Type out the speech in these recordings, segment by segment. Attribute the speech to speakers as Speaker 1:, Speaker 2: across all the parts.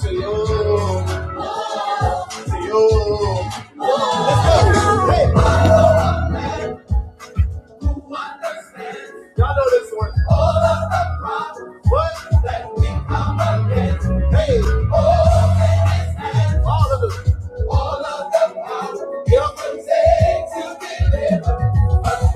Speaker 1: Say yo, say yo. Hey, y'all know this one. All of the problems, That we come against. Hey, all of them. All of the problems, you're protected to deliver. Thank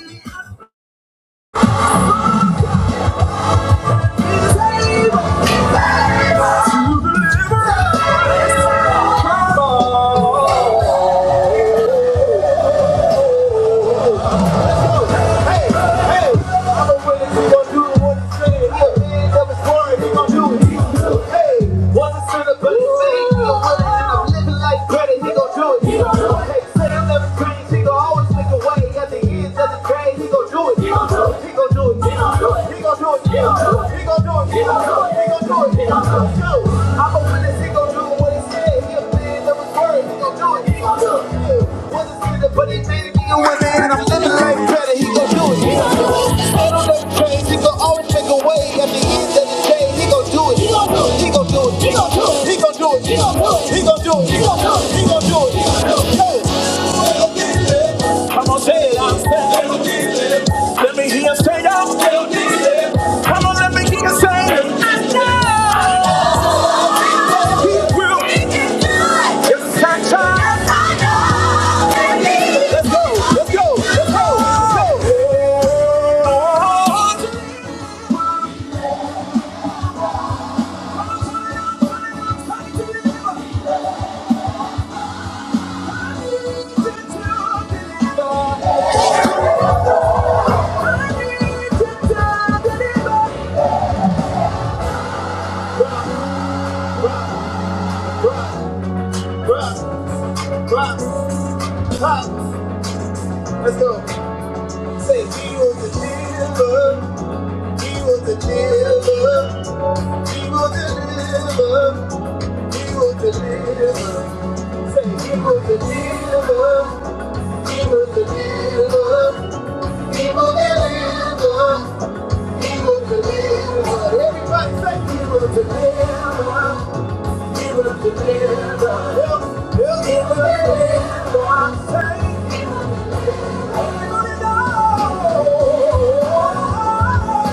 Speaker 1: you. He gon' do do do do He He He He gon' gon' gon' gon' Hey, Hey, the I'm living like crazy. it. He gon' do it. Hey, say I'm never crazy. He gon' always make a way at the end of the day. He gon' do it. He gon' do it. He gon' do it. He gon' do it. He gon' do it. He gon' do it. He gon' do it. He gon' do it. He gon' do it. He gon' do it. Yo, I'm a witness. He gon' do what he said. He a man of his word. He gon' do it. He gon' do it. Yeah. Wasn't scared to He his man in the women, and I'm living life better. He gon' do it. He gon' do it. Change. He gon' always make a way at the end of the day. He gon' do it. He gon' do it. He gon' do it. He gon' do it. He gon' do it. He gon' do it. He gon' do it. He gon' do it. He gon' do it. He gon' do it. Yo. Let's go. Say he was a dealer. He will deliver. He will deliver. He will deliver. Say, He will deliver. He will deliver. He will deliver. He will deliver. Everybody say he will deliver. He will deliver. Help, help, he will deliver. Say he will deliver. Everybody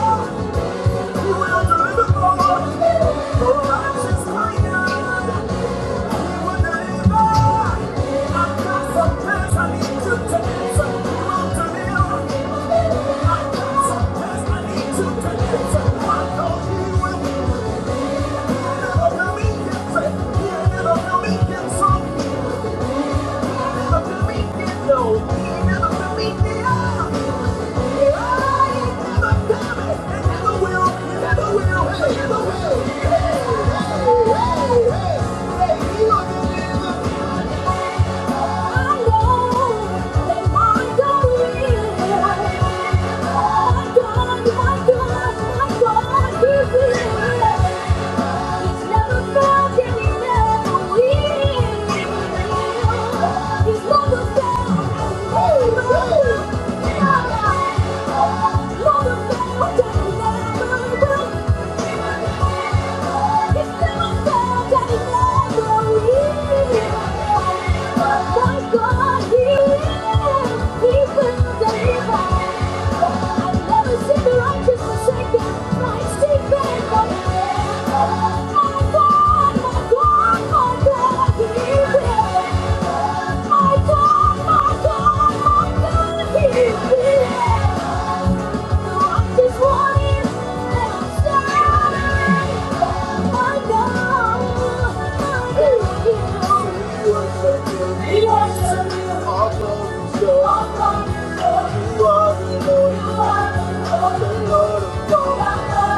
Speaker 1: know. Hey! He's never failed. I never see the Righteous forsaken, my secret, my Thank you. are the Lord of God.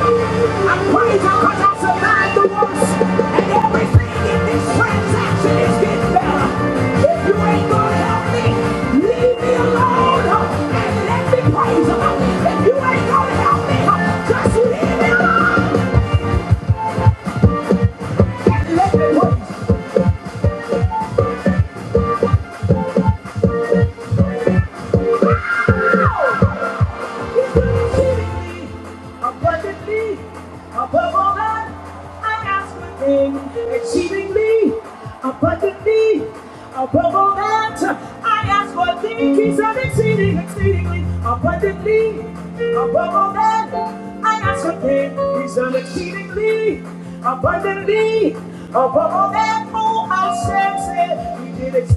Speaker 1: I'm praying to cut the worst, and everything in this transaction is getting better. If you ain't gonna help me, just leave me alone uh, and let me praise him. huh? If you ain't gonna help me, uh, just leave me alone let me praise abundantly above all that I ask or think, exceedingly abundantly above all that I ask or think. He said, exceeding, exceedingly abundantly above all that I ask or think. He said, exceedingly abundantly above all that. Oh, I said, said, he did exceedingly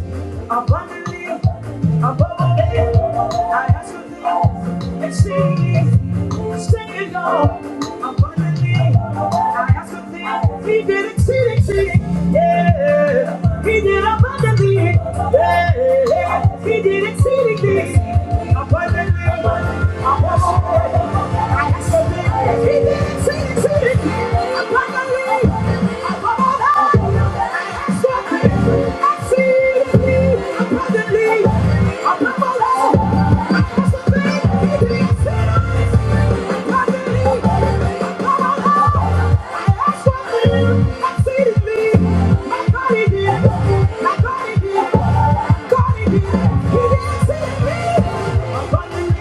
Speaker 1: abundantly, above all that I ask of thee, exceeding, exceeding all, abundantly, I ask of thee, he did exceed, exceeding, yeah, he did abundantly, yeah, he did exceedingly, abundantly, above all that I ask of thee, he did exceed, exceeding, abundantly. Thank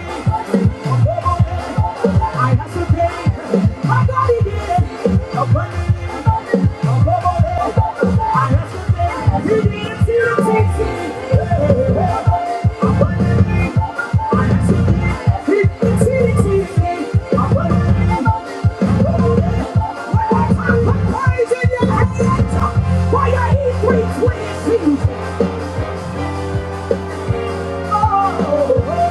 Speaker 1: you. I have to pay. My God, he did it. A bunny, a bubble, I have to pay. He did it to you, TT. A bunny, I have to pay. He did to you, TT. A bunny, a bubble, Praise Why are you three twins? Oh, oh, oh,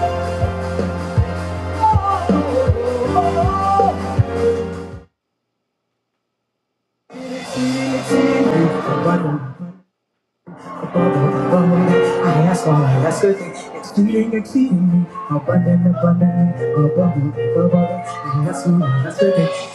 Speaker 1: oh, oh. oh, oh. I ask all I ask good things, exceeding, exceeding, abundant, abundant, abundant, abundant. I ask all I ask good things.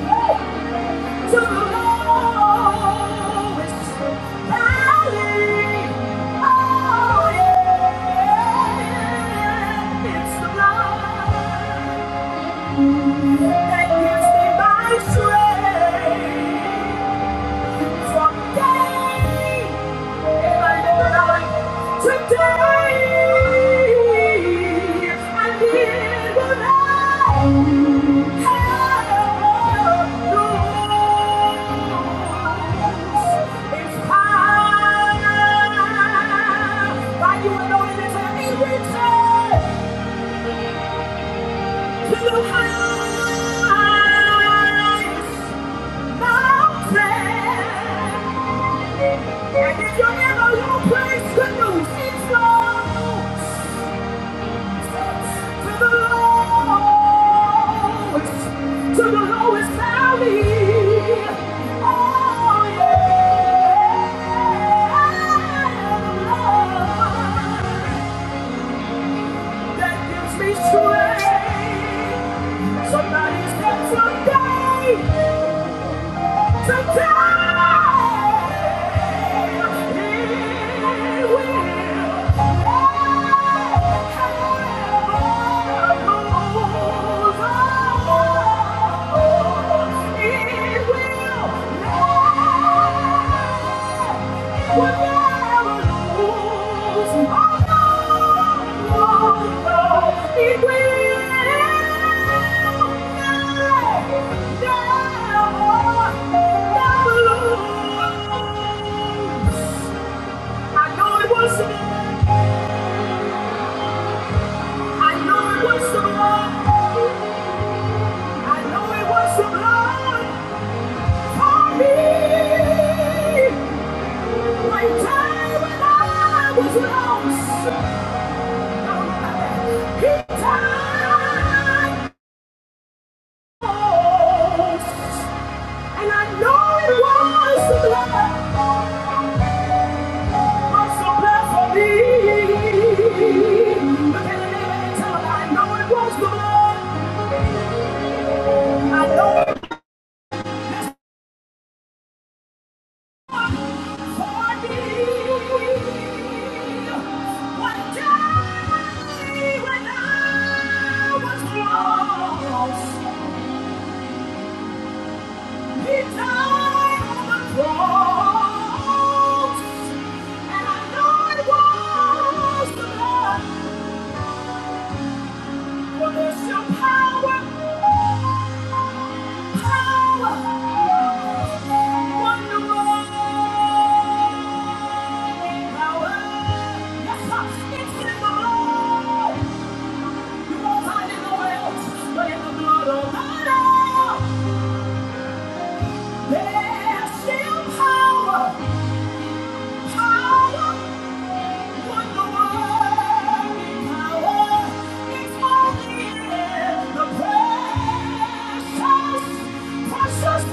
Speaker 1: To the lowest valley. Oh, yeah. It's the blood that gives me my strength. Mountain And if you're in a low place, good news is low. To the lowest, to the lowest valley. Oh, yeah. That gives me strength. Somebody's got today, today. It will. I know it was, I know it was the I know it was the Lord for me. My time when I was lost, He died for. And I know it was the blood, was the blood for me. Look I know it was the blood. Power, power, yes, it's in the Lord. Precious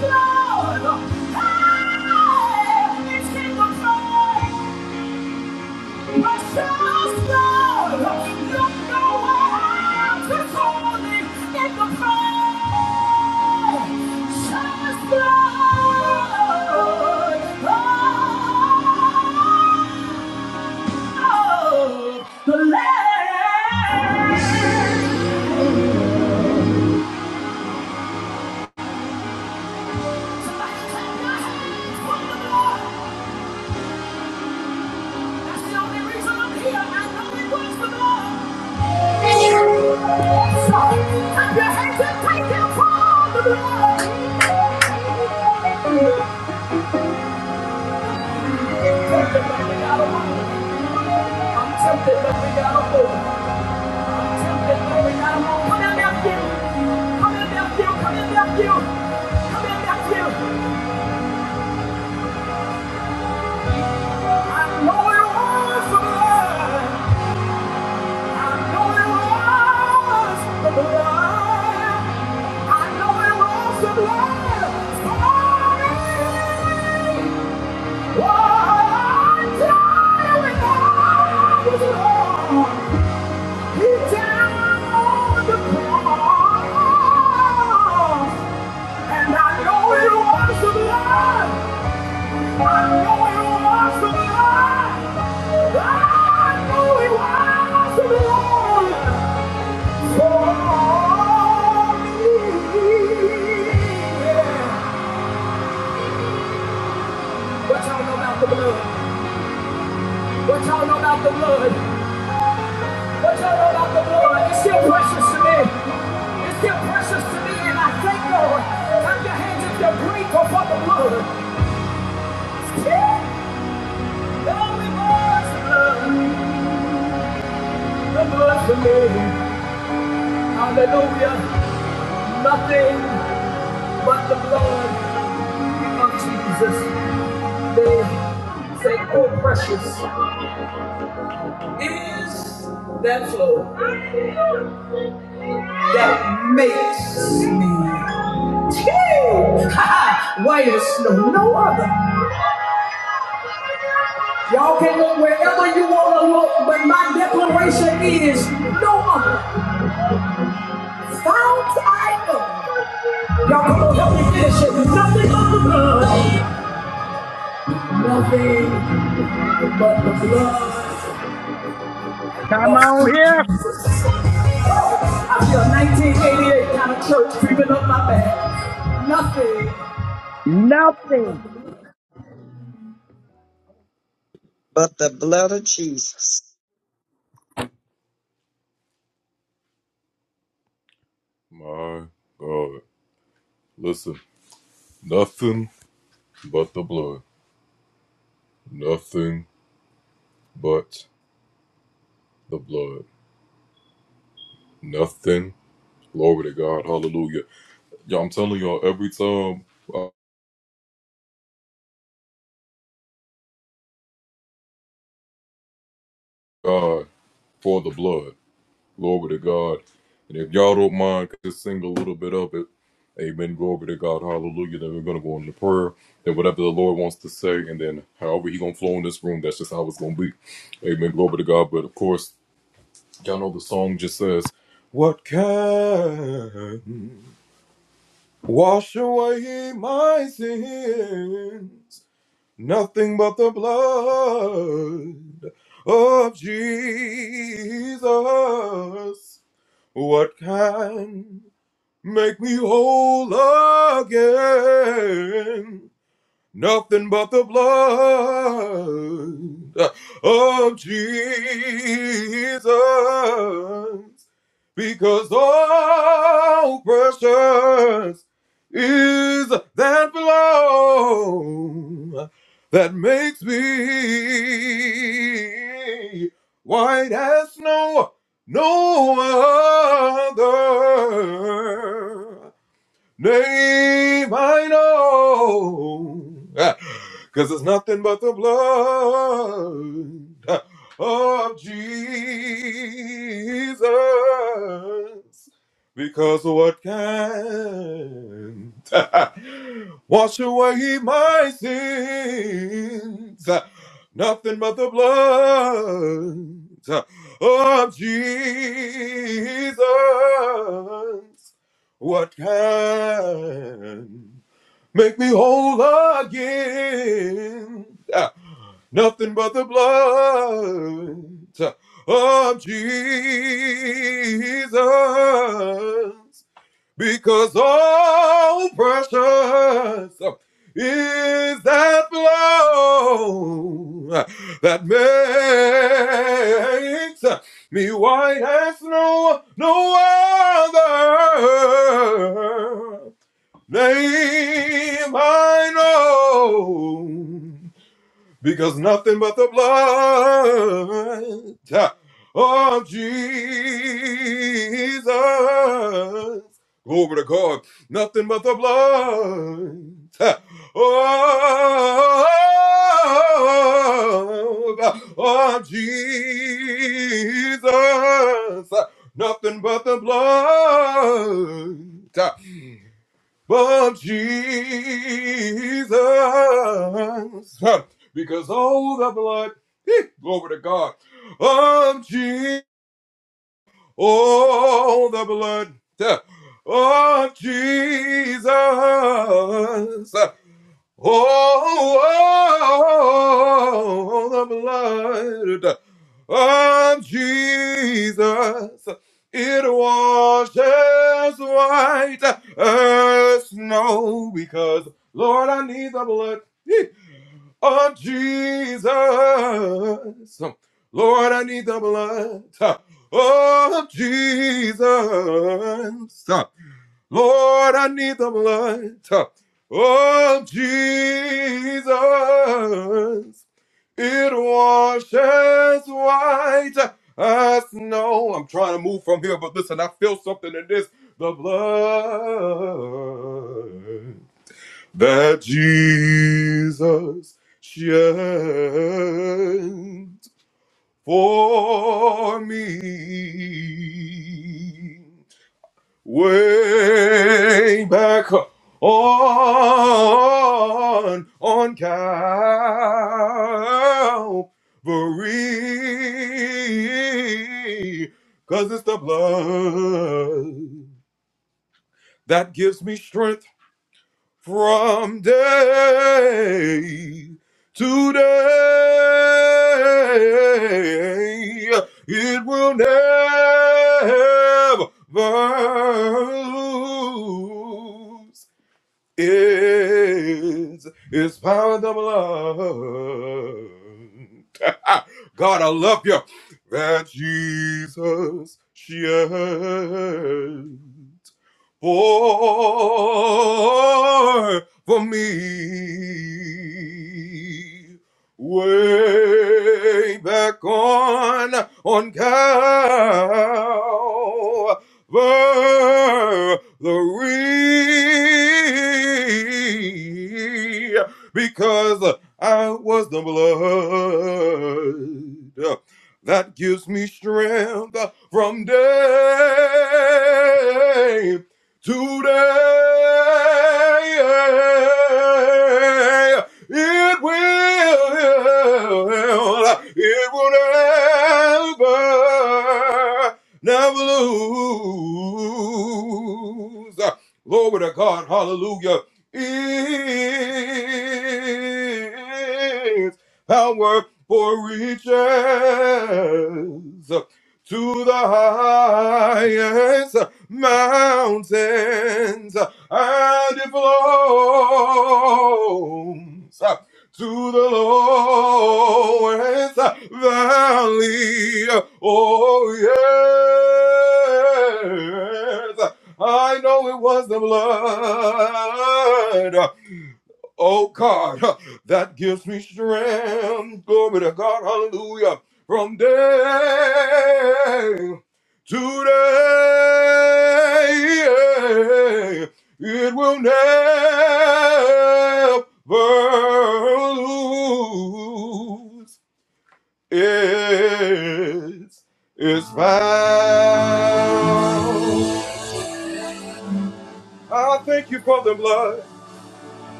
Speaker 1: blood, hey, it's in the blood. My soul's look nowhere else in the precious blood of the the Lord. That's the only reason I'm here. I know it was the Lord. I know it was the blood. Glory! What y'all know about the blood? What y'all know about the blood? What y'all know about the blood? It's still precious to me. It's still precious to me, and I thank Lord. Clap your hands if you're grateful for the blood. Yeah. Oh, it only was the blood, the blood for me. Hallelujah. Nothing but the blood of Jesus. They say, oh, precious is that flow that makes me. Yay! Ha! ha. White as snow, no other. Y'all can look wherever you want to look, but my declaration is no other. Found I am. Y'all come on, help me finish it. Nothing but the blood. Nothing but the blood
Speaker 2: Come
Speaker 1: of
Speaker 2: on
Speaker 1: sweet
Speaker 2: here.
Speaker 1: Jesus. Oh, I feel 1988 kind of church creeping up my back. Nothing.
Speaker 2: Nothing.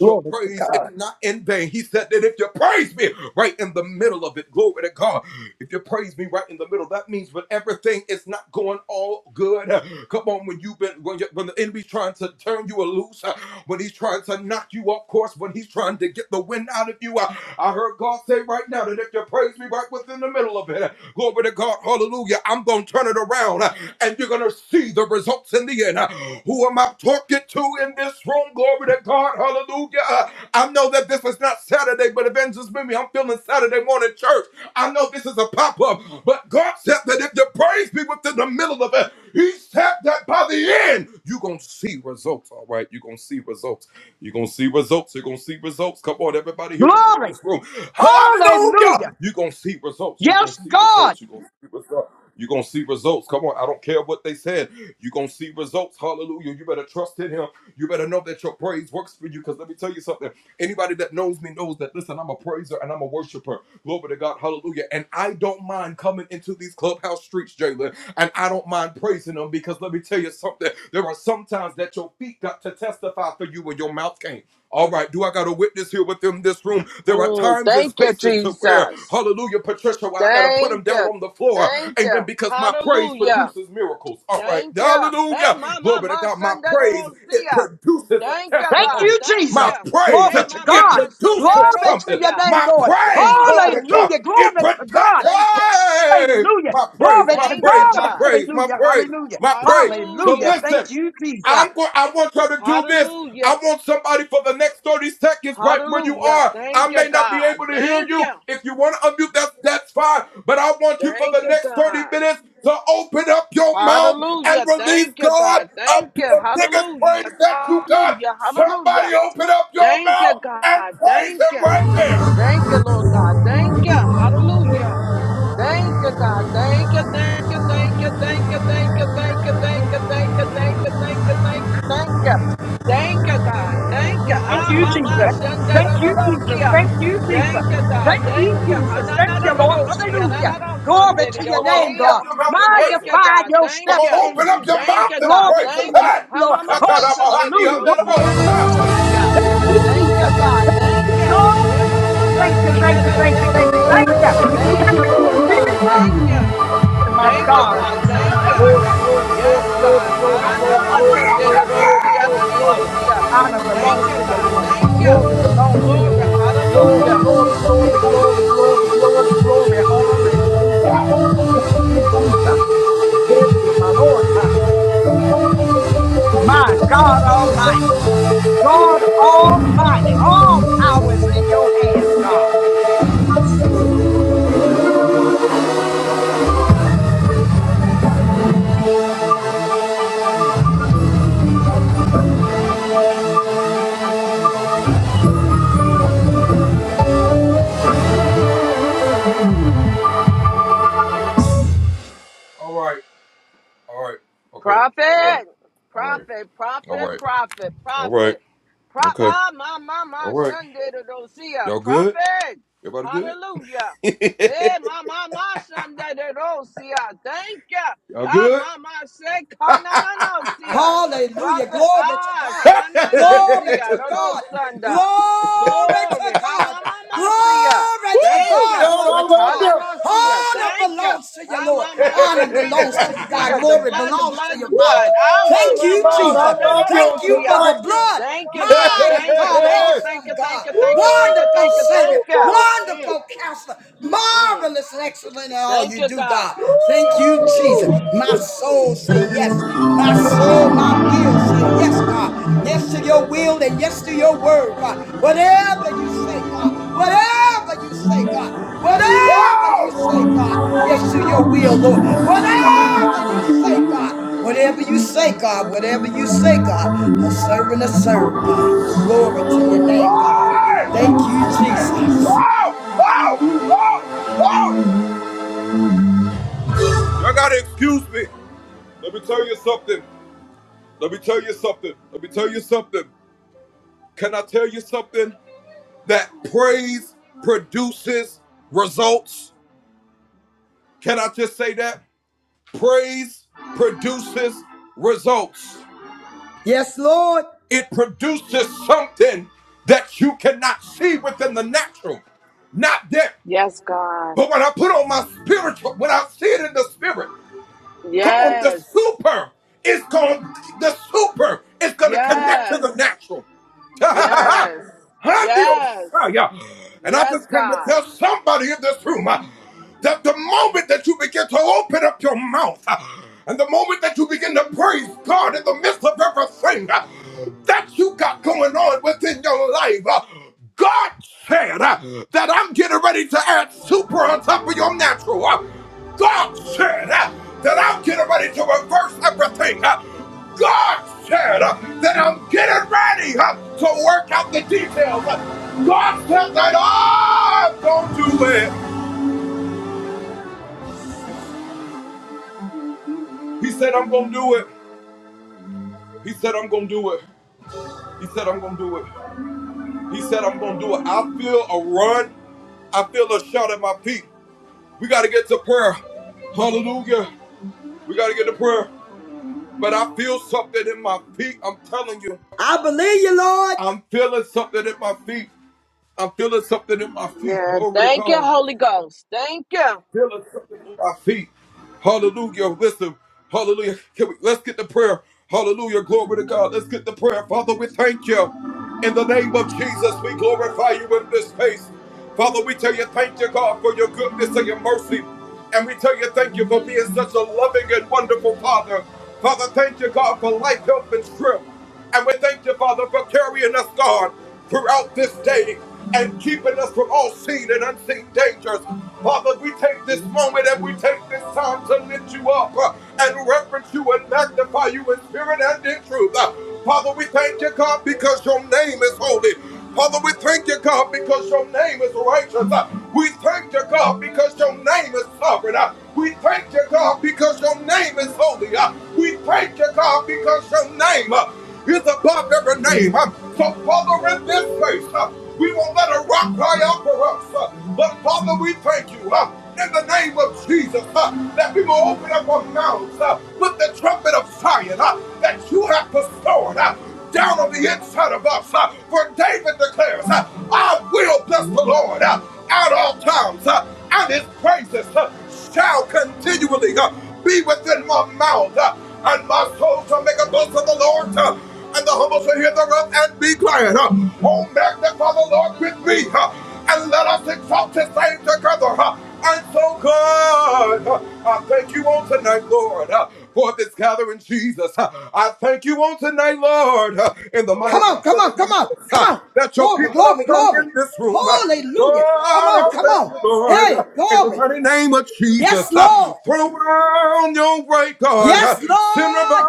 Speaker 2: Glory to God. Glory. Hallelujah. Yes, God.
Speaker 3: Mm, thank you, Jesus. Thank you. Thank you. Hallelujah. Thank you. Hey, my, my, my, Sunday, don't see ya. Thank you,
Speaker 2: Thank
Speaker 3: God.
Speaker 2: you,
Speaker 3: Thank
Speaker 2: Jesus.
Speaker 3: you. Hey,
Speaker 2: Glory to
Speaker 3: my, my,
Speaker 2: God.
Speaker 3: my, Sunday,
Speaker 2: Glory
Speaker 3: don't
Speaker 2: to
Speaker 3: see
Speaker 2: your
Speaker 3: ya.
Speaker 2: name, Lord.
Speaker 3: Thank you.
Speaker 2: Hallelujah. Glory to God.
Speaker 3: Thank you.
Speaker 2: Hallelujah. Glory to
Speaker 3: Thank you,
Speaker 2: God.
Speaker 3: God.
Speaker 2: Hallelujah. Hallelujah. Hallelujah.
Speaker 3: Hallelujah.
Speaker 2: Thank you, Jesus.
Speaker 3: Hallelujah. Hallelujah. Thank you, God. Thank you. Thank you, God. Hallelujah. Thank you, God. Thank you. Hallelujah. Hallelujah. Hallelujah. Thank you, God. Thank you. Thank you, Lord God. Thank you. Hallelujah. Thank you, God. Thank you, thank you, thank you, thank you, thank you, thank you, thank you, thank you, thank you, thank you, thank you, thank you. Thank you, God. Thank you.
Speaker 2: Thank
Speaker 3: Ah,
Speaker 2: you,
Speaker 3: mama,
Speaker 2: Jesus.
Speaker 3: shende,
Speaker 2: Thank
Speaker 3: do, do,
Speaker 2: you,
Speaker 3: do,
Speaker 2: Jesus. Thank you, Jesus.
Speaker 3: Thank you, God.
Speaker 2: Thank you,
Speaker 3: Thank you. Ha,
Speaker 2: Jesus.
Speaker 3: na,
Speaker 2: Thank
Speaker 3: na, na,
Speaker 2: you,
Speaker 3: na,
Speaker 2: Lord.
Speaker 3: do, see ya. Na,
Speaker 2: Hallelujah. Glory to your name, God.
Speaker 3: Thank you,
Speaker 2: Magnify
Speaker 3: God. Thank
Speaker 2: yourself
Speaker 3: you.
Speaker 2: in Jesus.
Speaker 3: Thank you, God.
Speaker 2: Glory to
Speaker 3: Thank
Speaker 2: your
Speaker 3: you.
Speaker 2: name,
Speaker 3: Ha,
Speaker 2: Lord.
Speaker 3: ma, ma, ma, Sunday, do,
Speaker 2: Hallelujah.
Speaker 3: yo,
Speaker 2: Glory to God. Thank you,
Speaker 3: Thank you,
Speaker 2: Jesus.
Speaker 3: God. Thank you.
Speaker 2: Lord,
Speaker 3: Hey, mama, ma,
Speaker 2: thank you,
Speaker 3: shende,
Speaker 2: thank you,
Speaker 3: do,
Speaker 2: thank you, thank you, thank you.
Speaker 3: Thank
Speaker 2: Thank
Speaker 3: you,
Speaker 2: you,
Speaker 3: Lord God.
Speaker 2: Jesus.
Speaker 3: Thank you.
Speaker 2: My
Speaker 3: Thank you,
Speaker 2: God.
Speaker 3: God. Thank you.
Speaker 2: Glory, glory, glory,
Speaker 3: Yes,
Speaker 2: glory,
Speaker 3: God.
Speaker 2: glory, glory,
Speaker 3: Haranana
Speaker 1: I'm
Speaker 2: glory, glory,
Speaker 1: gonna
Speaker 2: glory,
Speaker 3: sandederosi,
Speaker 2: glory, glory.
Speaker 3: araniosia.
Speaker 2: Honor
Speaker 3: Thank
Speaker 2: belongs
Speaker 3: you,
Speaker 2: to you,
Speaker 3: God.
Speaker 2: Lord.
Speaker 3: Thank you.
Speaker 2: Glory belongs to you,
Speaker 3: Glory.
Speaker 2: Lord. Glory,
Speaker 3: Hallelujah.
Speaker 2: glory, glory, glory, glory, glory, glory. Hallelujah. Hallelujah, Jesus. Thank you, my Lord. Ah, My God Almighty. God Almighty. All power is in your hands, God.
Speaker 3: Prophet, prophet, prophet, prophet, prophet, prophet, ah, my, my, my, Sunday to those here, prophet, hallelujah. Eh, my, my, my, Sunday to those here, thank you. Ah, my, my, say, kanana,
Speaker 2: Hallelujah.
Speaker 3: prophet,
Speaker 2: Glory to
Speaker 3: ah,
Speaker 2: God.
Speaker 3: shanana,
Speaker 2: Glory
Speaker 3: see ya,
Speaker 2: to
Speaker 3: those
Speaker 2: God.
Speaker 3: Sunday.
Speaker 2: Glory to
Speaker 3: Glory, ha,
Speaker 2: God.
Speaker 3: my, my, my, see ya,
Speaker 2: Glory to
Speaker 3: thank
Speaker 2: God.
Speaker 3: you.
Speaker 2: Glory to God.
Speaker 3: Hanana, see ya,
Speaker 2: Honor
Speaker 3: thank you.
Speaker 2: belongs to you,
Speaker 3: Ah,
Speaker 2: Lord.
Speaker 3: my, my,
Speaker 2: Honor
Speaker 3: son, that I
Speaker 2: belongs to
Speaker 3: don't
Speaker 2: you,
Speaker 3: see
Speaker 2: God.
Speaker 3: ya. The
Speaker 2: Glory
Speaker 3: blood, the
Speaker 2: belongs to
Speaker 3: blood,
Speaker 2: you,
Speaker 3: the blood.
Speaker 2: Father.
Speaker 3: Ah, my,
Speaker 2: Thank
Speaker 3: my,
Speaker 2: you,
Speaker 3: my,
Speaker 2: Jesus.
Speaker 3: son, that I
Speaker 2: Thank
Speaker 3: don't
Speaker 2: you
Speaker 3: see
Speaker 2: for
Speaker 3: ya.
Speaker 2: the blood.
Speaker 3: Thank you, God.
Speaker 2: Mighty
Speaker 3: Thank you,
Speaker 2: God,
Speaker 3: thank you, thank
Speaker 2: awesome
Speaker 3: you, thank
Speaker 2: God,
Speaker 3: you, thank you, thank you,
Speaker 2: wonderful
Speaker 3: thank you,
Speaker 2: Savior,
Speaker 3: thank you. Mm,
Speaker 2: wonderful counselor,
Speaker 3: mm.
Speaker 2: marvelous and excellent in all
Speaker 3: Thank
Speaker 2: you
Speaker 3: you,
Speaker 2: do,
Speaker 3: God.
Speaker 2: God. Thank you, Jesus. My soul say yes. My soul, my will say yes, God. Yes to your will and yes to your word, God. Whatever you say, God. Whatever you say, God. Whatever you say, God. Yes to your will, Lord. Whatever you say, God. Whatever you say, God. Whatever you say, God. A servant, a servant, God. Glory to your name, God. Thank you, Jesus. Yes, Lord.
Speaker 3: Yes, God. Yes. Yes. Yes. Yes. Yes, God.
Speaker 2: I believe you, Lord.
Speaker 3: Yeah. Thank you, Holy Ghost. Thank you.
Speaker 2: Come on, come on, come on, come on. Glory, glory, glory. Hallelujah. Come on, come on. Hey, glory. Yes, Lord. Yes, Lord.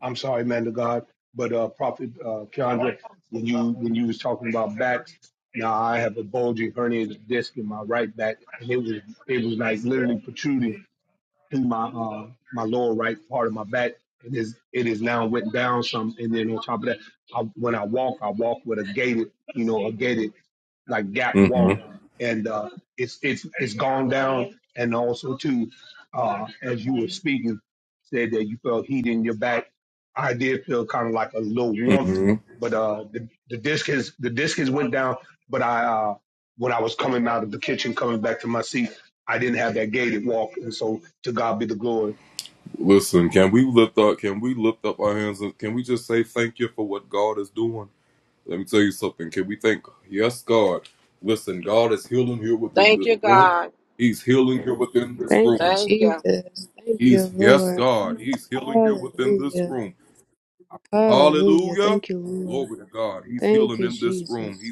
Speaker 4: I'm sorry, man of God, but uh, Prophet uh, Keandre, when you when you was talking about backs, now I have a bulging herniated disc in my right back, and it was it was like literally protruding through my uh, my lower right part of my back, and is it is now went down some, and then on top of that, I, when I walk, I walk with a gated, you know, a gated like Gap Walk, and uh, it's it's it's gone down. And also too, uh, as you were speaking, said that you felt heat in your back. I did feel kind of like a little warmth, but uh, the the discus the discus went down. But I uh, when I was coming out of the kitchen, coming back to my seat, I didn't have that gated walk, and so to God be the glory.
Speaker 3: Thank you, God.
Speaker 5: Thank you,
Speaker 3: Thank you.
Speaker 5: Jesus. Thank you, Lord. Hallelujah. Hallelujah. Thank you, Lord. Thank you, Jesus.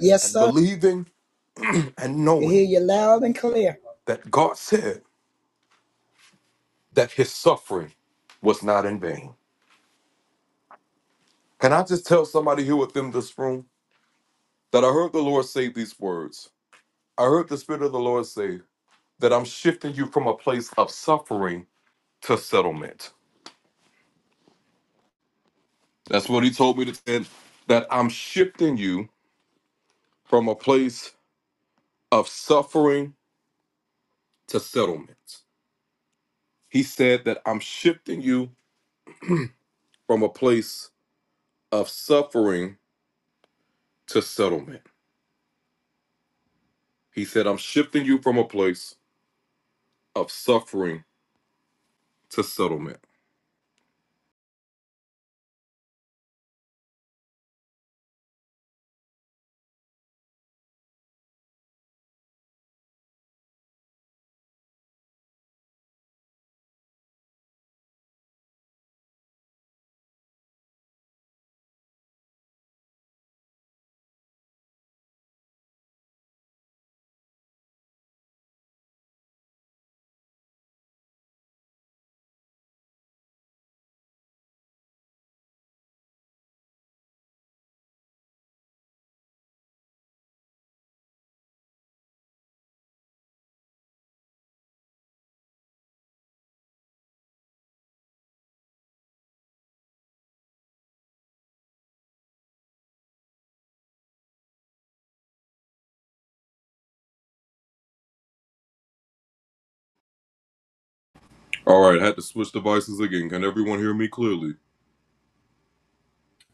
Speaker 2: Yes, sir. I hear you loud and clear.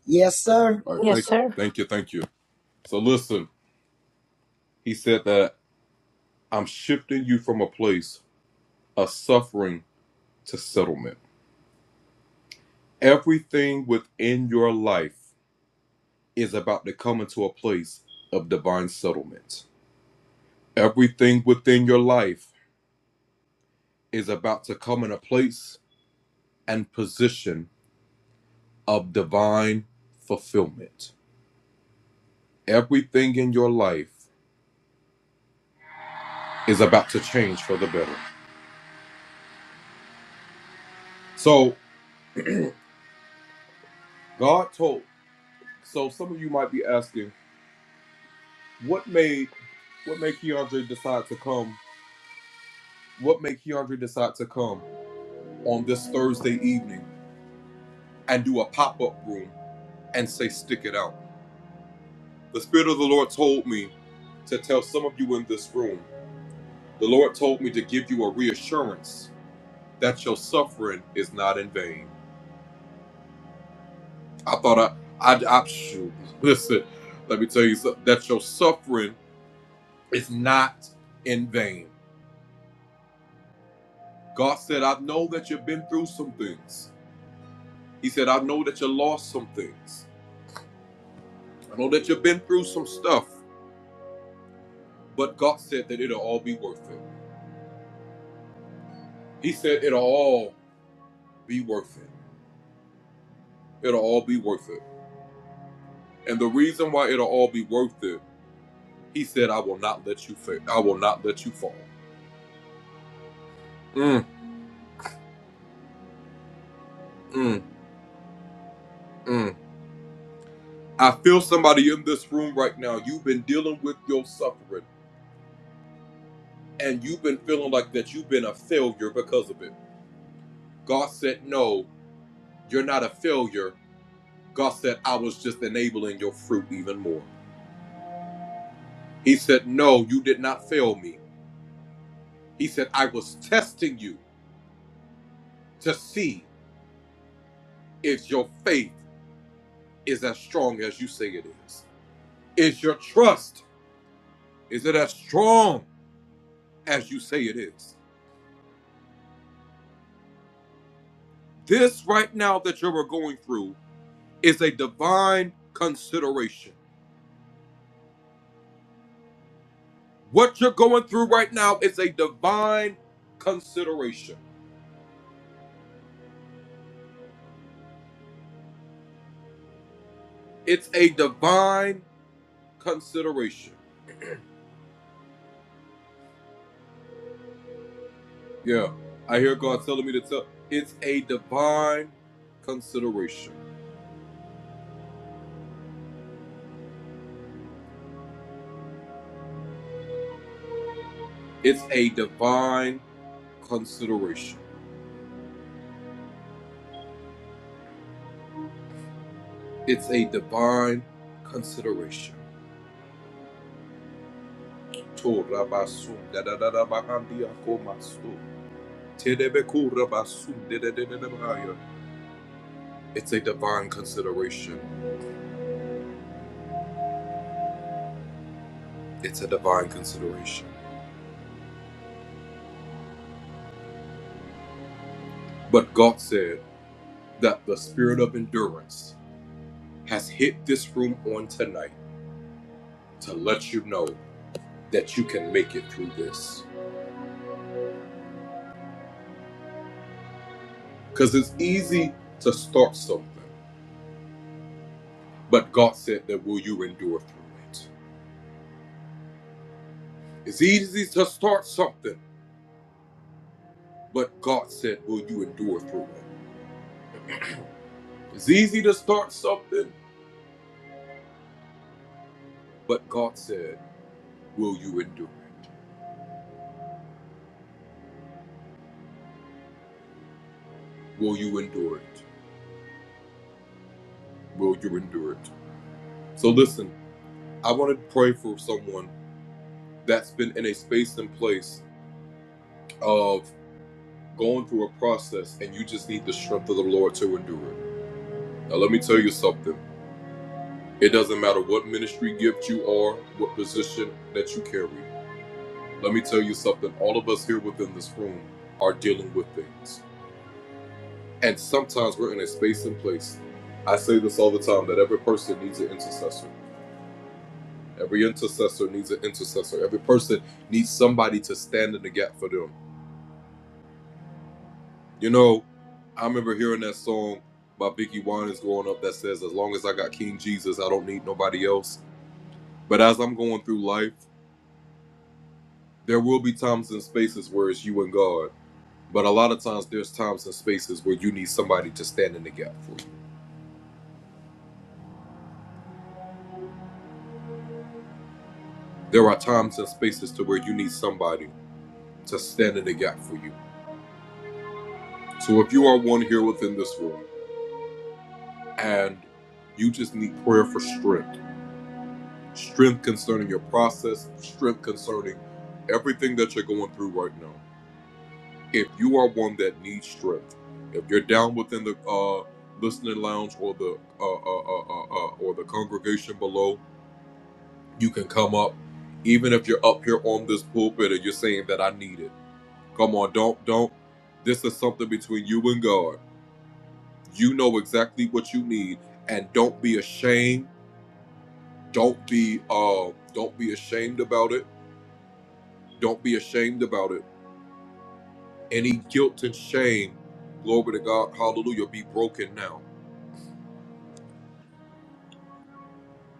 Speaker 2: Yes, sir.
Speaker 6: Yes, sir.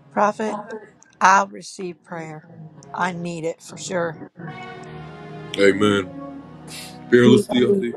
Speaker 6: Prophet, I receive prayer. I need it for sure.
Speaker 5: Me too.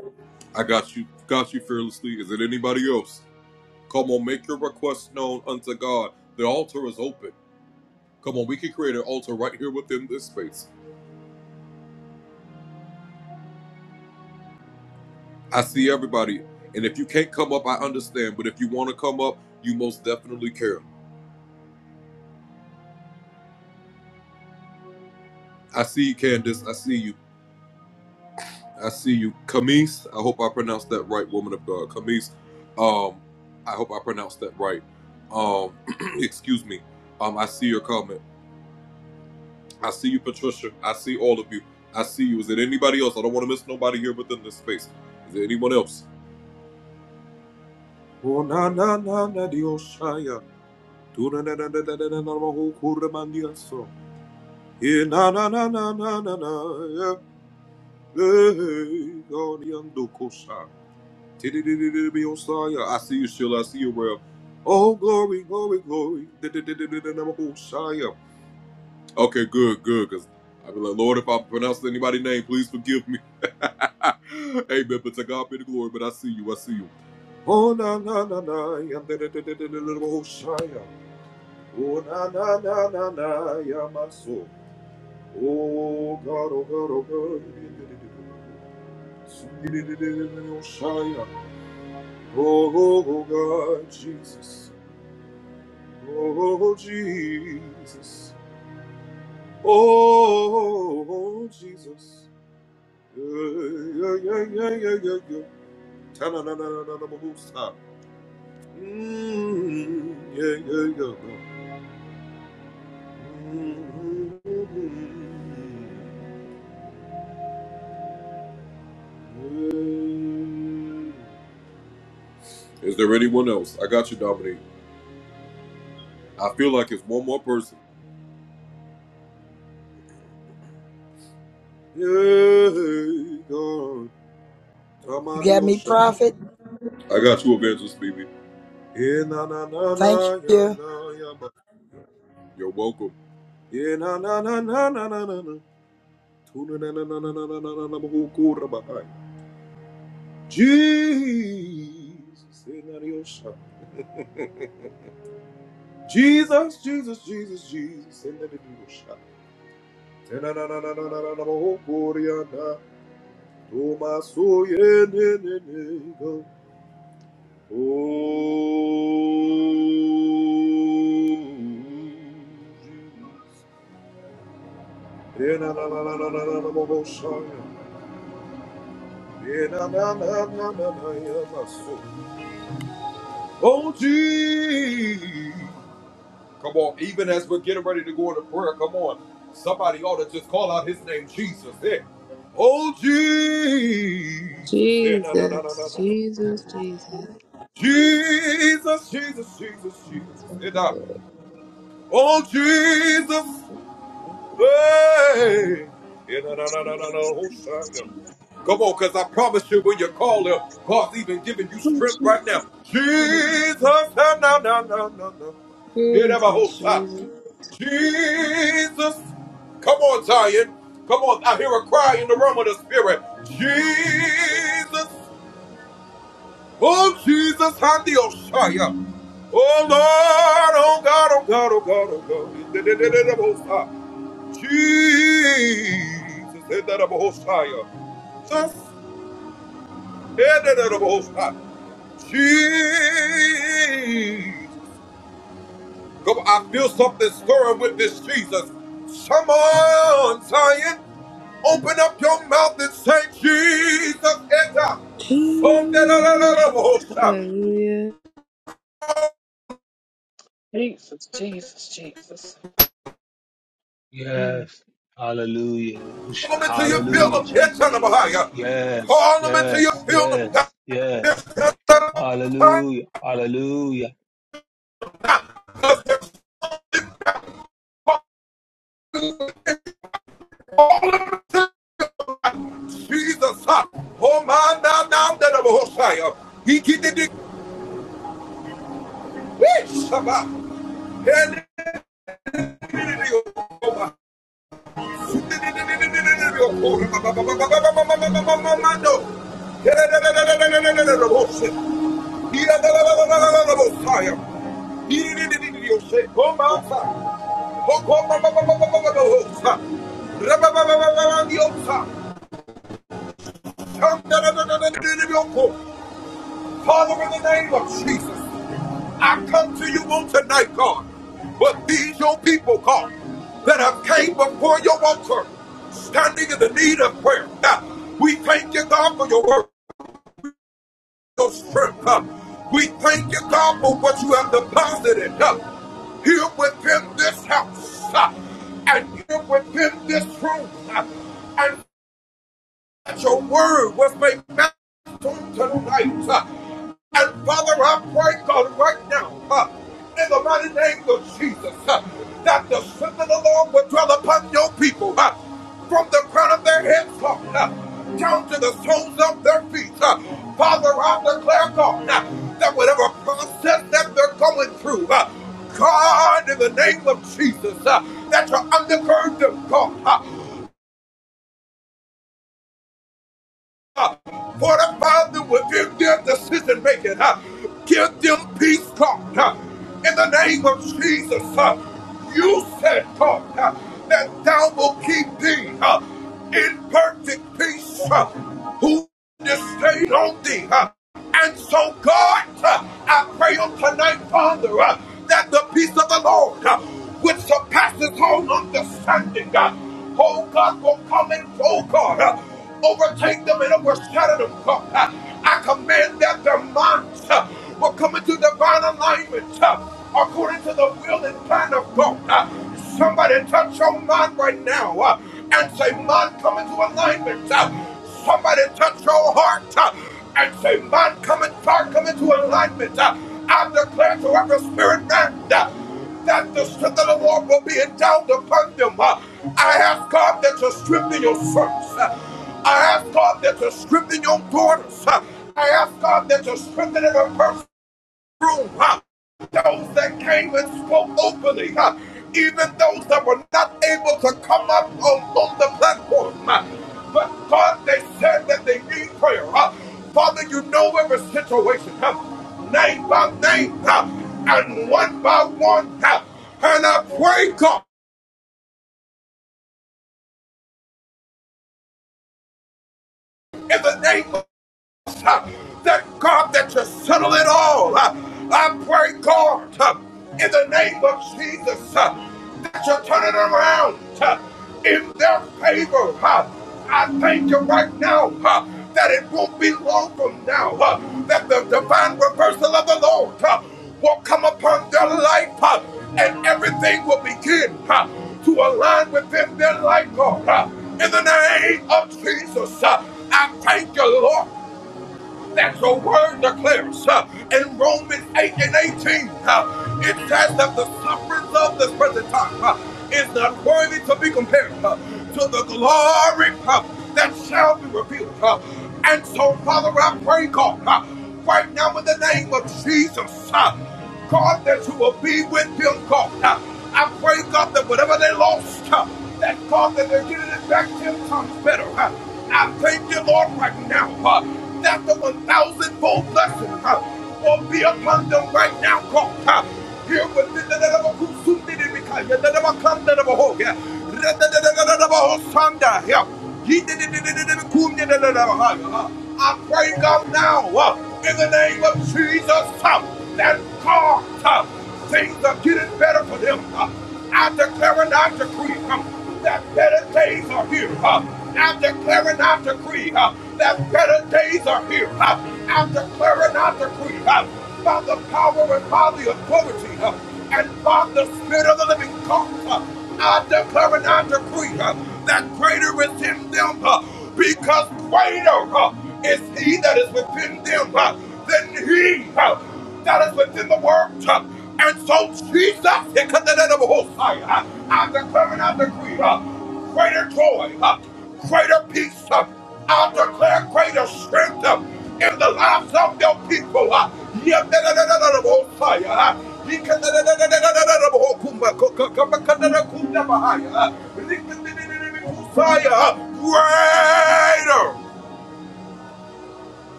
Speaker 2: You got me, prophet. Thank you.
Speaker 5: Jesus, Jesus, Jesus,
Speaker 7: That's what it is.
Speaker 8: Jesus, Jesus, Mm.
Speaker 5: Jesus, Jesus, Jesus. Hallelujah.
Speaker 8: Jesus, Jesus, Jesus. Mm.
Speaker 4: Yes. Hallelujah. Hallelujah, Jesus. Yes, yes, yes, yes. Hallelujah. Hallelujah.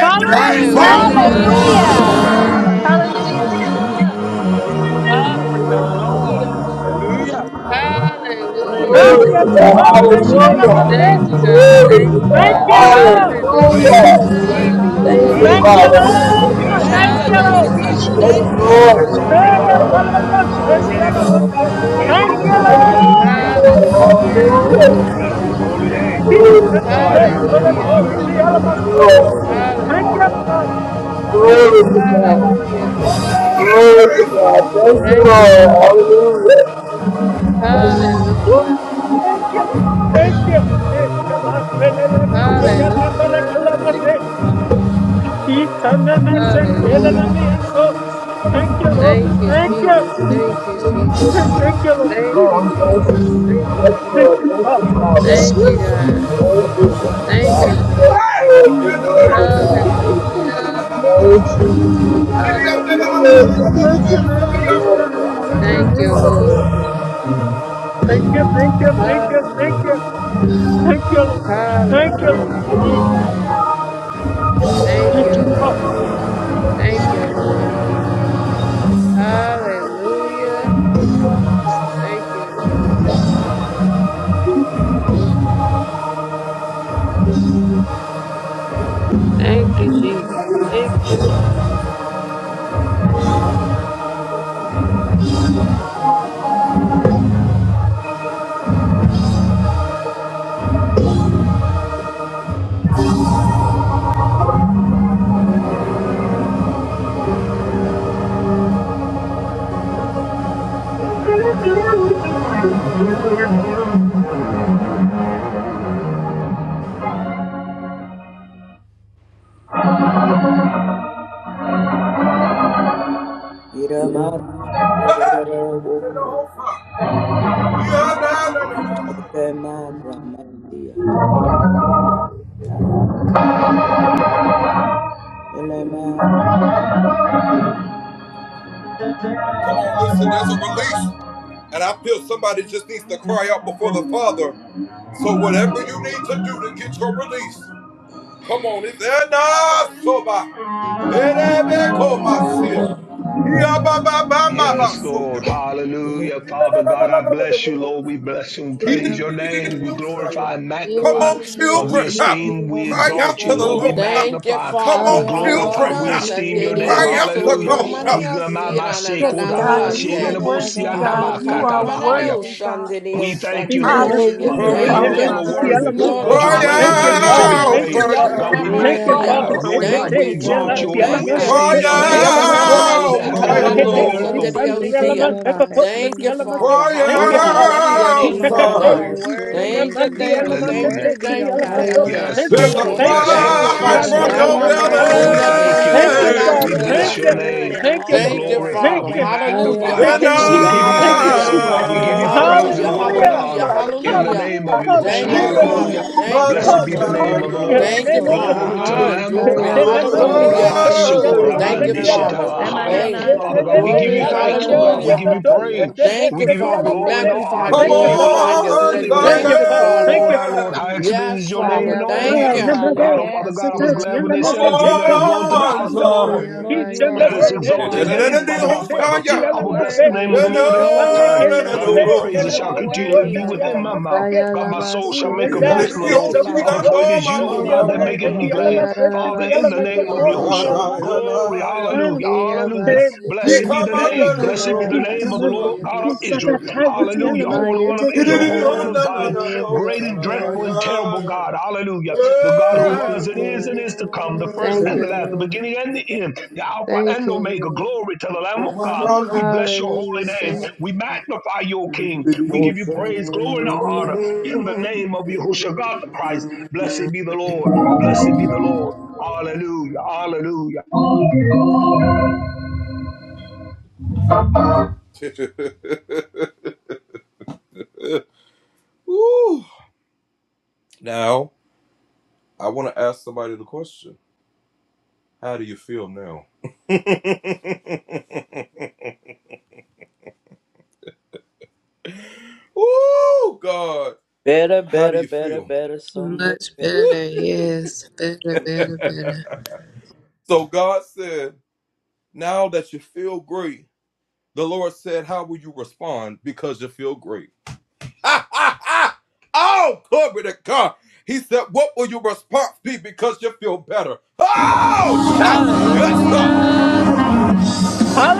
Speaker 8: Hallelujah!
Speaker 4: Praise
Speaker 3: Hallelujah.
Speaker 5: Hallelujah. Thank you, Jesus.
Speaker 9: Hallelujah.
Speaker 4: the
Speaker 5: Hallelujah.
Speaker 4: Lord. Hallelujah.
Speaker 10: Glory
Speaker 7: Oh,
Speaker 5: Hallelujah.
Speaker 4: Praise Him.
Speaker 11: Uh,
Speaker 8: Ah,
Speaker 7: yes,
Speaker 5: Thank
Speaker 8: yes,
Speaker 10: to
Speaker 5: you,
Speaker 8: I
Speaker 7: Lord.
Speaker 10: God.
Speaker 8: must
Speaker 5: Father.
Speaker 7: Thank
Speaker 8: say, she
Speaker 7: you,
Speaker 4: Hallelujah.
Speaker 8: I
Speaker 10: Hallelujah.
Speaker 8: must say,
Speaker 5: Thank you,
Speaker 4: Hallelujah.
Speaker 7: Jesus.
Speaker 5: God.
Speaker 10: Glory
Speaker 5: Thank
Speaker 10: to
Speaker 4: Hallelujah.
Speaker 5: you,
Speaker 10: God.
Speaker 8: Thank
Speaker 5: God.
Speaker 8: you,
Speaker 11: You
Speaker 7: Thank
Speaker 4: Thank you,
Speaker 7: you,
Speaker 11: alone
Speaker 8: Lord.
Speaker 11: are
Speaker 4: Lord.
Speaker 7: Lord.
Speaker 11: worthy.
Speaker 4: Thank
Speaker 5: Hallelujah.
Speaker 10: Hallelujah.
Speaker 4: you, Lord.
Speaker 7: Thank you,
Speaker 4: Thank you,
Speaker 7: Lord.
Speaker 4: Lord.
Speaker 11: You
Speaker 10: Thank
Speaker 5: Thank you,
Speaker 10: you,
Speaker 4: Thank
Speaker 8: Thank
Speaker 4: you,
Speaker 9: Hallelujah,
Speaker 8: you,
Speaker 4: Lord.
Speaker 11: alone are
Speaker 10: Father.
Speaker 11: worthy.
Speaker 5: Jesus.
Speaker 9: Jesus.
Speaker 10: Thank you,
Speaker 8: Lord.
Speaker 4: Yes,
Speaker 9: Thank
Speaker 8: Thank
Speaker 3: Thank
Speaker 4: God.
Speaker 9: you,
Speaker 3: you,
Speaker 8: you,
Speaker 10: Jesus.
Speaker 4: We
Speaker 8: Lord.
Speaker 7: Thank
Speaker 9: Jesus.
Speaker 4: bless
Speaker 3: Jesus.
Speaker 5: Hallelujah.
Speaker 4: you,
Speaker 11: You
Speaker 10: Yes,
Speaker 7: you,
Speaker 4: Lord.
Speaker 3: Thank
Speaker 5: Thank you,
Speaker 3: you.
Speaker 7: Lord.
Speaker 10: Lord.
Speaker 4: But
Speaker 5: God.
Speaker 4: it's
Speaker 7: Thank
Speaker 10: Thank
Speaker 7: you,
Speaker 10: you,
Speaker 8: Ah,
Speaker 4: already
Speaker 7: Jesus.
Speaker 8: yes,
Speaker 9: Hold
Speaker 10: Father.
Speaker 4: done.
Speaker 8: I
Speaker 9: on.
Speaker 7: Thank
Speaker 10: Thank
Speaker 8: must
Speaker 10: you,
Speaker 5: Thank
Speaker 4: It's
Speaker 5: you,
Speaker 8: say, she
Speaker 4: already
Speaker 8: yell,
Speaker 5: Lord.
Speaker 8: I
Speaker 4: done.
Speaker 8: must
Speaker 11: alone
Speaker 8: say,
Speaker 4: Thank
Speaker 11: and
Speaker 8: Thank
Speaker 11: you
Speaker 4: you,
Speaker 8: you,
Speaker 5: Hallelujah.
Speaker 4: Lord.
Speaker 11: worthy.
Speaker 10: Father. Thank
Speaker 8: Lord.
Speaker 4: Hallelujah.
Speaker 10: you, Lord.
Speaker 11: You're
Speaker 5: Hallelujah.
Speaker 7: you, Lord. Thank
Speaker 11: so
Speaker 10: Hallelujah.
Speaker 11: worthy.
Speaker 7: you,
Speaker 4: Bless
Speaker 7: Lord.
Speaker 11: You're
Speaker 4: his holy
Speaker 7: Thank you,
Speaker 4: name.
Speaker 7: Lord.
Speaker 10: Glory
Speaker 8: Jesus,
Speaker 7: We
Speaker 10: to
Speaker 8: she
Speaker 7: pray.
Speaker 10: God.
Speaker 8: left,
Speaker 4: Hallelujah.
Speaker 10: Thank
Speaker 8: well,
Speaker 10: you,
Speaker 8: of
Speaker 5: Hallelujah.
Speaker 8: course, she
Speaker 10: Jesus.
Speaker 5: Thank
Speaker 7: Bless your
Speaker 4: Hallelujah.
Speaker 5: you,
Speaker 8: I
Speaker 7: name,
Speaker 10: Yes,
Speaker 8: must
Speaker 7: Lord.
Speaker 8: go.
Speaker 10: Lord.
Speaker 5: Jesus.
Speaker 10: Thank
Speaker 11: so
Speaker 10: you,
Speaker 11: worthy.
Speaker 8: Thank you,
Speaker 10: Father.
Speaker 5: Hallelujah.
Speaker 7: Praise your name,
Speaker 8: Lord.
Speaker 11: God,
Speaker 10: Glory
Speaker 7: Father.
Speaker 10: to
Speaker 11: you
Speaker 10: God.
Speaker 5: Hallelujah. Thank you,
Speaker 11: are
Speaker 5: Lord.
Speaker 11: the
Speaker 7: Thank
Speaker 10: Glory
Speaker 7: you,
Speaker 10: to
Speaker 11: strength
Speaker 10: God.
Speaker 7: Father.
Speaker 11: that
Speaker 10: Thank
Speaker 7: Thank
Speaker 10: you,
Speaker 5: Thank
Speaker 7: you, Father.
Speaker 5: you,
Speaker 10: Lord.
Speaker 5: Lord.
Speaker 11: can
Speaker 10: Hallelujah.
Speaker 7: Thank you, Lord.
Speaker 8: Woo!
Speaker 5: Hallelujah.
Speaker 7: Thank
Speaker 11: take it
Speaker 8: Thank
Speaker 7: you,
Speaker 8: you,
Speaker 11: here
Speaker 7: Jesus.
Speaker 8: Lord. Thank you. Eh, Kamaselele message and
Speaker 7: Thank you,
Speaker 5: Hallelujah.
Speaker 8: Nambalakala
Speaker 11: to
Speaker 7: Father.
Speaker 5: Thank
Speaker 11: you.
Speaker 8: message.
Speaker 5: you, Father.
Speaker 8: He can message.
Speaker 7: Lord, I thank you
Speaker 5: Hallelujah.
Speaker 8: Elenami and so. Thank you, Lord.
Speaker 5: Thank you,
Speaker 8: Thank you.
Speaker 5: Jesus. Thank you,
Speaker 7: for this one.
Speaker 11: Bless
Speaker 5: Jesus.
Speaker 8: Thank you, Lord.
Speaker 5: Thank you,
Speaker 10: Oh, thank
Speaker 5: Jesus.
Speaker 10: you,
Speaker 7: Oh,
Speaker 5: Thank you,
Speaker 10: Yes,
Speaker 7: yes.
Speaker 5: God.
Speaker 8: Thank
Speaker 10: Lord.
Speaker 8: you,
Speaker 10: Thank
Speaker 11: your
Speaker 10: you,
Speaker 8: God.
Speaker 11: work,
Speaker 7: Thank you,
Speaker 10: Father.
Speaker 5: Thank you,
Speaker 7: Jesus.
Speaker 8: Phew.
Speaker 5: God.
Speaker 7: Thank
Speaker 10: Thank you,
Speaker 7: you.
Speaker 11: Lord.
Speaker 10: Jesus,
Speaker 11: You
Speaker 5: Thank you,
Speaker 10: Father. Yes,
Speaker 5: God.
Speaker 10: Lord. You worthy,
Speaker 7: Thank
Speaker 10: God.
Speaker 11: are
Speaker 7: you. Thank
Speaker 5: Hallelujah.
Speaker 7: you, Lord.
Speaker 10: Thank
Speaker 7: Thank
Speaker 10: you,
Speaker 7: you.
Speaker 10: Jesus. Yes,
Speaker 5: Hallelujah.
Speaker 10: Lord.
Speaker 7: Thank you.
Speaker 5: Thank you,
Speaker 8: Bless your
Speaker 5: Father.
Speaker 8: name, bless
Speaker 10: Yes,
Speaker 8: your
Speaker 7: Oh,
Speaker 8: name,
Speaker 10: God.
Speaker 7: yes.
Speaker 8: bless
Speaker 11: your
Speaker 10: Thank
Speaker 8: your
Speaker 5: Thank
Speaker 7: Thank
Speaker 10: you,
Speaker 5: you,
Speaker 7: you.
Speaker 8: name. God.
Speaker 5: Lord.
Speaker 8: Thank you, thank you, thank you, thank you,
Speaker 5: Hallelujah.
Speaker 11: work,
Speaker 8: thank you, Lord. Thank you, Lord.
Speaker 5: Hallelujah.
Speaker 8: Mm,
Speaker 5: Thank you, Lord. Thank
Speaker 8: Thank
Speaker 5: you,
Speaker 8: you,
Speaker 5: Lord.
Speaker 8: God.
Speaker 5: Thank you, Lord. Hallelujah. Thank you, Lord. Thank you, Jesus. Thank you,
Speaker 11: Lord. Iramara, Hadarara, Woko, Agamara, Mati, Aloha, Elamara. Mm,
Speaker 4: Yes, Lord.
Speaker 11: yeah.
Speaker 4: Hallelujah. Father God, I bless you, Lord. We bless and praise your name.
Speaker 5: Jesus.
Speaker 4: We glorify and magnify. God, we
Speaker 5: Yes,
Speaker 4: esteem, we exalt you, Lord. We
Speaker 3: Thank you,
Speaker 4: magnify,
Speaker 3: Father.
Speaker 4: we glorify, we
Speaker 3: Haralana
Speaker 4: esteem
Speaker 3: Sunday,
Speaker 4: your
Speaker 3: the
Speaker 4: name.
Speaker 3: Oso
Speaker 4: Hallelujah. We
Speaker 3: Komania,
Speaker 4: gamama se
Speaker 6: Yes,
Speaker 3: Siranana
Speaker 6: God,
Speaker 4: kodaba, se
Speaker 6: you are
Speaker 3: Sunday.
Speaker 4: lelebo si
Speaker 6: worthy, God.
Speaker 3: Ah,
Speaker 6: You are
Speaker 4: katabahaya.
Speaker 3: Kamamana
Speaker 6: worthy, God.
Speaker 3: Sunday, the
Speaker 4: We thank you,
Speaker 8: In the
Speaker 4: Lord.
Speaker 3: Osantana Sia.
Speaker 4: Father
Speaker 6: Hallelujah,
Speaker 4: God, you
Speaker 3: Thank
Speaker 6: Father.
Speaker 4: alone
Speaker 3: you.
Speaker 4: are
Speaker 6: We
Speaker 9: Father,
Speaker 8: most
Speaker 9: I
Speaker 6: bless
Speaker 8: Ciala
Speaker 4: worthy.
Speaker 9: thank
Speaker 6: you
Speaker 9: you
Speaker 6: and we
Speaker 9: that-
Speaker 8: Mosto.
Speaker 3: Glory,
Speaker 4: God,
Speaker 9: for
Speaker 4: you're
Speaker 6: honor
Speaker 9: what
Speaker 4: great
Speaker 9: you
Speaker 4: and
Speaker 8: Thank
Speaker 6: you.
Speaker 9: are
Speaker 8: you,
Speaker 3: Hanalana
Speaker 6: We
Speaker 4: greatly
Speaker 9: doing,
Speaker 4: to
Speaker 8: Father.
Speaker 9: oh
Speaker 4: be
Speaker 6: praise you.
Speaker 9: God.
Speaker 3: Sunday,
Speaker 9: I,
Speaker 8: Thank you,
Speaker 4: praised.
Speaker 3: Sia,
Speaker 8: Father.
Speaker 4: God, we
Speaker 6: We give
Speaker 3: Mama
Speaker 8: Thank
Speaker 6: you
Speaker 8: you,
Speaker 6: all
Speaker 9: I
Speaker 6: the
Speaker 3: Sia.
Speaker 9: thank
Speaker 4: magnify.
Speaker 8: Father.
Speaker 9: you for where
Speaker 4: Lord
Speaker 8: It's
Speaker 9: you
Speaker 8: it's
Speaker 9: are
Speaker 4: God,
Speaker 3: Thank
Speaker 8: it.
Speaker 3: you,
Speaker 4: we
Speaker 9: taking me
Speaker 4: exalt
Speaker 8: Tiela,
Speaker 3: Father.
Speaker 4: you,
Speaker 9: into,
Speaker 4: Lord.
Speaker 8: tiela,
Speaker 9: oh
Speaker 4: We
Speaker 3: Thank
Speaker 8: mas,
Speaker 9: God.
Speaker 3: you.
Speaker 8: it's
Speaker 4: esteem
Speaker 8: it's
Speaker 4: your
Speaker 9: Oh my
Speaker 4: name.
Speaker 9: na
Speaker 8: tiela,
Speaker 9: na
Speaker 8: mas,
Speaker 4: God,
Speaker 9: na
Speaker 4: on
Speaker 8: oh.
Speaker 9: na
Speaker 3: Ekanana
Speaker 4: all of the
Speaker 3: Si,
Speaker 9: siya,
Speaker 4: heavens and
Speaker 9: roho,
Speaker 4: in
Speaker 8: Nemakete,
Speaker 3: Kanada
Speaker 4: the earth,
Speaker 9: saya.
Speaker 8: it's
Speaker 4: oh
Speaker 3: Sunday, the
Speaker 8: and
Speaker 9: We
Speaker 8: tiela,
Speaker 9: thank
Speaker 8: mas,
Speaker 9: you,
Speaker 3: Osia.
Speaker 9: Father.
Speaker 8: bekoto, so
Speaker 3: Thank you,
Speaker 8: tiela, mas, eh.
Speaker 3: Father.
Speaker 8: Thank you,
Speaker 9: Lord, I
Speaker 3: Hamamama
Speaker 8: Father.
Speaker 9: bless your
Speaker 3: Sia, the
Speaker 9: name, oh God. You
Speaker 8: Itakate,
Speaker 3: Sunday.
Speaker 9: are
Speaker 8: it's
Speaker 9: worthy.
Speaker 8: and
Speaker 3: Thank you,
Speaker 8: mandi,
Speaker 9: You
Speaker 3: thank
Speaker 9: are
Speaker 8: ela,
Speaker 3: you,
Speaker 8: mas, it's
Speaker 3: thank
Speaker 4: Hallelujah.
Speaker 5: Ayabasayarabasuyabesiyaraba.
Speaker 3: you,
Speaker 8: it's
Speaker 9: worthy,
Speaker 3: thank
Speaker 9: oh
Speaker 3: you,
Speaker 8: tiela, mas,
Speaker 9: God.
Speaker 8: oh.
Speaker 3: thank you.
Speaker 4: Yes,
Speaker 8: Thank
Speaker 9: Amanandi
Speaker 8: you, Lord.
Speaker 4: Lord.
Speaker 8: Thank
Speaker 4: Yes,
Speaker 8: you.
Speaker 3: Thank you,
Speaker 9: Arorosaya.
Speaker 4: Lord.
Speaker 8: Ha,
Speaker 4: Yes,
Speaker 3: Father.
Speaker 8: na,
Speaker 9: Lord,
Speaker 8: na,
Speaker 9: you
Speaker 4: Lord.
Speaker 9: are
Speaker 8: na,
Speaker 9: worthy,
Speaker 8: tiela,
Speaker 4: Father,
Speaker 8: la,
Speaker 4: we
Speaker 9: you are
Speaker 8: si.
Speaker 4: thank you,
Speaker 9: righteous,
Speaker 8: Thank
Speaker 4: Lord.
Speaker 8: you,
Speaker 9: and
Speaker 4: We
Speaker 8: Father.
Speaker 9: you are
Speaker 8: Thank
Speaker 4: bless
Speaker 3: Amamasenyakomonanasia.
Speaker 4: your
Speaker 8: you.
Speaker 9: good
Speaker 4: name.
Speaker 9: in
Speaker 8: Thank you,
Speaker 9: all
Speaker 4: We
Speaker 9: of
Speaker 8: Lord.
Speaker 3: Thank
Speaker 9: your
Speaker 3: you,
Speaker 9: words,
Speaker 4: glorify.
Speaker 8: Thank
Speaker 3: Father.
Speaker 4: We
Speaker 8: you.
Speaker 9: ways.
Speaker 3: Hallelujah,
Speaker 4: magnify.
Speaker 8: Thank
Speaker 9: Hallelujah.
Speaker 8: you,
Speaker 6: glory.
Speaker 4: God, we
Speaker 8: Jesus.
Speaker 6: We
Speaker 3: hallelujah,
Speaker 4: give
Speaker 9: Jesus,
Speaker 4: you
Speaker 9: I
Speaker 8: Thank you,
Speaker 4: thanks,
Speaker 9: thank
Speaker 3: hallelujah,
Speaker 4: oh
Speaker 8: Jesus.
Speaker 9: you. I
Speaker 4: God.
Speaker 6: praise
Speaker 4: We give
Speaker 6: you.
Speaker 9: bless
Speaker 4: you
Speaker 9: your
Speaker 4: praise
Speaker 9: name,
Speaker 3: hallelujah,
Speaker 4: and
Speaker 9: oh
Speaker 4: glory and
Speaker 8: Hallelujah.
Speaker 9: God.
Speaker 3: hallelujah,
Speaker 4: honor in the
Speaker 9: Yea-
Speaker 3: hallelujah.
Speaker 4: name of
Speaker 8: Hallelujah,
Speaker 4: Yahushua.
Speaker 3: Thank you,
Speaker 9: Yes,
Speaker 8: hallelujah, Lord.
Speaker 9: Lord.
Speaker 3: Father.
Speaker 4: Hallelujah.
Speaker 3: Thank you.
Speaker 9: Yes,
Speaker 4: Blessed be the
Speaker 9: Lord.
Speaker 8: hallelujah
Speaker 4: name of
Speaker 8: to
Speaker 4: the
Speaker 8: your
Speaker 4: Lord.
Speaker 9: Yes,
Speaker 3: Thank you,
Speaker 8: name, O
Speaker 9: Lord. I
Speaker 8: God.
Speaker 3: Father.
Speaker 4: Glory to
Speaker 9: honor
Speaker 4: the
Speaker 3: Hi,
Speaker 9: you,
Speaker 4: Lamb of
Speaker 3: glory,
Speaker 4: God.
Speaker 9: Jesus.
Speaker 8: Thank you, Father.
Speaker 5: Ayabaso
Speaker 9: I
Speaker 4: Oh,
Speaker 9: thirst
Speaker 3: hallelujah.
Speaker 4: Rabbi
Speaker 9: for you,
Speaker 5: yebe
Speaker 9: Jesus.
Speaker 5: siki
Speaker 3: Thank
Speaker 9: Thank
Speaker 3: you,
Speaker 4: Sukorabande
Speaker 9: you.
Speaker 3: Father.
Speaker 5: yabaso
Speaker 4: Shetalahaya.
Speaker 5: yebe.
Speaker 3: Hey,
Speaker 4: Father God,
Speaker 9: Emananasia,
Speaker 4: we give
Speaker 3: glory,
Speaker 4: you thanks, oh
Speaker 9: Oramandi
Speaker 4: God. We
Speaker 3: hallelujah.
Speaker 5: Yarabasi
Speaker 4: give you
Speaker 5: ki
Speaker 4: praise.
Speaker 9: Arorahasiya.
Speaker 3: Thank
Speaker 4: We
Speaker 3: you,
Speaker 4: give
Speaker 5: yabaso
Speaker 4: you all
Speaker 3: Father.
Speaker 5: yebe.
Speaker 4: glory and
Speaker 9: Thank you,
Speaker 4: all
Speaker 3: Magnify,
Speaker 4: honor.
Speaker 9: Jesus.
Speaker 4: You
Speaker 3: glorify
Speaker 4: alone are
Speaker 3: you.
Speaker 5: Yabasi
Speaker 3: Say,
Speaker 4: worthy,
Speaker 8: Mm,
Speaker 5: ki
Speaker 4: oh
Speaker 8: Thank
Speaker 4: Lord.
Speaker 3: thank
Speaker 8: you,
Speaker 3: you,
Speaker 8: Father.
Speaker 4: O
Speaker 5: yabasi
Speaker 8: Thank
Speaker 3: Father.
Speaker 4: Lord,
Speaker 8: you,
Speaker 4: our
Speaker 8: Father.
Speaker 4: Lord, how
Speaker 5: yaraba.
Speaker 4: excellent is
Speaker 3: Yes,
Speaker 4: your name
Speaker 3: Father.
Speaker 4: in all of the
Speaker 3: Thank
Speaker 8: Oh,
Speaker 9: Yes,
Speaker 4: earth.
Speaker 5: Ayabasi
Speaker 3: you.
Speaker 5: ki
Speaker 8: number
Speaker 9: Father.
Speaker 4: God,
Speaker 8: one.
Speaker 4: oh Father
Speaker 9: Yes.
Speaker 8: So
Speaker 4: God,
Speaker 5: yabasi
Speaker 4: I was glad when they said
Speaker 8: touch.
Speaker 4: unto
Speaker 5: yarabaso
Speaker 4: me, Let us go
Speaker 5: yebe.
Speaker 4: into the
Speaker 9: Ooh,
Speaker 4: house of the Lord.
Speaker 9: Lord, you are
Speaker 4: Let us
Speaker 5: Yabayesi
Speaker 9: worthy
Speaker 8: Hallelujah!
Speaker 5: ki
Speaker 9: of
Speaker 4: exalt
Speaker 9: all
Speaker 4: his
Speaker 9: the
Speaker 4: name,
Speaker 9: praise,
Speaker 4: Father God,
Speaker 5: yabasi
Speaker 9: God.
Speaker 4: forever.
Speaker 5: yaraba.
Speaker 9: You are
Speaker 4: I will bless the
Speaker 5: Thank
Speaker 4: name of
Speaker 9: worthy.
Speaker 4: the Lord at
Speaker 9: You
Speaker 4: all
Speaker 5: you,
Speaker 9: are
Speaker 4: times. God,
Speaker 9: worthy.
Speaker 4: in your praises
Speaker 9: You
Speaker 4: shall
Speaker 9: are
Speaker 4: continually
Speaker 9: worthy,
Speaker 4: be
Speaker 9: oh
Speaker 4: within
Speaker 9: God.
Speaker 4: my mouth. God, my soul shall make a boast in the
Speaker 9: Thank
Speaker 4: Lord.
Speaker 9: you,
Speaker 4: Father,
Speaker 9: Father.
Speaker 4: for it is you, O
Speaker 9: You are
Speaker 4: God, that maketh
Speaker 9: worthy,
Speaker 4: me
Speaker 9: oh God.
Speaker 4: glad. Father, in the name of Yahushua. Glory, hallelujah, hallelujah. Blessed be the name. Blessed be the name of the Lord God of Israel. Hallelujah. Holy One of Israel, Holy One of Zion great and dreadful and terrible God. Hallelujah. The God who was and is
Speaker 5: Lord.
Speaker 4: and is to come, the first
Speaker 5: Thank
Speaker 4: and the
Speaker 5: you,
Speaker 4: last, the
Speaker 5: Lord.
Speaker 4: beginning and the end, the Alpha
Speaker 5: Thank
Speaker 4: and
Speaker 5: you,
Speaker 4: Omega.
Speaker 5: Lord.
Speaker 4: Glory to the Lamb of God. We bless your holy
Speaker 5: Hallelujah.
Speaker 4: name.
Speaker 5: Thank
Speaker 4: We
Speaker 5: you.
Speaker 4: magnify your King. We give you praise, glory, and honor in the name of Yahushua God the Christ. Blessed be the Lord. Blessed be the Lord. Hallelujah. Hallelujah.
Speaker 11: Better, better, better, better, so much
Speaker 5: Much
Speaker 11: better.
Speaker 5: better, yes. Better, better, better. Hallelujah. Thank you, Lord.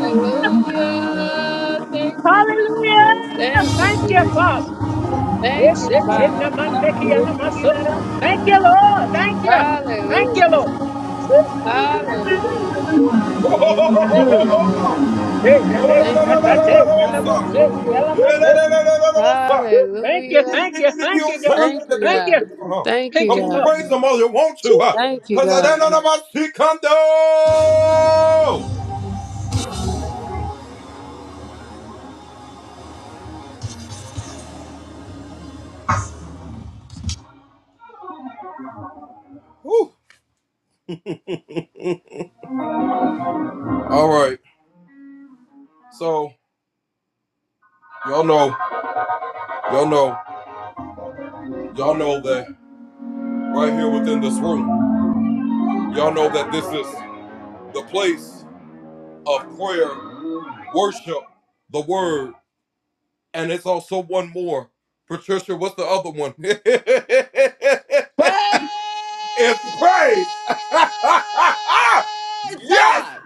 Speaker 5: Hallelujah. Thank you,
Speaker 8: Hallelujah!
Speaker 5: Jesus. Thank you,
Speaker 8: Thank you, Father.
Speaker 5: Jesus. Thank
Speaker 8: Yes,
Speaker 5: you,
Speaker 8: it's in
Speaker 5: Father.
Speaker 8: the Mandeki and the muscle.
Speaker 5: Hallelujah.
Speaker 8: Thank you, Lord. Thank you. Thank you,
Speaker 5: Hallelujah.
Speaker 8: Lord.
Speaker 5: Hallelujah. Thank you, God. Thank
Speaker 8: Mm.
Speaker 5: you, Lord.
Speaker 8: Yeah, yeah, yeah.
Speaker 5: Thank
Speaker 8: That's
Speaker 5: you,
Speaker 8: that's
Speaker 5: Lord.
Speaker 8: it. And I'm all set. Yeah,
Speaker 5: Hallelujah.
Speaker 8: I'm all set. Whew. Thank you,
Speaker 5: Hallelujah.
Speaker 8: thank you, thank you, God.
Speaker 5: Thank you,
Speaker 8: Thank you,
Speaker 5: God. Thank
Speaker 8: thank
Speaker 5: you,
Speaker 8: you, God.
Speaker 5: God.
Speaker 8: Jeez,
Speaker 5: Thank you, God.
Speaker 3: Praise God.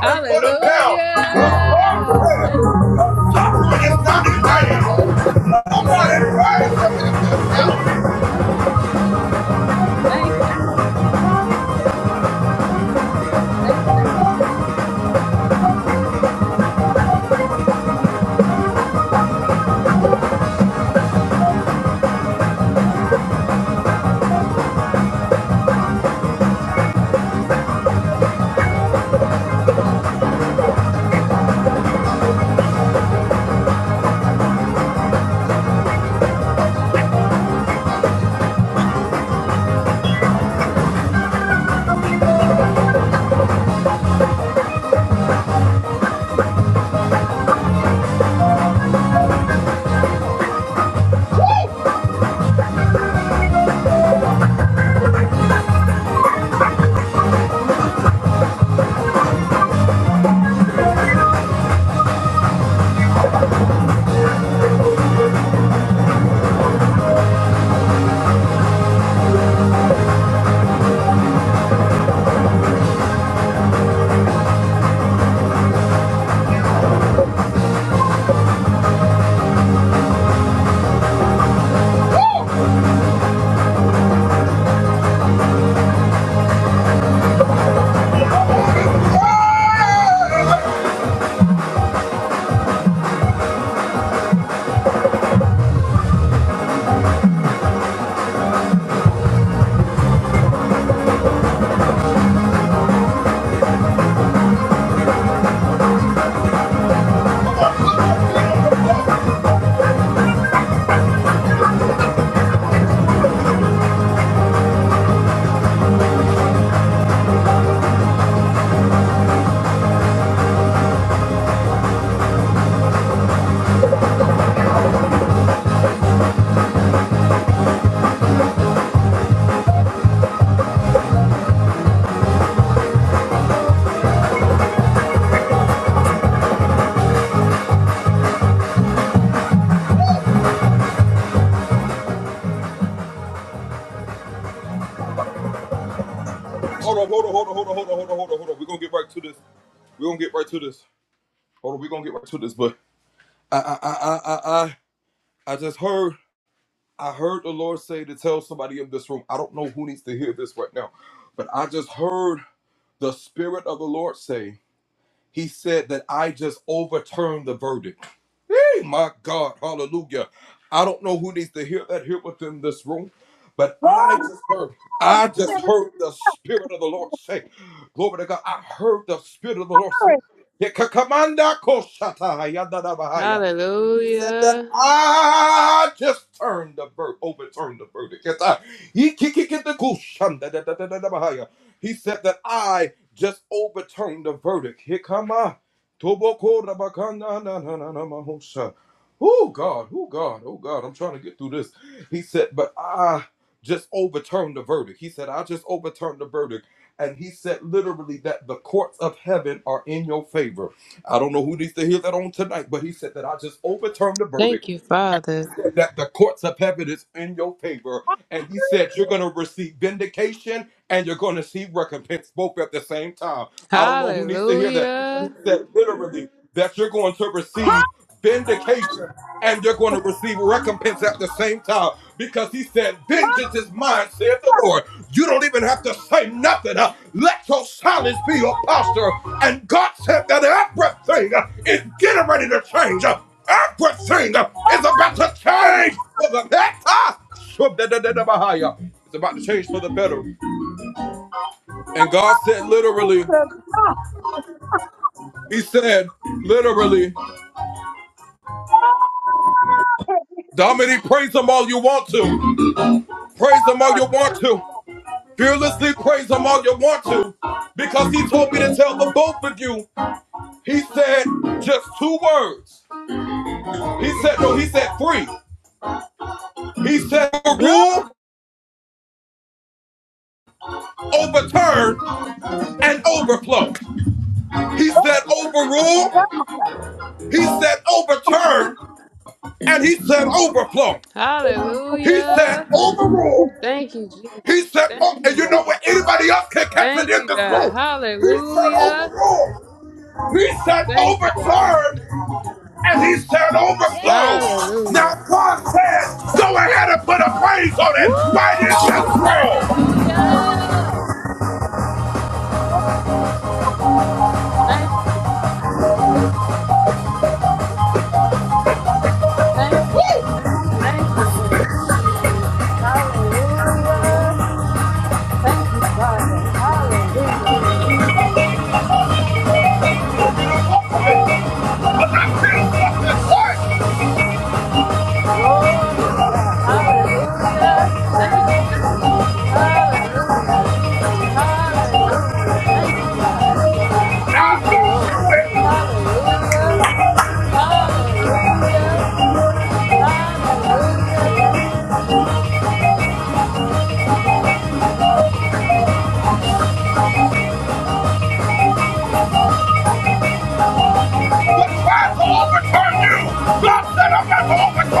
Speaker 5: Hallelujah. Thank you, Lord. Hallelujah. Thank you, Lord. Thank you, Lord. Hallelujah. Thank you, Lord.
Speaker 12: Glory, glory, glory.
Speaker 5: Hallelujah. Thank you, Father. Hallelujah.
Speaker 12: Come on. Glory to God. Glory, glory.
Speaker 5: Hallelujah. Thank you, Jesus. Thank you, God. Thank you, God. Hallelujah. Thank you, God.
Speaker 9: Yes.
Speaker 5: Hallelujah. Woo! Hallelujah. Thank you. Thank you, Jesus. Thank you, Lord. Hallelujah. Thank you, Father. Hallelujah. Let us speak the you, let us hear you. Hallelujah. Speak to you, let Glory God. Hallelujah. Thank you, Jesus. Hallelujah. Hallelujah. Thank you, God. Thank you, Lord. Hallelujah. Hallelujah. Hallelujah. Thank you,
Speaker 1: you. God said I'm not going to overcome you.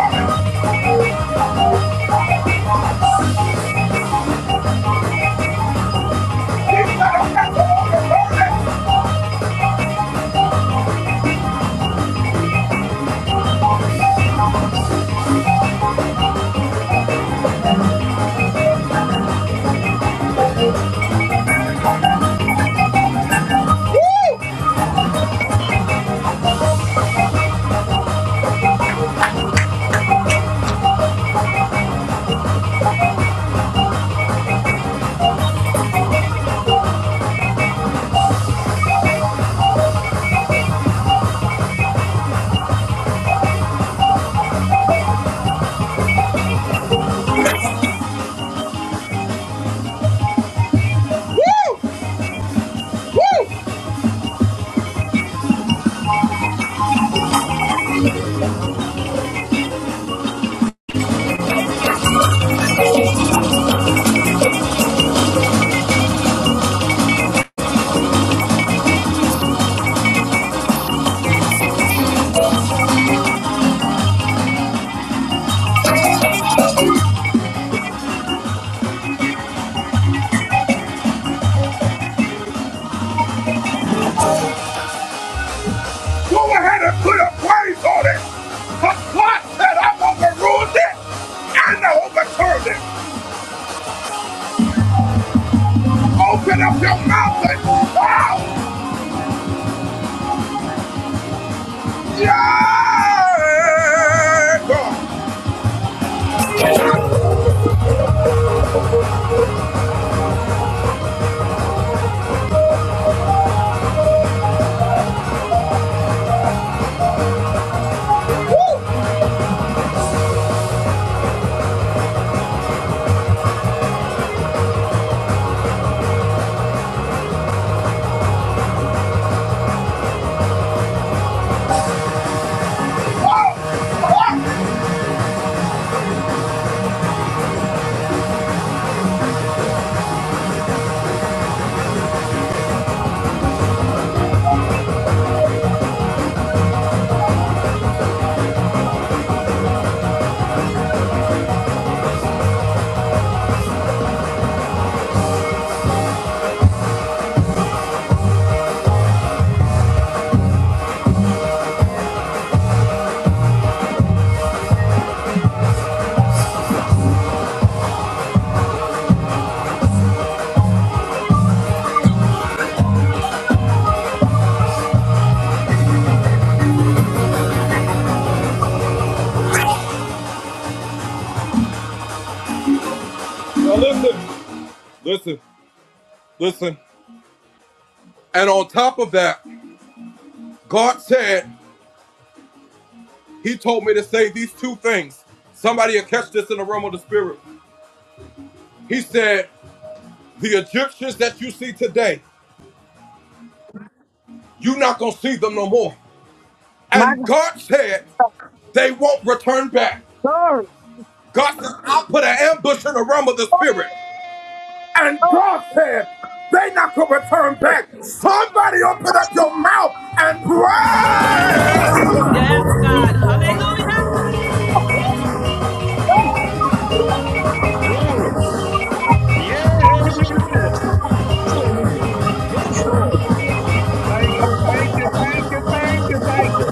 Speaker 12: My God. Glory. Oh,
Speaker 4: Hey!
Speaker 12: oh,
Speaker 4: Hallelujah. Yes.
Speaker 13: Yes, God. Hallelujah.
Speaker 4: Glory. Yes. Hallelujah. Yes, Lord. Thank you, thank you, thank you, thank you, thank you.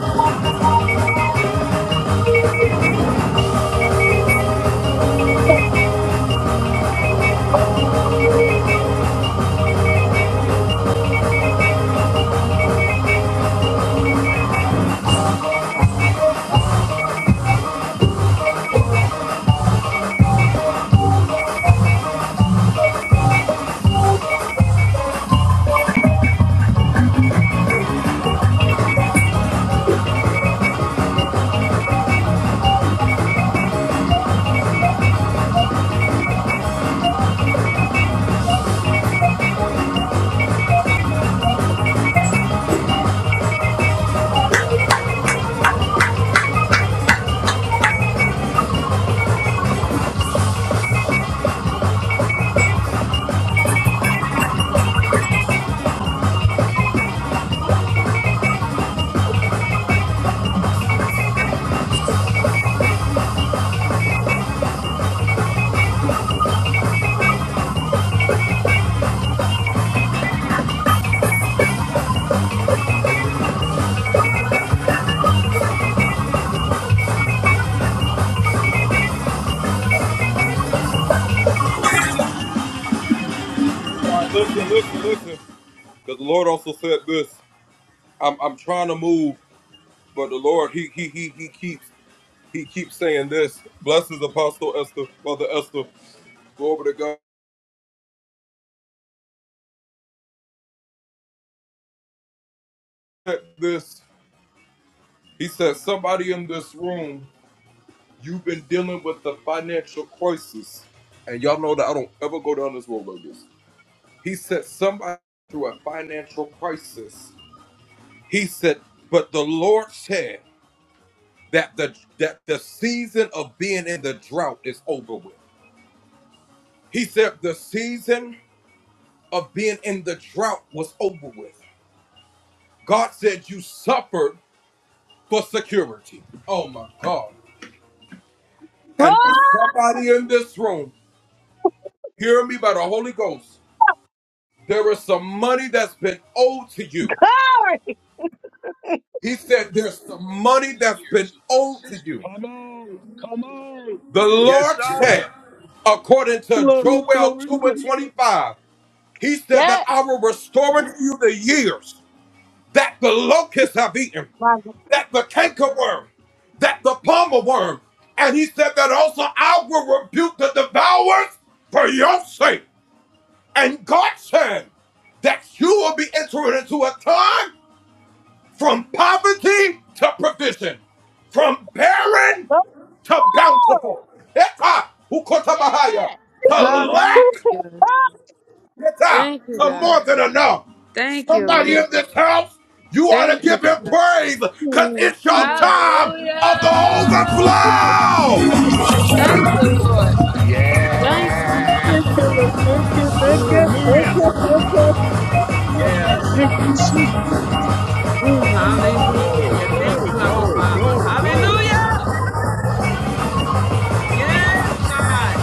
Speaker 12: Glory. glory,
Speaker 4: Come on, come on. Yes, sir.
Speaker 8: Glory, glory, glory.
Speaker 9: Yes.
Speaker 12: My God. Glory. Oh,
Speaker 9: Yes.
Speaker 5: Jesus.
Speaker 8: Whew.
Speaker 5: Hallelujah. Thank you, God. Thank you, Lord. Thank you, God.
Speaker 8: Mm.
Speaker 5: Hallelujah. Thank you, Lord. Thank you, God.
Speaker 4: Yes.
Speaker 8: Thank you, Lord. Thank you, thank you, thank
Speaker 4: Hallelujah.
Speaker 8: you, thank you,
Speaker 4: Yes.
Speaker 8: thank you, Jesus. Mm.
Speaker 4: Glory,
Speaker 13: Hallelujah. Thank
Speaker 4: glory,
Speaker 13: you, our
Speaker 4: glory,
Speaker 13: Father.
Speaker 4: glory, glory.
Speaker 13: Hallelujah. Yes, God.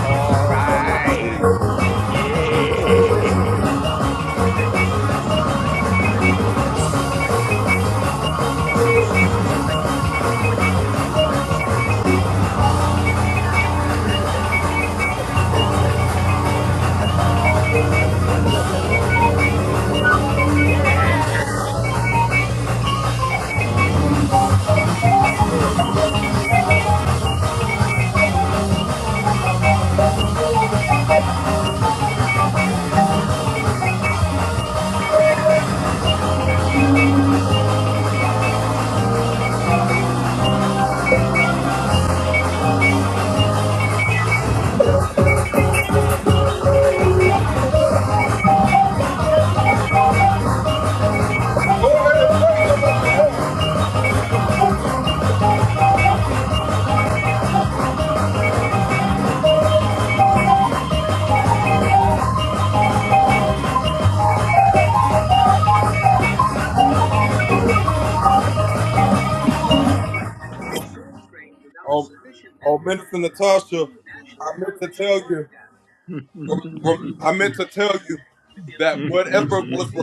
Speaker 4: All right. Yeah. Although he no longer held an active production. blah, blah, blah, blah, blah. Yeah. Oh, yeah. According to within three weeks of the tape,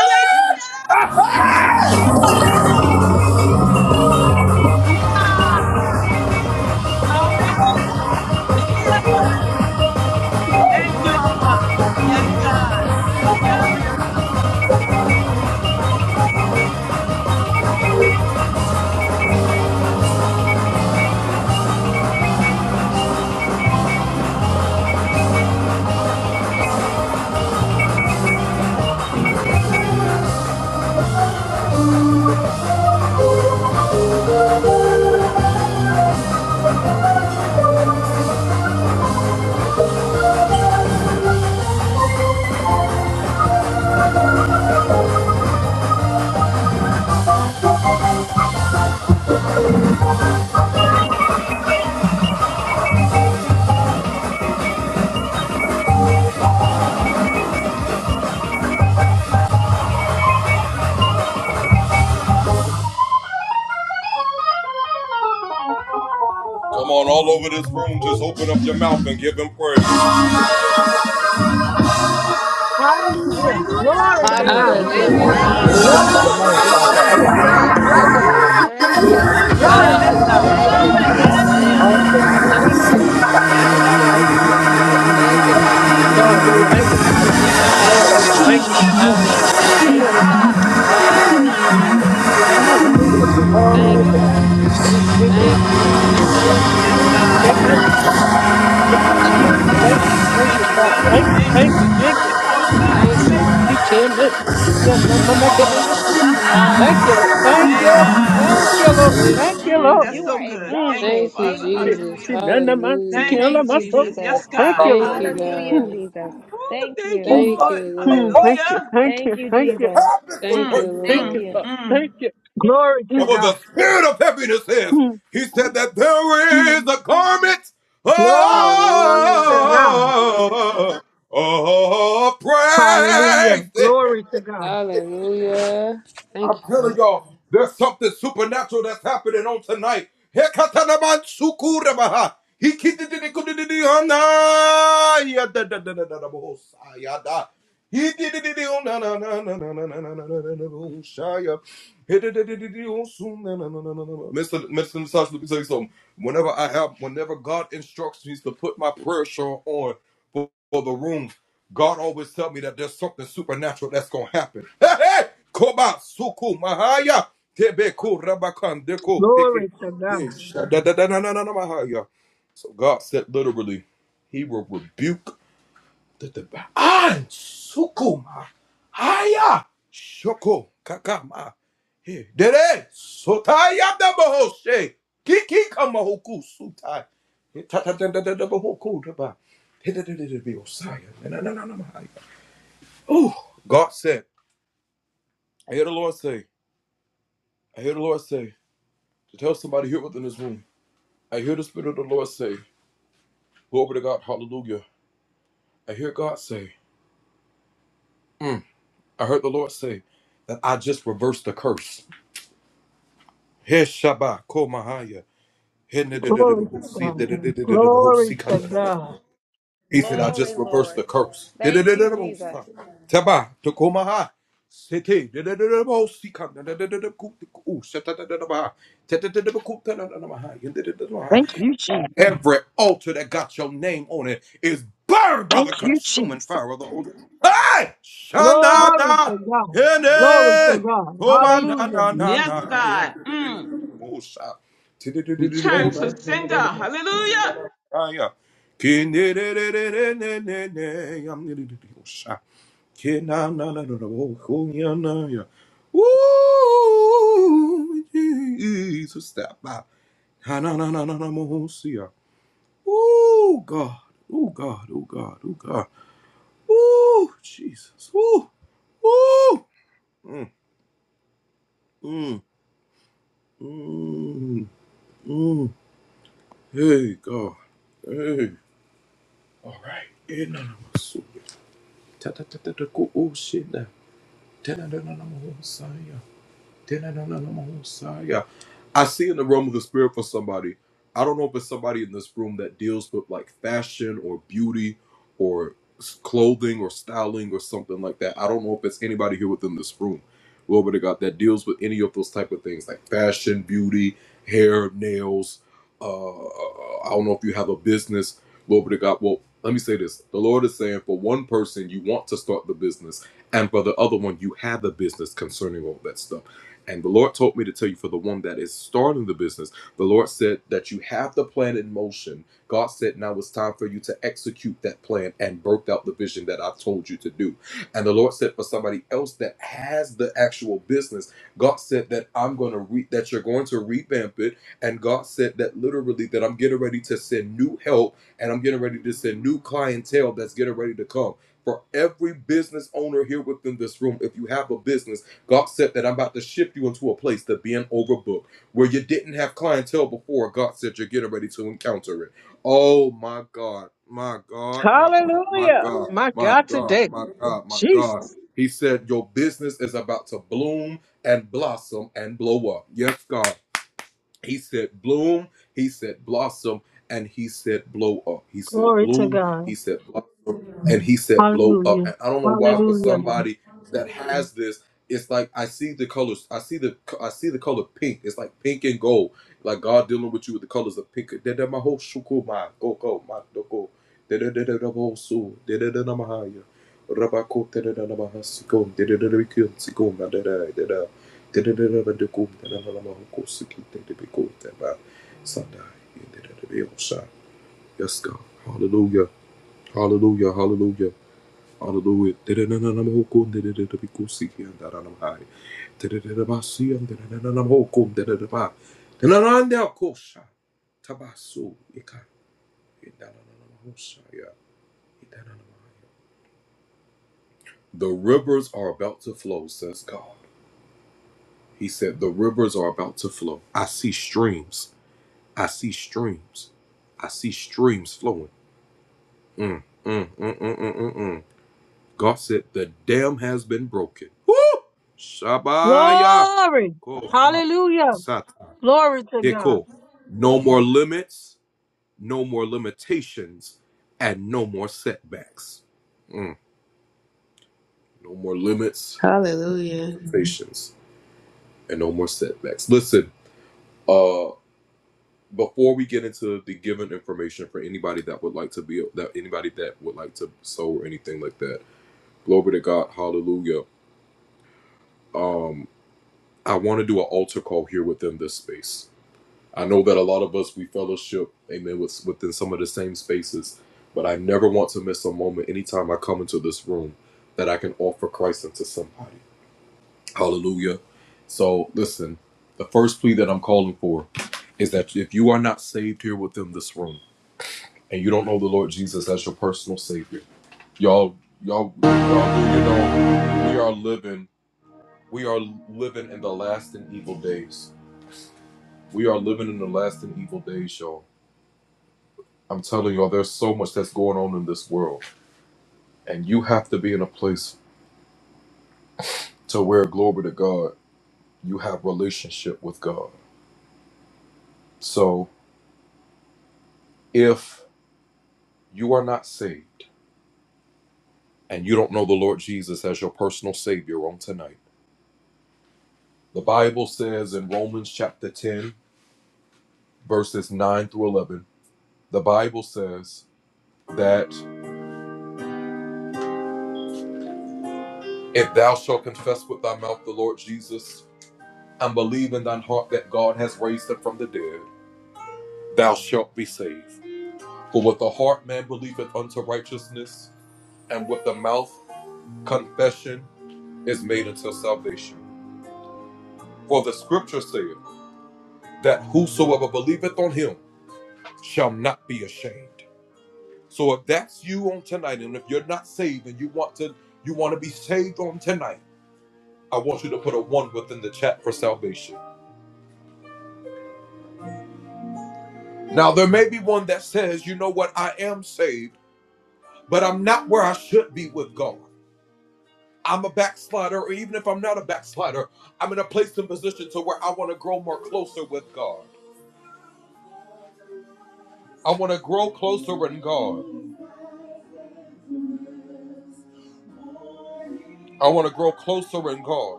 Speaker 13: Hallelujah. God. Hallelujah. Thank you, Abba. Yes, God. Hallelujah.
Speaker 12: Hallelujah. Glory to
Speaker 13: Hallelujah.
Speaker 9: God,
Speaker 7: Amen.
Speaker 9: you
Speaker 12: God.
Speaker 7: Thank
Speaker 9: are
Speaker 7: you,
Speaker 3: Hallelujah.
Speaker 13: Thank you,
Speaker 7: Lord.
Speaker 3: Thank
Speaker 13: Father.
Speaker 9: worthy.
Speaker 7: Yes,
Speaker 3: you,
Speaker 2: Glory
Speaker 5: Hallelujah.
Speaker 2: to
Speaker 13: Hallelujah.
Speaker 7: Lord.
Speaker 2: your
Speaker 3: God.
Speaker 9: God, you're
Speaker 2: name,
Speaker 7: Thank
Speaker 3: Thank
Speaker 2: Father.
Speaker 7: you,
Speaker 12: Glory
Speaker 9: faithful.
Speaker 12: to
Speaker 3: you.
Speaker 7: Jesus.
Speaker 9: Thank
Speaker 2: Hallelujah.
Speaker 12: God.
Speaker 9: you,
Speaker 13: Ooh,
Speaker 3: Thank you,
Speaker 9: Jesus.
Speaker 5: Hallelujah.
Speaker 3: God.
Speaker 2: Hallelujah.
Speaker 12: Hallelujah.
Speaker 3: Thank
Speaker 2: Glory
Speaker 3: you.
Speaker 2: to
Speaker 13: Oh,
Speaker 9: Oh,
Speaker 2: your
Speaker 13: God,
Speaker 12: Glory
Speaker 2: name.
Speaker 12: to
Speaker 2: Glory
Speaker 13: that's
Speaker 2: to
Speaker 13: so
Speaker 12: God.
Speaker 7: Praise
Speaker 2: your
Speaker 3: Thank
Speaker 5: Hallelujah.
Speaker 7: your
Speaker 3: you,
Speaker 13: good.
Speaker 2: name.
Speaker 5: Thank you,
Speaker 9: Yes,
Speaker 3: God.
Speaker 7: name, Lord.
Speaker 5: God.
Speaker 3: Thank
Speaker 13: Hallelujah.
Speaker 9: Lord.
Speaker 3: you.
Speaker 2: Hallelujah.
Speaker 5: Thank you,
Speaker 2: Thank
Speaker 3: Hallelujah.
Speaker 2: you,
Speaker 13: Ooh,
Speaker 5: Father.
Speaker 2: Father.
Speaker 13: yes,
Speaker 3: Thank
Speaker 13: God.
Speaker 3: you.
Speaker 2: Thank you, Jesus.
Speaker 13: Hallelujah.
Speaker 5: Hallelujah.
Speaker 7: Praise
Speaker 3: Thank you,
Speaker 2: Thank you,
Speaker 5: Thank
Speaker 9: Hallelujah,
Speaker 3: God.
Speaker 5: you, Jesus. Thank
Speaker 2: Jesus.
Speaker 7: you.
Speaker 8: Lord, I
Speaker 13: Mm.
Speaker 9: Jesus.
Speaker 5: you,
Speaker 8: thank
Speaker 7: Thank
Speaker 5: Jesus.
Speaker 8: you,
Speaker 7: you,
Speaker 8: Lord.
Speaker 2: Hallelujah.
Speaker 13: Yeah,
Speaker 8: I
Speaker 7: Father.
Speaker 8: Thank you,
Speaker 13: God.
Speaker 5: Thank
Speaker 13: Yeah,
Speaker 8: Lord.
Speaker 5: you,
Speaker 8: I
Speaker 13: because
Speaker 8: Thank you.
Speaker 5: Father.
Speaker 13: yeah,
Speaker 2: Hallelujah.
Speaker 7: Oh,
Speaker 2: Glory to
Speaker 13: because he
Speaker 7: yes.
Speaker 13: said,
Speaker 2: God.
Speaker 13: yeah,
Speaker 8: Thank
Speaker 7: Thank
Speaker 5: Hallelujah.
Speaker 2: Glory
Speaker 9: Thank
Speaker 8: you,
Speaker 9: you,
Speaker 7: you,
Speaker 13: God.
Speaker 8: Jesus.
Speaker 7: Father.
Speaker 9: Father.
Speaker 13: Yeah, God.
Speaker 2: Jesus.
Speaker 5: Hallelujah. Thank you,
Speaker 2: Thank
Speaker 13: Hallelujah.
Speaker 5: God.
Speaker 8: Hallelujah
Speaker 2: you,
Speaker 8: to your name, oh
Speaker 5: Thank
Speaker 2: Lord.
Speaker 5: you,
Speaker 8: God.
Speaker 13: Woo.
Speaker 5: God.
Speaker 2: Hallelujah.
Speaker 8: Amen.
Speaker 2: Thank
Speaker 8: Amen.
Speaker 5: Thank you,
Speaker 13: Mm.
Speaker 2: you,
Speaker 8: Amen.
Speaker 5: God.
Speaker 2: Jesus.
Speaker 5: Thank you,
Speaker 13: Yes,
Speaker 5: Lord.
Speaker 13: God.
Speaker 8: Amen.
Speaker 2: Thank
Speaker 13: Woo.
Speaker 8: Thank you,
Speaker 5: Hey,
Speaker 8: Jesus.
Speaker 5: thank
Speaker 8: Thank
Speaker 13: Hallelujah.
Speaker 8: you.
Speaker 5: you,
Speaker 8: Thank
Speaker 5: Lord.
Speaker 8: you,
Speaker 13: Thank you,
Speaker 5: Thank
Speaker 8: Father.
Speaker 5: you,
Speaker 13: God.
Speaker 2: you.
Speaker 8: Thank you.
Speaker 13: Thank
Speaker 5: Lord.
Speaker 13: you
Speaker 8: Thank
Speaker 13: for
Speaker 8: you. Thank
Speaker 13: doing
Speaker 8: you.
Speaker 13: it for him, God.
Speaker 5: Thank you,
Speaker 13: Hallelujah.
Speaker 5: God.
Speaker 8: PTN. Yeah, my my neck
Speaker 13: Woo.
Speaker 8: and I see.
Speaker 13: Ha-ha.
Speaker 8: Thank
Speaker 5: Hallelujah.
Speaker 8: you, Lord. Thank
Speaker 13: Yeah,
Speaker 8: you.
Speaker 5: Thank you,
Speaker 13: God.
Speaker 8: Thank
Speaker 5: Jesus.
Speaker 8: you, Lord.
Speaker 13: Mm.
Speaker 5: Thank
Speaker 8: Thank
Speaker 5: you,
Speaker 8: you,
Speaker 13: Mm.
Speaker 8: Lord.
Speaker 13: That's
Speaker 9: You
Speaker 5: Jesus.
Speaker 9: are
Speaker 13: so good.
Speaker 8: Mm.
Speaker 13: Thank you,
Speaker 9: exalted.
Speaker 5: Thank you,
Speaker 9: Thank
Speaker 13: Father.
Speaker 8: See,
Speaker 9: you.
Speaker 5: Jesus.
Speaker 13: Hallelujah.
Speaker 8: see, none of my see,
Speaker 5: Hallelujah.
Speaker 13: Thank
Speaker 8: none
Speaker 9: Thank
Speaker 13: you,
Speaker 8: of my
Speaker 9: you,
Speaker 8: soul.
Speaker 13: Jesus.
Speaker 9: Jesus.
Speaker 13: Yes,
Speaker 8: Thank
Speaker 13: God.
Speaker 8: you,
Speaker 5: Thank
Speaker 8: Lord.
Speaker 5: you,
Speaker 13: Hallelujah.
Speaker 9: Hallelujah,
Speaker 5: God.
Speaker 8: Mm.
Speaker 9: Jesus.
Speaker 13: Woo.
Speaker 9: Thank
Speaker 13: Thank
Speaker 9: you.
Speaker 13: you,
Speaker 8: Mm.
Speaker 5: Thank
Speaker 13: Lord.
Speaker 5: you,
Speaker 8: Mm.
Speaker 5: Lord.
Speaker 8: Thank you.
Speaker 13: Hallelujah.
Speaker 8: Thank
Speaker 9: Thank
Speaker 8: you.
Speaker 9: you,
Speaker 8: Thank you.
Speaker 9: Jesus.
Speaker 5: Thank
Speaker 13: Mm,
Speaker 5: you,
Speaker 8: Thank
Speaker 9: Thank
Speaker 8: you,
Speaker 13: mm,
Speaker 5: Lord.
Speaker 9: you.
Speaker 8: Father.
Speaker 13: mm.
Speaker 8: Thank you.
Speaker 12: Glory to
Speaker 8: Mm.
Speaker 12: God.
Speaker 8: Mm. Mm.
Speaker 12: Glory to
Speaker 5: Hallelujah.
Speaker 12: God. Hallelujah. Glory to God.
Speaker 5: Hallelujah. Thank you, God.
Speaker 12: Glory to God. Glory to God. Glory to God.
Speaker 9: Glory, Lord. Thank you, Jesus.
Speaker 2: Thank you, Jesus. Thank you, Jesus.
Speaker 12: Glory to God. Glory to God. Hallelujah.
Speaker 13: Yes, God. Mm. Return to sender. Hallelujah.
Speaker 8: Hallelujah. My God, today. Jesus.
Speaker 12: Glory to God. Hallelujah. Hallelujah. Glory. Hallelujah. Glory to God.
Speaker 5: Hallelujah.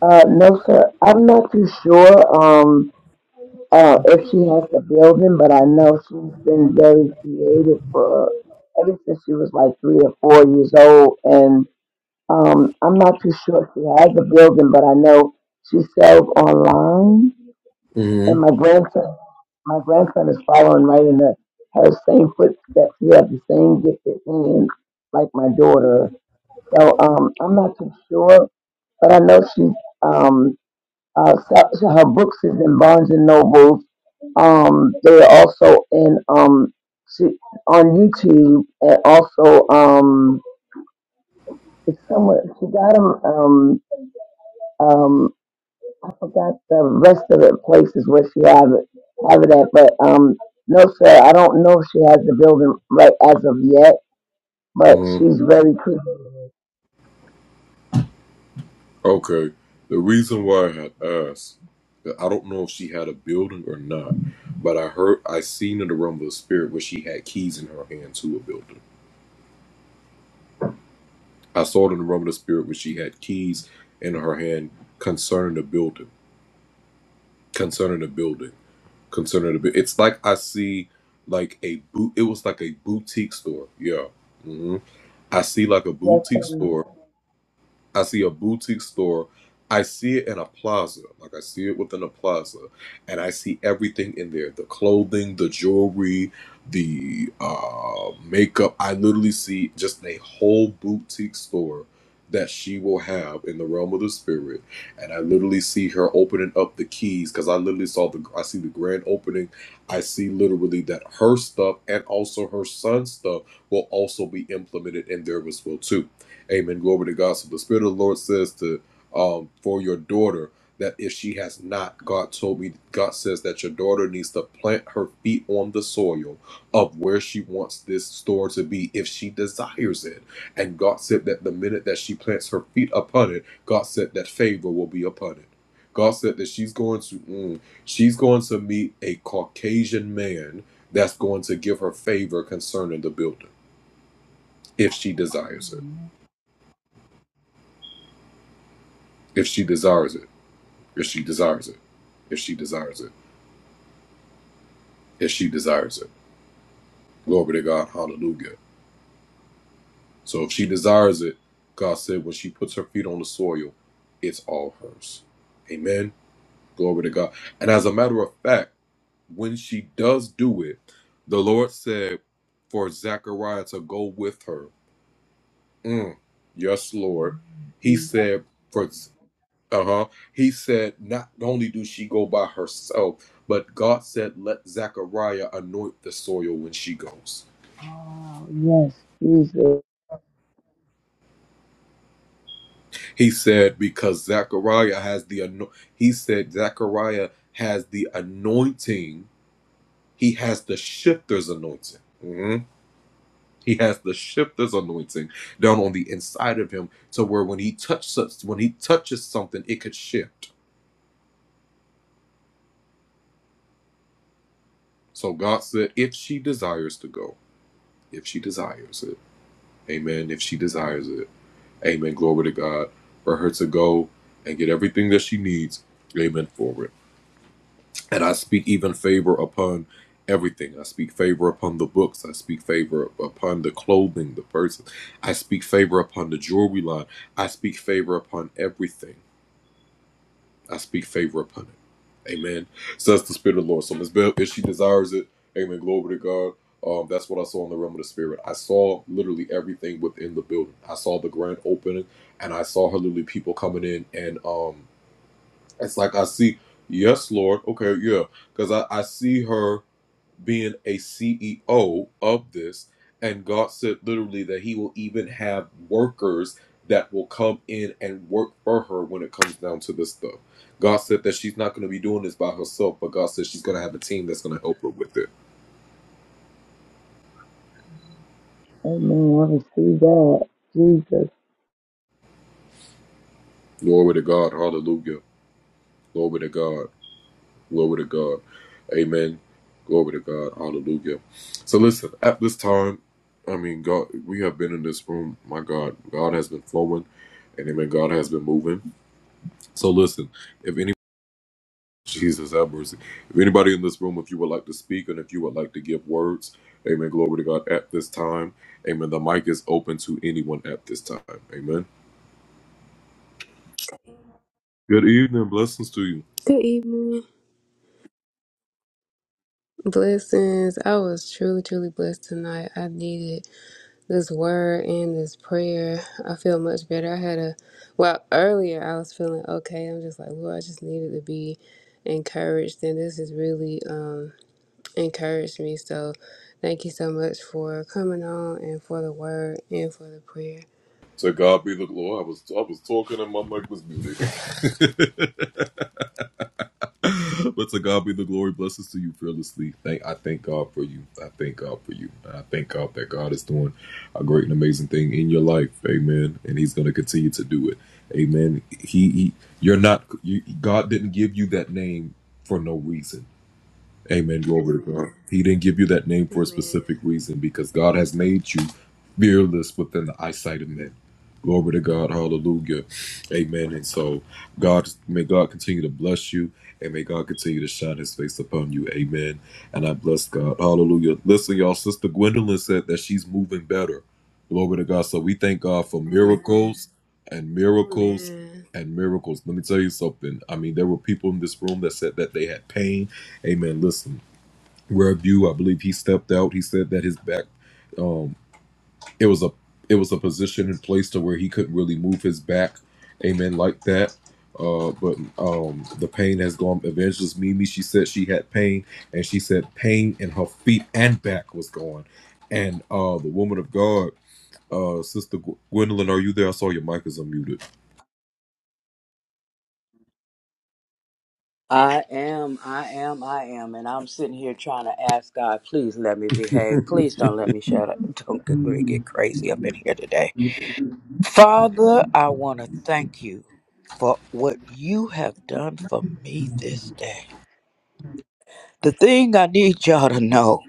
Speaker 10: Father. Uh, no, sir. I'm not too sure um, uh, if she has the building, but I know she's been very creative for ever since she was like three or four years old. And um, I'm not too sure if she has a building, but I know she sells online And my grandson, my grandson is following right in the her same footsteps. He has the same gifted hands like my daughter. So um, I'm not too sure, but I know she's um, uh, so- so her books is in Barnes and Noble. Um, they're also in um, she, on YouTube and also um, it's somewhere she got them um, um, I forgot the rest of the places where she have it have it at, but um no sir, I don't know if she has the building right as of yet, but she's very pretty. Yes, sir. Oh yes, Jesus. Amen. I receive that. Jesus.
Speaker 5: Good evening. Blessings. I was truly, truly blessed tonight. I needed this word and this prayer. I feel much better. I had a, well, earlier I was feeling okay. I'm just like, Lord, I just needed to be encouraged. And this has really um, encouraged me. So thank you so much for coming on and for the word and for the prayer. Amen. Amen.
Speaker 11: I am, I am, I am, and I'm sitting here trying to ask God, please let me behave. Please don't let me shut up. Don't get, really get crazy up in here today. Father, I want to thank you for what you have done for me this day. The thing I need y'all to know,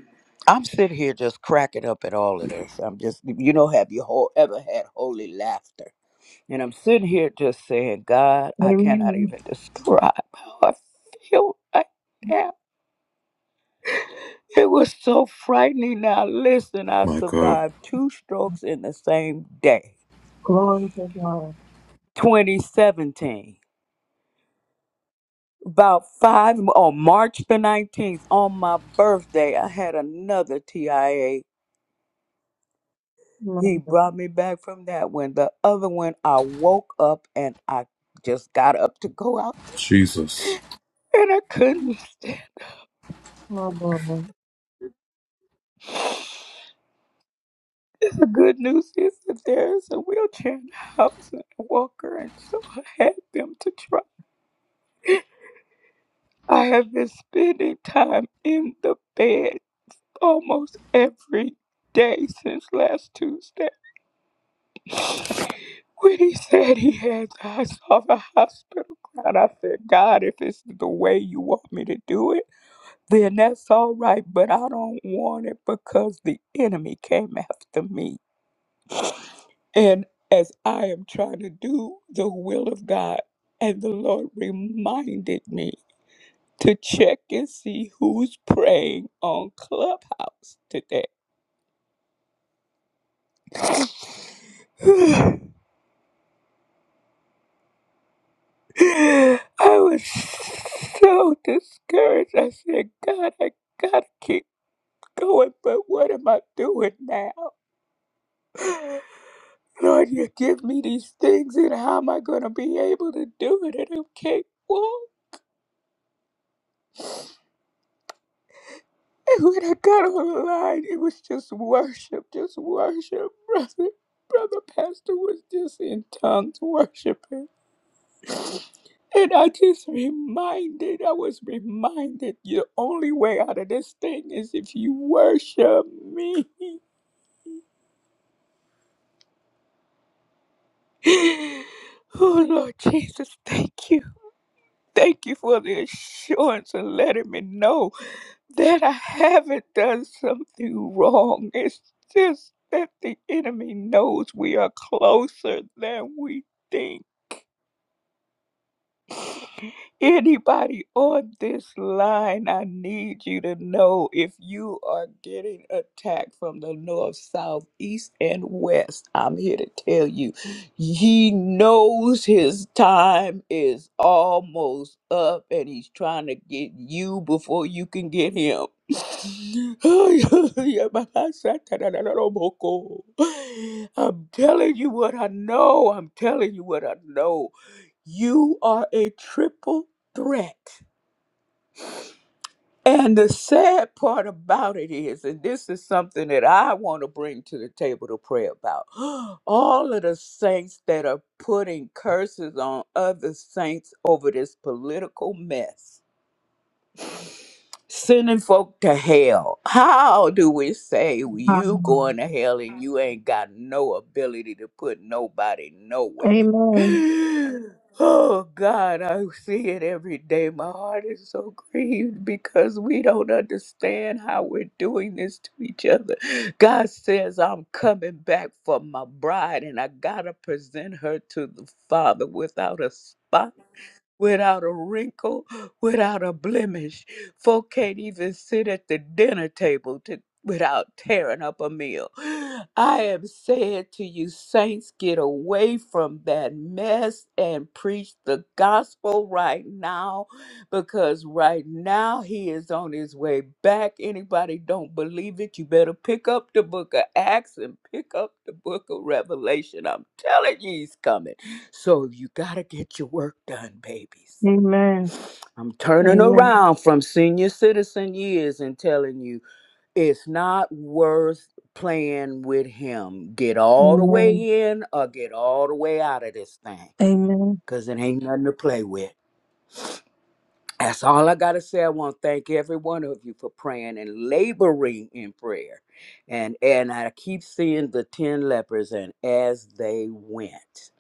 Speaker 11: I'm sitting here just cracking up at all of this. I'm just, you know, have you whole, ever had holy laughter? And I'm sitting here just saying, God, I cannot
Speaker 12: Amen.
Speaker 11: even describe how I feel right now. It was so frightening. Now, listen, I survived two strokes in the same day,
Speaker 12: Glory to God.
Speaker 11: 2017. About five, on March the 19th, on my birthday, I had another TIA.
Speaker 12: My
Speaker 11: He
Speaker 12: God.
Speaker 11: brought me back from that one. The other one, I woke up and I just got up to go out and I couldn't stand.
Speaker 12: My God.
Speaker 11: The good news is that there's a wheelchair in the house and a walker, and so I had them to try. I have been spending time in the bed almost every day since last Tuesday. When he said he had the I saw the hospital crowd, I said, God, if it's the way you want me to do it, then that's all right, but I don't want it because the enemy came after me. And as I am trying to do the will of God, and the Lord reminded me to check and see who's praying on Clubhouse today. I was so discouraged. I said, God, I gotta keep going, but what am I doing now? Lord, you give me these things, and how am I gonna be able to do it? And I can't walk. And when I got online, it was just worship, just worship. Brother, Brother Pastor was just in tongues worshiping. And I just reminded, I was reminded, the only way out of this thing is if you worship me. Oh, Lord Jesus, thank you. Thank you for the assurance and letting me know. that I haven't done something wrong. It's just that the enemy knows we are closer than we think. Anybody on this line, I need you to know if you are getting attacked from the north, south, east, and west. I'm here to tell you, he knows his time is almost up and he's trying to get you before you can get him. I'm telling you what I know. I'm telling you what I know. You are a triple threat. And the sad part about it is, and this is something that I want to bring to the table to pray about. All of the saints that are putting curses on other saints over this political mess Sending folk to hell. How do we say
Speaker 12: Ah,
Speaker 11: you going to hell and you ain't got no ability to put nobody nowhere?
Speaker 12: Amen.
Speaker 11: Oh God, I see it every day. My heart is so grieved because we don't understand how we're doing this to each other. God says, I'm coming back for my bride, and I gotta present her to the Father without a spot without a wrinkle, without a blemish. Folk can't even sit at the dinner table to, without tearing up a meal. I am saying to you, saints, get away from that mess and preach the gospel right now because right now he is on his way back. Anybody don't believe it, you better pick up the book of Acts and pick up the book of Revelation. I'm telling you, he's coming. So you gotta get your work done, babies.
Speaker 12: Amen.
Speaker 11: I'm turning
Speaker 12: Amen.
Speaker 11: around from senior citizen years and telling you it's not worth playing with him. Get all the
Speaker 12: Amen.
Speaker 11: way in or get all the way out of this thing.
Speaker 12: Amen.
Speaker 11: Cause it ain't nothing to play with. That's all I got to say. I want to thank every one of you for praying and laboring in prayer. And and I keep seeing the 10 lepers and as they went.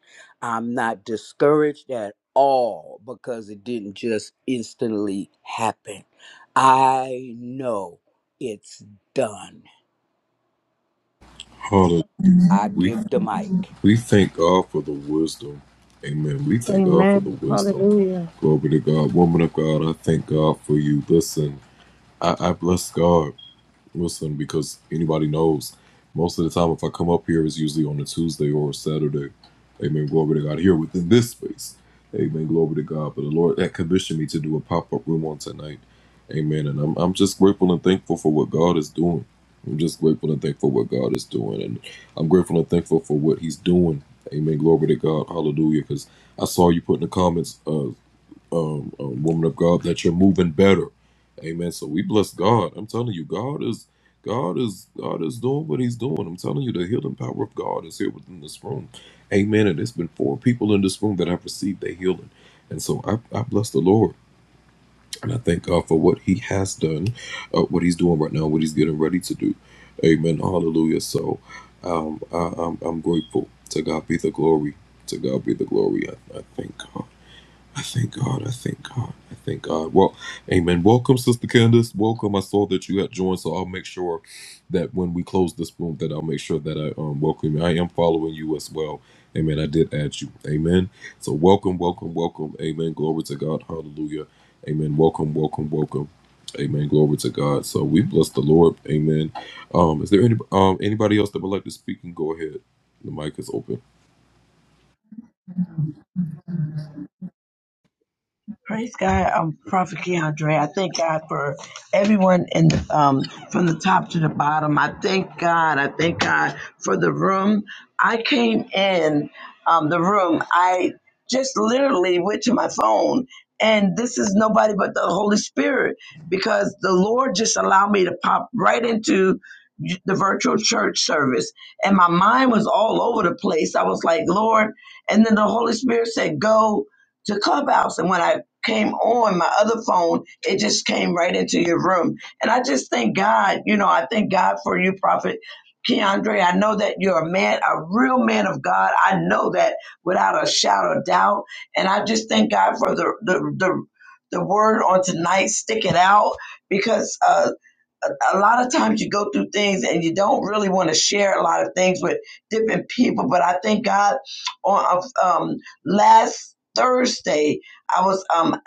Speaker 11: I'm not discouraged at all because it didn't just instantly happen. I know it's done. I give the mic.
Speaker 12: Amen. Hallelujah.
Speaker 10: Praise God, um, Prophet Keandre. I thank God for everyone in the, um, from the top to the bottom. I thank God. I thank God for the room. I came in um, the room. I just literally went to my phone, and this is nobody but the Holy Spirit because the Lord just allowed me to pop right into the virtual church service, and my mind was all over the place. I was like, Lord, and then the Holy Spirit said, Go to Clubhouse. And when I came on my other phone, it just came right into your room. And I just thank God, you know, I thank God for you, Prophet Keandre. I know that you're a man, a real man of God. I know that without a shadow of doubt. And I just thank God for the the the, the word on tonight, stick it out, because uh a a lot of times you go through things and you don't really want to share a lot of things with different people. But I thank God on um, last Thursday, I was um,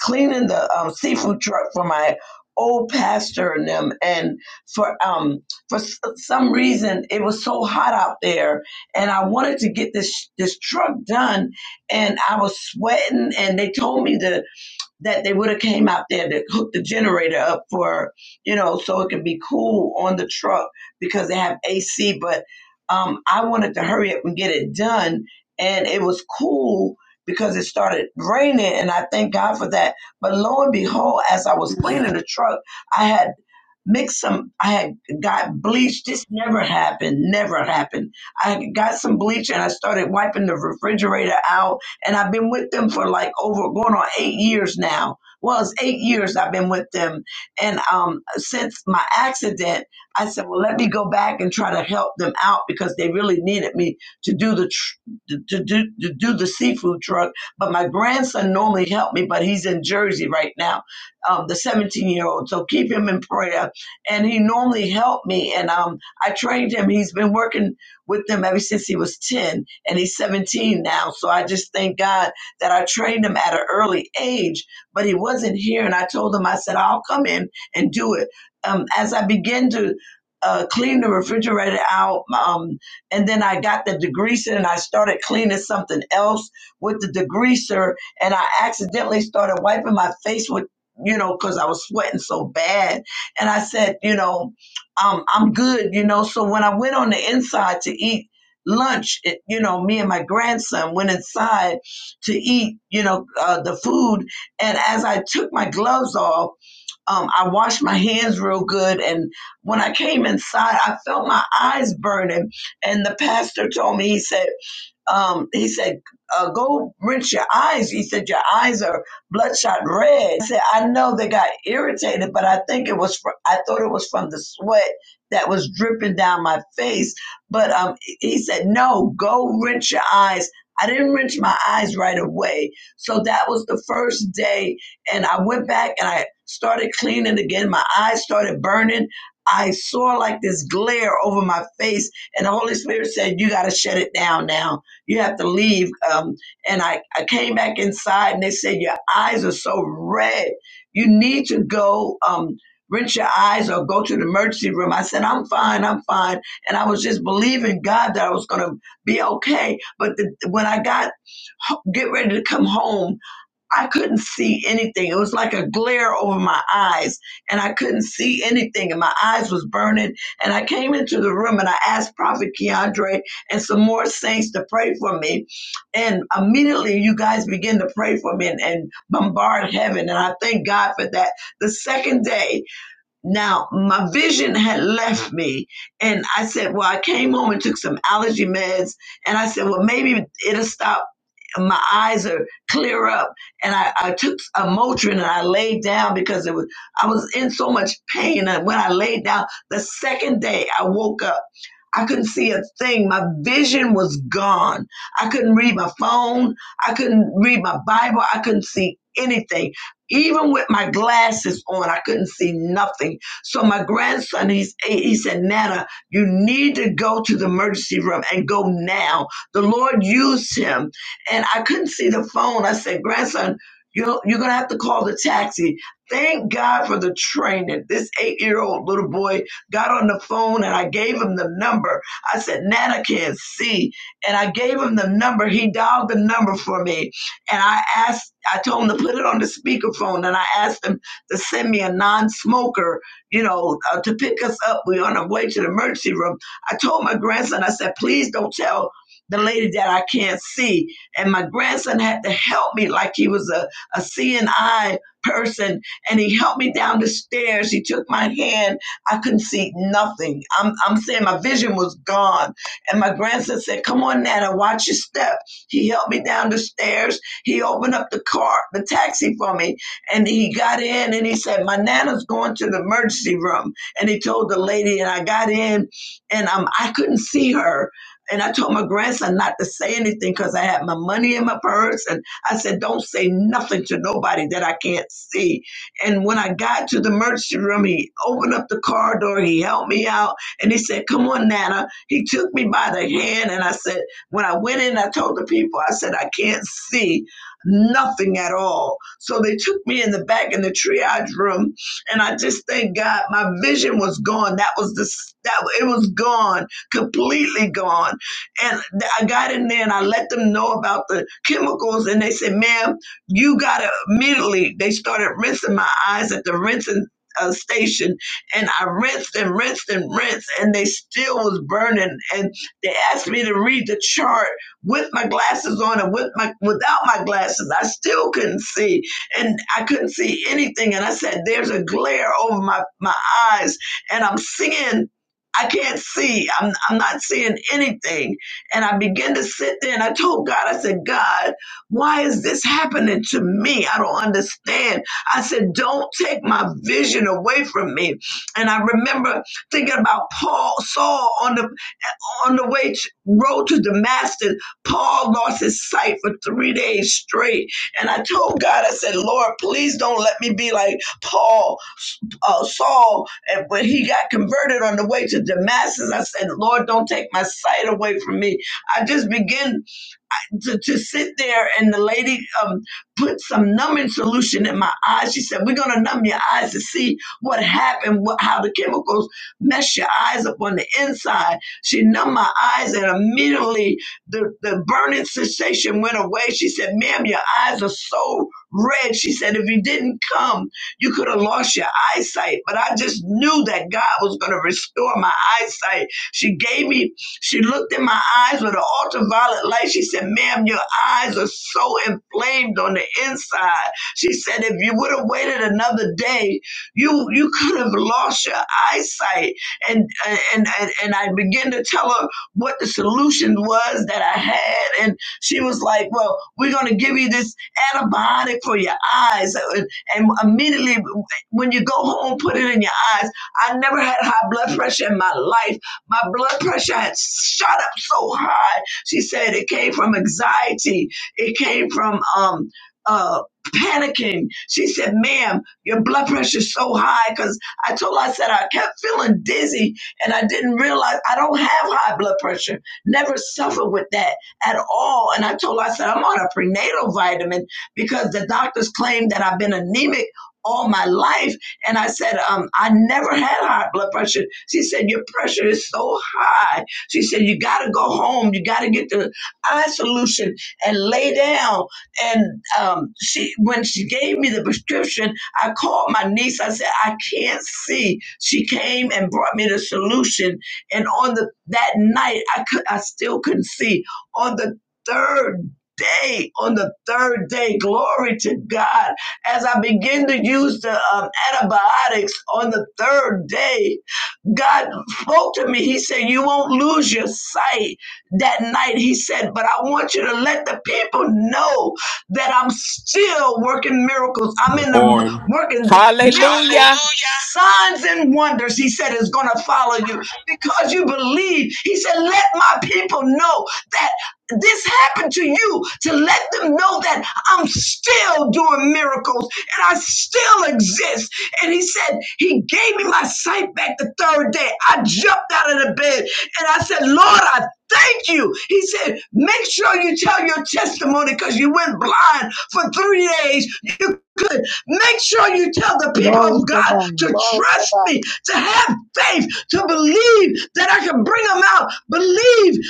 Speaker 10: cleaning the um, seafood truck for my old pastor and them. And for um, for s- some reason, it was so hot out there, and I wanted to get this this truck done, and I was sweating. And they told me to that they would have came out there to hook the generator up for, you know, so it can be cool on the truck because they have AC. But um, I wanted to hurry up and get it done, and it was cool because it started raining, and I thank God for that. But lo and behold, as I was cleaning the truck, I had mixed some. I had got bleach. This never happened. Never happened. I got some bleach and I started wiping the refrigerator out and I've been with them for like over going on eight years now. Well, it's eight years I've been with them. And um, since my accident, I said, well, let me go back and try to help them out because they really needed me to do the tr- to, do, to do the seafood truck. But my grandson normally helped me, but he's in Jersey right now, um, the 17 year old. So keep him in prayer. And he normally helped me. And um, I trained him. He's been working with them ever since he was 10 and he's 17 now. So I just thank God that I trained him at an early age, but he wasn't here. And I told him, I said, I'll come in and do it. Um, as I began to uh, clean the refrigerator out, um, and then I got the degreaser and I started cleaning something else with the degreaser, and I accidentally started wiping my face with, you know, because I was sweating so bad. And I said, you know, um, I'm good, you know. So when I went on the inside to eat lunch, it, you know, me and my grandson went inside to eat, you know, uh, the food. And as I took my gloves off, um, I washed my hands real good. And when I came inside, I felt my eyes burning. And the pastor told me, he said, um, he said, uh, go rinse your eyes. He said, your eyes are bloodshot red. I said, I know they got irritated, but I think it was, fr- I thought it was from the sweat that was dripping down my face. But um, he said, no, go rinse your eyes. I didn't rinse my eyes right away. So that was the first day. And I went back and I started cleaning again. My eyes started burning. I saw like this glare over my face, and the Holy Spirit said, You got to shut it down now you have to leave. Um, and I, I came back inside and they said, Your eyes are so red. You need to go um, rinse your eyes or go to the emergency room. I said, I'm fine, I'm fine. And I was just believing God that I was going to be okay. But the, when I got get ready to come home, I couldn't see anything. It was like a glare over my eyes, and I couldn't see anything, and my eyes was burning. And I came into the room and I asked Prophet Keandre and some more saints to pray for me. And immediately you guys begin to pray for me and, and bombard heaven. And I thank God for that. The second day, now, my vision had left me, and I said, Well, I came home and took some allergy meds, and I said, Well, maybe it'll stop. My eyes are clear up, and I, I took a Motrin and I laid down because it was I was in so much pain. And when I laid down, the second day I woke up, I couldn't see a thing. My vision was gone. I couldn't read my phone. I couldn't read my Bible. I couldn't see anything even with my glasses on, I couldn't see nothing. So my grandson, he's eight, he said, Nana, you need to go to the emergency room and go now. The Lord used him. And I couldn't see the phone. I said, grandson, you're, you're going to have to call the taxi. Thank God for the training. This eight year old little boy got on the phone and I gave him the number. I said, Nana can't see. And I gave him the number. He dialed the number for me and I asked, I told them to put it on the speakerphone, and I asked them to send me a non-smoker, you know, uh, to pick us up. We're on our way to the emergency room. I told my grandson, I said, please don't tell the lady that I can't see. And my grandson had to help me like he was a, a CNI person. And he helped me down the stairs. He took my hand. I couldn't see nothing. I'm, I'm saying my vision was gone. And my grandson said, Come on, Nana, watch your step. He helped me down the stairs he opened up the car, the taxi for me, and he got in and he said, My nana's going to the emergency room. And he told the lady, and I got in and um, I couldn't see her. And I told my grandson not to say anything because I had my money in my purse. And I said, Don't say nothing to nobody that I can't see. And when I got to the emergency room, he opened up the car door, he helped me out, and he said, Come on, Nana. He took me by the hand, and I said, When I went in, I told the people, I said, I can't see nothing at all. So they took me in the back in the triage room, and I just thank God my vision was gone. That was the that it was gone, completely gone. And th- I got in there and I let them know about the chemicals, and they said, "Ma'am, you gotta immediately." They started rinsing my eyes at the rinsing. Uh, station and I rinsed and rinsed and rinsed, and they still was burning. And they asked me to read the chart with my glasses on and with my without my glasses i still couldn't see and i couldn't see anything and i said there's a glare over my my eyes and i'm seeing I can't see. I'm, I'm not seeing anything. And I began to sit there and I told God, I said, God, why is this happening to me? I don't understand. I said, don't take my vision away from me. And I remember thinking about Paul, Saul on the on the way to, road to Damascus, Paul lost his sight for three days straight. And I told God, I said, Lord, please don't let me be like Paul, uh, Saul. And when he got converted on the way to Damascus, I said, Lord, don't take my sight away from me. I just began to, to sit there and the lady um, put some numbing solution in my eyes. She said, We're going to numb your eyes to see what happened, what, how the chemicals mess your eyes up on the inside. She numbed my eyes and immediately the, the burning sensation went away. She said, Ma'am, your eyes are so red. She said, If you didn't come, you could have lost your eyesight. But I just knew that God was going to restore my eyesight. She gave me she looked in my eyes with an ultraviolet light. She said, Ma'am, your eyes are so inflamed on the inside. She said, If you would have waited another day, you you could have lost your eyesight. And and and, and I began to tell her what the solution was that I had. And she was like, Well, we're gonna give you this antibiotic for your eyes. And, and immediately when you go home, put it in your eyes. I never had high blood pressure in my life my blood pressure had shot up so high. She said it came from anxiety. It came from um uh panicking. She said, ma'am, your blood pressure is so high because I told her I said I kept feeling dizzy and I didn't realize I don't have high blood pressure. Never suffered with that at all. And I told her I said I'm on a prenatal vitamin because the doctors claim that I've been anemic all my life and I said, um, I never had high blood pressure. She said, Your pressure is so high. She said, You got to go home. You got to get the eye solution and lay down. And um, she, when she gave me the prescription, I called my niece. I said, I can't see. She came and brought me the solution. And on the that night, I could, I still couldn't see. On the third day, on the third day, glory to God as I begin to use the um, antibiotics on the third day, God spoke to me. He said, You won't lose your sight that night. He said, But I want you to let the people know that I'm still working miracles. I'm in the working miracles.
Speaker 14: Hallelujah.
Speaker 10: Hallelujah. Signs and wonders, he said, is going to follow you because you believe. He said, Let my people know that this happened to you to let them know that I'm still doing miracles and I still exist. And he said, He gave me my sight back the third day. I jumped out of the bed and I said, Lord, I thank you. He said, Make sure you tell your testimony because you went blind for three days. You could make sure you tell the people
Speaker 12: Glory
Speaker 10: of
Speaker 12: to
Speaker 10: God
Speaker 12: God.
Speaker 10: to trust me, to have faith, to believe that I can bring them out. Believe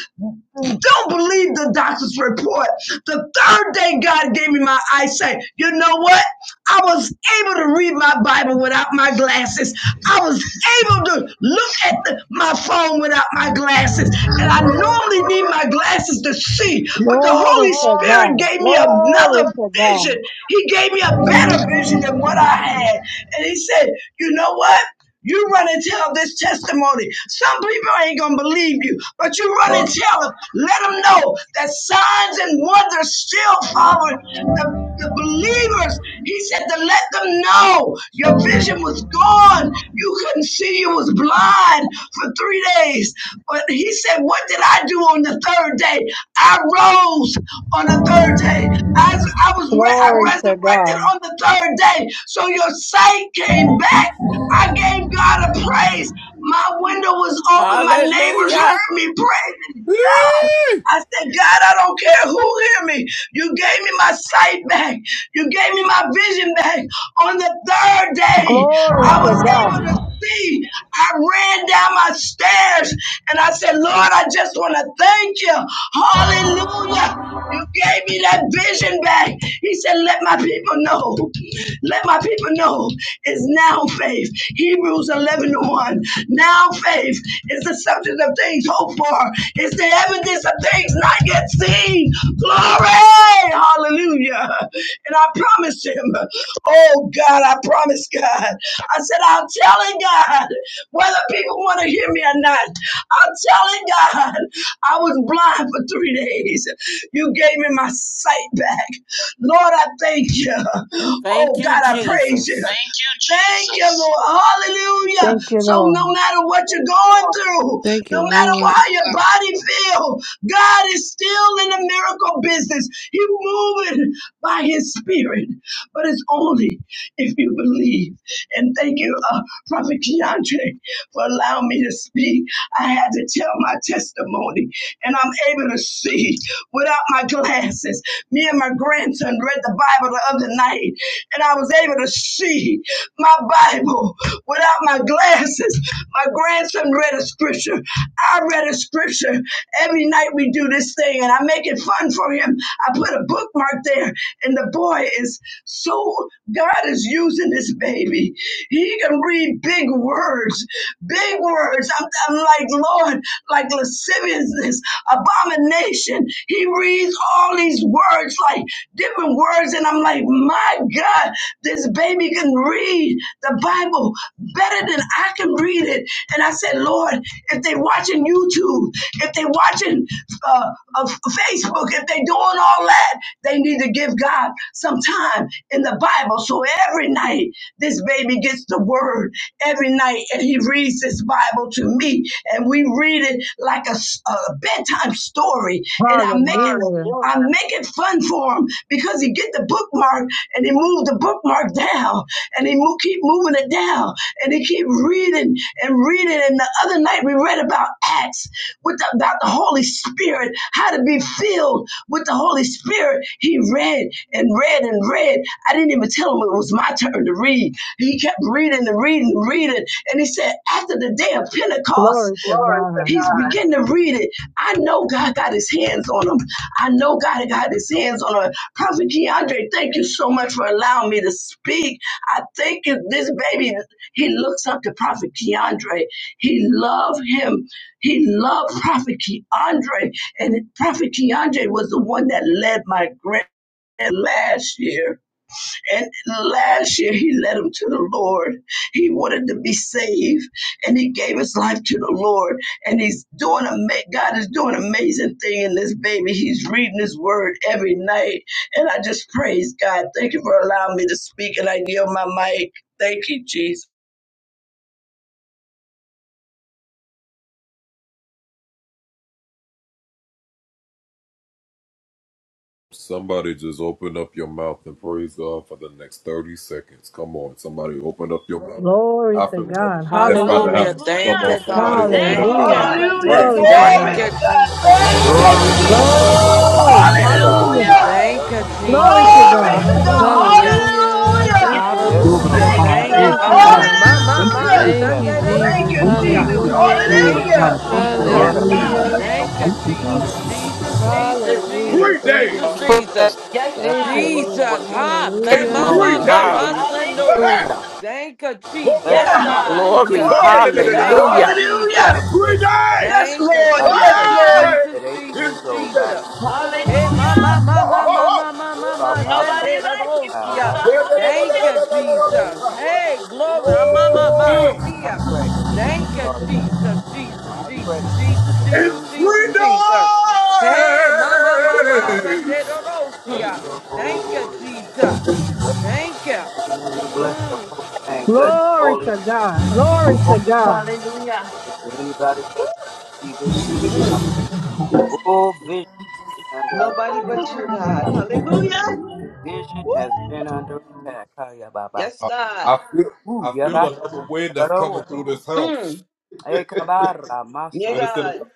Speaker 10: don't believe the doctor's report. The third day God gave me my eyesight. You know what? I was able to read my Bible without my glasses. I was able to look at the- my phone without my glasses. And I normally need my glasses to see, but the
Speaker 12: Glory
Speaker 10: Holy
Speaker 12: to
Speaker 10: Spirit
Speaker 12: God.
Speaker 10: gave me
Speaker 12: Glory
Speaker 10: another
Speaker 12: to
Speaker 10: vision.
Speaker 12: God.
Speaker 10: He gave me a better vision than what I had. And He said, You know what? You run and tell this testimony. Some people ain't gonna believe you, but you run and tell them. Let them know that signs and wonders still follow the, the believers. He said to let them know your vision was gone. You couldn't see. You was blind for three days. But he said, what did I do on the third day? I rose on the third day. I, I was re- I
Speaker 12: Glory to
Speaker 10: resurrected
Speaker 12: God.
Speaker 10: on the third day. So your sight came back I gave God a praise. My window was open. My neighbors
Speaker 14: Hallelujah.
Speaker 10: heard me. Praise God. I said, God, I don't care who hear me. You gave me my sight back. You gave me my vision back. On the third day,
Speaker 12: Glory
Speaker 10: I
Speaker 12: to
Speaker 10: was
Speaker 12: God.
Speaker 10: able to see. I ran down my stairs and I said, Lord, I just want to thank you. Hallelujah. You gave me that vision back. He said, Let my people know. Let my people know. It's now faith. Hebrews 11 to 1. Now faith is the substance of things hoped for, it's the evidence of things not yet seen. Glory! Hallelujah. And I promised him, Oh God, I promised God. I said, I'm telling God whether people want to hear me or not. I'm telling God. I was blind for three days. You gave me my sight back. Lord, I thank you.
Speaker 14: Thank
Speaker 10: Oh,
Speaker 14: you,
Speaker 10: God, I praise you.
Speaker 14: Jesus.
Speaker 10: Thank you, Jesus. Thank you, Lord. Hallelujah.
Speaker 12: Thank you,
Speaker 10: So
Speaker 12: Lord.
Speaker 10: no matter what you're going through,
Speaker 5: Thank you,
Speaker 10: no matter how
Speaker 5: Lord.
Speaker 10: your body feels, God is still in the miracle business. He's moving by his spirit. But it's only if you believe. And thank you, uh, Prophet Keandre, for allowing me to speak. I had to tell my testimony and I'm able to see without my glasses. Me and my grandson read the Bible the other night, and I was able to see my Bible without my glasses. My grandson read a scripture. I read a scripture. Every night we do this thing, and I make it fun for him. I put a bookmark there, and the boy is so, God is using this baby. He can read big words, big words. I'm, I'm like, Lord, like lasciviousness, abomination. He reads all these words, like different words, and I'm like, my God, this baby can read the Bible better than I can read it. And I said, Lord, if they watching YouTube, if they watching uh, uh, Facebook, if they doing all that, they need to give God some time in the Bible. So every night, this baby gets the word every night and he reads this Bible to me and we read it like a a bedtime story and I make it
Speaker 12: Hallelujah.
Speaker 10: I make it fun for him because he get the bookmark and he move the bookmark down and he mo- keep moving it down and he keep reading and reading and the other night we read about Acts with the, about the Holy Spirit, how to be filled with the Holy Spirit. He read and read and read. I didn't even tell him it was my turn to read. He kept reading and reading and reading. And he said, after the day of Pentecost,
Speaker 12: Glory to God.
Speaker 10: He's beginning to read it. I know God got his hands on him. I know God got his hands on him. Prophet Keandre, thank you so much for allowing me to speak. I think if this baby, he looks up to Prophet Keandre. He loved him. He loved Prophet Keandre. And Prophet Keandre was the one that led my grant last year. And last year, he led him to the Lord. He wanted to be saved, and he gave his life to the Lord. And he's doing a God is doing an amazing thing in this baby. He's reading His Word every night, and I just praise God. Thank you for allowing me to speak, and I yield my mic. Thank you, Jesus.
Speaker 12: Glory to God. Hallelujah.
Speaker 3: Hallelujah. Thank you,
Speaker 13: Hallelujah.
Speaker 3: God.
Speaker 13: Thank
Speaker 3: Thank
Speaker 13: you,
Speaker 12: Hallelujah.
Speaker 3: you.
Speaker 13: Father. Yes,
Speaker 10: Hallelujah.
Speaker 12: Glory to
Speaker 13: God.
Speaker 10: Glory
Speaker 3: Thank
Speaker 10: to
Speaker 12: God.
Speaker 3: you,
Speaker 10: God.
Speaker 3: Jesus.
Speaker 10: Thank you,
Speaker 11: Glory
Speaker 3: Hallelujah.
Speaker 10: Jesus.
Speaker 3: Sunday,
Speaker 12: Glory.
Speaker 11: to God.
Speaker 12: Hallelujah.
Speaker 10: Hallelujah.
Speaker 11: I
Speaker 3: Thank you,
Speaker 11: love you
Speaker 12: Glory to
Speaker 3: Jesus.
Speaker 11: today.
Speaker 10: Glory
Speaker 11: I
Speaker 12: God.
Speaker 10: to
Speaker 11: love
Speaker 10: God.
Speaker 11: you today.
Speaker 3: Hallelujah.
Speaker 5: Hallelujah.
Speaker 10: Hallelujah.
Speaker 13: Yes.
Speaker 5: Thank you,
Speaker 11: Yes,
Speaker 2: Glory
Speaker 5: Lord.
Speaker 2: to
Speaker 3: Hallelujah.
Speaker 11: Lord.
Speaker 10: Thank
Speaker 11: I
Speaker 10: you,
Speaker 2: God.
Speaker 3: Thank
Speaker 11: let
Speaker 3: you.
Speaker 2: Glory
Speaker 5: Thank
Speaker 10: God.
Speaker 2: to
Speaker 5: you,
Speaker 13: Hallelujah.
Speaker 3: Ah,
Speaker 2: God.
Speaker 5: God.
Speaker 3: my, my,
Speaker 2: Thank you,
Speaker 10: Hallelujah.
Speaker 3: my.
Speaker 2: Jesus.
Speaker 11: into
Speaker 5: Thank
Speaker 11: that
Speaker 5: you,
Speaker 3: Sunday
Speaker 11: movie
Speaker 13: Woo.
Speaker 3: de
Speaker 10: Thank
Speaker 5: Jesus.
Speaker 10: you,
Speaker 2: Thank
Speaker 11: before and I
Speaker 2: you,
Speaker 11: want.
Speaker 3: Rosia.
Speaker 10: Jesus.
Speaker 2: Jesus.
Speaker 13: Thank
Speaker 5: Hallelujah.
Speaker 13: you,
Speaker 2: Oh,
Speaker 3: Thank you,
Speaker 13: Abba
Speaker 10: Hallelujah.
Speaker 2: God. Thank you,
Speaker 13: Father.
Speaker 2: Lord.
Speaker 13: Yes,
Speaker 10: Yes,
Speaker 11: Lord, I
Speaker 3: Jesus.
Speaker 13: God.
Speaker 2: Hallelujah.
Speaker 10: God.
Speaker 13: Hey.
Speaker 5: Hallelujah.
Speaker 11: don't
Speaker 3: Thank you,
Speaker 2: Thank you,
Speaker 11: know
Speaker 2: Jesus.
Speaker 10: Yeah.
Speaker 3: Jesus. Jesus,
Speaker 13: Woo.
Speaker 3: Jesus,
Speaker 11: you did it
Speaker 5: Hallelujah.
Speaker 3: Jesus,
Speaker 11: for
Speaker 5: Thank
Speaker 11: Lynn,
Speaker 5: you,
Speaker 3: Jesus,
Speaker 11: and
Speaker 5: Lord.
Speaker 14: Put
Speaker 11: Lord,
Speaker 14: that
Speaker 3: Jesus.
Speaker 13: Yes,
Speaker 11: you done it
Speaker 5: Thank
Speaker 13: God.
Speaker 5: you,
Speaker 11: for
Speaker 13: Woo.
Speaker 11: this
Speaker 5: Lord.
Speaker 11: boy,
Speaker 3: Jesus.
Speaker 11: Lynn,
Speaker 3: Ha, my, my,
Speaker 5: Hallelujah.
Speaker 3: my,
Speaker 14: Testimony.
Speaker 11: uh,
Speaker 3: my,
Speaker 11: Father.
Speaker 3: my,
Speaker 11: Thank-
Speaker 3: Sunday.
Speaker 13: Hallelujah.
Speaker 14: Hallelujah.
Speaker 3: Thank you,
Speaker 13: Yes,
Speaker 11: Bless
Speaker 3: Jesus.
Speaker 11: you, Lord,
Speaker 13: God.
Speaker 14: Glory.
Speaker 3: Hallelujah.
Speaker 10: Glory to
Speaker 11: Lord,
Speaker 10: God.
Speaker 3: Thank you,
Speaker 14: Hallelujah.
Speaker 13: Woo. Mm.
Speaker 10: Hallelujah.
Speaker 11: for the
Speaker 3: Jesus.
Speaker 11: baby, God.
Speaker 10: Yes,
Speaker 3: Thank you,
Speaker 10: Lord.
Speaker 11: I
Speaker 10: Yes,
Speaker 11: pray
Speaker 3: Jesus.
Speaker 10: Lord.
Speaker 3: Jesus,
Speaker 11: at eight
Speaker 3: Jesus,
Speaker 11: years old, God,
Speaker 3: Jesus.
Speaker 11: you still have
Speaker 3: Hey, my,
Speaker 13: Hallelujah.
Speaker 3: my, my, my, my, my, my, my,
Speaker 11: Father.
Speaker 13: Woo.
Speaker 3: my,
Speaker 11: I pray,
Speaker 13: Nobody
Speaker 3: Sunday
Speaker 11: for
Speaker 3: de
Speaker 13: like you,
Speaker 11: child. I
Speaker 3: Rosia.
Speaker 13: Father.
Speaker 11: pray
Speaker 3: Thank
Speaker 13: Hallelujah.
Speaker 3: you,
Speaker 11: you
Speaker 3: Jesus.
Speaker 13: Woo.
Speaker 3: Hey, glory. Ah,
Speaker 11: to
Speaker 3: My,
Speaker 11: bring
Speaker 3: my, my.
Speaker 11: you.
Speaker 3: See
Speaker 11: I
Speaker 3: ya.
Speaker 11: pray for the
Speaker 3: Thank you,
Speaker 11: dark days. Now.
Speaker 3: Jesus. Jesus,
Speaker 11: I pray
Speaker 3: Jesus,
Speaker 11: for
Speaker 3: Jesus,
Speaker 11: the
Speaker 3: Jesus,
Speaker 11: days that
Speaker 3: Jesus,
Speaker 11: you
Speaker 3: Jesus. Hey, my, my, my, my.
Speaker 11: Hallelujah.
Speaker 3: Shande
Speaker 13: Mm.
Speaker 11: bless
Speaker 3: Rosia.
Speaker 13: Mm.
Speaker 11: your
Speaker 3: Thank you,
Speaker 11: holy name.
Speaker 3: Jesus.
Speaker 11: Bless
Speaker 3: Thank
Speaker 11: your
Speaker 3: you.
Speaker 11: holy name. Bless your
Speaker 3: Mm.
Speaker 11: holy name. Bless your
Speaker 12: Glory
Speaker 11: holy
Speaker 12: to God. Glory to
Speaker 11: name.
Speaker 12: God.
Speaker 13: Hallelujah.
Speaker 11: Is there anybody but you see this?
Speaker 13: Mm.
Speaker 11: All vision has been under
Speaker 13: Nobody but you, God.
Speaker 11: attack.
Speaker 13: Hallelujah.
Speaker 11: Vision
Speaker 13: Woo!
Speaker 11: has been under attack. Kaya babas.
Speaker 13: Yes, God.
Speaker 11: Ooh, yaba. Hello.
Speaker 13: Mm.
Speaker 11: Hey, kabara
Speaker 13: Yeah,
Speaker 11: masa.
Speaker 13: God.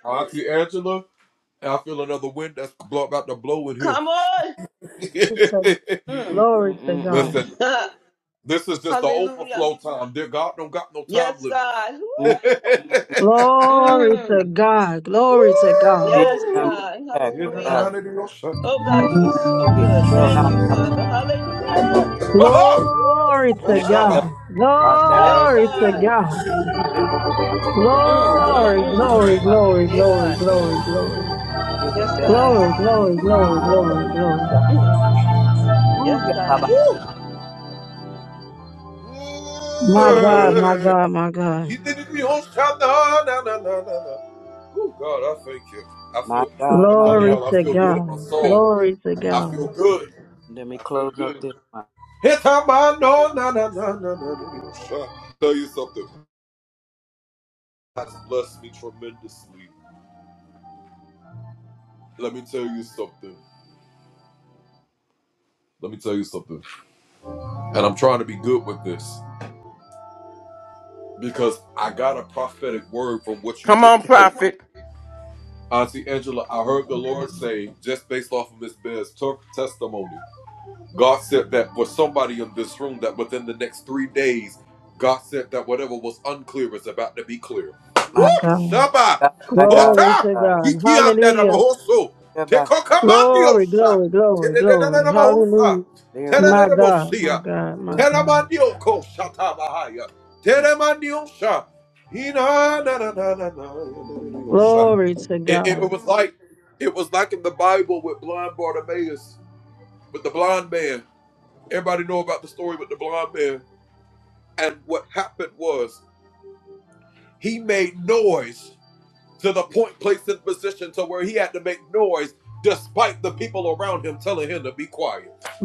Speaker 13: Come on.
Speaker 12: It's a
Speaker 11: Mm,
Speaker 13: Mm.
Speaker 12: glory
Speaker 11: mm,
Speaker 12: to
Speaker 11: mm, mm, mm,
Speaker 12: God.
Speaker 13: Hallelujah. Yes, God.
Speaker 11: mm.
Speaker 13: Woo!
Speaker 11: mm.
Speaker 12: Glory to
Speaker 13: Mm.
Speaker 12: God. Glory to God.
Speaker 13: Yes,
Speaker 11: Vision under
Speaker 13: God.
Speaker 11: attack, but God,
Speaker 13: Hallelujah. Oh, God, you are so
Speaker 11: it
Speaker 13: good.
Speaker 11: shall
Speaker 13: Thank
Speaker 11: not
Speaker 13: you, Father.
Speaker 11: prosper.
Speaker 13: Hallelujah.
Speaker 12: Glory
Speaker 13: Woo!
Speaker 11: And
Speaker 12: to
Speaker 11: it
Speaker 13: Uh-huh.
Speaker 11: shall
Speaker 12: God.
Speaker 11: not let
Speaker 13: Yeah,
Speaker 11: it
Speaker 12: Glory to
Speaker 13: God.
Speaker 11: go.
Speaker 12: God.
Speaker 11: It won't
Speaker 13: Mm.
Speaker 11: prosper.
Speaker 12: Glory,
Speaker 13: Mm.
Speaker 12: glory,
Speaker 11: but
Speaker 12: glory,
Speaker 13: Yeah,
Speaker 12: glory,
Speaker 13: God.
Speaker 12: glory,
Speaker 13: Mm.
Speaker 12: glory.
Speaker 11: Given
Speaker 13: Yes,
Speaker 11: better
Speaker 13: God.
Speaker 12: Glory, glory, glory,
Speaker 11: sign.
Speaker 12: glory, glory.
Speaker 13: Mm.
Speaker 11: Ooh,
Speaker 13: Yes,
Speaker 11: yaba.
Speaker 13: God.
Speaker 12: My
Speaker 11: Yeah.
Speaker 12: God, my God, my God.
Speaker 11: My God, my God.
Speaker 12: Glory to God. Glory to God.
Speaker 11: Let me close up this one.
Speaker 14: Come on, prophet.
Speaker 12: My
Speaker 11: My
Speaker 12: God.
Speaker 11: God, my God,
Speaker 12: Glory to
Speaker 11: my God.
Speaker 12: God. Hallelujah.
Speaker 11: Everybody start
Speaker 12: Glory, glory, glory, glory. Hallelujah.
Speaker 11: clearing
Speaker 12: My God, my God, my God.
Speaker 11: up.
Speaker 12: Glory to God.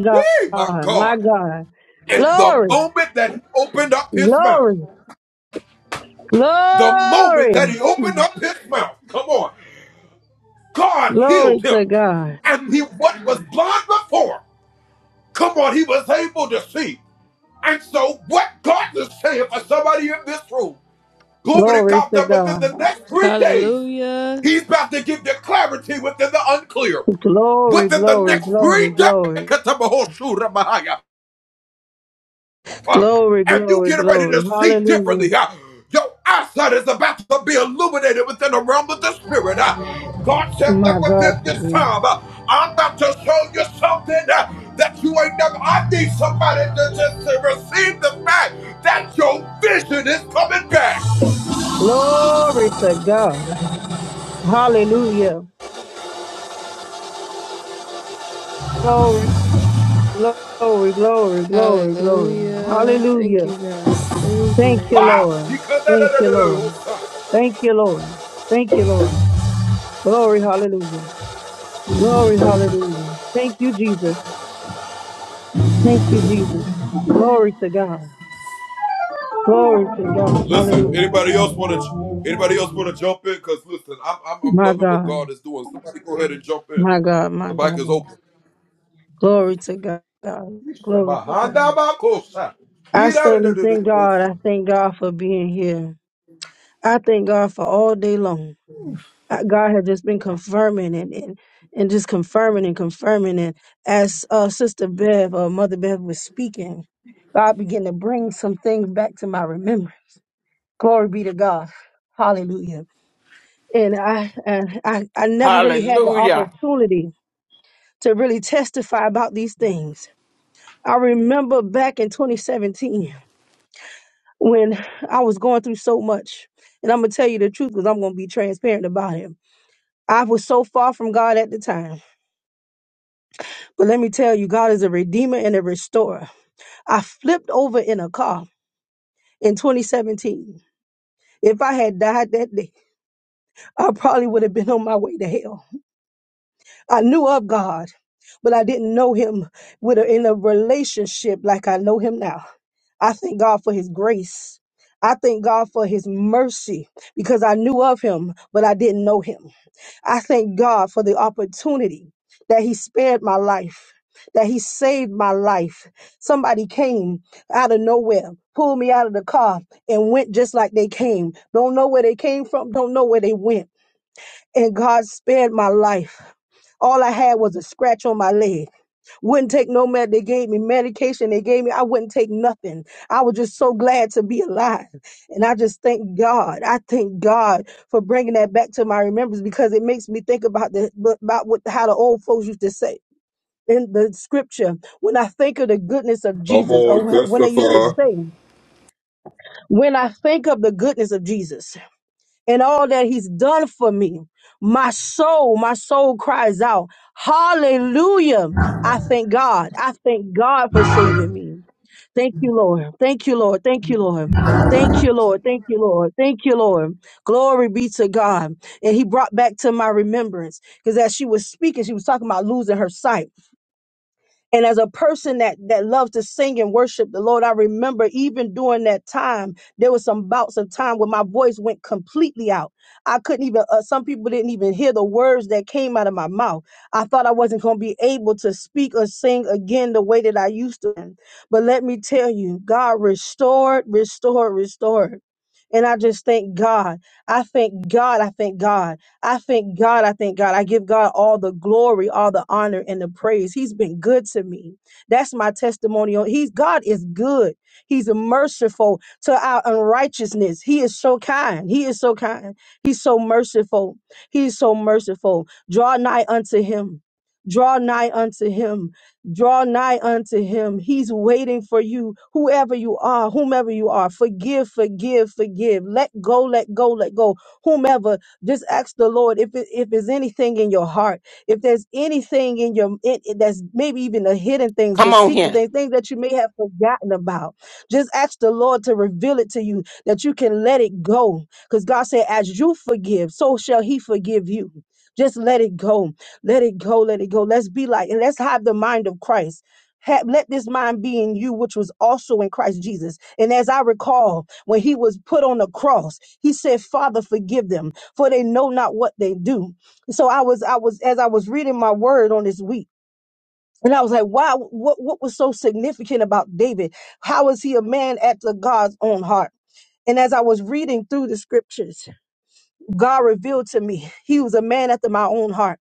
Speaker 12: God, my God. Glory. Glory, glory, glory to God. Glory to God.
Speaker 5: Hallelujah.
Speaker 12: Glory, glory, glory, glory. Glory, glory, glory. Hallelujah. My God. to you. Glory to God. Hallelujah. Glory, glory, glory, glory, glory.
Speaker 5: Hallelujah. Thank
Speaker 12: Hallelujah.
Speaker 5: you, God. Thank
Speaker 12: Thank
Speaker 5: you,
Speaker 12: you,
Speaker 5: Lord.
Speaker 12: Lord. Thank you, Lord. Thank you, Lord. Thank you, Lord. Glory, hallelujah. Glory, hallelujah. Thank you, Jesus. Thank you, Jesus. Glory to God. Glory to God. Hallelujah. My God. My God. My God. Glory to God. God. Glory to God. I certainly thank God. I thank God for being here. I thank God for all day long. Uh, God has just been confirming and, and, and just confirming and confirming. And as uh, Sister Bev or Mother Bev was speaking, God began to bring some things back to my remembrance. Glory be to God. Hallelujah and I, uh, I I never really had the
Speaker 14: Hallelujah.
Speaker 12: opportunity to really testify about these things. I remember back in 2017 when I was going through so much, and I'm gonna tell you the truth because I'm gonna be transparent about it. I was so far from God at the time, but let me tell you, God is a redeemer and a restorer. I flipped over in a car in 2017. If I had died that day, I probably would have been on my way to hell. I knew of God, but I didn't know him with a, in a relationship like I know him now. I thank God for his grace. I thank God for his mercy because I knew of him, but I didn't know him. I thank God for the opportunity that He spared my life, that He saved my life. Somebody came out of nowhere, pulled me out of the car, and went just like they came. Don't know where they came from, don't know where they went and God spared my life. All I had was a scratch on my leg. Wouldn't take no med. They gave me medication. They gave me. I wouldn't take nothing. I was just so glad to be alive, and I just thank God. I thank God for bringing that back to my remembrance because it makes me think about the about what how the old folks used to say in the scripture. When I think of the goodness of Jesus, or wh- when they used to say, when I think of the goodness of Jesus and all that he's done for me. My soul, my soul cries out, Hallelujah. I thank God. I thank God for saving me. Thank you, Lord. Thank you, Lord. Thank you, Lord. Thank you, Lord. Thank you, Lord. Thank you, Lord. Glory be to God. And he brought back to my remembrance because as she was speaking, she was talking about losing her sight. And as a person that that loves to sing and worship the Lord, I remember even during that time, there was some bouts of time where my voice went completely out. I couldn't even. Uh, some people didn't even hear the words that came out of my mouth. I thought I wasn't going to be able to speak or sing again the way that I used to. But let me tell you, God restored, restored, restored. And I just thank God. I thank God. I thank God. I thank God. I thank God. I give God all the glory, all the honor, and the praise. He's been good to me. That's my testimonial. He's God is good. He's merciful to our unrighteousness. He is so kind. He is so kind. He's so merciful. He is so merciful. Draw nigh unto him. Draw nigh unto him. Draw nigh unto him. He's waiting for you, whoever you are, whomever you are. Forgive, forgive, forgive. Let go, let go, let go whomever just ask the Lord if it, if there's anything in your heart, if there's anything in your in, in- that's maybe even the hidden things, the
Speaker 14: Come on
Speaker 12: secret
Speaker 14: here.
Speaker 12: things, things that you may have forgotten about. Just ask the Lord to reveal it to you that you can let it go. Because God said, "As you forgive, so shall He forgive you." Just let it go, let it go, let it go. Let's be like and let's have the mind of Christ. Ha- let this mind be in you, which was also in Christ Jesus. And as I recall, when he was put on the cross, he said, Father, forgive them for they know not what they do. So I was, I was, as I was reading my word on this week, and I was like, wow, what, what was so significant about David? How is he a man after God's own heart? And as I was reading through the scriptures, God revealed to me he was a man after my own heart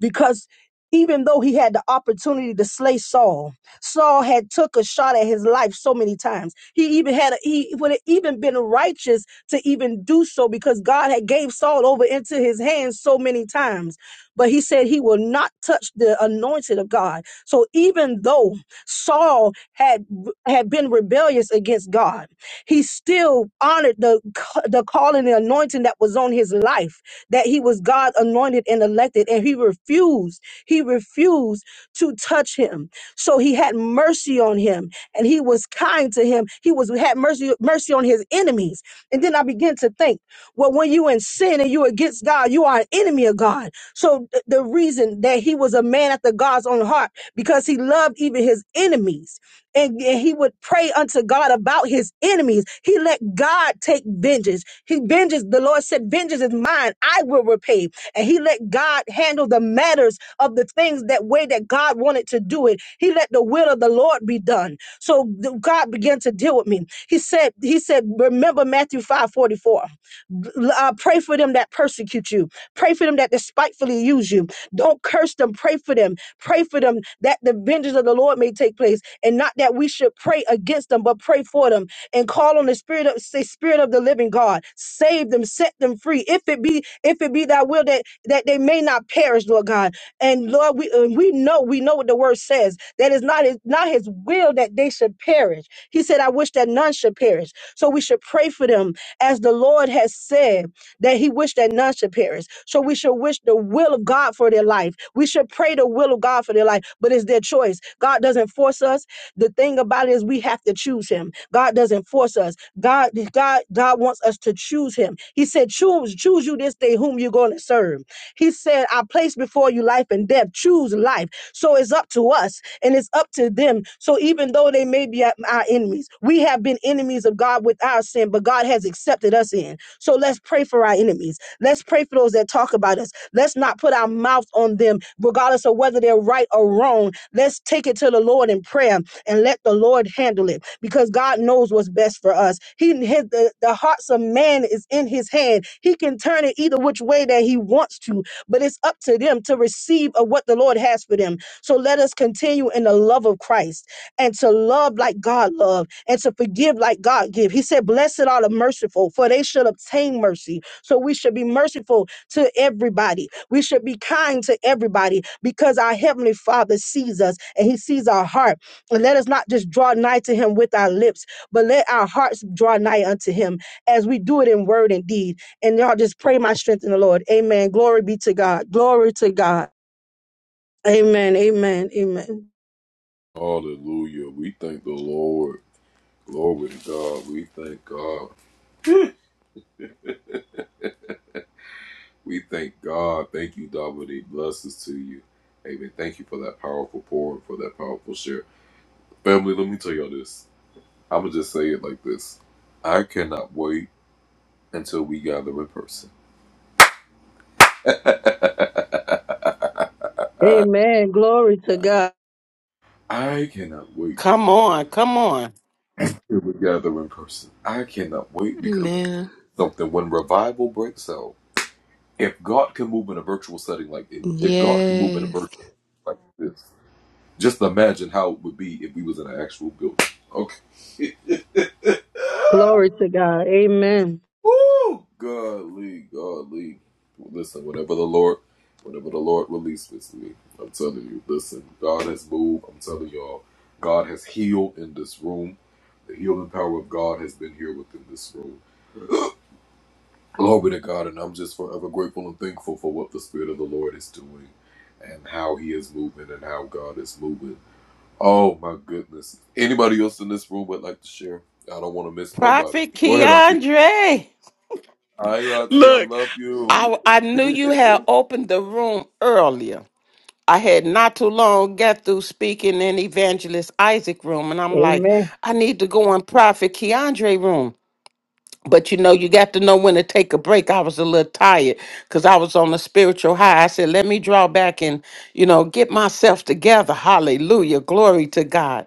Speaker 12: because even though he had the opportunity to slay Saul, Saul had took a shot at his life so many times. He even had a, he would have even been righteous to even do so because God had gave Saul over into his hands so many times. But he said he will not touch the anointed of God. So even though Saul had had been rebellious against God, he still honored the the calling, the anointing that was on his life that he was God anointed and elected, and he refused. He refused to touch him. So he had mercy on him, and he was kind to him. He was had mercy mercy on his enemies. And then I began to think, well, when you in sin and you against God, you are an enemy of God. So th- the reason that he was a man after God's own heart because he loved even his enemies and, and he would pray unto God about his enemies. He let God take vengeance. He vengeance, the Lord said, Vengeance is mine, I will repay. And he let God handle the matters of the things that way that God wanted to do it. He let the will of the Lord be done. So th- God began to deal with me. He said, He said, remember Matthew 5 44. Uh, pray for them that persecute you. Pray for them that despitefully use you. Don't curse them. Pray for them. Pray for them that the vengeance of the Lord may take place. And not that we should pray against them, but pray for them and call on the spirit of say, spirit of the living God. Save them, set them free. If it be, if it be thy will that that they may not perish, Lord God. And Lord, we and we know, we know what the word says. That is not his, not his will that they should perish. He said, I wish that none should perish. So we should pray for them as the Lord has said that he wished that none should perish. So we should wish the will of God for their life. We should pray the will of God for their life, but it's their choice. God doesn't force us. The thing about it is we have to choose him. God doesn't force us. God, God, God wants us to choose him. He said, choose, choose you this day whom you're going to serve. He said, I place before you life and death. Choose life. So it's up to us and it's up to them. So even though they may be our our enemies, we have been enemies of God with our sin, but God has has accepted us in. So let's pray for our enemies. Let's pray for those that talk about us. Let's not put our mouth on them, regardless of whether they're right or wrong. Let's take it to the Lord in prayer and let the Lord handle it because God knows what's best for us. He his, the, the hearts of man is in his hand. He can turn it either which way that he wants to, but it's up to them to receive of what the Lord has for them. So let us continue in the love of Christ and to love like God loved, and to forgive like God give. He said, Blessed are the merciful, for they should obtain mercy. So we should be merciful to everybody. We should be kind to everybody because our Heavenly Father sees us and He sees our heart. And let us not just draw nigh to Him with our lips, but let our hearts draw nigh unto Him as we do it in word and deed. And y'all just pray my strength in the Lord. Amen. Glory be to God. Glory to God. Amen. Amen. Amen. Amen. Glory to God.
Speaker 14: Come on. Come on.
Speaker 5: Amen. Yes.
Speaker 12: Glory to God. Amen.
Speaker 14: Prophet Keandre. Look, I, I knew you had opened the room earlier. I had not too long got through speaking in evangelist Isaac room, and I'm like,
Speaker 12: Amen.
Speaker 14: I need to go in prophet Keandre room. But you know, you got to know when to take a break. I was a little tired because I was on a spiritual high. I said, let me draw back and, you know, get myself together. Hallelujah. Glory to God.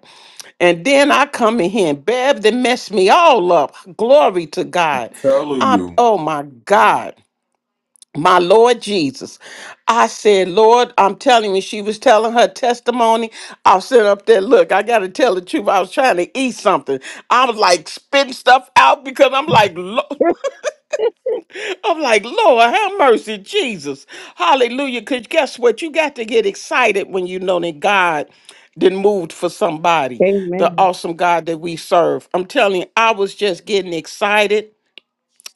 Speaker 14: And then I come in here and Bev they messed me all up. Glory to God. i am oh my God my Lord Jesus. I said, Lord, I'm telling you, she was telling her testimony. I was sitting up there, look, I got to tell the truth. I was trying to eat something. I was like spitting stuff out because I'm like, Lo- I'm like, Lord, have mercy, Jesus. Hallelujah. Because guess what? You got to get excited when you know that God then moved for somebody, the
Speaker 12: Amen.
Speaker 14: awesome God that we serve. I'm telling you, I was just getting excited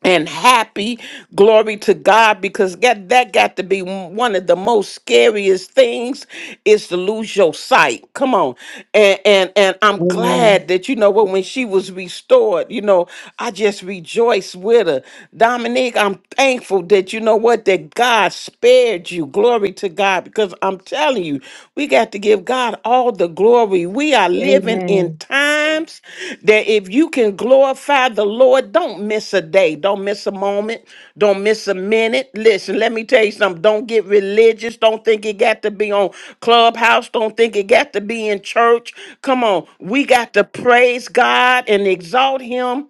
Speaker 14: and happy. Glory to God, because that, that got to be one of the most scariest things is to lose your sight. Come on. And and and I'm glad
Speaker 12: Amen.
Speaker 14: that you know what when she was restored, you know, I just rejoiced with her. Dominique, I'm thankful that you know what that God spared you. Glory to God. Because I'm telling you, we got to give God all the glory. We are living in
Speaker 12: Amen.
Speaker 14: times that if you can glorify the Lord, don't miss a day, don't miss a moment, don't miss a minute. Listen, let me tell you something. Don't get religious. Don't think it got to be on Clubhouse. Don't think it got to be in church. Come on. We got to praise God and exalt Him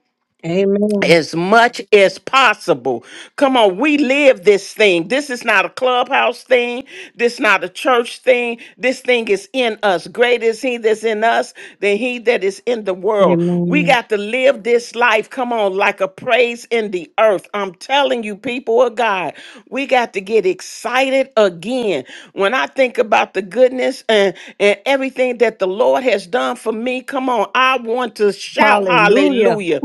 Speaker 12: Amen.
Speaker 14: as much as possible. Come on, we live this thing. This is not a clubhouse thing. This not a church thing. This thing is in us. Great is he that's in us than he that is in the world. We
Speaker 12: Amen.
Speaker 14: got to live this life, come on, like a praise in the earth. I'm telling you, people of God, we got to get excited again. When I think about the goodness and, and everything that the Lord has done for me, come on, I want to shout
Speaker 12: Hallelujah.
Speaker 14: hallelujah.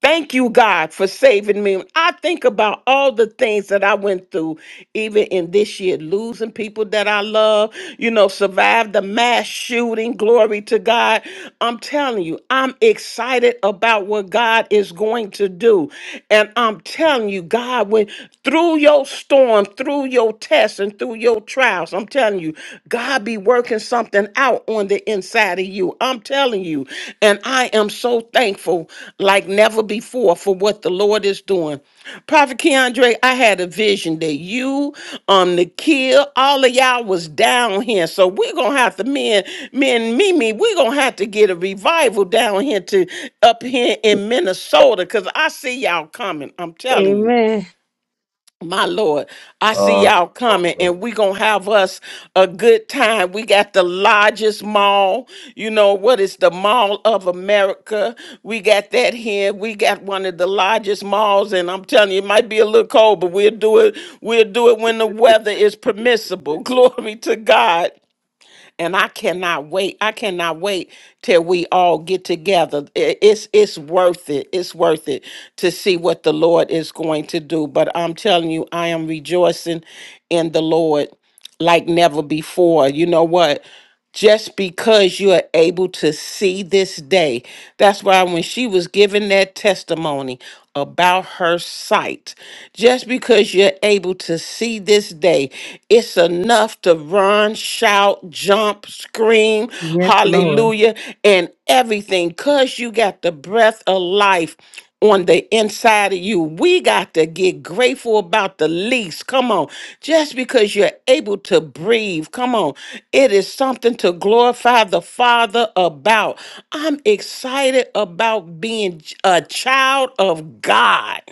Speaker 14: Thank you, God, for saving me. When I think about all the things that I went through, even in this year, losing people that I love, you know, survived the mass shooting. Glory to God. I'm telling you, I'm excited about what God is going to do. And I'm telling you, God, when through your storm, through your tests, and through your trials, I'm telling you, God be working working something out on the inside of you. I'm telling you. And I am so thankful like never before for what the Lord is doing. Prophet Keandre, I had a vision that you, um, Nikhil, all of y'all was down here. So we're gonna have to me and, me and Mimi, we're gonna have to get a revival down here to up here in Minnesota because I see y'all coming. I'm telling you.
Speaker 12: Amen.
Speaker 14: My Lord, I see y'all coming, and we gonna have us a good time. We got the largest mall, you know what is the Mall of America? We got that here. We got one of the largest malls, and I'm telling you, it might be a little cold, but we'll do it. We'll do it when the weather is permissible. Glory to God and I cannot wait. I cannot wait till we all get together. I- It's it's worth it. It's worth it to see what the Lord is going to do. But I'm telling you, I am rejoicing in the Lord like never before. You know what? just because you are able to see this day. That's why when she was giving that testimony about her sight, just because you're able to see this day, it's enough to run, shout, jump, scream,
Speaker 12: Yes, Lord.
Speaker 14: hallelujah, and everything because you got the breath of life on the inside of you. We got to get grateful about the least. Come on. Just because you're able to breathe, come on. It is something to glorify the Father about. I'm excited about being a child of God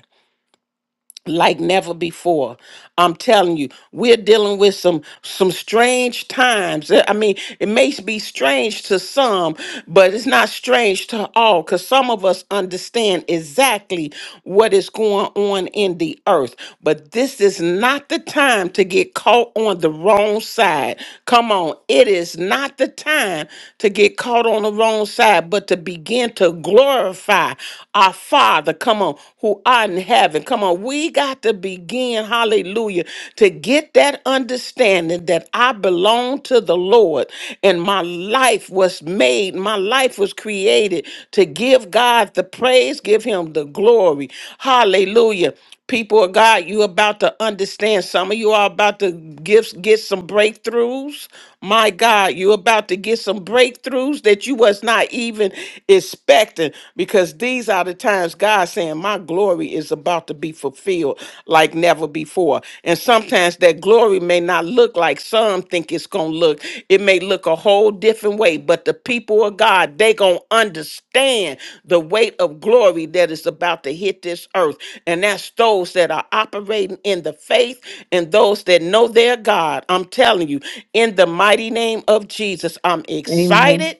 Speaker 14: like never before. I'm telling you, we're dealing with some some strange times. I mean, it may be strange to some, but it's not strange to all cuz some of us understand exactly what is going on in the earth. But this is not the time to get caught on the wrong side. Come on, it is not the time to get caught on the wrong side, but to begin to glorify our Father come on, who are in heaven. Come on, we got to begin, hallelujah, to get that understanding that I belong to the Lord and my life was made, my life was created to give God the praise, give him the glory. Hallelujah people of God, you about to understand. Some of you are about to give get some breakthroughs. My God, you about to get some breakthroughs that you was not even expecting because these are the times God saying, "My glory is about to be fulfilled like never before." And sometimes that glory may not look look like some think it's going to look. It may look a whole different way, but the people of God, they going to understand the weight of glory that is about to hit this earth. And that's those that are operating in the faith and those that know their God. I'm telling you, in the mighty name of Jesus, I'm
Speaker 12: Amen.
Speaker 14: excited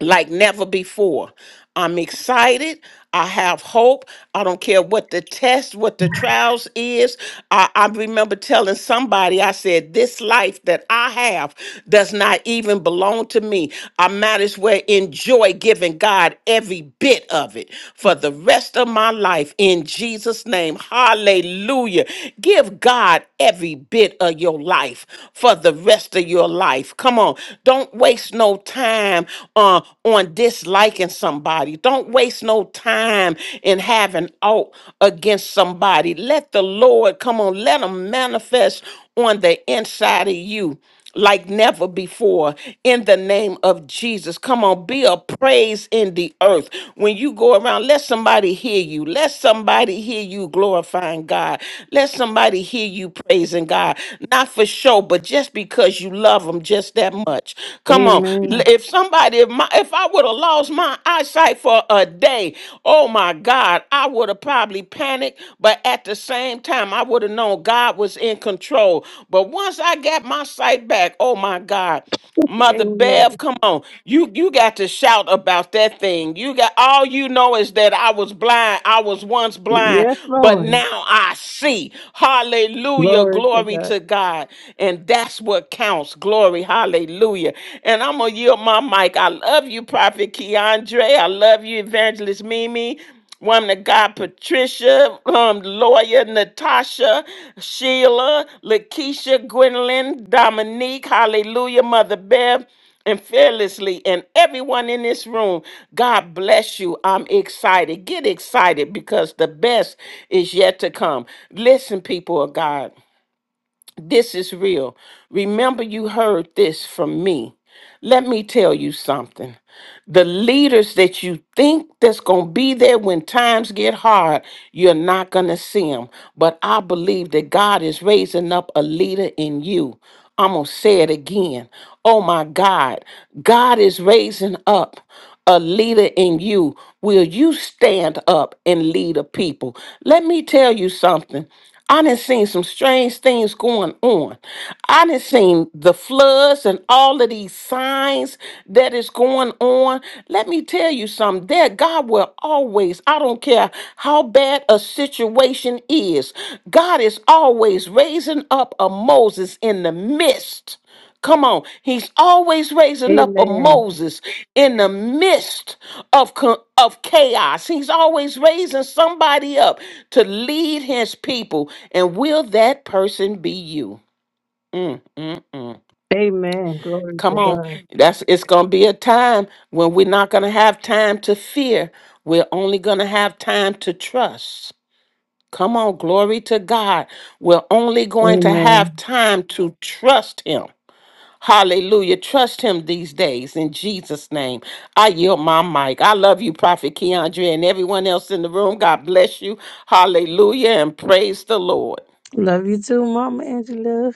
Speaker 14: like never before. I'm excited. I have hope. I don't care what the test, what the trials is. I, I remember telling somebody, I said, this life that I have does not even belong to me. I might as well enjoy giving God every bit of it for the rest of my life in Jesus' name. Hallelujah. Give God every bit of your life for the rest of your life. Come on. Don't waste waste no time uh, on disliking somebody. Don't waste no time in having out against somebody. Let the Lord come on, let him manifest on the inside of you like never before in the name of Jesus. Come on, be a praise in the earth. When you go around, let somebody hear you. Let somebody hear you glorifying God. Let somebody hear you praising God. Not for show, but just because you love love them just that much. Come on. L-
Speaker 12: Amen.
Speaker 14: If somebody, if, my, if I would have lost my eyesight for a day, oh my God, I would have probably panicked. But at the same time, I would have known God was in control. But once I got my sight back, oh my God. Mother Bev,
Speaker 12: Amen.
Speaker 14: come on. You you got to shout about that thing. You got all you know is that I was blind. I was once blind,
Speaker 12: Yes,
Speaker 14: but
Speaker 12: Lord.
Speaker 14: now I see. Hallelujah.
Speaker 12: Glory to
Speaker 14: Glory
Speaker 12: God.
Speaker 14: to God. And that's what counts. Glory. Hallelujah. And I'm gonna yield my mic. I love you, Prophet Keandre. I love you, Evangelist Mimi. Woman of God, Patricia, um, lawyer Natasha, Sheila, Lakeisha, Gwendolyn, Dominique, Hallelujah, Mother Bev, and fearlessly, and everyone in this room. God bless you. I'm excited. Get excited because the best is yet to come. Listen, people of God. This is real. Remember, you heard this from me. Let me tell you something. The leaders that you think that's going to be there when times get hard, you're not going to see them. But I believe that God is raising up a leader in you. I'm going to say it again. Oh my God. God is raising up a leader in you, will you stand up and lead a people? Let me tell you something. I done seen some strange things going on. I done seen the floods and all of these signs that is going on. Let me tell you something. That God will always, I don't care how bad a situation is, God is always raising up a Moses in the midst. Come on. He's always raising up a
Speaker 12: Amen.
Speaker 14: Moses in the midst of, co- of chaos. He's always raising somebody up to lead his people. And will that person be you?
Speaker 12: Amen. Glory
Speaker 14: Come
Speaker 12: to
Speaker 14: on.
Speaker 12: God.
Speaker 14: That's it's gonna be a time when we're not gonna have time to fear. We're only gonna have time to trust. Come on, glory to God. We're only going to have
Speaker 12: Amen.
Speaker 14: time to trust him. Hallelujah. Trust him these days in Jesus' name. I yield my mic. I love you, Prophet Keandre, and everyone else in the room. God bless you. Hallelujah. And praise the Lord.
Speaker 12: Love you too, Mama Angela.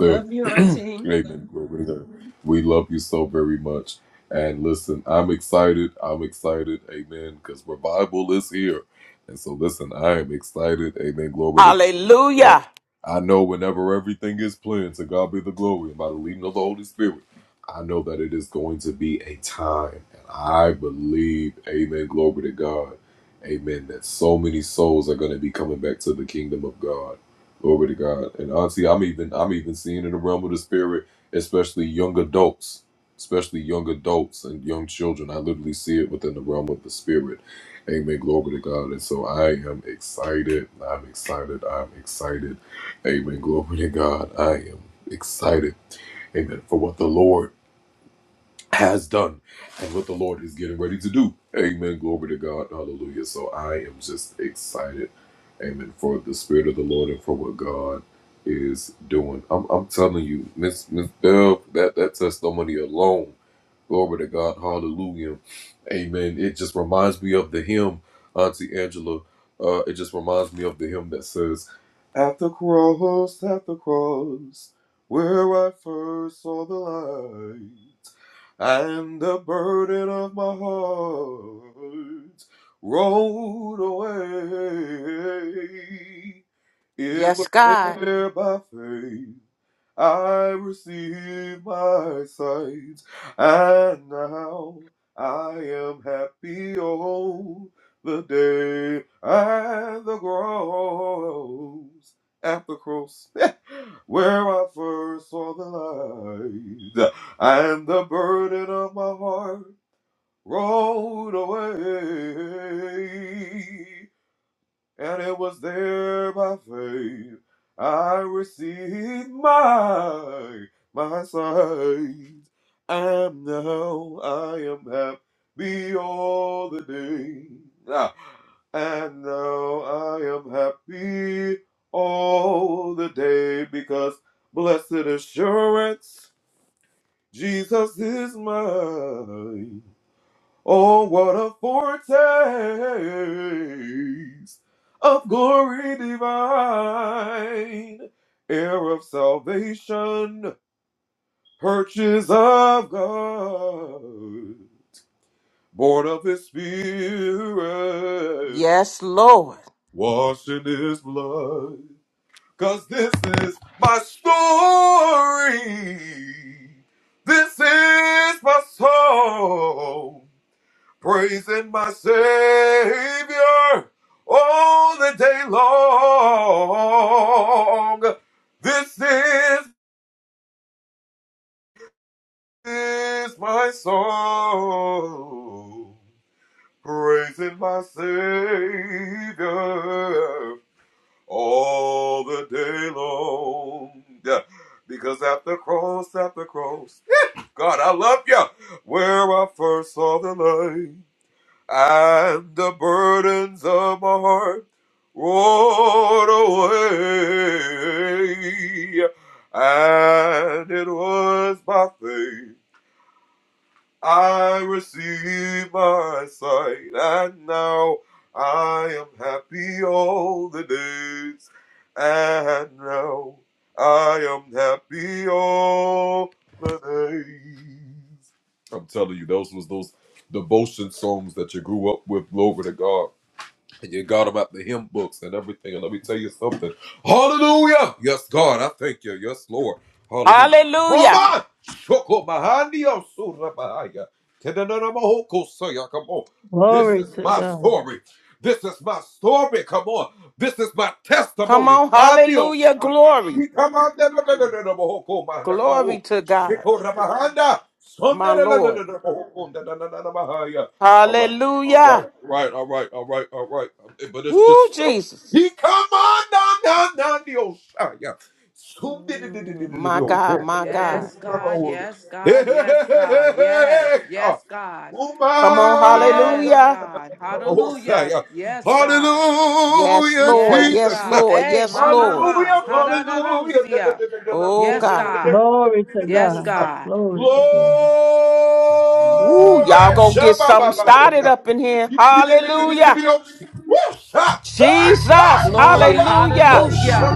Speaker 13: Love you, Auntie.
Speaker 14: Hallelujah. Yes, God. Yes, Lord. Hallelujah.
Speaker 12: Glory to God.
Speaker 14: Come on. Hallelujah. Glory. Glory to God, my Lord. Hallelujah. Woo, Jesus.
Speaker 3: Mm.
Speaker 14: My God, my God.
Speaker 3: Yes, God. Yes, God. Yes, God. Yes. Yes, God.
Speaker 14: Come on.
Speaker 3: Yes,
Speaker 14: Hallelujah.
Speaker 3: God. Hallelujah. Yes, God.
Speaker 14: Yes, Lord.
Speaker 3: Yes,
Speaker 14: Yes,
Speaker 3: God.
Speaker 14: Lord.
Speaker 3: Hey,
Speaker 14: Yes,
Speaker 3: my, my,
Speaker 14: Lord.
Speaker 3: my. Ha-da-da-do-sia.
Speaker 14: Oh,
Speaker 3: Yes,
Speaker 14: God.
Speaker 3: God.
Speaker 12: Glory to
Speaker 3: Yes,
Speaker 12: God.
Speaker 3: God.
Speaker 12: Glory to God.
Speaker 14: Woo, y'all gonna get something started up in here. Hallelujah. Jesus.
Speaker 3: Glory.
Speaker 14: Hallelujah.
Speaker 3: Hallelujah.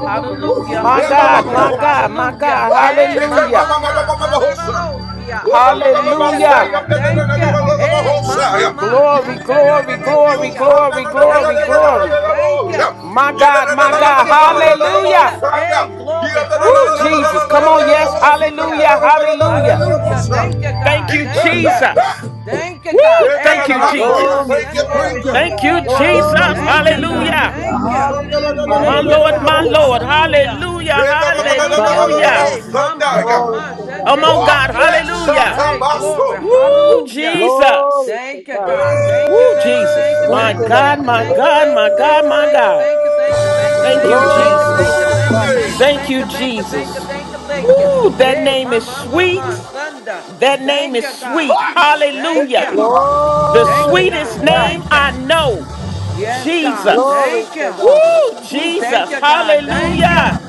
Speaker 3: Hallelujah.
Speaker 14: My God,
Speaker 3: Hallelujah.
Speaker 14: my God, my
Speaker 3: Hallelujah.
Speaker 14: God.
Speaker 3: Hey, my,
Speaker 14: Hallelujah.
Speaker 3: my, my. Ha-da-da-do-sia. Thank you,
Speaker 14: Hallelujah.
Speaker 3: God. Thank you. Hey, my, my, my.
Speaker 14: Glory, glory, glory,
Speaker 3: Shanda-do-do-do-sia.
Speaker 14: glory,
Speaker 3: Thank
Speaker 14: glory,
Speaker 3: you,
Speaker 14: glory.
Speaker 3: God. Thank you.
Speaker 14: My God, my
Speaker 3: Thank
Speaker 14: God.
Speaker 3: you, God. Thank you.
Speaker 14: Hallelujah.
Speaker 3: Hey, glory.
Speaker 14: Woo,
Speaker 3: Ha-na-na-na,
Speaker 14: Jesus. Come on, yes.
Speaker 3: Shandararosia.
Speaker 14: Hallelujah. Hallelujah.
Speaker 3: Hallelujah. Thank you,
Speaker 14: Thank
Speaker 3: God.
Speaker 14: you,
Speaker 3: Thank you.
Speaker 14: Jesus.
Speaker 3: Thank you, God.
Speaker 14: Woo, thank
Speaker 3: Hey,
Speaker 14: you,
Speaker 3: ma ma ma
Speaker 14: Jesus.
Speaker 10: Hallelujah.
Speaker 12: Glory to God.
Speaker 10: Glory to
Speaker 14: Thank you,
Speaker 10: God.
Speaker 3: Shandararosia.
Speaker 12: Glory.
Speaker 14: Jesus.
Speaker 3: Thank you,
Speaker 10: Glory
Speaker 3: God.
Speaker 10: to
Speaker 14: Hallelujah.
Speaker 10: God.
Speaker 3: Thank you.
Speaker 10: Hallelujah.
Speaker 14: My
Speaker 3: Thank you,
Speaker 12: Hallelujah.
Speaker 14: Lord, my
Speaker 3: God.
Speaker 14: Lord.
Speaker 3: Hallelujah.
Speaker 14: Hallelujah.
Speaker 3: Thank you.
Speaker 14: Hallelujah.
Speaker 3: Hey,
Speaker 12: Hallelujah.
Speaker 3: mama,
Speaker 12: Glory
Speaker 3: mama,
Speaker 12: to God.
Speaker 14: Come on, God.
Speaker 3: shanderosia.
Speaker 14: Hallelujah.
Speaker 3: Hey, glory.
Speaker 14: Woo,
Speaker 3: Hallelujah.
Speaker 14: Jesus.
Speaker 12: Glory to
Speaker 3: Thank you,
Speaker 12: God.
Speaker 3: God. Thank you,
Speaker 14: Woo,
Speaker 3: thank you, thank
Speaker 14: Jesus.
Speaker 3: you,
Speaker 12: Thank
Speaker 14: My
Speaker 3: thank you,
Speaker 12: you,
Speaker 3: thank
Speaker 14: God,
Speaker 12: Lord.
Speaker 3: you,
Speaker 14: my
Speaker 3: thank you,
Speaker 14: God,
Speaker 3: thank
Speaker 14: my
Speaker 3: you, thank
Speaker 14: God,
Speaker 3: you,
Speaker 14: my
Speaker 3: thank you,
Speaker 14: God.
Speaker 3: thank you, thank you, thank you, thank you,
Speaker 14: Thank
Speaker 3: thank
Speaker 14: you,
Speaker 3: you, thank you,
Speaker 12: Glory
Speaker 3: thank
Speaker 14: Jesus.
Speaker 3: you,
Speaker 12: to
Speaker 3: thank you,
Speaker 12: God.
Speaker 3: thank you,
Speaker 14: Thank
Speaker 3: thank
Speaker 14: you,
Speaker 3: you, thank you,
Speaker 14: Jesus.
Speaker 3: thank you, thank you.
Speaker 14: Woo, that
Speaker 3: Hey,
Speaker 14: name is
Speaker 3: mama, mama,
Speaker 14: sweet.
Speaker 3: Sunday.
Speaker 14: That name
Speaker 3: Thank
Speaker 14: is
Speaker 3: you, God.
Speaker 14: sweet.
Speaker 3: Thank you.
Speaker 14: Hallelujah. The
Speaker 3: Thank you,
Speaker 12: Glory
Speaker 14: sweetest
Speaker 12: to
Speaker 3: God.
Speaker 12: God.
Speaker 14: name
Speaker 3: Thank you.
Speaker 14: I know.
Speaker 3: Yes, God.
Speaker 14: Jesus.
Speaker 12: Glory
Speaker 3: Thank
Speaker 12: to
Speaker 3: you.
Speaker 12: God.
Speaker 14: Woo,
Speaker 3: Ooh, thank
Speaker 14: Jesus.
Speaker 3: you, God. Thank you.
Speaker 14: Hallelujah.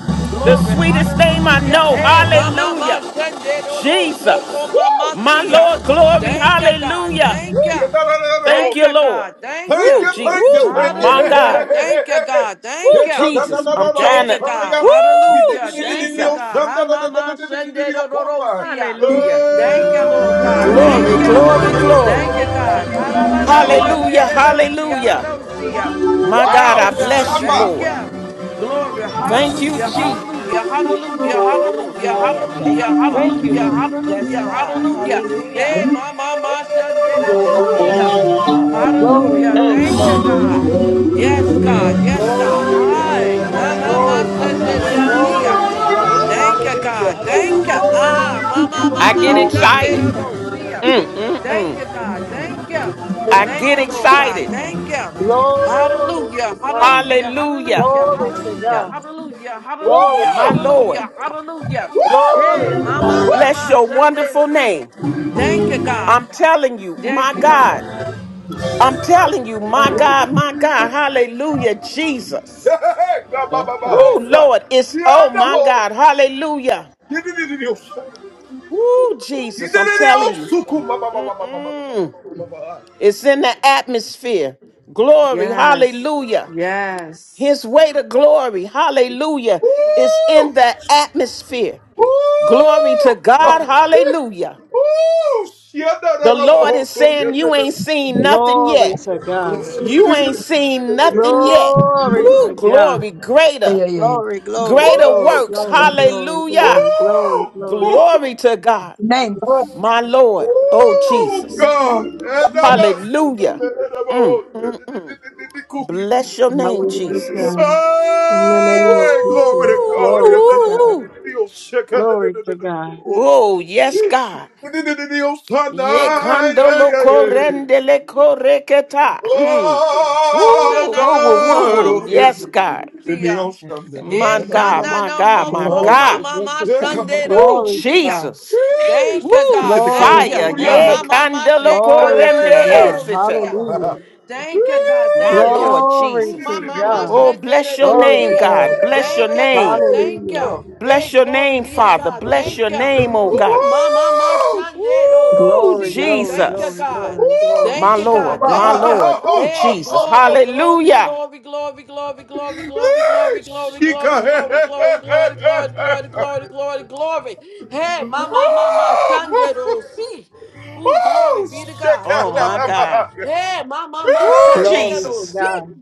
Speaker 14: The
Speaker 3: Glory.
Speaker 14: sweetest name I
Speaker 3: Hallelujah.
Speaker 14: know.
Speaker 3: Hey, mama, mama,
Speaker 14: Hallelujah.
Speaker 3: shende, do, do, so, ko,
Speaker 14: Jesus.
Speaker 3: mama,
Speaker 14: My
Speaker 3: see ya.
Speaker 14: Lord, glory.
Speaker 3: Thank you, God.
Speaker 14: Hallelujah.
Speaker 3: Thank you.
Speaker 14: Thank
Speaker 3: Thank
Speaker 14: you,
Speaker 3: you,
Speaker 14: Lord.
Speaker 3: God. Thank
Speaker 14: Woo,
Speaker 3: you.
Speaker 14: gee, woo, my
Speaker 3: Hallelujah.
Speaker 14: God.
Speaker 3: Thank you, God. Thank
Speaker 14: Woo,
Speaker 3: you.
Speaker 14: Jesus. I'm
Speaker 3: Thank
Speaker 14: trying
Speaker 3: you,
Speaker 14: to.
Speaker 3: God.
Speaker 14: Woo,
Speaker 3: Hallelujah. Thank you,
Speaker 14: Jesus.
Speaker 3: God. Hamama Sendedorosia.
Speaker 14: Hallelujah.
Speaker 3: Thank you, Lord God.
Speaker 14: Glory,
Speaker 3: Thank you.
Speaker 14: glory, glory.
Speaker 3: Thank you, God. Haralana
Speaker 14: Hallelujah,
Speaker 3: Sendedorosia.
Speaker 14: hallelujah.
Speaker 3: Radosia.
Speaker 14: My God,
Speaker 3: Thank you,
Speaker 14: I
Speaker 3: God.
Speaker 14: bless you,
Speaker 3: Thank
Speaker 14: Lord.
Speaker 3: you. Glory.
Speaker 14: Thank you,
Speaker 3: Hallelujah.
Speaker 14: Jesus.
Speaker 3: Hallelujah. Hallelujah. Hallelujah.
Speaker 13: Hallelujah.
Speaker 14: Mm-mm.
Speaker 13: Thank
Speaker 3: Hallelujah.
Speaker 13: you,
Speaker 14: Thank
Speaker 13: Father.
Speaker 14: you,
Speaker 3: Hallelujah.
Speaker 14: Lord.
Speaker 13: Yes,
Speaker 3: Hallelujah.
Speaker 13: God.
Speaker 3: Hallelujah.
Speaker 13: Hallelujah.
Speaker 3: Hey, Mama
Speaker 13: Woo.
Speaker 3: Masha
Speaker 13: Hallelujah.
Speaker 3: Rosia.
Speaker 13: Thank you, Father.
Speaker 12: Glory,
Speaker 3: Hallelujah.
Speaker 13: Mm,
Speaker 12: glory,
Speaker 3: Thank you,
Speaker 12: glory, glory.
Speaker 3: God. Yes, God.
Speaker 13: mm.
Speaker 3: Yes, God.
Speaker 12: Glory to
Speaker 3: Hi,
Speaker 12: God.
Speaker 13: Yes,
Speaker 3: Mama
Speaker 13: God.
Speaker 12: Glory to God.
Speaker 13: Hallelujah.
Speaker 3: Masenderosia.
Speaker 12: Glory to
Speaker 13: Woo.
Speaker 12: God.
Speaker 3: Thank you, God.
Speaker 12: Hallelujah.
Speaker 3: Thank you.
Speaker 13: Hallelujah.
Speaker 12: Hallelujah.
Speaker 3: Ah, Mama
Speaker 14: I get
Speaker 3: Mama
Speaker 14: excited.
Speaker 12: Hallelujah.
Speaker 13: Mm,
Speaker 3: Senderosia. Thank
Speaker 14: Mm-mm-mm.
Speaker 3: you, God.
Speaker 13: mhm,
Speaker 3: Thank you.
Speaker 14: I
Speaker 3: Thank
Speaker 14: get
Speaker 3: you, Lord God.
Speaker 14: excited.
Speaker 13: mm.
Speaker 3: Thank you.
Speaker 12: Glory to
Speaker 3: Hallelujah.
Speaker 12: God.
Speaker 3: Hallelujah.
Speaker 14: Hallelujah.
Speaker 3: Hallelujah.
Speaker 12: Glory to
Speaker 3: Hallelujah.
Speaker 13: Hallelujah.
Speaker 12: God.
Speaker 3: Hallelujah.
Speaker 12: Glory
Speaker 3: Hallelujah.
Speaker 12: to
Speaker 14: My Lord,
Speaker 3: Hallelujah. Hallelujah.
Speaker 12: Glory
Speaker 3: Hey,
Speaker 12: to God.
Speaker 3: Mama
Speaker 14: bless
Speaker 3: Mama
Speaker 14: your
Speaker 3: Sunday
Speaker 14: wonderful
Speaker 3: see.
Speaker 14: name.
Speaker 3: Thank you,
Speaker 13: Yes,
Speaker 3: God.
Speaker 14: I'm
Speaker 13: God.
Speaker 14: telling you, my
Speaker 3: Thank you, God.
Speaker 14: God. I'm telling you, my
Speaker 13: Mm.
Speaker 14: God, my God. Hallelujah, Jesus.
Speaker 13: Yes,
Speaker 14: Woo,
Speaker 13: God.
Speaker 14: Lord, it's oh
Speaker 13: Woo.
Speaker 14: my God. Hallelujah. Woo, Jesus. I'm telling you. Mm-mm. It's in the atmosphere. Glory.
Speaker 3: Yes.
Speaker 14: Hallelujah.
Speaker 3: Yes.
Speaker 14: His way to glory, hallelujah, is in the atmosphere. Glory to God, hallelujah. The Lord is saying, You ain't seen nothing
Speaker 12: Glory
Speaker 14: yet.
Speaker 12: to God.
Speaker 13: Mm.
Speaker 14: You ain't seen nothing yet.
Speaker 12: Glory to
Speaker 14: Woo,
Speaker 12: God.
Speaker 14: glory,
Speaker 2: Yeah,
Speaker 14: greater,
Speaker 2: yeah, yeah. yeah.
Speaker 12: Glory, glory,
Speaker 14: greater
Speaker 12: glory,
Speaker 14: works,
Speaker 2: Thank
Speaker 12: glory,
Speaker 2: you, Jesus.
Speaker 12: glory, glory,
Speaker 14: hallelujah.
Speaker 12: glory, glory.
Speaker 14: Glory to God,
Speaker 2: Name, glory,
Speaker 14: my Lord, oh Jesus, hallelujah. Mm, mm, mm. Bless your
Speaker 12: Thy
Speaker 14: name,
Speaker 12: will be
Speaker 14: Jesus.
Speaker 12: done. In the name of Jesus. Glory to God.
Speaker 14: Woo!
Speaker 12: Glory to God.
Speaker 14: Oh, yes, God. Ye kandolo korendele koreketa. Mm. Woo,
Speaker 3: na
Speaker 14: woo,
Speaker 3: na
Speaker 14: woo, woo,
Speaker 3: no
Speaker 14: woo, woo.
Speaker 3: mama
Speaker 14: Yes, God.
Speaker 3: sia.
Speaker 14: My
Speaker 3: Yes,
Speaker 14: God,
Speaker 3: na
Speaker 14: my
Speaker 3: na
Speaker 14: God,
Speaker 3: mo
Speaker 14: my
Speaker 12: The
Speaker 3: ko
Speaker 12: best
Speaker 14: God.
Speaker 12: is
Speaker 3: mama
Speaker 12: yet
Speaker 3: ma
Speaker 12: to
Speaker 3: shande
Speaker 12: come.
Speaker 3: ro ro
Speaker 14: Woo,
Speaker 12: Glory to
Speaker 3: sia.
Speaker 12: God.
Speaker 14: Jesus.
Speaker 3: Thank you
Speaker 14: Woo,
Speaker 3: God,
Speaker 12: Glory
Speaker 3: thank you.
Speaker 14: fire.
Speaker 12: to
Speaker 3: Hey
Speaker 12: God.
Speaker 14: Ye
Speaker 3: mama ma she
Speaker 14: kandolo
Speaker 12: Glory
Speaker 3: kana na
Speaker 12: to
Speaker 3: na
Speaker 14: korende
Speaker 3: ro ro
Speaker 12: God.
Speaker 14: esita.
Speaker 12: Hallelujah.
Speaker 3: Thank you, God.
Speaker 14: My
Speaker 3: Thank you.
Speaker 14: Lord
Speaker 12: Glory
Speaker 3: Ooh,
Speaker 14: Jesus.
Speaker 3: my
Speaker 12: to
Speaker 3: mama
Speaker 12: God.
Speaker 14: Oh,
Speaker 3: said
Speaker 14: bless
Speaker 3: that
Speaker 14: your
Speaker 3: they'll
Speaker 12: Glory
Speaker 14: name,
Speaker 3: see
Speaker 12: to
Speaker 3: ya.
Speaker 14: God.
Speaker 12: God.
Speaker 14: Bless your
Speaker 3: Thank you,
Speaker 14: name.
Speaker 3: God. Thank
Speaker 12: Hallelujah.
Speaker 3: you. Hey,
Speaker 14: Bless your
Speaker 3: glory
Speaker 14: name,
Speaker 3: be to
Speaker 14: Father.
Speaker 3: God.
Speaker 14: Bless
Speaker 3: Thank
Speaker 14: your
Speaker 3: you.
Speaker 14: name, oh
Speaker 3: Ooh,
Speaker 14: God.
Speaker 3: my mama shandero
Speaker 14: Woo,
Speaker 12: Glory,
Speaker 3: see ya.
Speaker 12: glory,
Speaker 3: Thank you,
Speaker 14: Jesus.
Speaker 12: glory,
Speaker 3: God.
Speaker 12: glory, glory.
Speaker 14: My
Speaker 3: Thank you,
Speaker 14: Lord,
Speaker 3: God.
Speaker 14: my
Speaker 3: Thank you.
Speaker 14: Lord. Oh,
Speaker 3: Hey,
Speaker 14: Jesus.
Speaker 3: glory, glory,
Speaker 14: Hallelujah.
Speaker 3: glory, glory, glory, glory, glory, glory, glory, glory, glory, glory, glory, glory, glory, glory, glory, glory. Hey, my mama, my shandero see. Ooh, glory be to God.
Speaker 14: Oh, my
Speaker 3: Glory.
Speaker 14: God.
Speaker 3: Hey, ma ma ma
Speaker 14: Woo,
Speaker 12: Glory
Speaker 3: shandero
Speaker 12: to
Speaker 14: Jesus.
Speaker 3: see.
Speaker 12: God.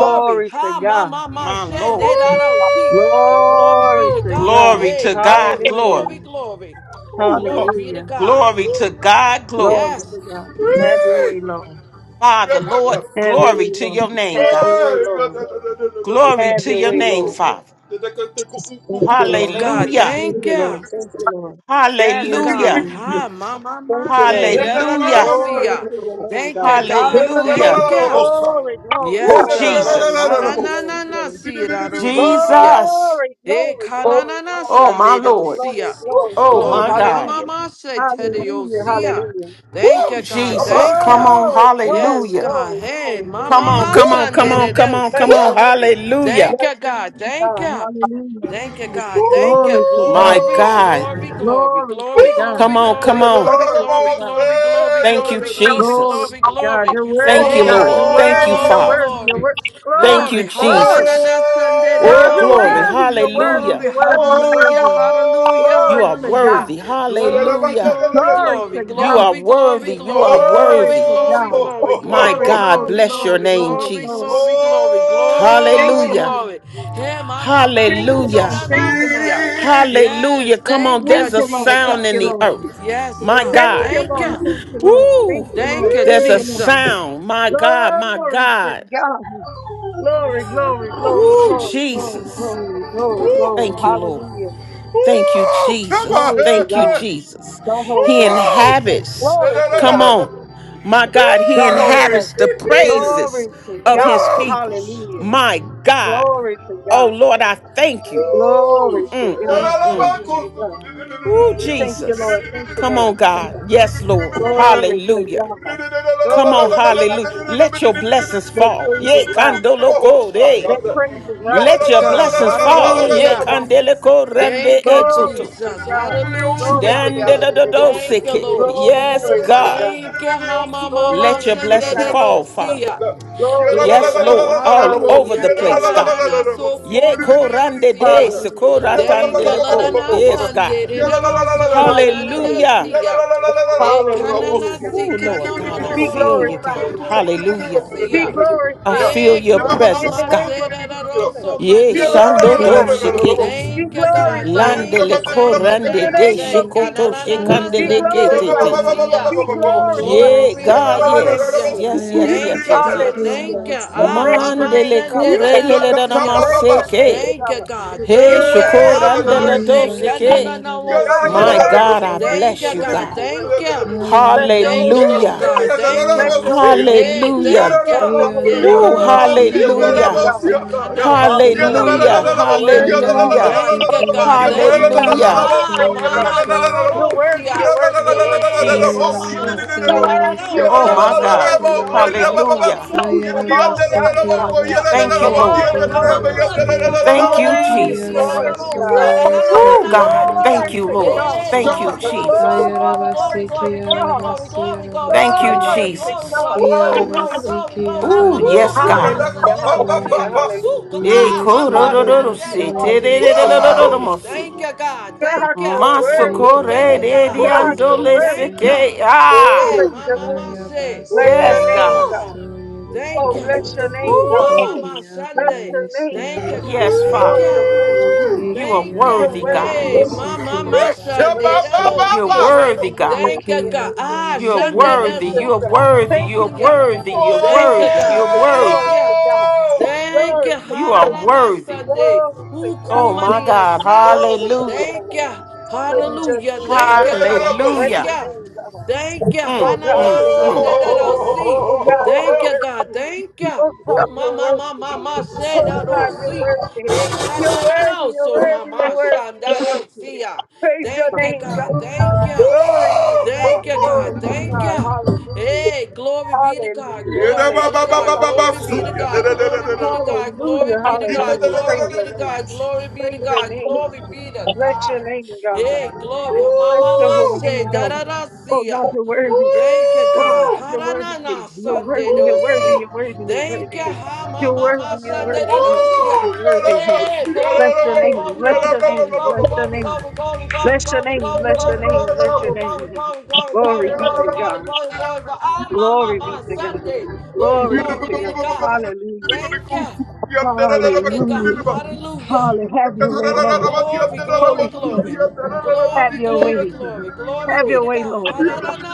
Speaker 2: glory.
Speaker 12: to
Speaker 3: Ha ma
Speaker 12: God.
Speaker 3: ma ma
Speaker 14: My Lord.
Speaker 3: shandero see. Glory be
Speaker 12: Glory
Speaker 3: to
Speaker 12: to
Speaker 3: God.
Speaker 14: Glory
Speaker 12: God.
Speaker 3: Hey,
Speaker 14: to God,
Speaker 3: glory,
Speaker 2: It's
Speaker 12: Hallelujah.
Speaker 3: glory,
Speaker 14: glory.
Speaker 3: glory. Glory be to
Speaker 12: Hallelujah.
Speaker 3: God.
Speaker 14: Glory to
Speaker 3: Woo.
Speaker 14: God, glory.
Speaker 12: Glory to
Speaker 3: Yes,
Speaker 12: God. Have your way, Lord.
Speaker 14: Father, Lord,
Speaker 12: Have your
Speaker 14: glory
Speaker 12: way,
Speaker 14: to
Speaker 12: Lord.
Speaker 14: your name,
Speaker 12: Have
Speaker 14: God.
Speaker 12: your way, Lord.
Speaker 14: Glory
Speaker 12: Have
Speaker 14: to
Speaker 12: your
Speaker 14: your
Speaker 12: way,
Speaker 14: name,
Speaker 12: Lord.
Speaker 14: Father.
Speaker 12: Thank you, Lord.
Speaker 3: God.
Speaker 14: Hallelujah.
Speaker 12: Thank
Speaker 3: Thank
Speaker 12: you, Lord.
Speaker 3: you.
Speaker 12: Thank you, Lord.
Speaker 3: Yes,
Speaker 12: Thank you,
Speaker 3: God.
Speaker 14: Hallelujah.
Speaker 12: Lord.
Speaker 3: Ha ma ma
Speaker 12: Thank
Speaker 3: ma
Speaker 12: you, Lord.
Speaker 3: shandero
Speaker 14: Hallelujah.
Speaker 3: see.
Speaker 12: Glory
Speaker 3: ya.
Speaker 12: to your name,
Speaker 3: Thank you,
Speaker 12: God.
Speaker 3: God.
Speaker 12: Hallelujah.
Speaker 14: Hallelujah.
Speaker 3: Thank you.
Speaker 12: Glory, glory,
Speaker 2: God.
Speaker 14: Woo,
Speaker 3: Yes,
Speaker 12: glory,
Speaker 3: God.
Speaker 12: glory,
Speaker 14: Jesus.
Speaker 3: Ha
Speaker 12: glory,
Speaker 3: na na
Speaker 12: glory,
Speaker 3: na na
Speaker 12: glory.
Speaker 3: see. I don't know see. ya.
Speaker 14: Jesus.
Speaker 12: Glory,
Speaker 3: Eh,
Speaker 12: glory,
Speaker 2: Glory
Speaker 12: glory,
Speaker 3: kananana
Speaker 12: glory,
Speaker 14: Oh, my
Speaker 3: Sunday
Speaker 12: glory,
Speaker 14: Lord.
Speaker 12: glory,
Speaker 3: dosia.
Speaker 12: glory,
Speaker 14: Oh,
Speaker 12: glory.
Speaker 14: my
Speaker 3: Glory,
Speaker 14: God.
Speaker 12: Hallelujah.
Speaker 3: hamama say
Speaker 12: Hallelujah,
Speaker 3: tediosia.
Speaker 12: hallelujah.
Speaker 3: Thank
Speaker 14: Ooh,
Speaker 3: you, God.
Speaker 14: Jesus.
Speaker 3: Thank
Speaker 14: Come
Speaker 3: you.
Speaker 14: on,
Speaker 12: Glory, glory,
Speaker 3: Yes,
Speaker 14: hallelujah.
Speaker 3: God.
Speaker 12: glory,
Speaker 3: Hey,
Speaker 12: glory,
Speaker 14: Come
Speaker 12: glory,
Speaker 3: mama
Speaker 14: on,
Speaker 3: ma
Speaker 12: glory,
Speaker 14: come on, come
Speaker 12: glory.
Speaker 3: Sunday
Speaker 14: on, come on,
Speaker 12: Bless
Speaker 14: come
Speaker 3: dosia.
Speaker 14: on,
Speaker 12: your name.
Speaker 14: hallelujah.
Speaker 3: Thank
Speaker 12: Bless
Speaker 3: you,
Speaker 12: your
Speaker 3: God.
Speaker 12: name,
Speaker 3: Thank
Speaker 12: God.
Speaker 3: you.
Speaker 12: Hallelujah.
Speaker 3: Thank you, God. Thank you.
Speaker 12: Glory to
Speaker 14: My
Speaker 12: God.
Speaker 3: Glory,
Speaker 14: God.
Speaker 3: glory, glory,
Speaker 12: Glory to
Speaker 3: glory,
Speaker 14: Come
Speaker 12: God.
Speaker 3: glory,
Speaker 14: on,
Speaker 3: glory,
Speaker 14: come on.
Speaker 3: glory,
Speaker 12: Glory to
Speaker 3: glory,
Speaker 12: God.
Speaker 3: glory, glory,
Speaker 14: Thank you,
Speaker 3: glory, glory,
Speaker 12: Glory
Speaker 14: Jesus.
Speaker 3: glory,
Speaker 12: to God.
Speaker 3: glory.
Speaker 12: You're
Speaker 14: Thank
Speaker 12: worthy,
Speaker 14: you,
Speaker 3: Hey,
Speaker 12: God.
Speaker 14: Lord.
Speaker 12: You're
Speaker 3: glory,
Speaker 14: Thank you,
Speaker 12: worthy. You're
Speaker 3: glory,
Speaker 12: worthy.
Speaker 14: Father.
Speaker 12: You're
Speaker 3: glory,
Speaker 12: worthy.
Speaker 14: Thank you,
Speaker 3: glory.
Speaker 12: Glory. Glory.
Speaker 14: Jesus.
Speaker 3: Haralana
Speaker 12: God,
Speaker 14: Oh,
Speaker 12: you're
Speaker 14: glory,
Speaker 3: Sunday
Speaker 12: worthy. You're worthy.
Speaker 3: Glory,
Speaker 14: hallelujah.
Speaker 12: You're worthy. You're
Speaker 3: hallelujah,
Speaker 12: worthy.
Speaker 3: hallelujah,
Speaker 14: You
Speaker 12: Glory
Speaker 14: are
Speaker 12: to God.
Speaker 3: hallelujah.
Speaker 14: worthy,
Speaker 3: Glory,
Speaker 14: hallelujah.
Speaker 3: glory,
Speaker 12: Glory
Speaker 3: glory,
Speaker 12: to
Speaker 14: You are
Speaker 12: God.
Speaker 3: glory, glory,
Speaker 14: worthy, you are
Speaker 3: glory,
Speaker 12: Glory
Speaker 3: glory,
Speaker 14: worthy.
Speaker 12: to
Speaker 3: glory,
Speaker 12: God.
Speaker 3: glory,
Speaker 14: My
Speaker 12: Glory,
Speaker 3: glory,
Speaker 14: God,
Speaker 12: glory,
Speaker 3: glory, glory,
Speaker 14: bless your
Speaker 12: glory,
Speaker 14: name,
Speaker 12: glory,
Speaker 3: glory,
Speaker 12: glory.
Speaker 14: Jesus.
Speaker 3: glory, glory, glory, glory,
Speaker 12: Thank you,
Speaker 14: Hallelujah.
Speaker 12: Lord.
Speaker 3: glory. Hey, my mama,
Speaker 12: Thank you, Lord.
Speaker 14: Hallelujah.
Speaker 12: Thank you, Lord.
Speaker 3: Shanderasia. Yes,
Speaker 14: Hallelujah. Come on,
Speaker 3: thank you,
Speaker 14: there's
Speaker 12: Thank
Speaker 14: a
Speaker 12: you, Lord. Thank
Speaker 14: sound in
Speaker 12: you,
Speaker 3: Jesus.
Speaker 14: the
Speaker 12: Lord.
Speaker 14: earth.
Speaker 3: Yes,
Speaker 14: My
Speaker 3: God,
Speaker 12: Thank
Speaker 14: God.
Speaker 12: you,
Speaker 3: thank
Speaker 12: Lord.
Speaker 3: you.
Speaker 12: Thank you, Lord.
Speaker 14: Woo!
Speaker 12: Thank you,
Speaker 3: Thank
Speaker 12: Lord.
Speaker 3: you,
Speaker 12: Thank
Speaker 14: There's a
Speaker 12: you, Lord.
Speaker 3: Jesus.
Speaker 14: sound. My God, my
Speaker 12: Glory to
Speaker 14: God.
Speaker 12: God. Glory, glory, glory,
Speaker 14: Woo,
Speaker 12: glory, glory,
Speaker 14: Jesus.
Speaker 12: glory, glory, glory.
Speaker 14: Thank you, Lord.
Speaker 12: Hallelujah.
Speaker 14: Thank you, Jesus.
Speaker 12: Glory to
Speaker 14: Thank you,
Speaker 12: God.
Speaker 14: Jesus.
Speaker 12: Don't hold
Speaker 14: He
Speaker 12: back. Mm.
Speaker 14: inhabits.
Speaker 12: Glory to
Speaker 14: Come
Speaker 12: God.
Speaker 14: on. My God, he
Speaker 12: Don't hold back.
Speaker 14: inhabits the
Speaker 12: Glory
Speaker 14: praises
Speaker 12: to
Speaker 14: of his
Speaker 12: God.
Speaker 14: people.
Speaker 12: Hallelujah.
Speaker 14: My God.
Speaker 12: Glory to
Speaker 14: Oh,
Speaker 12: God.
Speaker 14: Lord, I thank you.
Speaker 12: Glory to
Speaker 14: Mm,
Speaker 12: God.
Speaker 14: mm, mm.
Speaker 12: Glory to God.
Speaker 14: Woo,
Speaker 12: Thank you,
Speaker 14: Jesus.
Speaker 12: Lord. Thank you,
Speaker 14: Come on,
Speaker 12: Lord.
Speaker 14: God. Yes, Lord.
Speaker 12: Glory to
Speaker 14: Hallelujah.
Speaker 12: God.
Speaker 14: Come on,
Speaker 12: Glory to God.
Speaker 14: hallelujah. Let your blessings
Speaker 12: Let
Speaker 14: fall. Yay,
Speaker 12: praises rise.
Speaker 14: kandoloko, hey.
Speaker 12: Let praises rise.
Speaker 14: Let
Speaker 3: Yes,
Speaker 14: your
Speaker 3: God,
Speaker 14: blessings fall.
Speaker 12: Glory
Speaker 14: Yay,
Speaker 12: to
Speaker 3: hallelujah.
Speaker 12: God.
Speaker 14: kandeleko rende
Speaker 3: Thank you,
Speaker 12: Glory
Speaker 14: etutu.
Speaker 12: to
Speaker 3: Jesus.
Speaker 12: God. Glory
Speaker 3: Hallelujah.
Speaker 12: to God.
Speaker 3: Thank you,
Speaker 14: Dandelododosiki.
Speaker 3: Lord
Speaker 14: Yes,
Speaker 12: Glory
Speaker 3: Jesus.
Speaker 12: to
Speaker 14: God.
Speaker 12: God.
Speaker 3: Thank you, Hamamama
Speaker 14: Let
Speaker 12: Glory
Speaker 14: your
Speaker 12: to
Speaker 14: blessings
Speaker 12: God.
Speaker 14: fall, Father.
Speaker 3: Shanderarosia.
Speaker 12: Glory to
Speaker 14: Yes,
Speaker 3: Glory,
Speaker 14: Lord.
Speaker 12: God.
Speaker 14: All over
Speaker 3: hallelujah.
Speaker 14: the
Speaker 12: Hallelujah.
Speaker 14: place, God.
Speaker 12: Hallelujah.
Speaker 3: Denganana so
Speaker 14: Yea, korande de
Speaker 3: komania
Speaker 12: Hallelujah.
Speaker 3: Thank
Speaker 12: Hallelujah.
Speaker 3: you, Lord, on
Speaker 14: sekoratandeleko.
Speaker 3: our
Speaker 12: Hallelujah.
Speaker 14: Yes,
Speaker 3: Sunday.
Speaker 14: God.
Speaker 3: Did it is also, Marana,
Speaker 12: Hallelujah.
Speaker 14: Hallelujah.
Speaker 3: see ya. E kanana
Speaker 12: Hallelujah.
Speaker 3: si
Speaker 14: Ooh, Lord
Speaker 3: kanano no
Speaker 14: God, I
Speaker 3: no
Speaker 12: Be
Speaker 3: no no no
Speaker 14: feel you,
Speaker 3: no,
Speaker 14: God.
Speaker 3: so
Speaker 12: glorified.
Speaker 3: ko manio
Speaker 14: Hallelujah.
Speaker 12: Be
Speaker 3: siya.
Speaker 14: I
Speaker 12: glorified.
Speaker 14: feel
Speaker 3: E
Speaker 14: your
Speaker 3: kan
Speaker 12: In
Speaker 14: presence,
Speaker 12: the
Speaker 3: mama
Speaker 14: God.
Speaker 12: name of
Speaker 3: sere da ro
Speaker 12: Jesus.
Speaker 3: so
Speaker 14: Yea,
Speaker 12: Be
Speaker 3: manio
Speaker 14: shando
Speaker 3: siya.
Speaker 14: do
Speaker 12: glorified.
Speaker 14: shiki.
Speaker 12: Be
Speaker 3: Thank you, God.
Speaker 12: glorified.
Speaker 14: Lande
Speaker 3: Thank
Speaker 14: le
Speaker 3: you, thank you,
Speaker 12: In the
Speaker 14: korande
Speaker 3: thank you,
Speaker 14: de
Speaker 12: name of
Speaker 3: thank
Speaker 5: Yabasayarabasikirabasayarabasu.
Speaker 3: you. Na
Speaker 14: shikoto
Speaker 12: Jesus.
Speaker 3: na na na
Speaker 14: shikande
Speaker 12: Be
Speaker 14: le
Speaker 3: sende
Speaker 14: ke
Speaker 3: da
Speaker 14: te
Speaker 3: ro
Speaker 14: te
Speaker 12: glorified.
Speaker 14: te.
Speaker 3: siya.
Speaker 12: Be glorified.
Speaker 14: Yea,
Speaker 3: Glory,
Speaker 14: God,
Speaker 5: Ayarabasikirabasiyandayebesiyaraba.
Speaker 14: yes.
Speaker 3: hallelujah.
Speaker 12: Hallelujah.
Speaker 14: Yes, yes,
Speaker 3: Thank
Speaker 14: yes,
Speaker 3: you,
Speaker 14: yes,
Speaker 3: God.
Speaker 14: yes.
Speaker 12: Hallelujah.
Speaker 3: Thank you. Ah,
Speaker 12: Bless your
Speaker 3: mama
Speaker 5: Ayarabasikiyabasoyebe.
Speaker 14: Mandele
Speaker 12: name, God.
Speaker 3: sende da
Speaker 14: kure
Speaker 3: da
Speaker 14: lele da
Speaker 3: siya.
Speaker 12: Bless your
Speaker 14: namaseke.
Speaker 12: name,
Speaker 3: Thank you,
Speaker 12: God.
Speaker 3: God.
Speaker 14: Hey,
Speaker 12: You're
Speaker 3: Thank you.
Speaker 12: worthy,
Speaker 3: Ah,
Speaker 12: you're
Speaker 14: shukoranda
Speaker 3: my
Speaker 14: da
Speaker 12: worthy,
Speaker 14: do
Speaker 12: you're
Speaker 3: shake. No,
Speaker 12: worthy.
Speaker 3: no, no. Oh,
Speaker 12: God,
Speaker 3: see
Speaker 12: you're
Speaker 14: My
Speaker 3: ya.
Speaker 12: worthy,
Speaker 14: God, I
Speaker 12: you're
Speaker 5: Ayabasayarabasuyebesiyaraba.
Speaker 12: worthy,
Speaker 3: Thank
Speaker 14: bless
Speaker 12: you're
Speaker 3: you,
Speaker 14: you,
Speaker 12: worthy,
Speaker 3: God.
Speaker 14: God.
Speaker 12: you're
Speaker 3: Thank
Speaker 12: worthy.
Speaker 3: you.
Speaker 12: Bless your
Speaker 3: Thank you,
Speaker 12: holy
Speaker 5: Hayarabasiki
Speaker 3: Lord
Speaker 12: name.
Speaker 14: Hallelujah.
Speaker 12: Jesus.
Speaker 3: God. Thank
Speaker 5: abasoye
Speaker 12: Bless
Speaker 3: you.
Speaker 12: your
Speaker 5: besi
Speaker 12: holy name.
Speaker 5: yaraba.
Speaker 3: Hey,
Speaker 12: Jesus.
Speaker 14: Hallelujah.
Speaker 3: thank
Speaker 12: Bless
Speaker 3: you.
Speaker 12: your holy
Speaker 3: Hey,
Speaker 12: name.
Speaker 3: my
Speaker 5: Iyanaye
Speaker 14: Ooh,
Speaker 12: Jesus.
Speaker 3: mama
Speaker 12: You're
Speaker 5: besiki
Speaker 3: Sunday they
Speaker 12: worthy,
Speaker 14: hallelujah,
Speaker 3: don't
Speaker 5: abasa
Speaker 12: God,
Speaker 3: see
Speaker 12: of all
Speaker 5: yarabasi
Speaker 3: Kananeo
Speaker 12: the glory.
Speaker 3: Sunday
Speaker 5: yaraba.
Speaker 3: they
Speaker 14: hallelujah,
Speaker 3: don't
Speaker 12: You're
Speaker 3: see ya.
Speaker 12: worthy of all the
Speaker 14: hallelujah,
Speaker 12: honor.
Speaker 3: Thank you,
Speaker 5: Hayarabasiki
Speaker 3: God.
Speaker 12: You're
Speaker 5: abasa
Speaker 3: Thank you.
Speaker 12: worthy of all
Speaker 14: hallelujah,
Speaker 12: the
Speaker 3: Ha,
Speaker 5: yarabasoye
Speaker 12: praise, God.
Speaker 3: ma,
Speaker 5: besi
Speaker 3: no,
Speaker 5: ya.
Speaker 3: no,
Speaker 12: You're
Speaker 3: no, see
Speaker 12: worthy,
Speaker 3: ya.
Speaker 12: you're worthy, you're worthy, you're
Speaker 3: Hey,
Speaker 12: worthy,
Speaker 3: my
Speaker 12: God.
Speaker 14: Jesus.
Speaker 3: mama see ya,
Speaker 12: You're
Speaker 5: Iyanabasoye
Speaker 3: da, da,
Speaker 12: worthy,
Speaker 3: no,
Speaker 12: you're
Speaker 3: see
Speaker 14: Oh
Speaker 5: besiki
Speaker 3: ya,
Speaker 12: worthy,
Speaker 14: my
Speaker 3: da, da,
Speaker 12: you're
Speaker 3: no,
Speaker 14: God,
Speaker 12: worthy,
Speaker 3: see ya.
Speaker 12: you're
Speaker 5: abasoye
Speaker 12: worthy,
Speaker 5: be.
Speaker 12: you're
Speaker 3: Adios,
Speaker 12: worthy
Speaker 14: hallelujah.
Speaker 3: adios,
Speaker 12: of all
Speaker 3: adios,
Speaker 12: the
Speaker 5: Ayarabasi
Speaker 12: honor, God,
Speaker 3: adios.
Speaker 14: Thank
Speaker 12: of
Speaker 14: you,
Speaker 5: Kiabasoyebe
Speaker 12: all
Speaker 14: Lord.
Speaker 12: the
Speaker 3: Hey, come on,
Speaker 12: glory,
Speaker 3: mama
Speaker 12: God.
Speaker 3: see ya,
Speaker 5: Siarabasoyebe
Speaker 12: You're
Speaker 14: Thank
Speaker 3: no,
Speaker 14: you,
Speaker 3: mama
Speaker 10: Hallelujah.
Speaker 12: worthy,
Speaker 3: see ya,
Speaker 12: you're
Speaker 14: Jesus.
Speaker 3: da,
Speaker 10: Glory
Speaker 3: da,
Speaker 12: worthy,
Speaker 10: to
Speaker 3: no,
Speaker 12: you're
Speaker 10: God.
Speaker 3: sa, da,
Speaker 12: worthy,
Speaker 5: Yarabasoyebe
Speaker 3: da,
Speaker 12: God.
Speaker 3: da,
Speaker 14: Ooh,
Speaker 3: da, da, da,
Speaker 14: God.
Speaker 3: see ya.
Speaker 12: Glory
Speaker 14: Thank you,
Speaker 12: to
Speaker 14: Lord.
Speaker 12: God.
Speaker 3: Yeah,
Speaker 14: Thank
Speaker 5: Sikiabasayarabasoya
Speaker 14: you,
Speaker 3: glory, glory,
Speaker 14: Jesus.
Speaker 3: glory, glory,
Speaker 5: Ayarabasi
Speaker 12: Glory
Speaker 3: glory,
Speaker 12: to
Speaker 3: glory, glory, glory,
Speaker 12: God.
Speaker 5: Kialabasi
Speaker 3: glory, glory,
Speaker 14: Thank you,
Speaker 3: glory,
Speaker 12: Glory
Speaker 3: glory, glory,
Speaker 5: Arabasoyebe
Speaker 12: to
Speaker 14: Jesus.
Speaker 12: God.
Speaker 3: glory, glory, glory,
Speaker 12: Hallelujah.
Speaker 5: Yarabasi
Speaker 3: glory, glory. Ah, ma,
Speaker 14: Ooh,
Speaker 3: ma,
Speaker 5: Kiabaye
Speaker 3: ma,
Speaker 14: yes,
Speaker 3: ma, ma,
Speaker 14: God.
Speaker 3: ma,
Speaker 12: Hallelujah. Hallelujah.
Speaker 3: Sanderosia.
Speaker 5: Siarabasoyebe
Speaker 3: Ooh,
Speaker 12: Hallelujah.
Speaker 3: go-
Speaker 14: Yeah,
Speaker 3: ah,
Speaker 5: Maya
Speaker 3: ma,
Speaker 14: coro,
Speaker 3: ma,
Speaker 14: coro, coro,
Speaker 12: Hallelujah.
Speaker 14: see, see,
Speaker 5: Siarabasoyebe
Speaker 14: see,
Speaker 3: Sanderosia.
Speaker 12: Hallelujah.
Speaker 14: coro, coro,
Speaker 3: Ooh,
Speaker 5: Siaraba
Speaker 14: coro,
Speaker 12: Hallelujah.
Speaker 14: see.
Speaker 3: thank you, God.
Speaker 12: God,
Speaker 3: Thank you.
Speaker 12: you're worthy.
Speaker 5: Thank
Speaker 3: Ooh,
Speaker 5: you,
Speaker 3: thank
Speaker 14: Masukore,
Speaker 3: you,
Speaker 5: Lord.
Speaker 14: de di
Speaker 3: God.
Speaker 5: Thank you,
Speaker 12: God,
Speaker 14: ando
Speaker 12: you're
Speaker 5: Lord.
Speaker 12: worthy,
Speaker 3: Thank
Speaker 5: Thank
Speaker 3: you.
Speaker 5: you.
Speaker 14: liseke.
Speaker 12: God.
Speaker 14: Ah,
Speaker 3: Yeah,
Speaker 12: Praise
Speaker 3: ma,
Speaker 12: your
Speaker 3: ma, ma,
Speaker 12: name.
Speaker 3: say.
Speaker 12: Bless your
Speaker 14: yes,
Speaker 3: Thank you,
Speaker 12: name,
Speaker 14: God.
Speaker 3: God.
Speaker 12: God.
Speaker 5: Ayabasayarabasoyebe
Speaker 3: Thank
Speaker 12: Oh,
Speaker 3: you.
Speaker 12: bless
Speaker 5: Kiaba
Speaker 12: your name,
Speaker 3: Ooh, ma, ma,
Speaker 12: God.
Speaker 14: Woo!
Speaker 3: ma,
Speaker 12: Bless
Speaker 3: Sunday.
Speaker 5: Ikiabaya
Speaker 12: your name,
Speaker 3: Thank you,
Speaker 12: God.
Speaker 3: God.
Speaker 14: Yes,
Speaker 3: Thank
Speaker 12: Lord,
Speaker 14: Father.
Speaker 3: you.
Speaker 12: you're
Speaker 5: Siarabasoyebe.
Speaker 12: worthy.
Speaker 14: You are
Speaker 3: Thank
Speaker 12: You're
Speaker 3: you.
Speaker 14: worthy,
Speaker 12: worthy,
Speaker 5: Ikiabaya
Speaker 14: God.
Speaker 12: you're
Speaker 2: to
Speaker 3: Hey,
Speaker 12: worthy, you're
Speaker 3: mama, my
Speaker 12: worthy, you're
Speaker 5: Sikiabaya
Speaker 3: Shande
Speaker 12: worthy,
Speaker 3: da do
Speaker 14: You're
Speaker 5: Siaraba.
Speaker 12: you're
Speaker 3: see.
Speaker 12: worthy,
Speaker 14: worthy,
Speaker 12: you're
Speaker 14: God.
Speaker 3: Thank
Speaker 12: worthy,
Speaker 3: you,
Speaker 12: you're
Speaker 3: God.
Speaker 12: worthy.
Speaker 3: Ah,
Speaker 5: Ikiabaya
Speaker 14: You're
Speaker 12: Thank you,
Speaker 3: Shande da
Speaker 14: worthy.
Speaker 5: Siaraba.
Speaker 12: Jesus.
Speaker 3: su
Speaker 14: You're
Speaker 3: ko
Speaker 14: worthy.
Speaker 3: mama
Speaker 12: Thank
Speaker 14: You're
Speaker 12: you,
Speaker 3: siya.
Speaker 12: Jesus.
Speaker 14: worthy. You're
Speaker 12: Thank
Speaker 3: Thank
Speaker 12: you,
Speaker 3: you,
Speaker 14: worthy. You're
Speaker 3: God.
Speaker 12: Jesus.
Speaker 3: Thank
Speaker 12: Glory
Speaker 14: worthy.
Speaker 12: to
Speaker 3: you.
Speaker 12: God.
Speaker 3: Thank
Speaker 12: Glory
Speaker 3: you,
Speaker 12: to
Speaker 14: You are
Speaker 12: God.
Speaker 3: Hararana
Speaker 14: worthy.
Speaker 3: Sunday.
Speaker 12: Glory to
Speaker 14: Oh
Speaker 12: God.
Speaker 14: my
Speaker 3: Ukumania
Speaker 14: God.
Speaker 3: sa.
Speaker 12: Glory to
Speaker 14: Hallelujah.
Speaker 3: Thank
Speaker 12: God.
Speaker 3: you.
Speaker 12: Praise your
Speaker 3: Hallelujah.
Speaker 12: name,
Speaker 3: Thank
Speaker 12: God.
Speaker 3: you, God.
Speaker 12: Bless
Speaker 3: Thank
Speaker 14: Hallelujah.
Speaker 12: your
Speaker 3: you.
Speaker 12: name, God.
Speaker 3: Thank you,
Speaker 12: Oh
Speaker 14: Mm,
Speaker 12: God,
Speaker 3: Hanana
Speaker 14: mm,
Speaker 12: you're
Speaker 14: mm.
Speaker 12: worthy.
Speaker 3: Sunday that I'll see.
Speaker 12: Oh God, you're
Speaker 3: Thank you, God.
Speaker 12: worthy.
Speaker 3: Thank you.
Speaker 12: Oh
Speaker 2: God.
Speaker 12: God,
Speaker 3: Ooh,
Speaker 12: you're
Speaker 3: mama,
Speaker 12: worthy.
Speaker 3: mama, mama, said
Speaker 12: Oh
Speaker 3: that
Speaker 12: God,
Speaker 3: I'll
Speaker 12: you're
Speaker 3: see.
Speaker 12: worthy.
Speaker 3: It
Speaker 12: You're
Speaker 3: Hanana
Speaker 12: worthy, you're
Speaker 3: also,
Speaker 12: worthy, you're
Speaker 3: mama,
Speaker 12: worthy,
Speaker 3: sham
Speaker 12: you're
Speaker 3: that I'll
Speaker 12: worthy.
Speaker 3: see ya.
Speaker 12: Praise your
Speaker 3: Thank you,
Speaker 12: name,
Speaker 3: God.
Speaker 12: God.
Speaker 3: Thank you.
Speaker 12: Glory to God.
Speaker 3: Thank you, God.
Speaker 12: Glory to
Speaker 3: Thank
Speaker 12: God.
Speaker 3: you.
Speaker 12: Hallelujah.
Speaker 3: Hey, glory be to God.
Speaker 12: Hallelujah.
Speaker 3: Glory be to
Speaker 12: Hallelujah.
Speaker 3: God. Glory be to
Speaker 12: Hallelujah.
Speaker 3: God. Glory be to God. Glory
Speaker 12: Hallelujah.
Speaker 3: be to
Speaker 2: Thank
Speaker 3: God.
Speaker 12: Hallelujah.
Speaker 3: Glory
Speaker 12: Praise
Speaker 3: be
Speaker 12: your
Speaker 3: to
Speaker 12: name.
Speaker 3: God. Glory be to
Speaker 12: Praise your
Speaker 3: God.
Speaker 12: name.
Speaker 3: Glory be to
Speaker 12: Bless your
Speaker 3: God.
Speaker 12: name, God.
Speaker 3: Hey, glory.
Speaker 12: Bless your
Speaker 3: Mama
Speaker 12: holy
Speaker 3: say
Speaker 12: name,
Speaker 3: da
Speaker 12: God.
Speaker 3: da da
Speaker 12: Oh
Speaker 3: see ya.
Speaker 12: God, you're worthy. Oh God, you're worthy. You're worthy. You're worthy. You're worthy. You're worthy. You're worthy. You're worthy. You're worthy. You're worthy. Bless your name. Bless your name. Bless your name. Bless your name. Bless your name. Bless your name. Glory be to God. Glory be to God. Glory be to God. Hallelujah. Hallelujah. Hallelujah. Have your way, Lord. Holy Spirit, have your way. Have your way, Lord.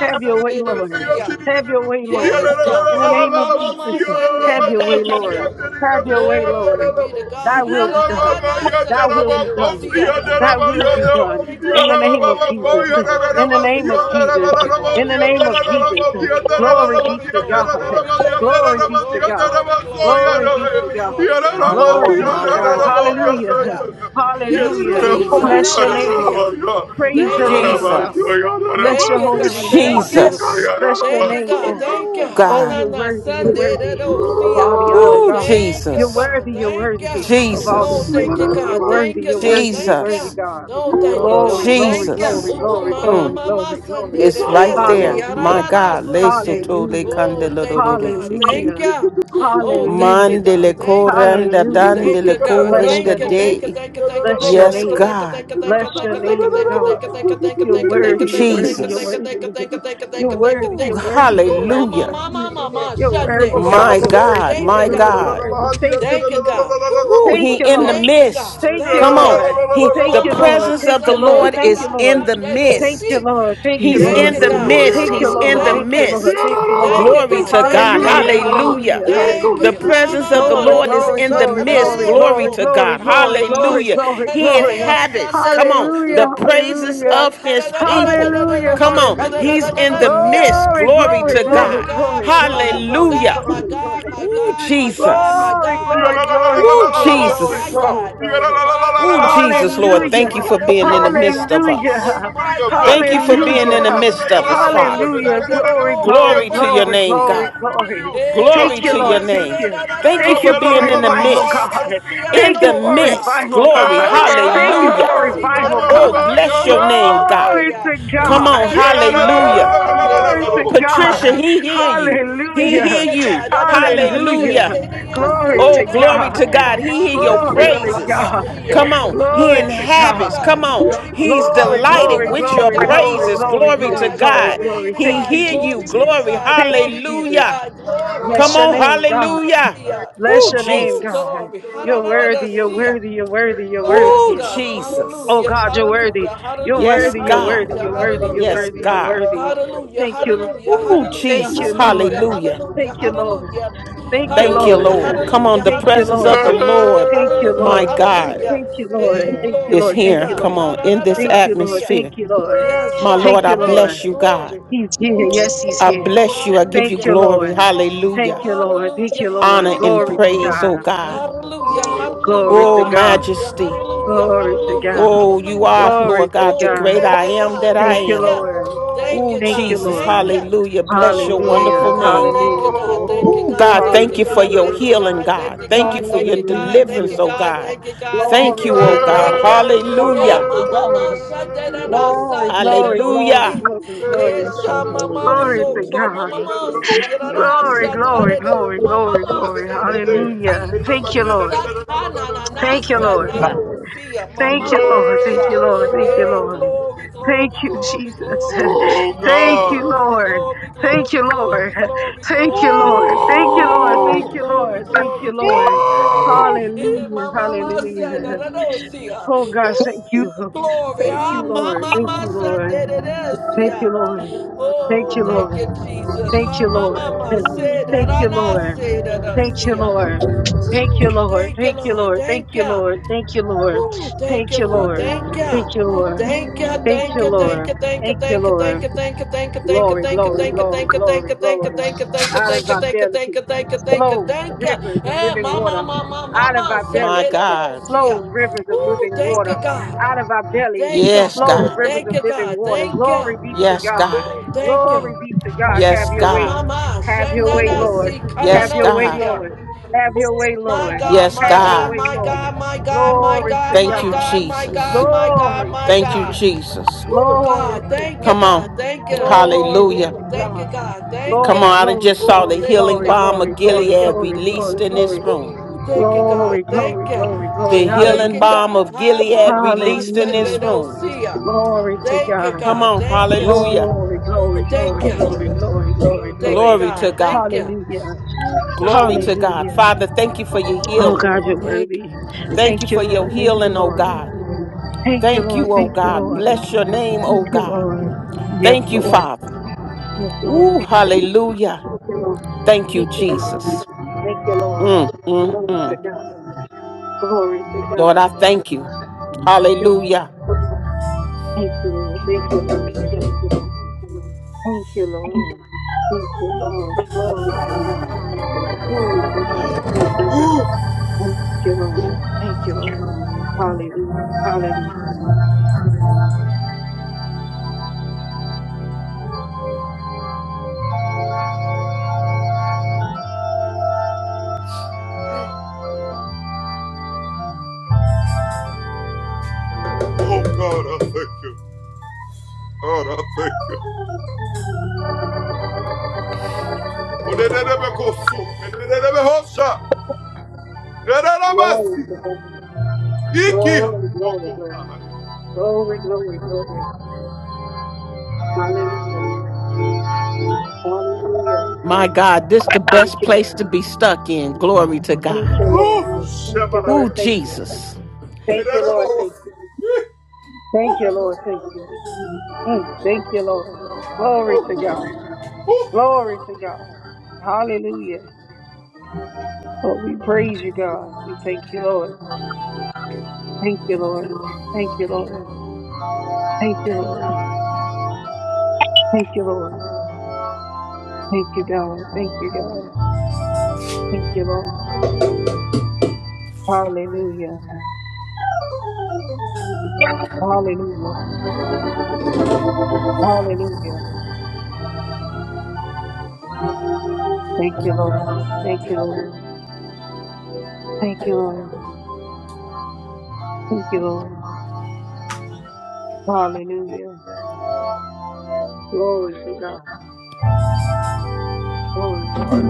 Speaker 12: Have your way, Lord. Have your way, Lord.
Speaker 3: Yeska,
Speaker 12: In the
Speaker 3: ha
Speaker 12: name
Speaker 3: ma
Speaker 12: of
Speaker 3: ma
Speaker 12: Jesus,
Speaker 3: ma
Speaker 12: have
Speaker 3: sanjera
Speaker 12: your way, Lord.
Speaker 3: doosia.
Speaker 12: Have your way, Lord.
Speaker 3: Glory be to
Speaker 12: Thy
Speaker 3: God. Ha
Speaker 12: will
Speaker 3: ra
Speaker 12: be
Speaker 3: ra
Speaker 12: done.
Speaker 3: ra nas
Speaker 12: Thy will
Speaker 3: sanjera
Speaker 12: be done.
Speaker 3: doosia.
Speaker 12: Thy will be done.
Speaker 3: Glory,
Speaker 12: In the
Speaker 3: glory,
Speaker 12: name of
Speaker 3: glory,
Speaker 12: Jesus.
Speaker 3: glory, glory,
Speaker 12: In the
Speaker 3: glory,
Speaker 12: name of
Speaker 3: glory,
Speaker 12: Jesus.
Speaker 3: glory,
Speaker 12: In
Speaker 3: glory,
Speaker 12: the name of
Speaker 3: glory, glory, glory,
Speaker 12: Jesus.
Speaker 3: glory,
Speaker 12: Glory be
Speaker 3: glory,
Speaker 12: to
Speaker 3: glory,
Speaker 12: God.
Speaker 3: glory, glory,
Speaker 12: Glory be to God.
Speaker 3: glory,
Speaker 12: Glory be to God.
Speaker 3: glory. Ga
Speaker 14: My
Speaker 3: ma ma
Speaker 12: Glory
Speaker 14: Lord,
Speaker 3: ma
Speaker 12: be
Speaker 14: my
Speaker 3: ma
Speaker 12: to God.
Speaker 3: si ra
Speaker 14: Lord.
Speaker 12: Hallelujah.
Speaker 3: doosia.
Speaker 12: Hallelujah.
Speaker 3: Yeska, ha ra ra
Speaker 12: Bless your
Speaker 14: Jesus.
Speaker 3: ra
Speaker 12: name.
Speaker 3: siya.
Speaker 12: Praise
Speaker 3: Thank
Speaker 12: your
Speaker 3: you,
Speaker 12: name,
Speaker 3: God.
Speaker 12: God.
Speaker 14: Jesus.
Speaker 12: Bless
Speaker 3: Thank
Speaker 12: your
Speaker 3: you,
Speaker 12: holy
Speaker 3: God.
Speaker 12: name,
Speaker 3: Thank
Speaker 12: God.
Speaker 3: you.
Speaker 14: Jesus.
Speaker 12: Bless your
Speaker 3: Thank you,
Speaker 12: name,
Speaker 3: God.
Speaker 12: God.
Speaker 3: Thank you.
Speaker 14: Ooh,
Speaker 12: Oh,
Speaker 14: God.
Speaker 12: you're
Speaker 3: Hanana
Speaker 12: worthy. You're
Speaker 3: Sunday.
Speaker 12: worthy of all the honor,
Speaker 14: Ooh,
Speaker 12: God.
Speaker 3: Thank you,
Speaker 12: You're
Speaker 14: Jesus.
Speaker 3: God.
Speaker 12: worthy. You're
Speaker 3: Thank
Speaker 12: worthy
Speaker 3: you.
Speaker 12: of all the
Speaker 3: Oh,
Speaker 14: Jesus.
Speaker 3: thank you,
Speaker 12: praise. You're
Speaker 3: God.
Speaker 12: worthy.
Speaker 3: Thank you,
Speaker 12: You're
Speaker 3: God.
Speaker 12: worthy. You're
Speaker 3: Thank
Speaker 12: worthy,
Speaker 14: Jesus.
Speaker 3: you.
Speaker 12: God.
Speaker 3: Oh, thank you,
Speaker 12: Glory,
Speaker 3: God.
Speaker 12: glory,
Speaker 3: Thank you.
Speaker 12: glory,
Speaker 14: Jesus.
Speaker 3: Oh,
Speaker 12: glory,
Speaker 3: mama,
Speaker 14: Mm.
Speaker 12: glory,
Speaker 3: mama,
Speaker 12: glory, glory.
Speaker 3: Sunday.
Speaker 14: It's right there.
Speaker 12: Hallelujah.
Speaker 14: My
Speaker 3: That's
Speaker 14: God. Le
Speaker 3: Sunday.
Speaker 14: soto le
Speaker 12: Hallelujah.
Speaker 3: Oh, thank you,
Speaker 14: candeloro
Speaker 3: God. Thank
Speaker 14: chique.
Speaker 12: Hallelujah.
Speaker 3: you. Oh, thank you,
Speaker 12: Hallelujah.
Speaker 3: God.
Speaker 14: Mandele
Speaker 3: Thank you.
Speaker 14: coranda
Speaker 12: Hallelujah.
Speaker 14: dandele
Speaker 12: Bless
Speaker 14: coringa
Speaker 12: your name.
Speaker 14: day.
Speaker 12: Bless your
Speaker 14: Yes,
Speaker 12: name.
Speaker 14: God.
Speaker 12: Bless your name, God. You're
Speaker 14: Ooh,
Speaker 12: worthy, you're worthy, you're
Speaker 14: Jesus.
Speaker 12: worthy. You're worthy,
Speaker 14: Ooh,
Speaker 12: you're worthy, you're worthy,
Speaker 14: hallelujah.
Speaker 12: God. You're worthy, God.
Speaker 14: My
Speaker 12: You're worthy,
Speaker 14: God,
Speaker 12: you're
Speaker 14: my
Speaker 12: worthy, you're
Speaker 14: God.
Speaker 12: worthy. Thank you, Jesus.
Speaker 14: Woo,
Speaker 12: Thank
Speaker 14: he
Speaker 12: you,
Speaker 14: in the
Speaker 12: Lord.
Speaker 14: midst.
Speaker 12: Thank you,
Speaker 14: Come on.
Speaker 12: Lord.
Speaker 14: He
Speaker 12: Thank
Speaker 14: the
Speaker 12: you, Lord.
Speaker 14: presence
Speaker 12: Thank
Speaker 14: of the
Speaker 12: you, Lord.
Speaker 14: Lord
Speaker 12: Thank you,
Speaker 14: is
Speaker 12: Lord.
Speaker 14: in the
Speaker 12: Thank you,
Speaker 14: midst.
Speaker 12: Lord. Thank you,
Speaker 14: He's
Speaker 12: Lord.
Speaker 5: Yes,
Speaker 14: in the
Speaker 5: God.
Speaker 14: midst.
Speaker 12: Thank you,
Speaker 14: He's in
Speaker 12: Lord.
Speaker 14: the
Speaker 12: Thank you, Lord.
Speaker 14: midst.
Speaker 12: Thank you, Lord.
Speaker 14: Glory to God.
Speaker 12: Hallelujah.
Speaker 14: Hallelujah.
Speaker 12: Hallelujah.
Speaker 3: Thank you.
Speaker 14: The
Speaker 12: Hallelujah.
Speaker 14: presence of the
Speaker 12: Glory,
Speaker 14: Lord is
Speaker 12: glory,
Speaker 14: in the
Speaker 12: glory,
Speaker 14: midst.
Speaker 12: glory,
Speaker 14: Glory
Speaker 12: glory,
Speaker 14: to
Speaker 3: Ha-na-na-na-na-na-na-do-sa-ka-da-da-yo-so.
Speaker 12: glory,
Speaker 14: God.
Speaker 12: glory, glory,
Speaker 14: Hallelujah.
Speaker 12: glory,
Speaker 14: He
Speaker 12: glory.
Speaker 14: inhabits, come on,
Speaker 12: Hallelujah.
Speaker 14: the
Speaker 3: Ee-ma-ma-ma-sha-ka-da-da-yo-san-da-da-yo-si.
Speaker 14: praises
Speaker 3: Yeah,
Speaker 12: Hallelujah.
Speaker 14: of his people.
Speaker 12: Hallelujah.
Speaker 14: Come
Speaker 3: ka-da-da-da-da-da-da-da-da-si,
Speaker 14: on.
Speaker 12: Hallelujah.
Speaker 14: He's in the
Speaker 3: ka-da-da-da-da-da-si.
Speaker 14: midst.
Speaker 12: Glory,
Speaker 14: Glory
Speaker 12: glory,
Speaker 14: to
Speaker 12: glory,
Speaker 3: Oh
Speaker 14: God.
Speaker 3: God,
Speaker 12: glory,
Speaker 3: my
Speaker 12: glory,
Speaker 3: God, my
Speaker 12: glory,
Speaker 3: God,
Speaker 14: Hallelujah.
Speaker 12: glory,
Speaker 3: my God,
Speaker 12: glory.
Speaker 3: my
Speaker 14: Ooh,
Speaker 3: God, my God,
Speaker 14: Jesus.
Speaker 3: my
Speaker 12: Glory,
Speaker 3: God, my
Speaker 12: glory,
Speaker 3: God,
Speaker 12: glory,
Speaker 14: Ooh,
Speaker 3: my
Speaker 12: glory,
Speaker 3: God,
Speaker 12: glory,
Speaker 3: my
Speaker 14: Jesus.
Speaker 12: glory,
Speaker 3: God,
Speaker 12: glory.
Speaker 3: my
Speaker 14: Oh,
Speaker 3: God, da da
Speaker 14: Jesus,
Speaker 3: da da,
Speaker 14: Lord,
Speaker 12: Hallelujah.
Speaker 3: see,
Speaker 14: thank you for
Speaker 3: kada
Speaker 14: being in
Speaker 3: no,
Speaker 14: the
Speaker 3: see,
Speaker 14: midst of us.
Speaker 3: is
Speaker 12: Hallelujah.
Speaker 3: my God,
Speaker 14: Thank you
Speaker 3: ha
Speaker 14: for
Speaker 3: da da da,
Speaker 14: being in the
Speaker 3: oh,
Speaker 12: Hallelujah.
Speaker 3: see,
Speaker 14: midst of us,
Speaker 3: kada
Speaker 14: Father.
Speaker 3: na,
Speaker 12: Hallelujah.
Speaker 3: san, da da
Speaker 12: Glory,
Speaker 3: no,
Speaker 12: glory,
Speaker 14: Glory to
Speaker 3: nobody
Speaker 14: your
Speaker 12: glory,
Speaker 3: else,
Speaker 14: name,
Speaker 3: see,
Speaker 12: glory,
Speaker 3: ah.
Speaker 14: God.
Speaker 12: glory.
Speaker 3: Hey
Speaker 12: Thank
Speaker 14: Glory
Speaker 12: you,
Speaker 14: to
Speaker 3: mama,
Speaker 14: your
Speaker 12: Lord.
Speaker 3: ma, she,
Speaker 12: Thank
Speaker 14: name.
Speaker 12: you.
Speaker 3: da da da
Speaker 14: Thank
Speaker 3: da,
Speaker 14: you
Speaker 12: Thank
Speaker 14: for
Speaker 12: you
Speaker 3: oh,
Speaker 12: for
Speaker 3: see,
Speaker 14: being in the
Speaker 12: revival,
Speaker 3: kada da
Speaker 12: God.
Speaker 14: midst.
Speaker 3: da, see, ah, da
Speaker 14: In
Speaker 12: Thank you
Speaker 14: the
Speaker 3: no,
Speaker 12: for
Speaker 3: sa,
Speaker 14: midst.
Speaker 12: revival,
Speaker 14: Glory.
Speaker 12: God.
Speaker 3: isa, kana
Speaker 12: Thank
Speaker 3: ne,
Speaker 12: you for
Speaker 14: Hallelujah.
Speaker 3: ne, see,
Speaker 12: revival,
Speaker 3: kada ni,
Speaker 14: Oh,
Speaker 12: God.
Speaker 3: see,
Speaker 14: bless your
Speaker 3: mama, ma,
Speaker 14: name, God.
Speaker 12: Glory
Speaker 3: say, ah."
Speaker 12: to
Speaker 3: He
Speaker 14: Come on.
Speaker 12: God.
Speaker 3: said, "Come in here
Speaker 14: Hallelujah.
Speaker 3: Sunday. They
Speaker 12: Glory to
Speaker 3: don't come on
Speaker 14: Patricia,
Speaker 3: here
Speaker 12: God.
Speaker 14: he
Speaker 3: see
Speaker 14: hear
Speaker 3: ya.
Speaker 14: you. He
Speaker 3: Thank
Speaker 14: hear
Speaker 12: Hallelujah.
Speaker 3: you,
Speaker 14: you.
Speaker 3: God. No, no, no, no. Say,
Speaker 12: Hallelujah.
Speaker 14: Hallelujah.
Speaker 3: "Come in here
Speaker 12: Glory
Speaker 3: Sunday. They
Speaker 14: Oh,
Speaker 12: to
Speaker 3: don't
Speaker 14: glory
Speaker 12: God.
Speaker 14: to
Speaker 3: come
Speaker 14: God.
Speaker 3: on.
Speaker 14: He hear your
Speaker 3: Mama
Speaker 12: Glory
Speaker 3: say,
Speaker 12: to
Speaker 3: nah, nah,
Speaker 14: praises.
Speaker 12: God.
Speaker 3: see ya.
Speaker 14: Come on. He
Speaker 12: Glory to
Speaker 3: Glory be to
Speaker 12: God.
Speaker 14: inhabits. Come
Speaker 3: God.
Speaker 14: on.
Speaker 3: Glory be to
Speaker 14: He's
Speaker 12: Glory,
Speaker 3: God.
Speaker 14: delighted
Speaker 12: glory,
Speaker 3: Glory
Speaker 14: with
Speaker 3: be to
Speaker 14: your
Speaker 12: glory,
Speaker 3: God.
Speaker 12: glory,
Speaker 14: praises.
Speaker 3: Glory
Speaker 12: glory,
Speaker 3: be to
Speaker 14: Glory to
Speaker 12: glory,
Speaker 3: God.
Speaker 12: glory,
Speaker 14: God.
Speaker 3: Glory be
Speaker 12: glory.
Speaker 3: to
Speaker 14: He
Speaker 12: Thank you,
Speaker 3: God.
Speaker 14: hear you.
Speaker 3: Glory
Speaker 12: Jesus.
Speaker 3: be to
Speaker 14: Glory.
Speaker 3: God.
Speaker 12: Thank you,
Speaker 3: Glory be to
Speaker 12: Jesus.
Speaker 14: Hallelujah.
Speaker 3: God. Glory.
Speaker 12: Bless
Speaker 14: Come
Speaker 3: Ha,
Speaker 12: your
Speaker 14: on.
Speaker 3: mama
Speaker 12: name,
Speaker 3: mama ma,
Speaker 12: God.
Speaker 14: Hallelujah.
Speaker 3: see ya.
Speaker 12: Bless
Speaker 14: Ooh,
Speaker 12: your name,
Speaker 3: Oh,
Speaker 14: Jesus.
Speaker 12: God.
Speaker 3: glory. Ha, da,
Speaker 12: You're
Speaker 3: da, da,
Speaker 12: worthy,
Speaker 3: da,
Speaker 12: you're
Speaker 3: see ya.
Speaker 12: worthy, you're worthy, you're
Speaker 3: Yes,
Speaker 14: Ooh,
Speaker 12: worthy.
Speaker 3: God.
Speaker 12: Oh
Speaker 14: Jesus.
Speaker 3: Hallelujah.
Speaker 12: God, you're worthy.
Speaker 3: Hallelujah.
Speaker 12: You're
Speaker 3: Hallelujah.
Speaker 14: Yes,
Speaker 12: worthy, you're
Speaker 14: God.
Speaker 12: worthy,
Speaker 3: Hallelujah.
Speaker 12: you're worthy, you're
Speaker 3: Hallelujah.
Speaker 14: Yes,
Speaker 12: worthy, you're
Speaker 14: God.
Speaker 12: worthy.
Speaker 3: Hallelujah.
Speaker 12: Thank you,
Speaker 3: Hallelujah.
Speaker 14: Ooh,
Speaker 3: Hallelujah.
Speaker 12: thank
Speaker 14: Jesus.
Speaker 12: you, Lord.
Speaker 14: Hallelujah.
Speaker 12: Thank
Speaker 3: Hallelujah. Hallelujah.
Speaker 12: you, Lord.
Speaker 3: Hallelujah.
Speaker 12: Thank you,
Speaker 14: Thank you,
Speaker 12: Lord.
Speaker 3: Hallelujah. Hallelujah.
Speaker 14: Lord. Come on. The
Speaker 12: Thank you,
Speaker 14: presence
Speaker 3: Hallelujah.
Speaker 12: Lord.
Speaker 14: of the
Speaker 3: Hallelujah.
Speaker 14: Lord,
Speaker 12: Thank you,
Speaker 3: Hallelujah.
Speaker 14: my
Speaker 12: Lord.
Speaker 14: God,
Speaker 7: Glory.
Speaker 3: Hallelujah.
Speaker 12: Thank you,
Speaker 7: Oh,
Speaker 12: Lord.
Speaker 3: Hey,
Speaker 7: yes.
Speaker 12: Thank you,
Speaker 3: glory
Speaker 14: is
Speaker 12: Lord.
Speaker 7: Thank
Speaker 3: be to
Speaker 12: Thank
Speaker 7: you,
Speaker 14: here.
Speaker 12: you,
Speaker 3: God.
Speaker 14: Come
Speaker 12: Lord.
Speaker 7: Lord.
Speaker 14: on. In this
Speaker 12: Thank
Speaker 3: Ha-da-da-da-da.
Speaker 12: you,
Speaker 3: See
Speaker 12: Lord.
Speaker 3: ya.
Speaker 12: Thank
Speaker 14: atmosphere.
Speaker 12: you, Lord.
Speaker 3: Yes,
Speaker 14: My
Speaker 12: Thank
Speaker 14: Lord,
Speaker 3: God.
Speaker 14: I
Speaker 12: you,
Speaker 3: Hey,
Speaker 12: Lord.
Speaker 14: bless
Speaker 7: Father.
Speaker 14: you, God.
Speaker 3: glory.
Speaker 12: He's
Speaker 2: you,
Speaker 12: here.
Speaker 7: Yes,
Speaker 2: Jesus.
Speaker 12: Yes, he's
Speaker 7: Jesus.
Speaker 14: I
Speaker 12: here.
Speaker 14: bless you. I give
Speaker 12: Thank
Speaker 14: you
Speaker 12: you,
Speaker 3: Hallelujah.
Speaker 14: glory.
Speaker 12: Lord. Thank
Speaker 14: Hallelujah.
Speaker 12: you, Lord. Thank
Speaker 3: Hallelujah.
Speaker 12: you, Lord.
Speaker 14: Honor and
Speaker 12: Glory
Speaker 3: Hallelujah.
Speaker 12: to
Speaker 14: praise,
Speaker 7: Thank
Speaker 14: oh
Speaker 7: you,
Speaker 12: God.
Speaker 14: God.
Speaker 3: Hallelujah,
Speaker 7: Lord. Oh,
Speaker 12: Glory
Speaker 3: hallelujah,
Speaker 12: to
Speaker 14: Oh,
Speaker 7: Thank
Speaker 12: God.
Speaker 3: hallelujah,
Speaker 14: majesty.
Speaker 3: hallelujah,
Speaker 12: Glory to
Speaker 3: hallelujah,
Speaker 12: God.
Speaker 14: Oh, you are,
Speaker 3: hallelujah.
Speaker 12: Glory
Speaker 14: Lord
Speaker 12: to
Speaker 14: God, the
Speaker 3: Oh,
Speaker 12: God.
Speaker 14: great
Speaker 3: thank
Speaker 14: I
Speaker 3: you,
Speaker 14: am
Speaker 3: God.
Speaker 14: that
Speaker 7: you,
Speaker 14: I
Speaker 12: Thank you,
Speaker 3: Thank
Speaker 14: am.
Speaker 3: you.
Speaker 12: Lord.
Speaker 3: Thank
Speaker 14: Oh,
Speaker 3: you,
Speaker 12: Thank
Speaker 7: Thank
Speaker 3: God.
Speaker 12: you,
Speaker 7: you,
Speaker 14: Jesus.
Speaker 7: Father. Thank you, Lord. Oh, yes. Thank you,
Speaker 3: Thank
Speaker 12: Lord.
Speaker 3: you.
Speaker 7: Father.
Speaker 14: Hallelujah.
Speaker 7: Thank you,
Speaker 14: Bless
Speaker 3: Oh,
Speaker 14: your
Speaker 7: Jesus.
Speaker 3: thank you,
Speaker 14: wonderful
Speaker 12: Hallelujah.
Speaker 3: God.
Speaker 14: name.
Speaker 3: Thank you,
Speaker 12: Hallelujah.
Speaker 3: God.
Speaker 7: Oh,
Speaker 3: Thank
Speaker 7: yes.
Speaker 3: you,
Speaker 14: Oh,
Speaker 3: God.
Speaker 14: God,
Speaker 3: Thank
Speaker 14: thank
Speaker 3: you,
Speaker 14: you for
Speaker 3: God.
Speaker 14: your
Speaker 12: Hallelujah.
Speaker 3: Thank you,
Speaker 14: healing,
Speaker 3: God. Thank
Speaker 14: God.
Speaker 3: you,
Speaker 14: Thank you
Speaker 3: God.
Speaker 14: for
Speaker 3: Thank
Speaker 14: your
Speaker 3: you,
Speaker 7: Thank you,
Speaker 3: God. Thank
Speaker 12: Hallelujah.
Speaker 3: you,
Speaker 7: Father.
Speaker 14: deliverance, oh
Speaker 3: God.
Speaker 14: God.
Speaker 3: Thank you, God. Thank
Speaker 14: Thank
Speaker 3: you,
Speaker 12: Glory
Speaker 14: you,
Speaker 12: to
Speaker 14: oh
Speaker 3: God.
Speaker 14: God.
Speaker 3: Thank
Speaker 12: God.
Speaker 3: you.
Speaker 7: Thank you,
Speaker 12: Glory
Speaker 3: Yeah,
Speaker 14: Hallelujah.
Speaker 7: Father.
Speaker 12: to
Speaker 3: mama,
Speaker 12: God.
Speaker 3: mama,
Speaker 7: Thank
Speaker 3: Sunday,
Speaker 7: you,
Speaker 3: that I
Speaker 7: Lord.
Speaker 12: Glory,
Speaker 3: Sunday, that
Speaker 12: glory,
Speaker 3: I
Speaker 12: glory,
Speaker 14: Hallelujah.
Speaker 3: see.
Speaker 12: glory, glory.
Speaker 3: It's
Speaker 7: Bless your
Speaker 3: a
Speaker 7: holy
Speaker 3: mama,
Speaker 12: Glory
Speaker 7: name,
Speaker 3: so
Speaker 12: to
Speaker 7: Lord.
Speaker 3: for
Speaker 7: We
Speaker 12: God.
Speaker 3: mama,
Speaker 7: thank
Speaker 3: mama,
Speaker 7: you. We
Speaker 3: see it,
Speaker 7: praise
Speaker 3: I
Speaker 7: you.
Speaker 12: Glory,
Speaker 7: We
Speaker 3: shut out
Speaker 12: glory,
Speaker 3: it,
Speaker 7: magnify
Speaker 3: oh,
Speaker 12: glory,
Speaker 7: you.
Speaker 3: mama,
Speaker 12: glory,
Speaker 3: mama,
Speaker 12: glory.
Speaker 3: said
Speaker 7: Oh,
Speaker 3: it, oh,
Speaker 7: yes.
Speaker 3: see.
Speaker 12: Hallelujah. Thank you,
Speaker 7: Lord.
Speaker 12: Lord. Thank you,
Speaker 7: Thank you,
Speaker 12: Lord.
Speaker 7: Father.
Speaker 3: Isakanananasananosia,
Speaker 7: Oh,
Speaker 12: Thank
Speaker 7: yes.
Speaker 12: you, Lord. Thank you,
Speaker 3: mamamosia.
Speaker 12: Lord. Thank you,
Speaker 3: Hey,
Speaker 7: Thank
Speaker 12: Lord.
Speaker 7: you.
Speaker 3: glory,
Speaker 12: Thank
Speaker 3: glory,
Speaker 12: you,
Speaker 3: glory,
Speaker 12: Jesus.
Speaker 3: glory, glory,
Speaker 7: Thank
Speaker 12: Thank
Speaker 3: glory,
Speaker 12: you,
Speaker 7: you,
Speaker 3: glory,
Speaker 12: Lord.
Speaker 3: glory,
Speaker 12: Thank you,
Speaker 3: glory, glory,
Speaker 12: Lord.
Speaker 3: glory,
Speaker 12: Thank you,
Speaker 3: glory,
Speaker 7: Thank
Speaker 3: glory,
Speaker 7: you,
Speaker 12: Lord.
Speaker 3: glory,
Speaker 12: Thank you,
Speaker 3: glory,
Speaker 12: Lord.
Speaker 3: glory,
Speaker 12: Thank
Speaker 7: Lord.
Speaker 12: you,
Speaker 3: glory,
Speaker 12: Lord. Thank you, Lord.
Speaker 3: glory, glory. Hey,
Speaker 12: Hallelujah.
Speaker 3: mama said
Speaker 12: Hallelujah.
Speaker 3: that
Speaker 12: Oh, gosh,
Speaker 3: Ooh,
Speaker 12: thank
Speaker 2: You
Speaker 12: you.
Speaker 3: glory.
Speaker 12: Thank
Speaker 3: Ah,
Speaker 12: you, Lord. Thank
Speaker 3: mama
Speaker 12: you,
Speaker 3: said
Speaker 12: Lord. Thank you,
Speaker 3: that
Speaker 12: Lord. Thank
Speaker 3: Oh,
Speaker 12: you,
Speaker 3: thank
Speaker 12: Lord.
Speaker 3: you, Jesus.
Speaker 12: Thank
Speaker 3: Ha
Speaker 12: you, Lord.
Speaker 3: mama said that
Speaker 12: Thank you,
Speaker 3: I
Speaker 12: Lord.
Speaker 3: said
Speaker 12: Thank you,
Speaker 3: that
Speaker 12: Lord.
Speaker 13: Mm.
Speaker 12: Thank you,
Speaker 3: Ooh,
Speaker 12: Lord.
Speaker 3: thank you,
Speaker 12: Thank you,
Speaker 3: Lord.
Speaker 12: Lord. Thank
Speaker 3: Thank
Speaker 12: you,
Speaker 3: you.
Speaker 12: Lord. Thank you, Lord.
Speaker 3: Ooh, thank
Speaker 12: Thank
Speaker 3: you,
Speaker 12: you,
Speaker 3: Lord.
Speaker 12: Lord.
Speaker 3: Thank you.
Speaker 12: Thank you, Lord.
Speaker 3: Thank you,
Speaker 12: Thank
Speaker 7: Yes.
Speaker 3: thank
Speaker 12: you,
Speaker 3: you, thank
Speaker 12: Lord.
Speaker 3: you, thank you,
Speaker 12: Thank you,
Speaker 3: thank you, thank
Speaker 12: Lord.
Speaker 3: you, thank you, thank you, thank you,
Speaker 12: Glory,
Speaker 3: thank you,
Speaker 12: glory,
Speaker 3: thank you,
Speaker 12: glory,
Speaker 3: thank you, thank
Speaker 12: glory,
Speaker 3: you, thank you,
Speaker 12: glory.
Speaker 3: thank you, thank you, thank you,
Speaker 12: Out
Speaker 3: thank
Speaker 12: of our
Speaker 3: you,
Speaker 12: belly
Speaker 3: thank you, thank you, thank you,
Speaker 12: flows
Speaker 3: thank you.
Speaker 12: rivers of
Speaker 3: Hey,
Speaker 12: living
Speaker 3: mama,
Speaker 12: water.
Speaker 3: mama,
Speaker 12: Out of
Speaker 3: mama,
Speaker 12: our
Speaker 3: said
Speaker 12: belly,
Speaker 14: My
Speaker 3: they
Speaker 12: he said,
Speaker 3: don't
Speaker 14: God.
Speaker 3: see ya.
Speaker 12: flows rivers of
Speaker 3: Ooh,
Speaker 12: living
Speaker 3: thank you,
Speaker 12: water.
Speaker 3: God.
Speaker 12: Out of our bellies
Speaker 3: Thank you.
Speaker 14: Yes,
Speaker 12: flows
Speaker 14: God.
Speaker 12: rivers
Speaker 3: Thank you,
Speaker 12: of living
Speaker 3: God.
Speaker 12: water.
Speaker 3: Thank
Speaker 12: Glory
Speaker 3: you.
Speaker 12: be to
Speaker 14: Yes,
Speaker 12: God.
Speaker 14: God.
Speaker 3: Ooh, thank
Speaker 12: Glory
Speaker 3: you.
Speaker 12: be to God. Have
Speaker 14: Yes,
Speaker 3: Ooh,
Speaker 12: your way.
Speaker 3: mama,
Speaker 14: God.
Speaker 3: mama,
Speaker 12: Have your way,
Speaker 3: shanana,
Speaker 12: Lord.
Speaker 3: see,
Speaker 12: Have
Speaker 14: Yes,
Speaker 12: your
Speaker 3: kanano,
Speaker 12: way,
Speaker 14: God.
Speaker 3: see
Speaker 12: Lord. Have your way,
Speaker 3: my
Speaker 12: Lord.
Speaker 3: God,
Speaker 14: Yes,
Speaker 3: my
Speaker 12: Have your
Speaker 3: God,
Speaker 14: God.
Speaker 12: way,
Speaker 3: my
Speaker 12: Lord.
Speaker 3: God, my God, my
Speaker 12: Glory to
Speaker 3: God,
Speaker 14: Thank
Speaker 3: my
Speaker 14: you,
Speaker 12: God.
Speaker 3: God, my God,
Speaker 14: Jesus.
Speaker 3: my God,
Speaker 12: Glory
Speaker 3: my
Speaker 12: to
Speaker 14: Thank
Speaker 12: God.
Speaker 14: you,
Speaker 3: God.
Speaker 14: Jesus.
Speaker 3: Oh
Speaker 12: Glory
Speaker 3: God,
Speaker 12: to
Speaker 3: thank you,
Speaker 14: Come
Speaker 12: God.
Speaker 14: on.
Speaker 3: God, thank you.
Speaker 12: Glory
Speaker 14: Hallelujah.
Speaker 12: to
Speaker 3: Oh, thank
Speaker 12: God.
Speaker 3: you, God, thank
Speaker 14: Come
Speaker 3: you.
Speaker 12: Glory,
Speaker 14: on. I
Speaker 12: glory,
Speaker 14: just saw
Speaker 3: Oh,
Speaker 14: the
Speaker 12: glory,
Speaker 3: thank you,
Speaker 14: healing
Speaker 12: glory,
Speaker 14: balm
Speaker 3: God,
Speaker 12: glory,
Speaker 14: of
Speaker 12: glory,
Speaker 3: thank
Speaker 14: Gilead
Speaker 3: you.
Speaker 12: glory, glory,
Speaker 14: released in this
Speaker 12: glory,
Speaker 14: room.
Speaker 3: Oh, thank you, God,
Speaker 12: glory,
Speaker 3: thank
Speaker 12: glory,
Speaker 3: you.
Speaker 12: glory, glory.
Speaker 14: The
Speaker 3: Thank
Speaker 14: healing
Speaker 3: you,
Speaker 12: Hallelujah.
Speaker 14: balm
Speaker 3: God.
Speaker 14: of
Speaker 3: Hi, my
Speaker 14: Gilead
Speaker 3: mama
Speaker 14: released in
Speaker 3: said
Speaker 14: this
Speaker 3: they
Speaker 12: Hallelujah.
Speaker 3: don't
Speaker 14: room.
Speaker 3: see you.
Speaker 12: Glory to
Speaker 3: Thank you,
Speaker 12: God.
Speaker 14: Come
Speaker 3: God,
Speaker 14: on.
Speaker 3: thank you.
Speaker 14: Hallelujah.
Speaker 12: Glory,
Speaker 3: Ooh,
Speaker 12: glory,
Speaker 3: thank
Speaker 12: glory,
Speaker 3: you.
Speaker 12: glory, glory, glory,
Speaker 3: Ooh, thank you,
Speaker 12: glory.
Speaker 14: Glory
Speaker 3: God,
Speaker 14: to God.
Speaker 3: thank you.
Speaker 12: Hallelujah.
Speaker 14: Glory to
Speaker 3: Mm.
Speaker 14: God.
Speaker 12: Hallelujah.
Speaker 14: Father, thank you for your
Speaker 12: Oh
Speaker 14: healing.
Speaker 12: God, you're
Speaker 3: Thank
Speaker 12: worthy.
Speaker 14: Thank you
Speaker 12: Thank you,
Speaker 14: for your
Speaker 12: Lord. Thank you,
Speaker 14: healing, oh
Speaker 12: Lord.
Speaker 14: God.
Speaker 12: Thank you,
Speaker 14: Thank
Speaker 12: Lord.
Speaker 14: you, oh
Speaker 12: Thank you,
Speaker 14: God.
Speaker 12: Lord. Thank
Speaker 14: Bless your name, oh
Speaker 12: you,
Speaker 14: God.
Speaker 12: Lord. Yes,
Speaker 14: Thank you,
Speaker 12: Lord.
Speaker 14: Father.
Speaker 12: Yes,
Speaker 14: Ooh,
Speaker 12: Lord.
Speaker 14: hallelujah.
Speaker 12: Thank you, Lord.
Speaker 14: Thank you,
Speaker 12: Thank you, Lord.
Speaker 14: Jesus.
Speaker 12: Thank you, Lord.
Speaker 14: Mm, mm,
Speaker 12: Glory to
Speaker 14: mm.
Speaker 12: God. Glory to God.
Speaker 14: Lord, I thank you.
Speaker 12: you, Lord.
Speaker 14: Hallelujah.
Speaker 12: Thank you, Lord. Thank you, Lord. Thank you, Lord. Thank you, Lord. Thank you, Lord. Glory to God. Glory to God. Thank you, Lord. Thank you, Lord. Hallelujah. Hallelujah. Glory to God. Glory, glory, glory. Glory, glory, glory. Hallelujah. Hallelujah.
Speaker 14: My God, this the
Speaker 12: Thank
Speaker 14: best
Speaker 12: you,
Speaker 14: place to
Speaker 12: Lord.
Speaker 14: be stuck in. Glory to
Speaker 12: Thank
Speaker 14: God.
Speaker 12: you, Lord. Thank you, Lord.
Speaker 14: Ooh,
Speaker 12: Thank you.
Speaker 14: Jesus.
Speaker 12: Thank you, Lord. Thank you. Thank you, Lord. Thank you. Mm, thank you, Lord. Glory to God. Glory to God. Hallelujah. Lord, we praise you, God. We thank you, Lord. Thank you, Lord. Thank you, Lord. Thank you, Lord. Thank you, Lord. Thank you, God. Thank you, God. Thank you, Lord. Hallelujah. Hallelujah. Hallelujah. Thank you, Lord. Thank you, Lord. Thank you, Lord. Thank you, Lord. Hallelujah. Glory to God. Glory to God.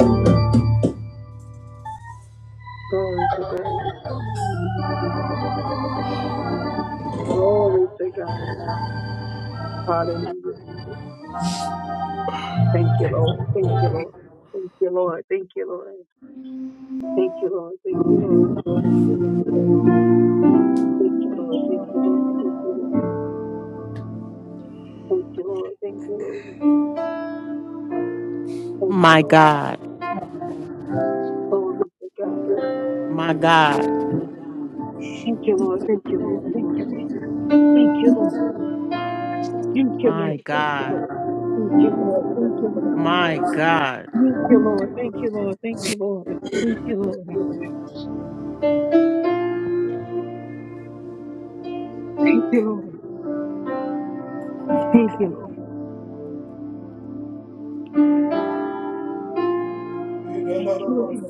Speaker 12: Glory to God. Glory to God. Hallelujah. Thank you, Lord. Thank you, Lord. Thank you, Lord. Thank you, Lord. Thank you, Lord. Thank you, Lord. Thank you, Lord. Thank you, Lord. Thank you, Lord. Thank you, Lord. Thank you, Lord. Thank you, Lord. Thank you,
Speaker 14: My
Speaker 12: Lord.
Speaker 14: God.
Speaker 12: Glory to God.
Speaker 14: My God.
Speaker 12: Thank you, Lord. Thank you, Lord. Thank you, Lord. Thank you, Lord. Thank you,
Speaker 14: My
Speaker 12: Lord. Thank you,
Speaker 14: God.
Speaker 12: Lord. Thank you, Lord.
Speaker 14: My God.
Speaker 12: Thank you, Lord. Thank you, Lord. Thank you, Lord. Thank you, Lord. Thank you, Lord. Thank you, Lord. Thank you, Lord. Thank you, Lord.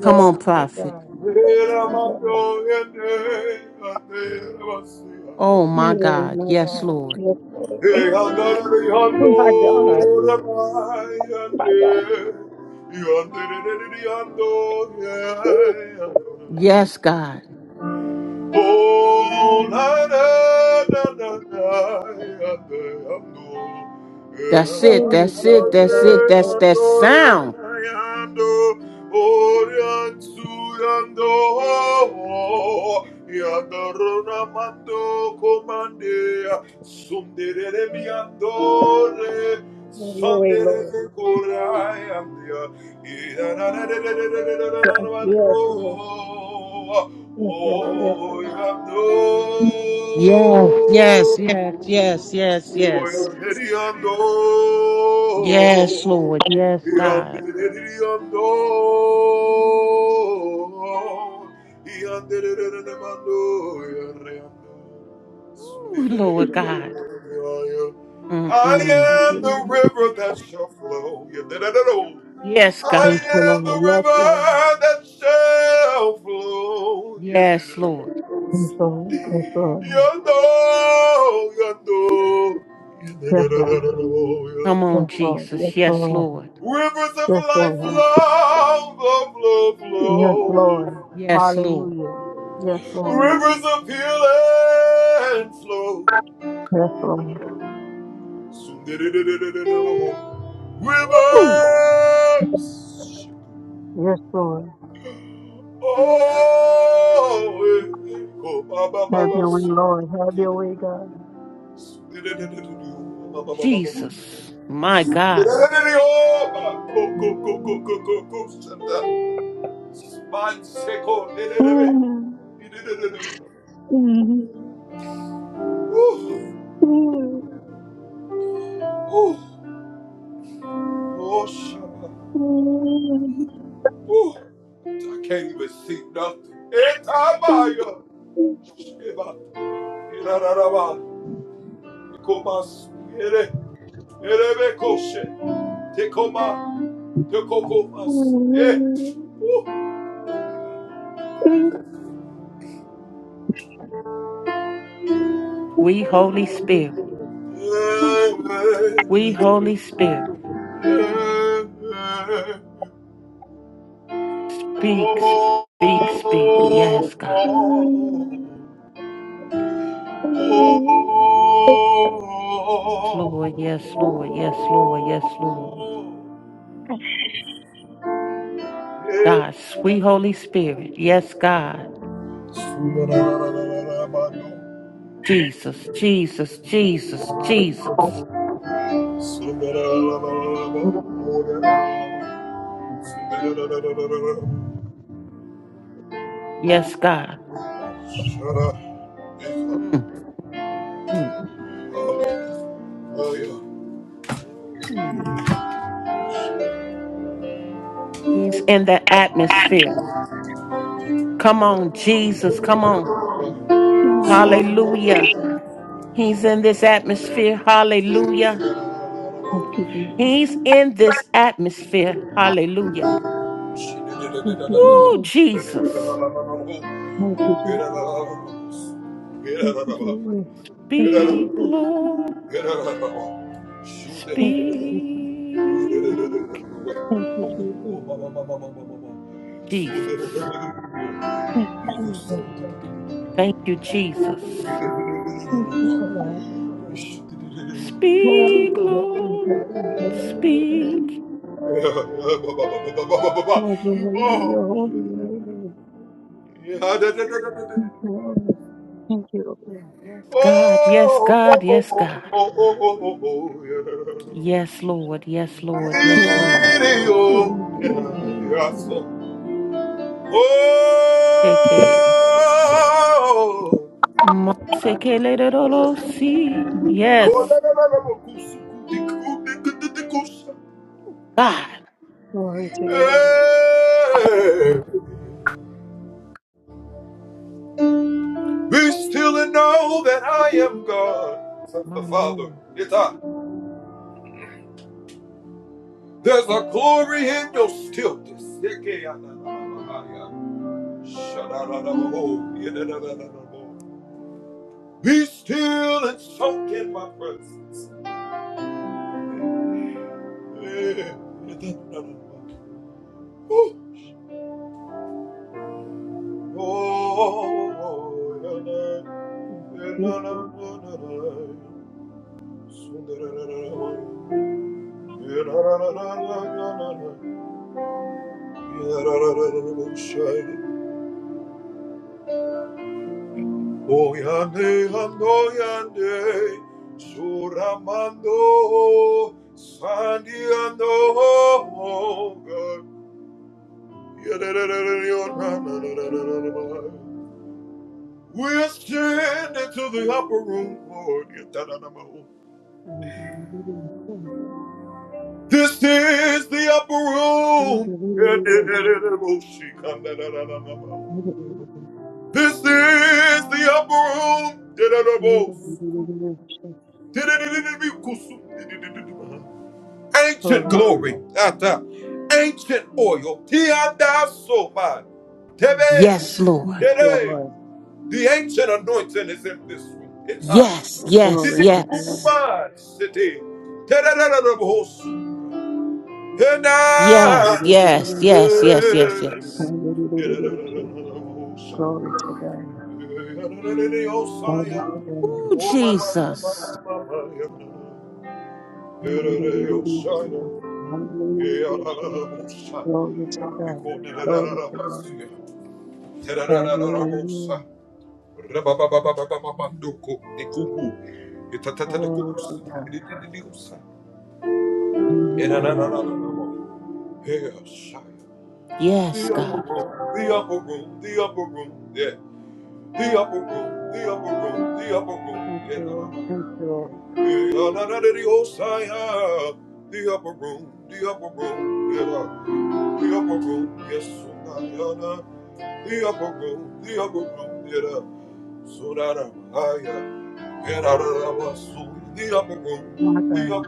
Speaker 14: Come on,
Speaker 12: to
Speaker 14: prophet.
Speaker 12: God. Thank you, God.
Speaker 14: Oh, my
Speaker 12: Oh,
Speaker 14: God.
Speaker 12: my
Speaker 14: Yes,
Speaker 12: God.
Speaker 14: Lord.
Speaker 12: Yes, Lord. My God. My God. Woo.
Speaker 14: Yes, God. That's it.
Speaker 12: Glory,
Speaker 14: That's it.
Speaker 12: glory,
Speaker 14: That's
Speaker 12: glory,
Speaker 14: it. That's
Speaker 12: glory.
Speaker 14: that sound.
Speaker 12: Glory, Lord. Yes, yes, yes, yes, Lord. Yes, Lord.
Speaker 14: Yes, yes, yes, yes, yes, yes. Yes, Lord. Yes, God. Ooh, Lord God. Mm-mm.
Speaker 12: Thank you, Lord.
Speaker 14: Yes,
Speaker 12: Thank
Speaker 14: God.
Speaker 12: you, Lord. Yes, Lord.
Speaker 14: Yes, Lord.
Speaker 12: Yes, Lord. Yes, Lord.
Speaker 14: Come on,
Speaker 12: Yes, Lord.
Speaker 14: Jesus.
Speaker 12: Yes,
Speaker 14: Yes,
Speaker 12: Lord.
Speaker 14: Lord.
Speaker 12: Yes, Lord. Yes, Lord. Yes, Lord.
Speaker 14: Yes, Lord.
Speaker 12: Hallelujah. Yes, Lord. Yes, Lord.
Speaker 14: Woo!
Speaker 12: Yes, Lord. Have your way, Lord. Have your way, God.
Speaker 14: Jesus. My God.
Speaker 12: Mm, mm, mm, mm, mm, mm. Thank you, Jesus.
Speaker 14: We, Holy Spirit. We, Holy Spirit. Speak, speak, speak. Yes, God. Yes, Lord. Yes, Lord. Yes, Lord. Yes, Lord. God, sweet Holy Spirit. Yes, God. Jesus, Jesus, Jesus, Jesus. Mm, mm, mm, mm, mm, mm. Yes, God. Mm, mm, mm. Ooh, He's in the atmosphere. Come on, Jesus. Come on. Hallelujah. He's in this atmosphere. Hallelujah.
Speaker 12: Thank you, Jesus.
Speaker 14: He's in this atmosphere. Hallelujah. Woo, Jesus.
Speaker 12: Thank you, Jesus. Thank you,
Speaker 14: Speak,
Speaker 12: Jesus.
Speaker 14: Lord. Speak.
Speaker 12: Thank you, Jesus. Thank you, Jesus. Thank you, Jesus.
Speaker 14: Jesus.
Speaker 12: Thank you, Jesus.
Speaker 14: Thank you, Jesus.
Speaker 12: Thank you, Allah.
Speaker 14: Speak,
Speaker 12: Holy, holy,
Speaker 14: Lord,
Speaker 12: holy, holy, Lord God.
Speaker 14: speak.
Speaker 12: Lord, you're holy, you're holy, you're holy.
Speaker 14: Mm,
Speaker 12: Thank you, Allah. Thank you, Allah.
Speaker 14: Yes, God, yes, God, yes, God. Yes, Lord, yes, Lord, yes,
Speaker 12: Holy,
Speaker 14: Lord.
Speaker 12: holy, holy, holy, holy.
Speaker 14: Seke, ma- seke le de do lo si. Yes, God,
Speaker 12: Glory
Speaker 14: my Lord.
Speaker 12: to God. Glory to God. Glory, glory to God. Glory to God. Glory to God.
Speaker 14: Yes, Lord. Yes, yes,
Speaker 12: Glory to God.
Speaker 14: yes.
Speaker 12: Glory
Speaker 14: Yes,
Speaker 12: to
Speaker 14: yes, yes, yes, yes, yes. Oh, Jesus.
Speaker 12: God. Have your way. Lord. Glory to God. Glory to God.
Speaker 14: Yes, God.
Speaker 12: Thank you, Lord. Thank you, Lord. My God.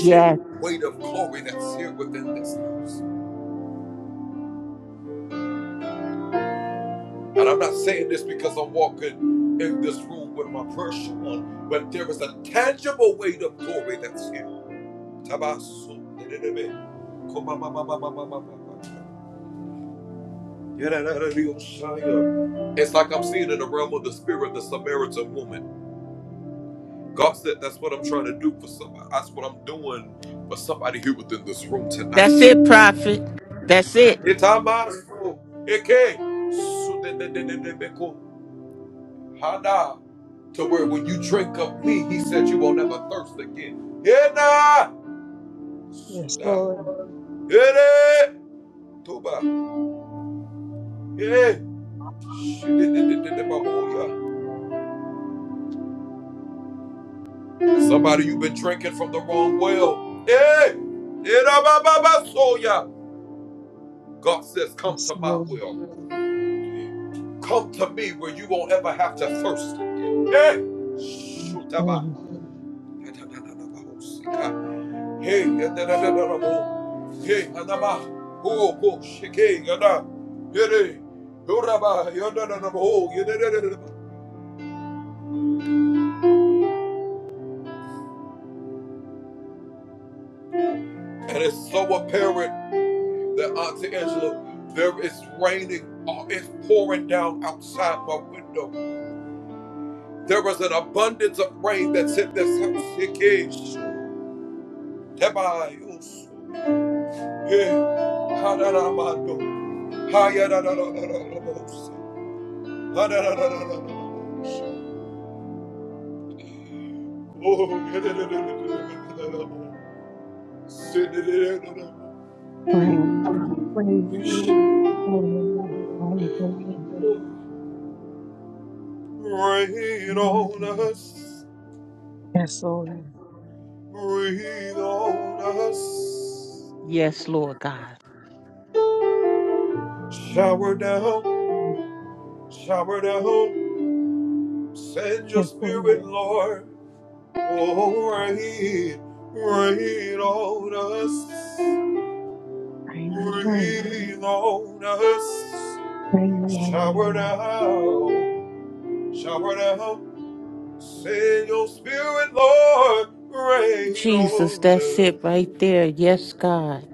Speaker 14: Yes. That's it, prophet. That's it.
Speaker 12: Yes, Lord. Yes, Lord. Bring, bring, bring, bring, bring. Yes, Lord.
Speaker 14: Yes, Lord God.
Speaker 12: Yes, Lord. Rain, rain, rain, rain, rain. rain.
Speaker 14: Ooh, Jesus, that's it right there. Yes, God.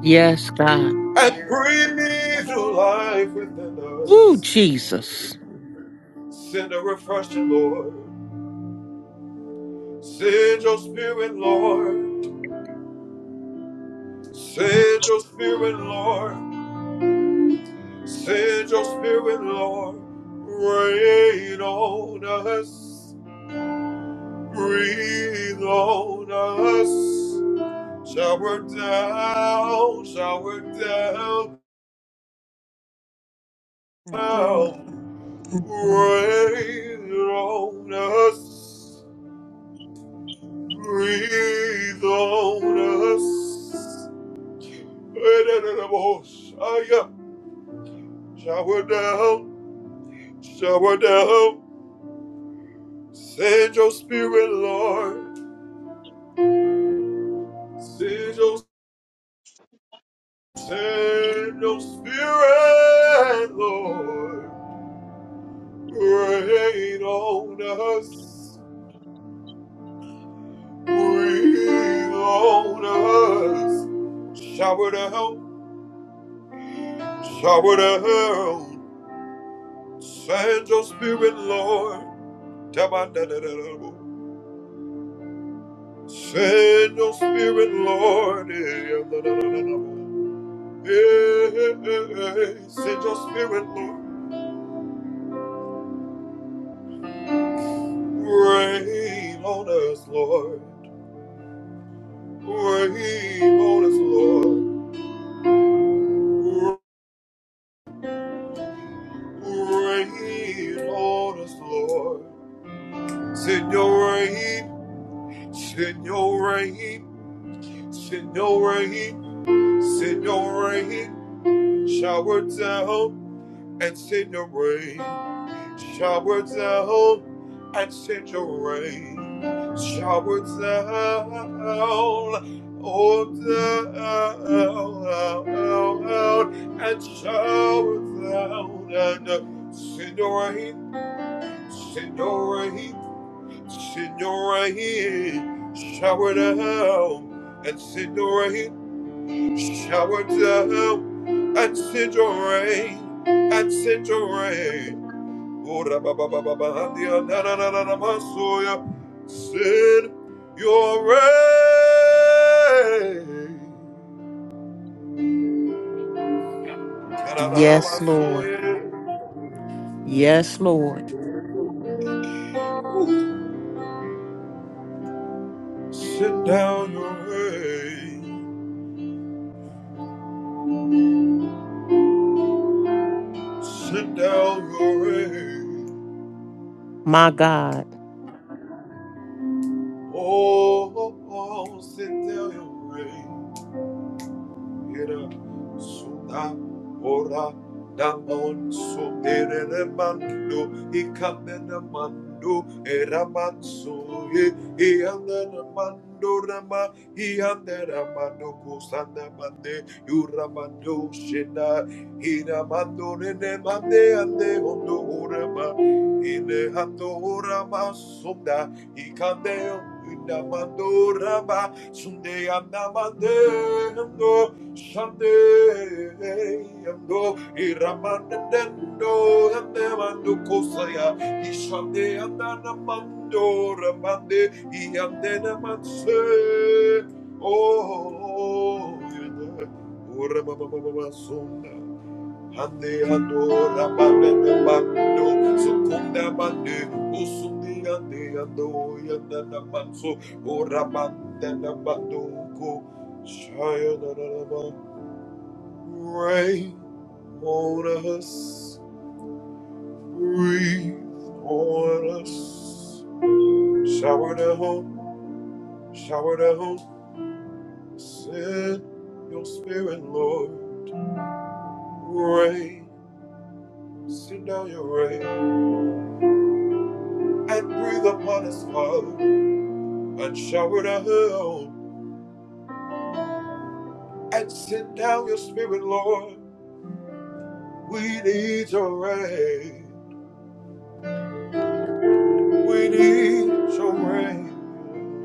Speaker 14: Yes, God. Ooh, Jesus.
Speaker 12: Thank you, Lord.
Speaker 14: Yes, Lord. Yes, Lord. My God.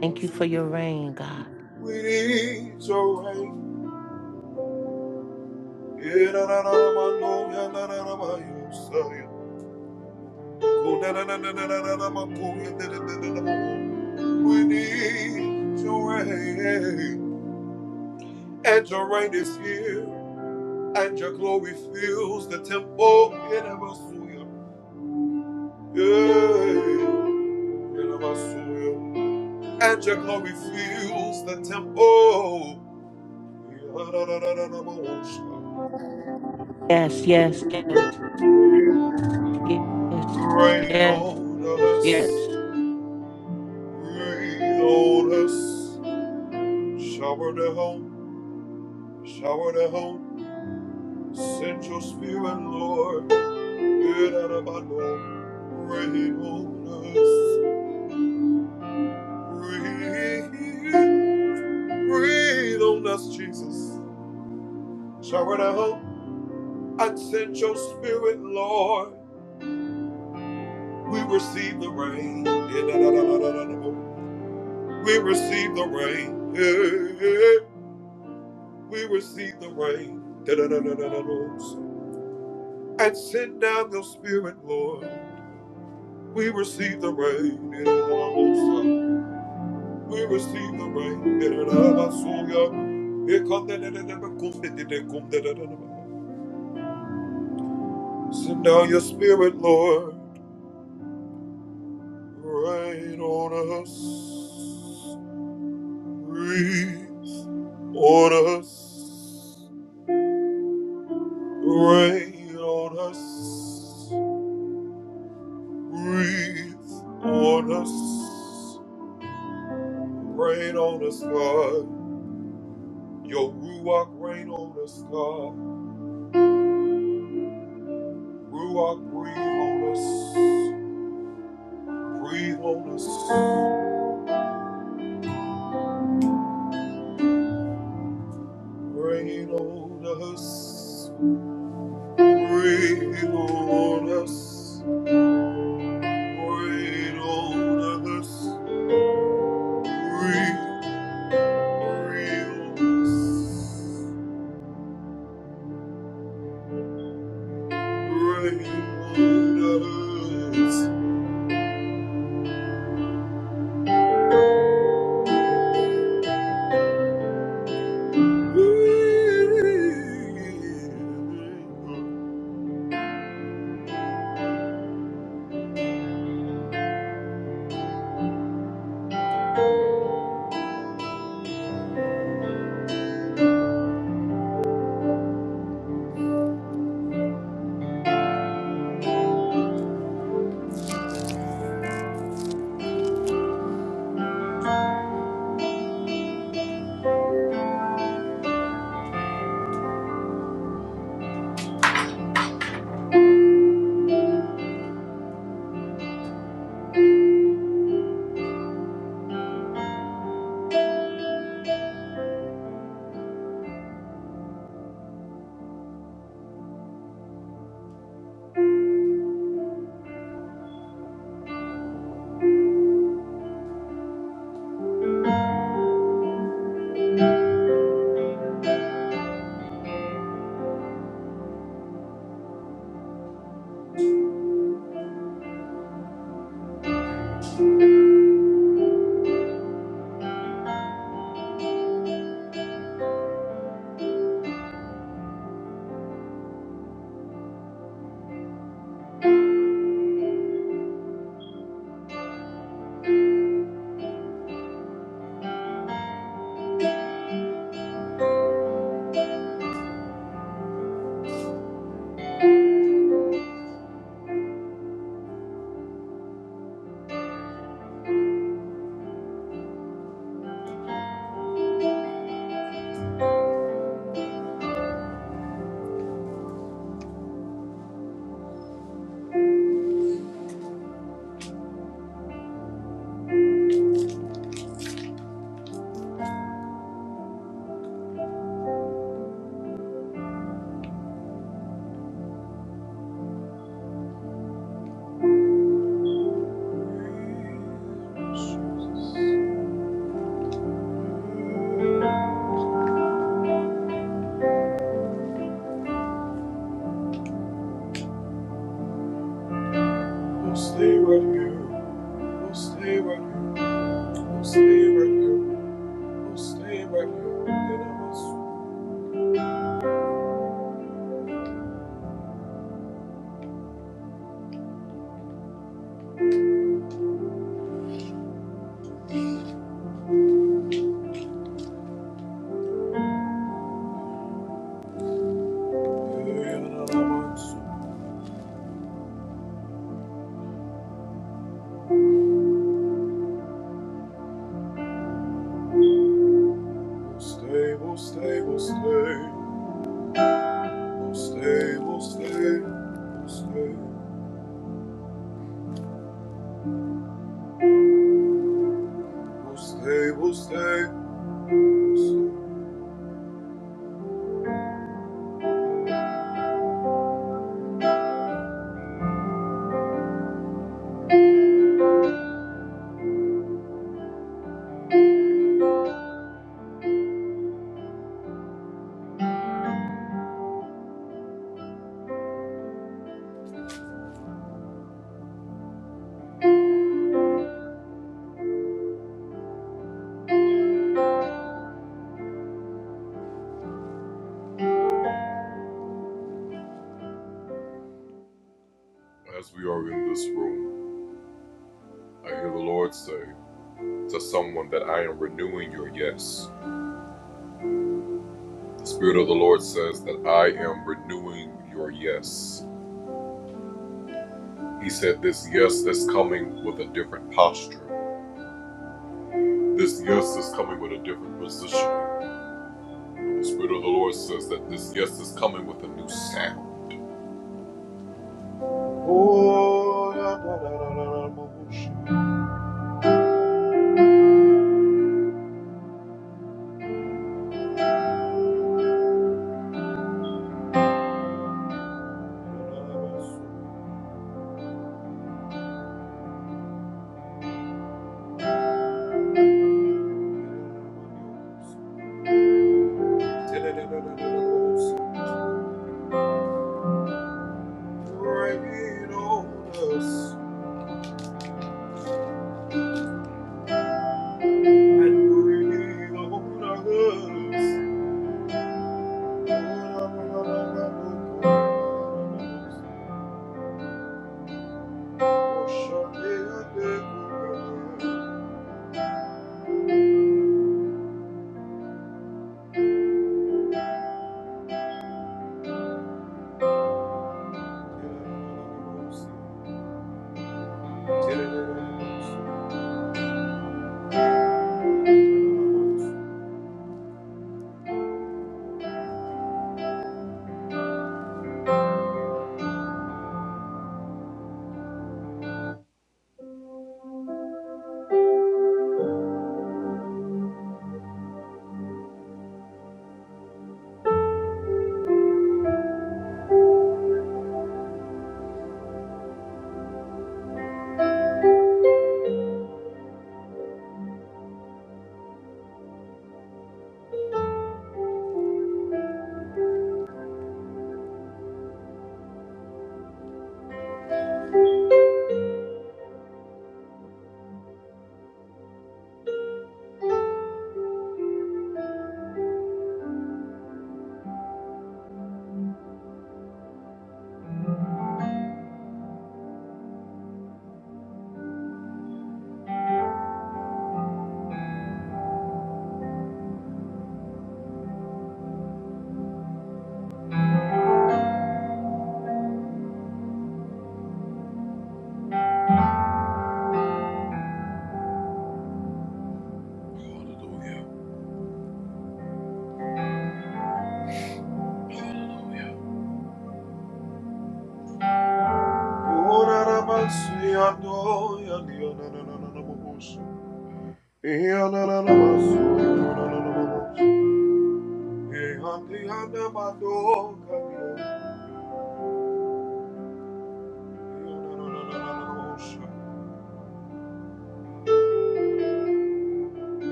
Speaker 14: Thank you for your rain, God. Yes, yes, yes, yes, yes, yes.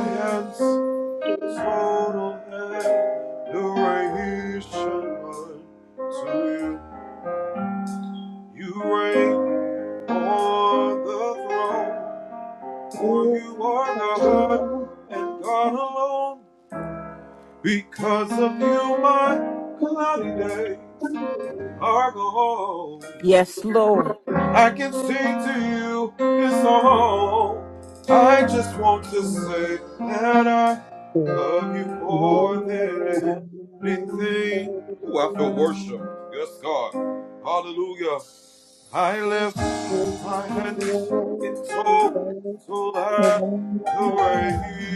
Speaker 12: Thank you, Lord. Thank you, Lord. Thank
Speaker 14: Yes, Lord.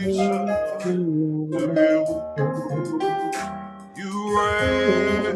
Speaker 12: you, Lord. Thank you, Lord. Thank you.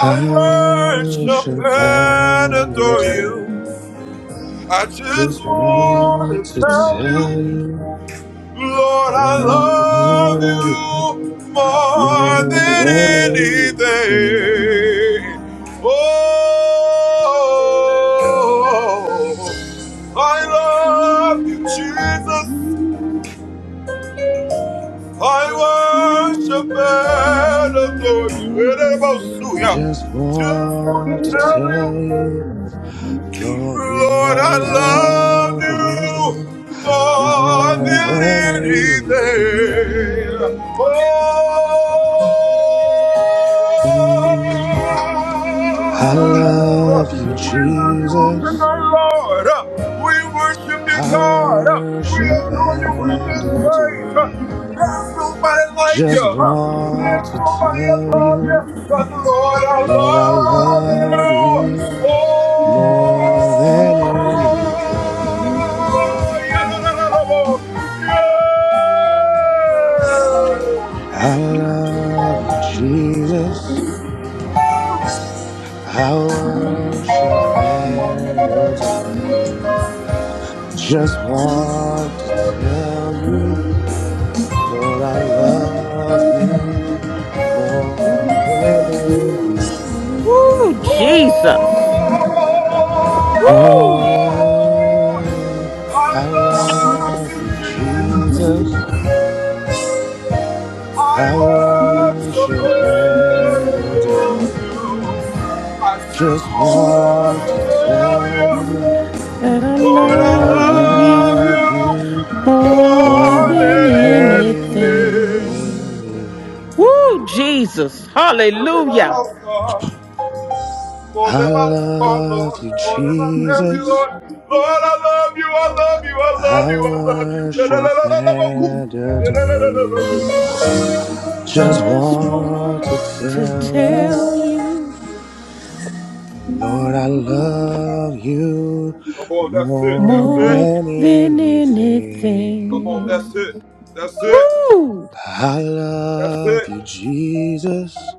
Speaker 15: I worship and adore
Speaker 12: Thank
Speaker 15: you. Just want to tell you, Lord, I love you more than anything. Just want to tell you, Lord, Lord, I love you more than anything. Mm. I love you, Jesus. I worship and adore you. Just want to tell
Speaker 12: you.
Speaker 15: you, Lord, I
Speaker 12: Thank
Speaker 15: love you more than anything. I love you, Jesus. I worship and adore you. Just want to tell you. Lord, I love you more than
Speaker 14: Woo,
Speaker 15: anything.
Speaker 14: Jesus. Woo.
Speaker 15: Oh, I love you, Jesus. I worship and adore you. Just want to tell you,
Speaker 14: That I
Speaker 15: Lord, I
Speaker 14: love
Speaker 15: love
Speaker 14: you.
Speaker 15: you
Speaker 14: More than
Speaker 15: more than
Speaker 14: anything.
Speaker 15: anything.
Speaker 14: Woo, Jesus. Hallelujah.
Speaker 15: I love you, Jesus. I worship and adore you.
Speaker 14: I
Speaker 15: Just
Speaker 14: Just
Speaker 15: want
Speaker 14: want
Speaker 15: to
Speaker 14: to
Speaker 15: tell you,
Speaker 12: you.
Speaker 14: tell you
Speaker 12: Thank
Speaker 15: Lord, I love you more
Speaker 14: more
Speaker 15: than
Speaker 14: than
Speaker 15: anything.
Speaker 14: anything. Woo!
Speaker 15: I love you, Jesus.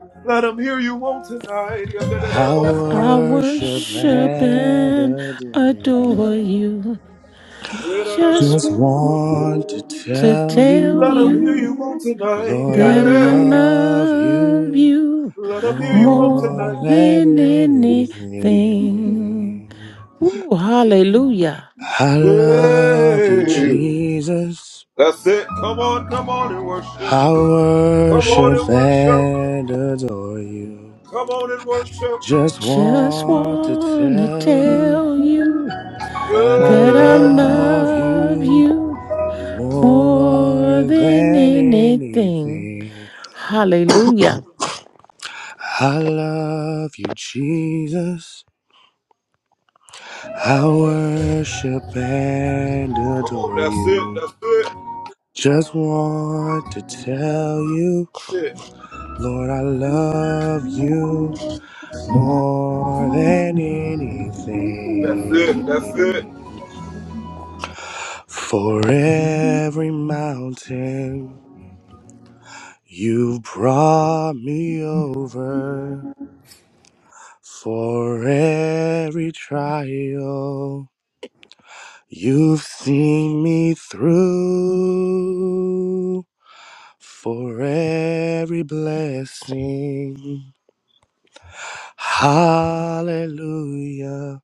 Speaker 15: I
Speaker 14: I
Speaker 15: worship
Speaker 14: worship
Speaker 15: and
Speaker 14: and
Speaker 15: adore you.
Speaker 14: adore you. Just
Speaker 15: Just want to
Speaker 14: want to
Speaker 15: tell you.
Speaker 14: tell you
Speaker 15: Lord, I
Speaker 14: that I
Speaker 15: love
Speaker 14: love
Speaker 15: you
Speaker 14: you. more
Speaker 15: more than
Speaker 14: than anything.
Speaker 15: anything.
Speaker 12: you.
Speaker 14: Woo, hallelujah.
Speaker 15: I love you, Jesus. I worship and adore you. Just
Speaker 14: Just
Speaker 15: want to
Speaker 14: want to
Speaker 15: tell you
Speaker 14: tell you
Speaker 15: that I
Speaker 14: that I
Speaker 15: love
Speaker 14: love
Speaker 15: you
Speaker 14: you more
Speaker 15: more
Speaker 14: than
Speaker 15: than
Speaker 14: anything.
Speaker 15: anything.
Speaker 14: Hallelujah.
Speaker 15: I love you, Jesus. I worship and adore you. Just want to tell you, Lord, I love you more than anything. For every mountain you've brought me over, for every trial you've seen me through. for every blessing. Hallelujah.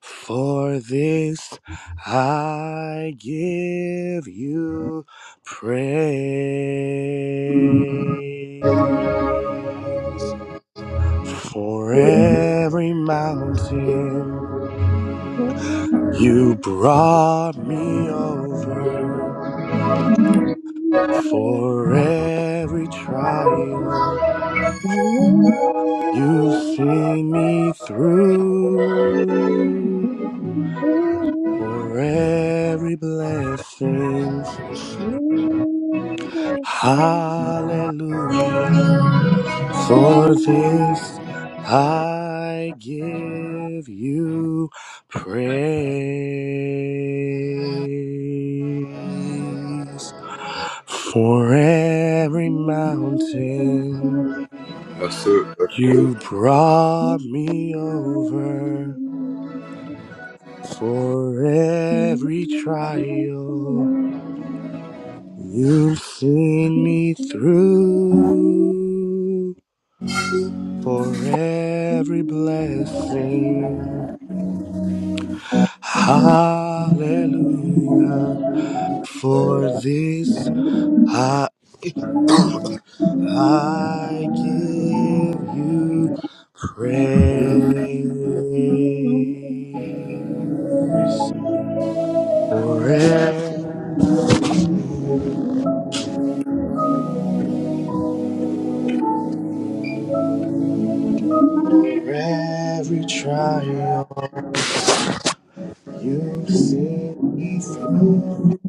Speaker 15: For this I give you praise. For every mountain you brought me over. For every trial. You've seen me through for every blessing. Hallelujah.
Speaker 12: Thank you.
Speaker 15: For this I give you praise. For every mountain you brought me over. For every trial you've seen me through, for every blessing, hallelujah. For this I, I give you praise. For every mountain. For every trial you see me through,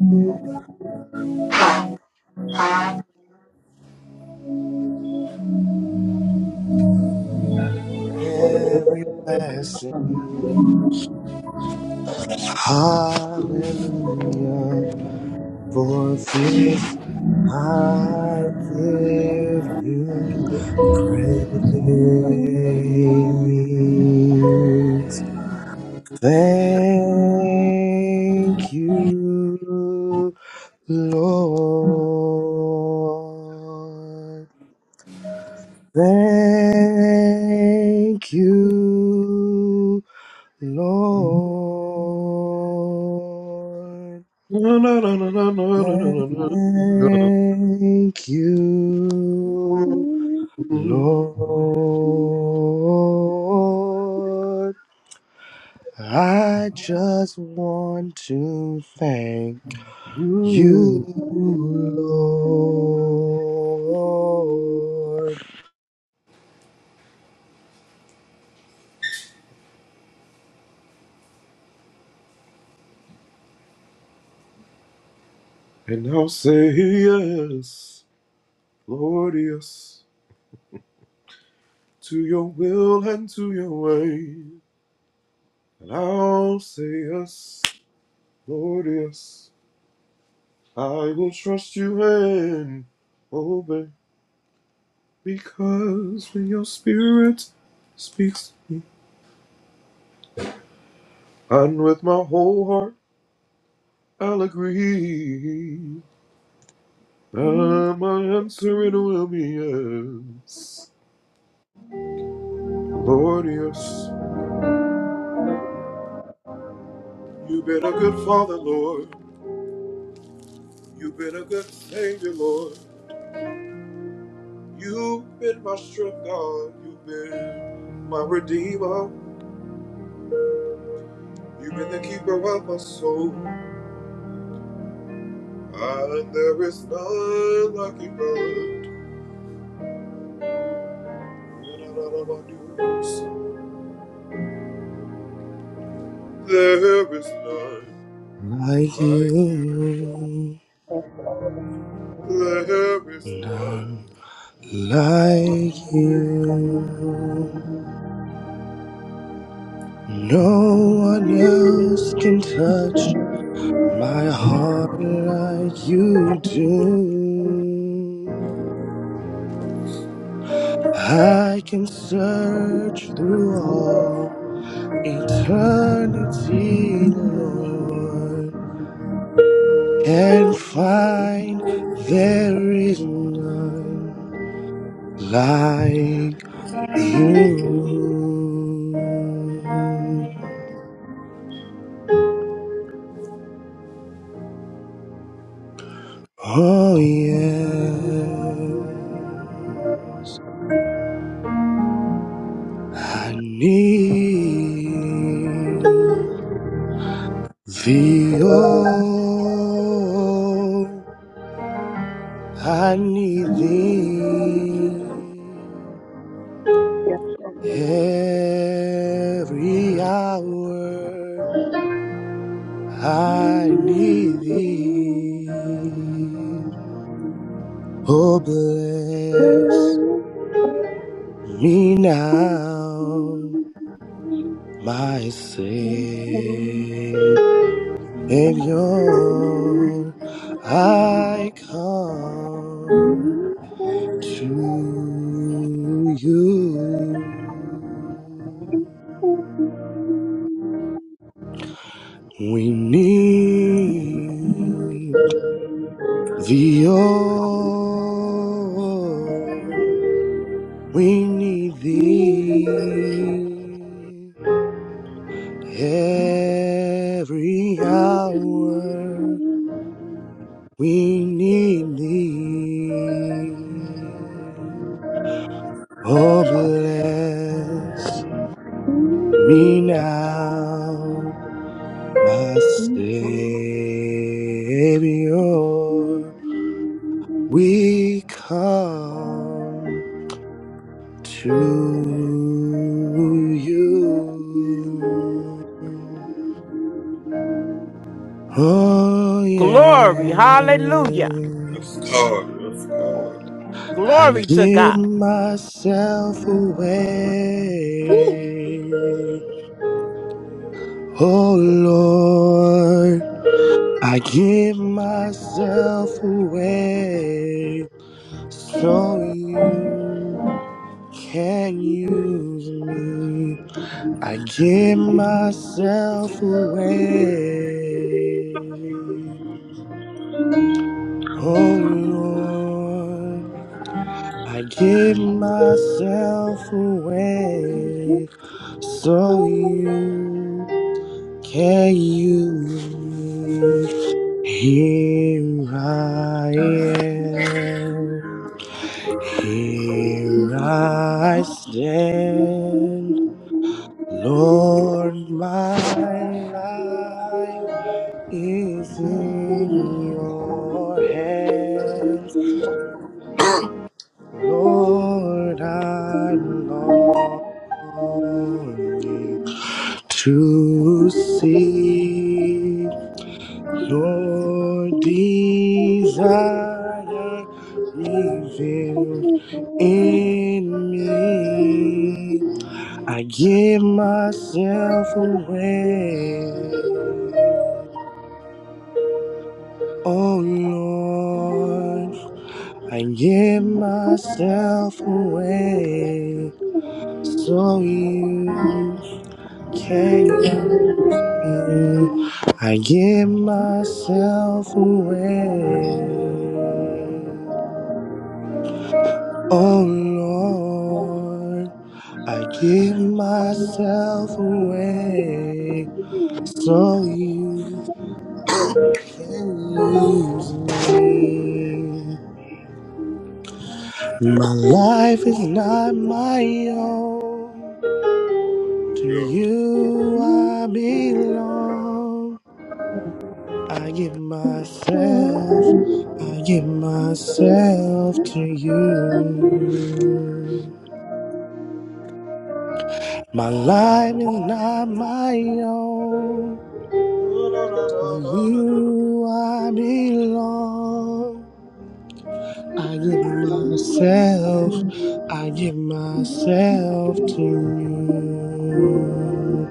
Speaker 15: for every blessing, hallelujah. For this I
Speaker 12: Yeah.
Speaker 15: give you praise. Thank you, Lord. Thank you, Lord. Thank you, Lord. I just want to thank You, Lord, like you, none like you. No one else can touch my heart like you do. I can search through all eternity, Lord and find there is none like you. Oh, yes, I need thee. Oh, I need thee every hour I need thee. Oh, bless me now, my Savior. I come to you.
Speaker 12: Thank
Speaker 15: We need thee, oh We need thee every hour. We need thee. Oh, bless me now, my Savior. We come to you. Oh,
Speaker 14: Glory. Hallelujah.
Speaker 15: yes. I
Speaker 14: Glory to
Speaker 15: give
Speaker 14: God.
Speaker 15: myself away. Oh, Lord. I give myself away so you can use me. I give myself away. Oh, Lord. I give myself away so you can use me. Here I am, here I stand. Lord, my life is in your hands. Lord, I'm longing to see. Lord, desire revealed in me. I give myself away. Oh Lord, I give myself away. So you can you I give myself away. Oh Lord, I give myself away
Speaker 12: you.
Speaker 15: so you can
Speaker 12: Thank
Speaker 15: use me. My life is not my own. To you I belong. I give myself, I give myself to you. My life is not my own. To you I belong. I give myself, I give myself to you.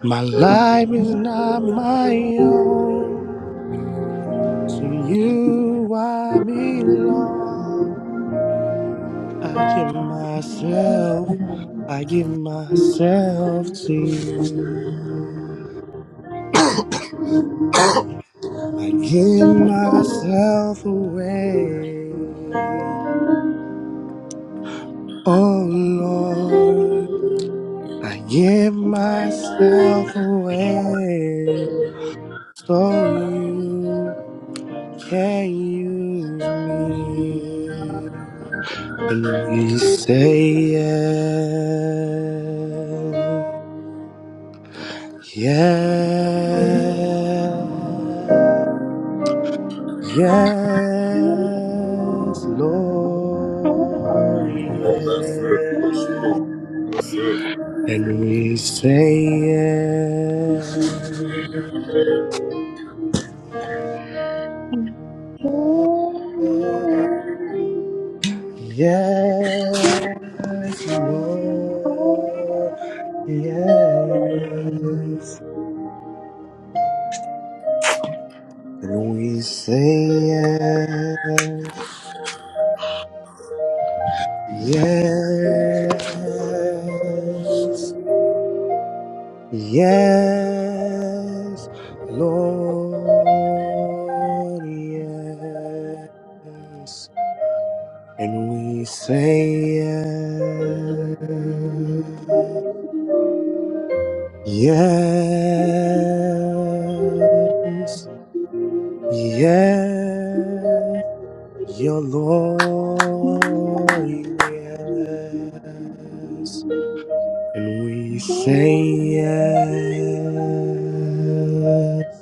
Speaker 15: My life is not my own. To you I belong. I give myself, I give myself to you. I give myself away. Oh Lord, I give myself away so you can use me. And we say yes. Yeah, yes, Lord, yeah. And we say yeah, yes, Lord, yes. And we say yeah, yes. Yes, Lord, yes. And we say yes, yes, yes, your Lord,
Speaker 12: you.
Speaker 15: yes. And we say yes.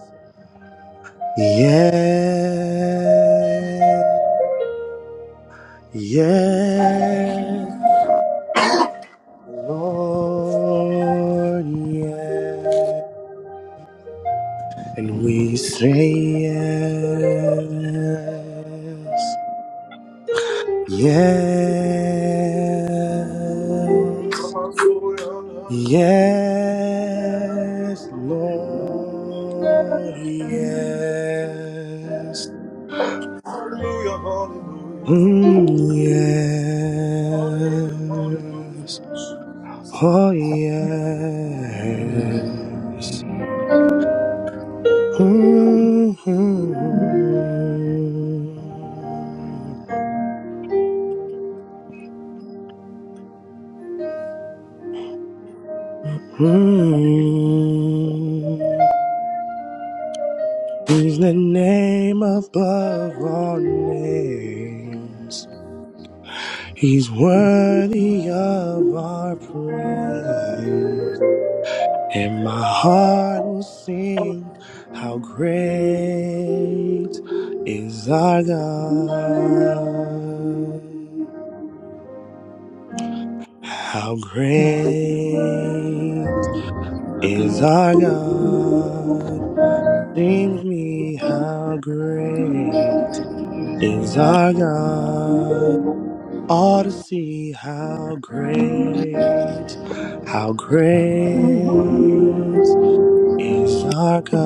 Speaker 15: Yeah, yeah, Lord, yeah. And we say yes, yes, yes, Lord, yes. Mm, yes. Oh yes. mm mm He's the name above all names. He's worthy of our praise. And my heart will sing how great is our God. How great is our God? Seems me how great is our God. All to see how great, how great is our God.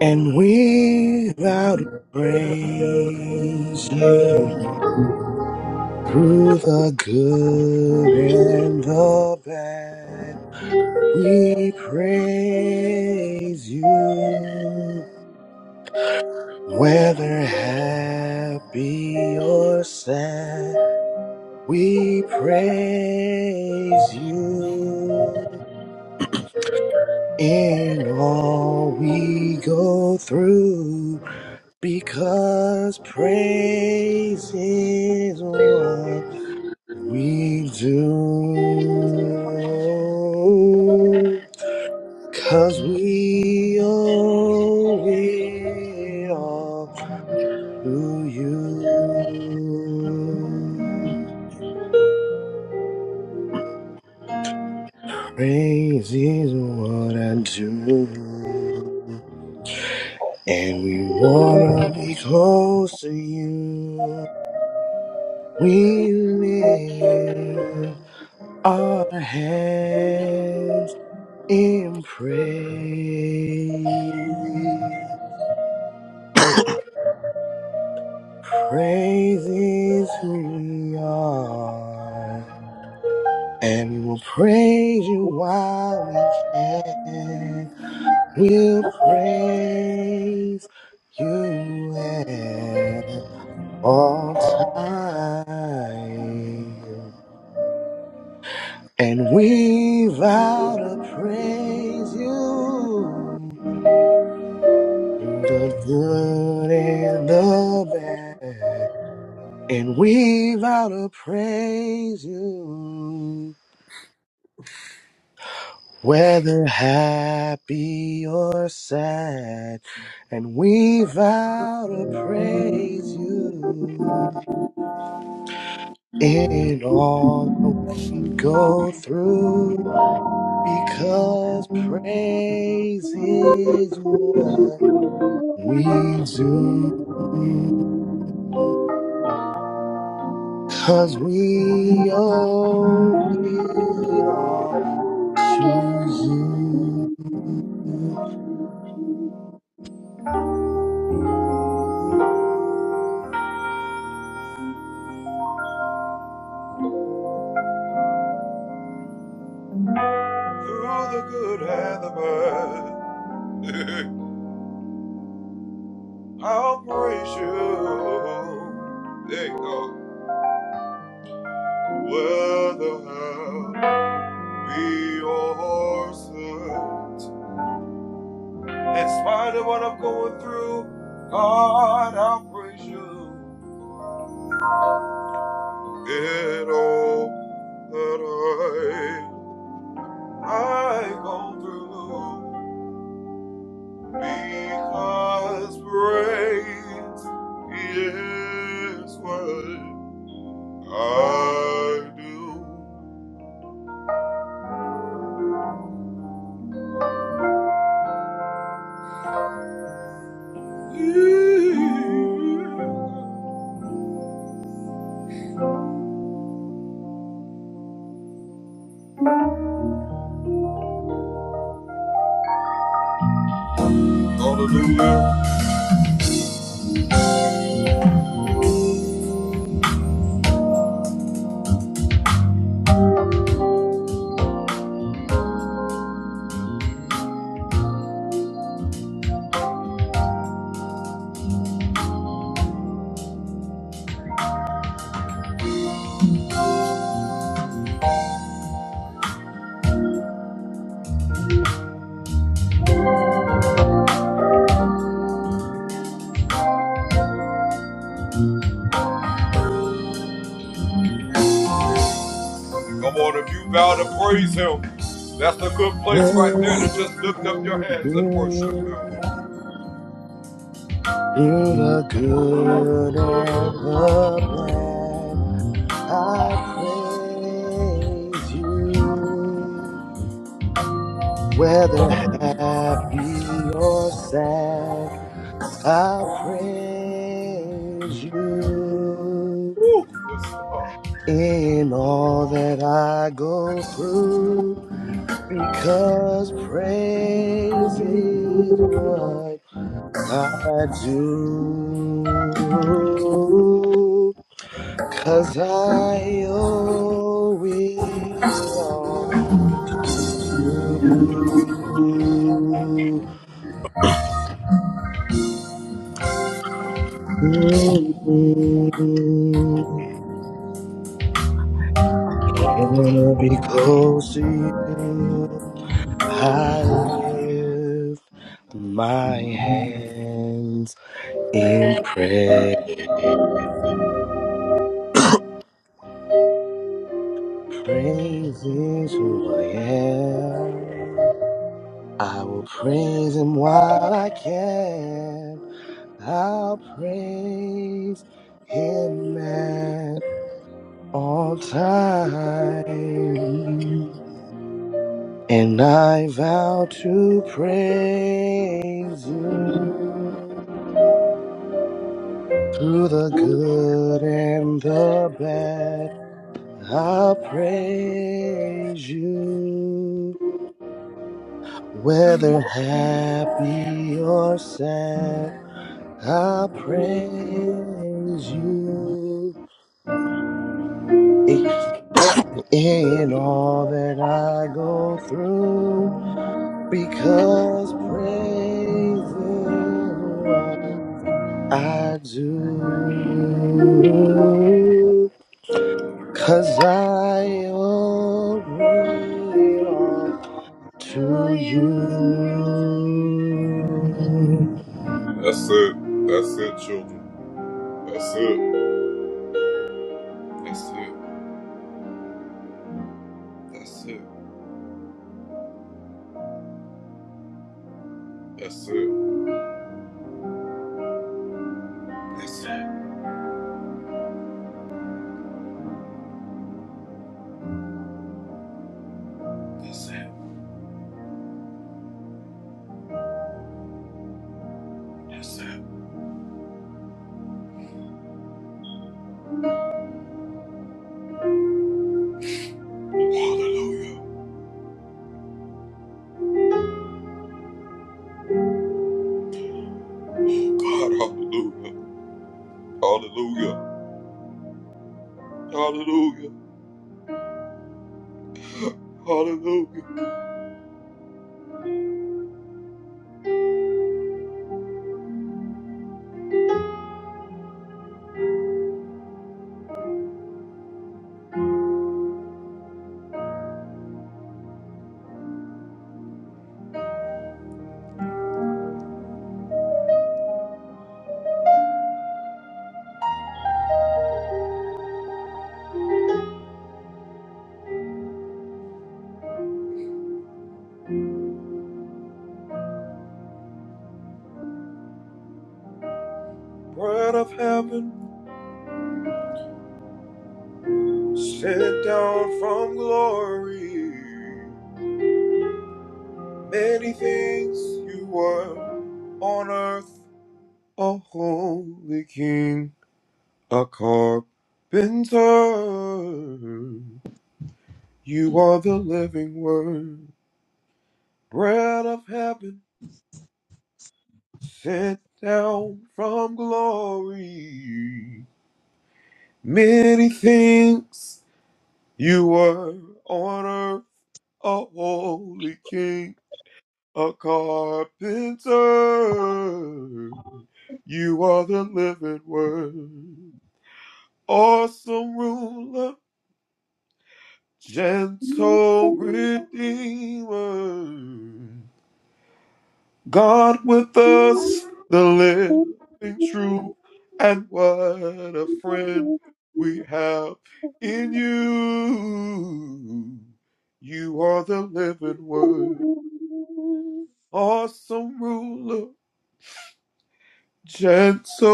Speaker 15: And we vow to praise you. Through the good and the bad, we praise you. Whether happy or sad, we praise you. In all we go through, because praise is one. We do 'cause we owe it all to you. Praise is what I do, and we wanna be close to you. We lift our hands in praise. Praise is who we are, and we will praise you while we can. We'll praise you at all time, and we vow to praise you The good and the bad, and we vow to praise you. Whether happy or sad, and we vow to praise you in all that we go through, because praise is what we do. Cause we owe it all to you. Through the
Speaker 16: All
Speaker 15: good and the bad, I'll praise you. Whether happy or sad, I'll praise you. in all that I go through, because praise is what I do. 'Cause I owe it all to you. Mm. I wanna be close to you. I lift my hands in praise. Praise is who I am. I will praise him while I can. I'll praise him at all times. And I vow to praise you Through the good and the bad, I'll praise you. Whether happy or sad, I'll praise you. In all that I go through, because praising what I do. Cause I owe it all
Speaker 16: To
Speaker 15: to
Speaker 16: you,
Speaker 15: you.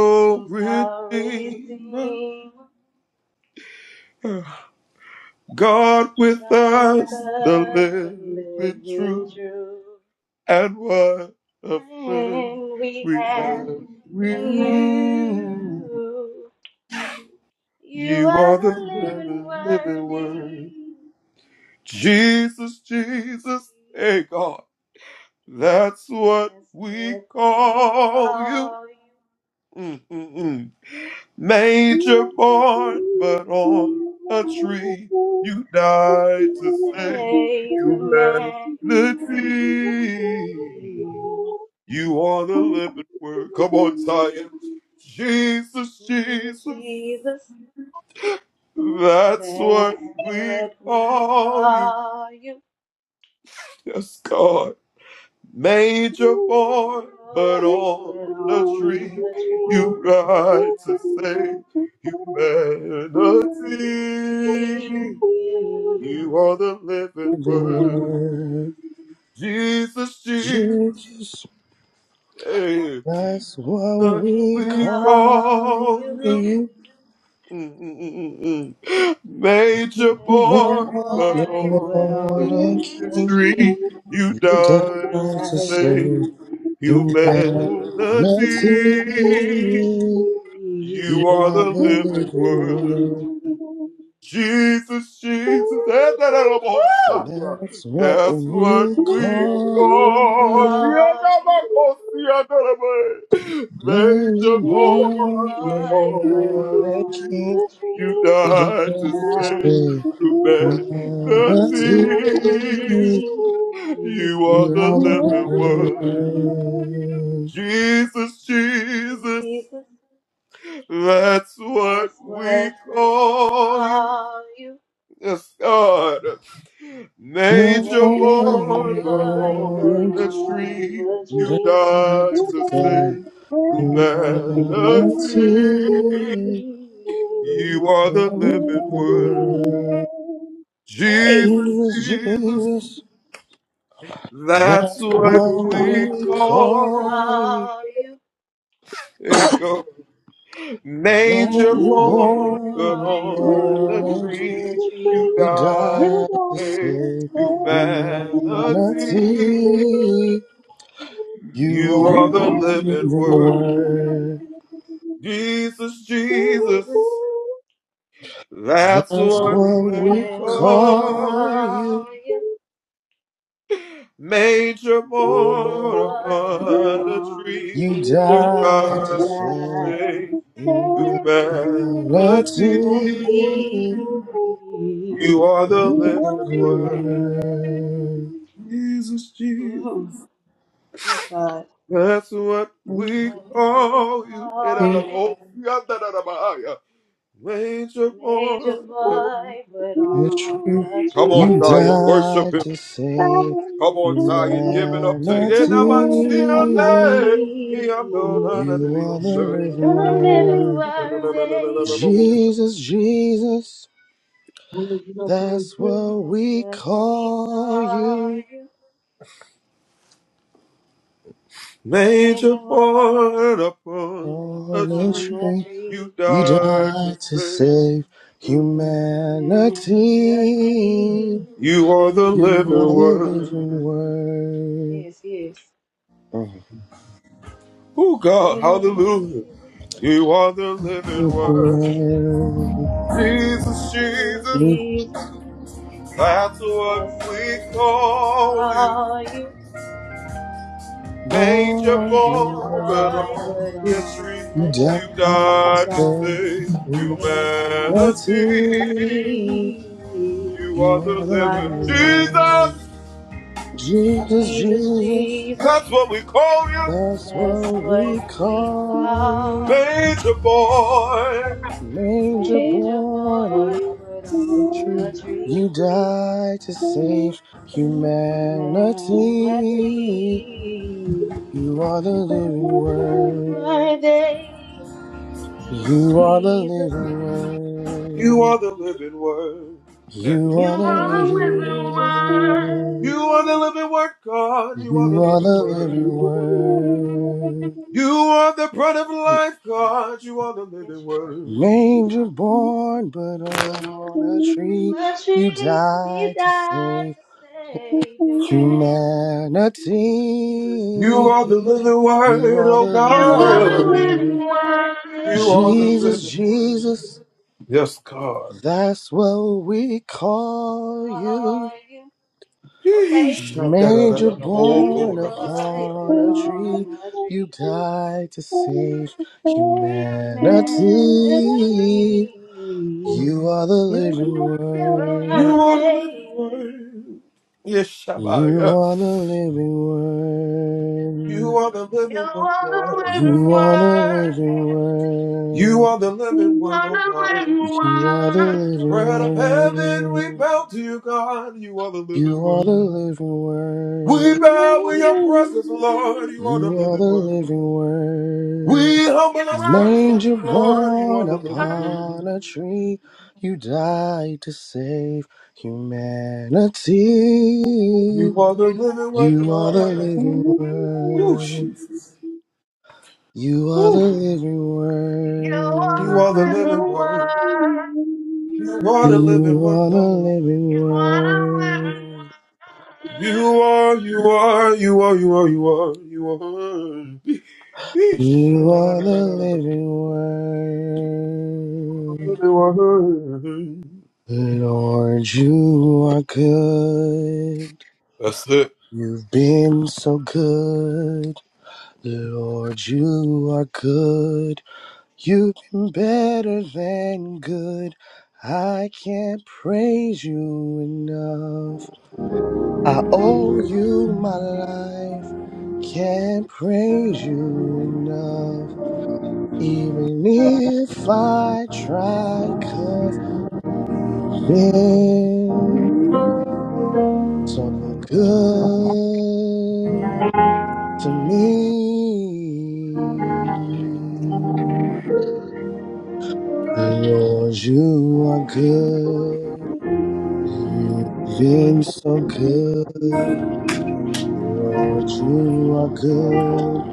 Speaker 16: who's our Redeemer, God with us, the living true friend we have in you. You are the living worthy, Jesus. That's what we call you, to save humanity. Jesus, Jesus, that's what we call you.
Speaker 12: Thank
Speaker 16: Ain't
Speaker 12: you.
Speaker 16: a boy, but on the tree, God, humanity.
Speaker 15: The word Jesus, that's what
Speaker 16: We
Speaker 15: we call
Speaker 16: call you
Speaker 15: you.
Speaker 16: Major
Speaker 15: Born the
Speaker 16: Boy, but
Speaker 15: Lord and
Speaker 16: on the
Speaker 15: King,
Speaker 16: tree,
Speaker 15: you
Speaker 16: we
Speaker 15: died to
Speaker 16: died
Speaker 15: save
Speaker 16: Mercy. Woo!
Speaker 15: humanity. You are the living word. That's what we
Speaker 16: That's what
Speaker 15: call
Speaker 16: we
Speaker 15: it.
Speaker 16: call you.
Speaker 15: When you're
Speaker 16: Major
Speaker 15: born, you
Speaker 16: voice, but
Speaker 15: are a
Speaker 16: on
Speaker 15: king,
Speaker 16: the tree.
Speaker 12: Thank you.
Speaker 15: you
Speaker 16: You
Speaker 12: You
Speaker 15: don't just
Speaker 16: guys
Speaker 15: say, that's it.
Speaker 16: humanity.
Speaker 15: You are
Speaker 16: You are
Speaker 15: the
Speaker 16: the
Speaker 15: living
Speaker 16: living word,
Speaker 15: Lord.
Speaker 16: Jesus. That's what we call you.
Speaker 15: More
Speaker 16: Major boy, but on the
Speaker 15: than God
Speaker 16: tree.
Speaker 15: to say, you are the king, you are the living word.
Speaker 16: Hey,
Speaker 15: Jesus, Jesus. That's
Speaker 16: that's
Speaker 15: what
Speaker 16: what
Speaker 15: we
Speaker 16: we
Speaker 15: call you.
Speaker 16: call you.
Speaker 15: Morning,
Speaker 16: Major
Speaker 15: morning,
Speaker 16: boy, but
Speaker 15: Lord, and
Speaker 16: on the
Speaker 12: don't
Speaker 16: tree.
Speaker 15: You died to
Speaker 12: understand.
Speaker 15: save humanity. You
Speaker 12: Thank
Speaker 15: are the
Speaker 12: you.
Speaker 16: Praise
Speaker 15: word.
Speaker 16: Jesus,
Speaker 15: That's
Speaker 16: that's
Speaker 15: what we
Speaker 16: what we
Speaker 15: call you,
Speaker 16: call you. Major boy,
Speaker 15: Lord.
Speaker 16: but on the
Speaker 15: You
Speaker 16: tree.
Speaker 15: died
Speaker 16: You
Speaker 15: to save
Speaker 16: died.
Speaker 15: humanity.
Speaker 16: Let's see.
Speaker 15: It's
Speaker 16: Mm. Yes, God. What we call you, major boy, but on
Speaker 15: true.
Speaker 16: a tree
Speaker 15: You died to save
Speaker 16: to stay.
Speaker 15: humanity.
Speaker 16: Let's
Speaker 15: You are the
Speaker 16: What
Speaker 12: Only
Speaker 15: living
Speaker 16: a living
Speaker 15: word.
Speaker 16: word eh?
Speaker 15: Jesus, Jesus,
Speaker 12: you got some little
Speaker 15: that's
Speaker 12: shit.
Speaker 15: what
Speaker 16: That's
Speaker 15: we
Speaker 16: what we
Speaker 15: call
Speaker 16: call
Speaker 15: you
Speaker 16: you, major boy, but
Speaker 15: on a
Speaker 16: on a
Speaker 15: tree.
Speaker 16: tree
Speaker 15: You died to save
Speaker 16: to
Speaker 15: humanity.
Speaker 16: melody.
Speaker 15: You are the living word.
Speaker 16: Yes, yes.
Speaker 15: Mhm.
Speaker 16: Jesus, Jesus,
Speaker 15: If you
Speaker 16: Jesus,
Speaker 15: if
Speaker 16: Jesus, that's what we call you.
Speaker 15: born
Speaker 16: Major
Speaker 15: you know,
Speaker 16: boy, but on
Speaker 15: you
Speaker 16: a tree,
Speaker 15: died to
Speaker 16: you
Speaker 15: save
Speaker 16: died to save
Speaker 15: humanity.
Speaker 16: humanity.
Speaker 15: You are
Speaker 16: You
Speaker 15: the
Speaker 16: are the
Speaker 15: living
Speaker 16: living
Speaker 15: word.
Speaker 16: word.
Speaker 15: Jesus,
Speaker 16: Jesus,
Speaker 15: Jesus,
Speaker 16: Jesus,
Speaker 15: that's
Speaker 16: that's
Speaker 15: what we
Speaker 16: what we
Speaker 15: call you.
Speaker 16: call you.
Speaker 15: Manger
Speaker 16: Major
Speaker 15: born
Speaker 16: boy, but
Speaker 15: on a
Speaker 16: on
Speaker 15: tree.
Speaker 16: a
Speaker 15: You
Speaker 16: tree,
Speaker 15: died to save humanity.
Speaker 16: humanity.
Speaker 15: You are the living word.
Speaker 16: worthy. Jesus,
Speaker 15: You are the
Speaker 16: Jesus,
Speaker 15: living word. You
Speaker 17: You are
Speaker 15: are the
Speaker 17: the
Speaker 16: Jesus,
Speaker 17: living
Speaker 16: Jesus.
Speaker 15: living
Speaker 17: one.
Speaker 15: word. You are the living word.
Speaker 16: Yes, you are, God. Yes, you
Speaker 15: Manger
Speaker 16: are, Father.
Speaker 15: born, but on a tree, you
Speaker 16: Mercy, He
Speaker 15: died to
Speaker 16: died
Speaker 15: save
Speaker 16: to save man. Jesus,
Speaker 15: humanity. You are the
Speaker 17: You
Speaker 16: you
Speaker 15: living
Speaker 17: are
Speaker 16: are the
Speaker 17: the
Speaker 16: living
Speaker 17: living
Speaker 15: word.
Speaker 17: one.
Speaker 16: worthy.
Speaker 15: Jesus, Jesus, that's what we call you.
Speaker 16: Saw you. Okay.
Speaker 15: Manger
Speaker 16: Angel
Speaker 15: born
Speaker 16: voice,
Speaker 15: upon
Speaker 16: but
Speaker 15: a tree,
Speaker 16: on a
Speaker 15: you
Speaker 16: tree.
Speaker 15: died to save humanity.
Speaker 16: Humanity,
Speaker 15: You are the living word.
Speaker 16: worthy.
Speaker 15: You are the living word.
Speaker 17: You are the living one. You are the living
Speaker 15: You
Speaker 17: one.
Speaker 15: are the living word. You are the living word. You are the living word.
Speaker 17: You are
Speaker 15: You are the living word.
Speaker 17: the living one. You are the living
Speaker 15: Manger born upon a tree, you died to save humanity. You are the living word. You are the living
Speaker 17: You
Speaker 15: word.
Speaker 17: one. You are the living one.
Speaker 15: You are the
Speaker 17: You are the
Speaker 15: living
Speaker 17: living one.
Speaker 15: word.
Speaker 17: Good
Speaker 15: You are the living word. Lord, you are good. You've been so good. Lord, you are good. You've been better than good. I can't praise you enough. I owe you my life. Can't praise you enough. Even if I try, you you've been so good to me. Lord, you are good. You've been so good. Lord, you are good.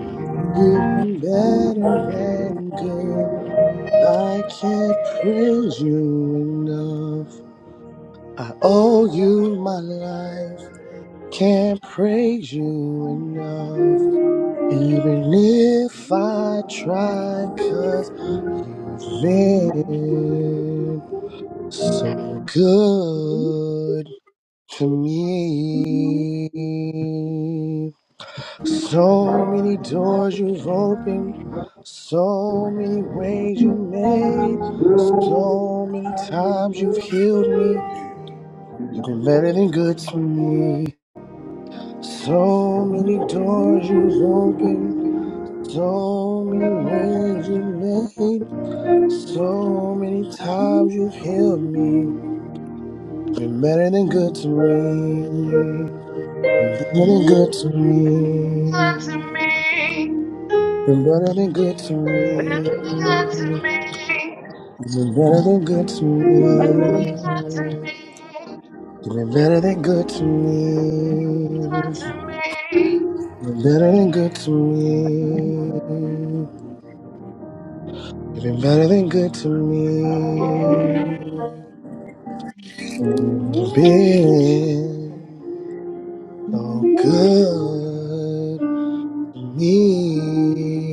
Speaker 15: You've been better than good. I can't praise you enough. I owe you my life. Can't praise you enough. Even if I try, cause you've been. so good to me. So many doors you've opened, so many ways you made, so many times you've healed me. You've been better than good to me. So many doors you've opened, so many ways you made, so many times you've healed me. Been better than good to me. Been better than good to
Speaker 17: to
Speaker 15: me.
Speaker 17: me.
Speaker 15: Been better than good to
Speaker 17: Better
Speaker 15: me.
Speaker 17: than good to me.
Speaker 15: Been better than good to
Speaker 17: And It's Not to
Speaker 15: me.
Speaker 17: me,
Speaker 15: Been better than good to
Speaker 17: it's not
Speaker 15: me.
Speaker 17: to me.
Speaker 15: Been better than good to me. Been better than good to me. You've been so good. me.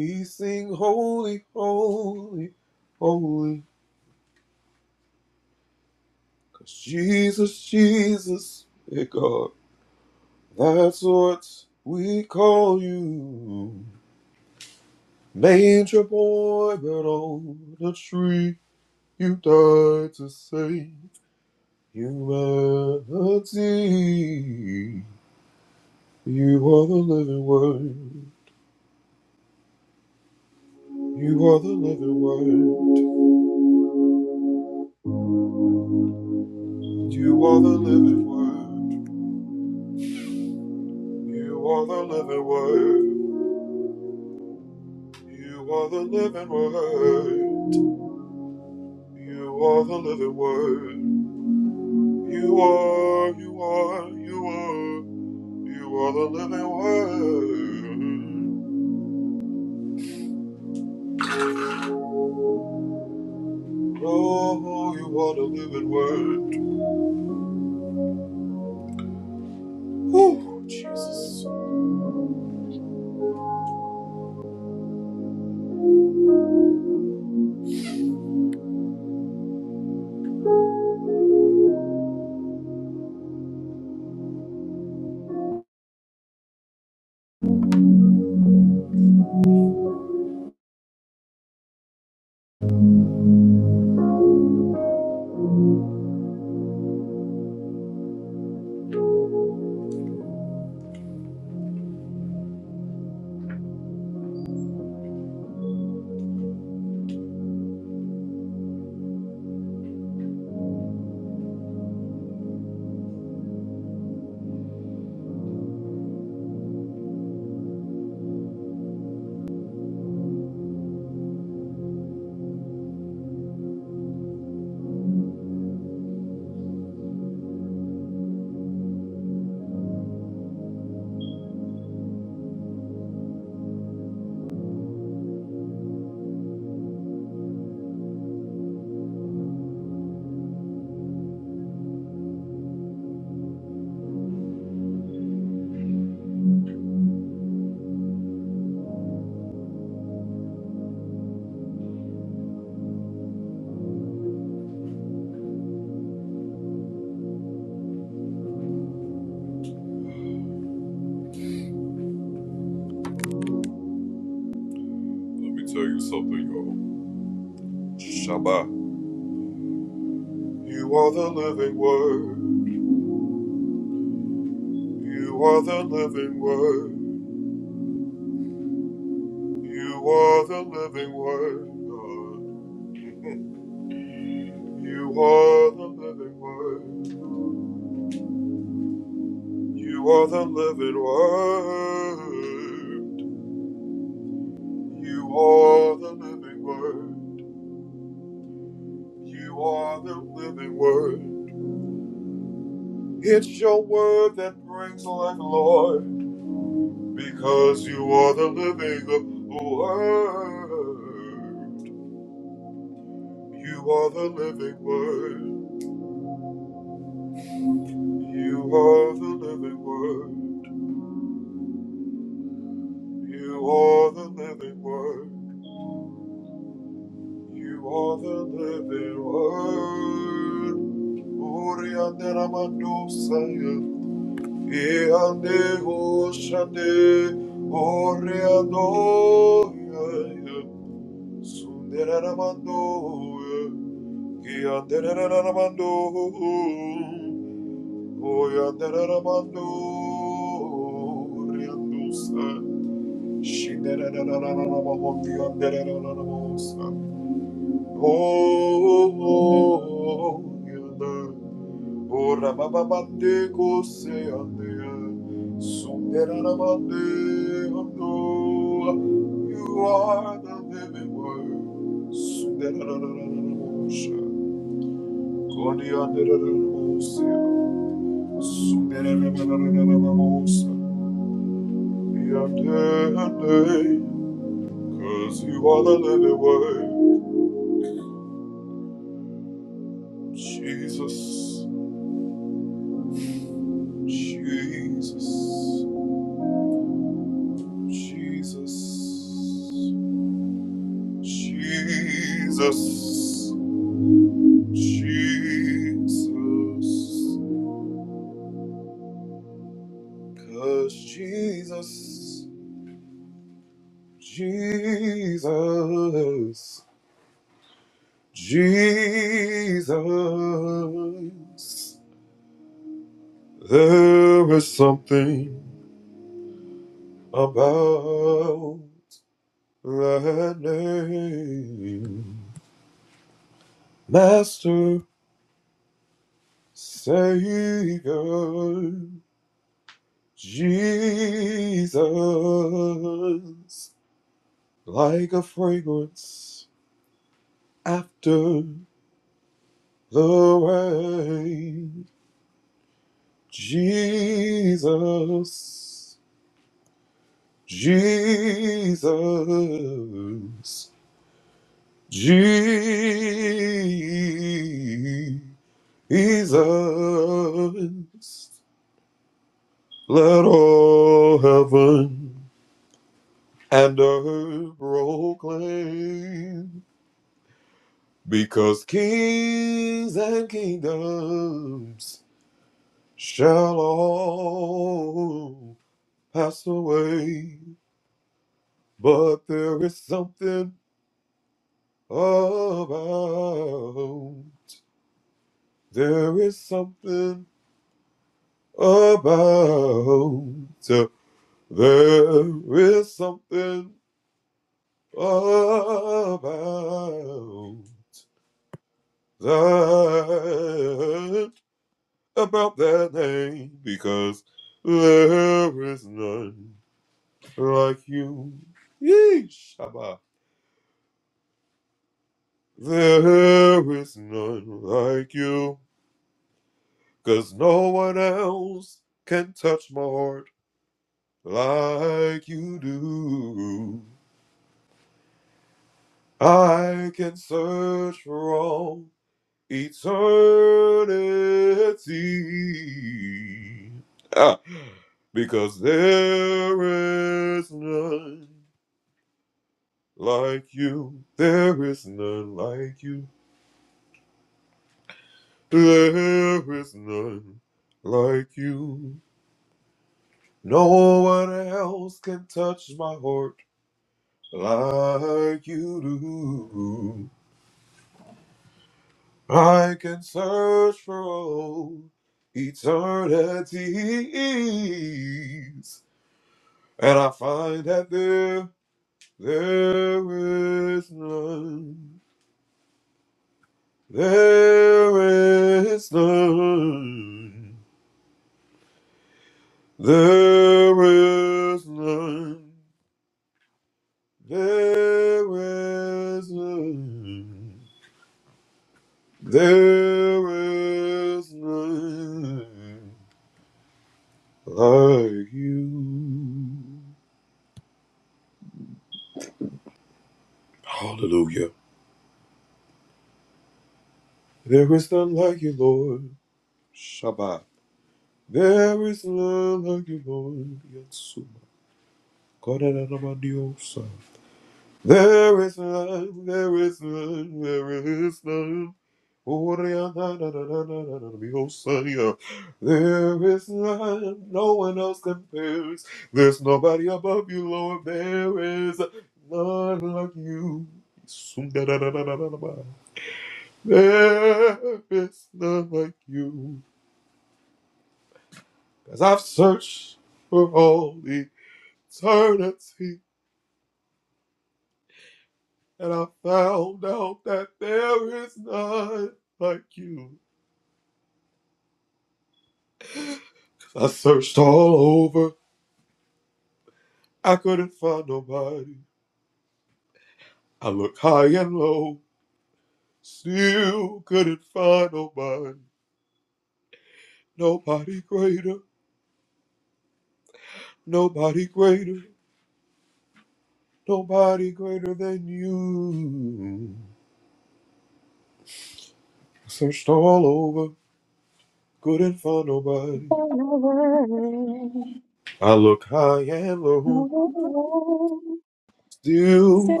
Speaker 9: Set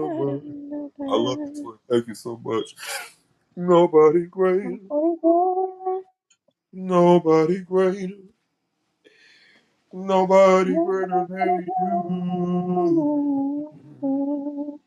Speaker 9: my light.
Speaker 12: Oh,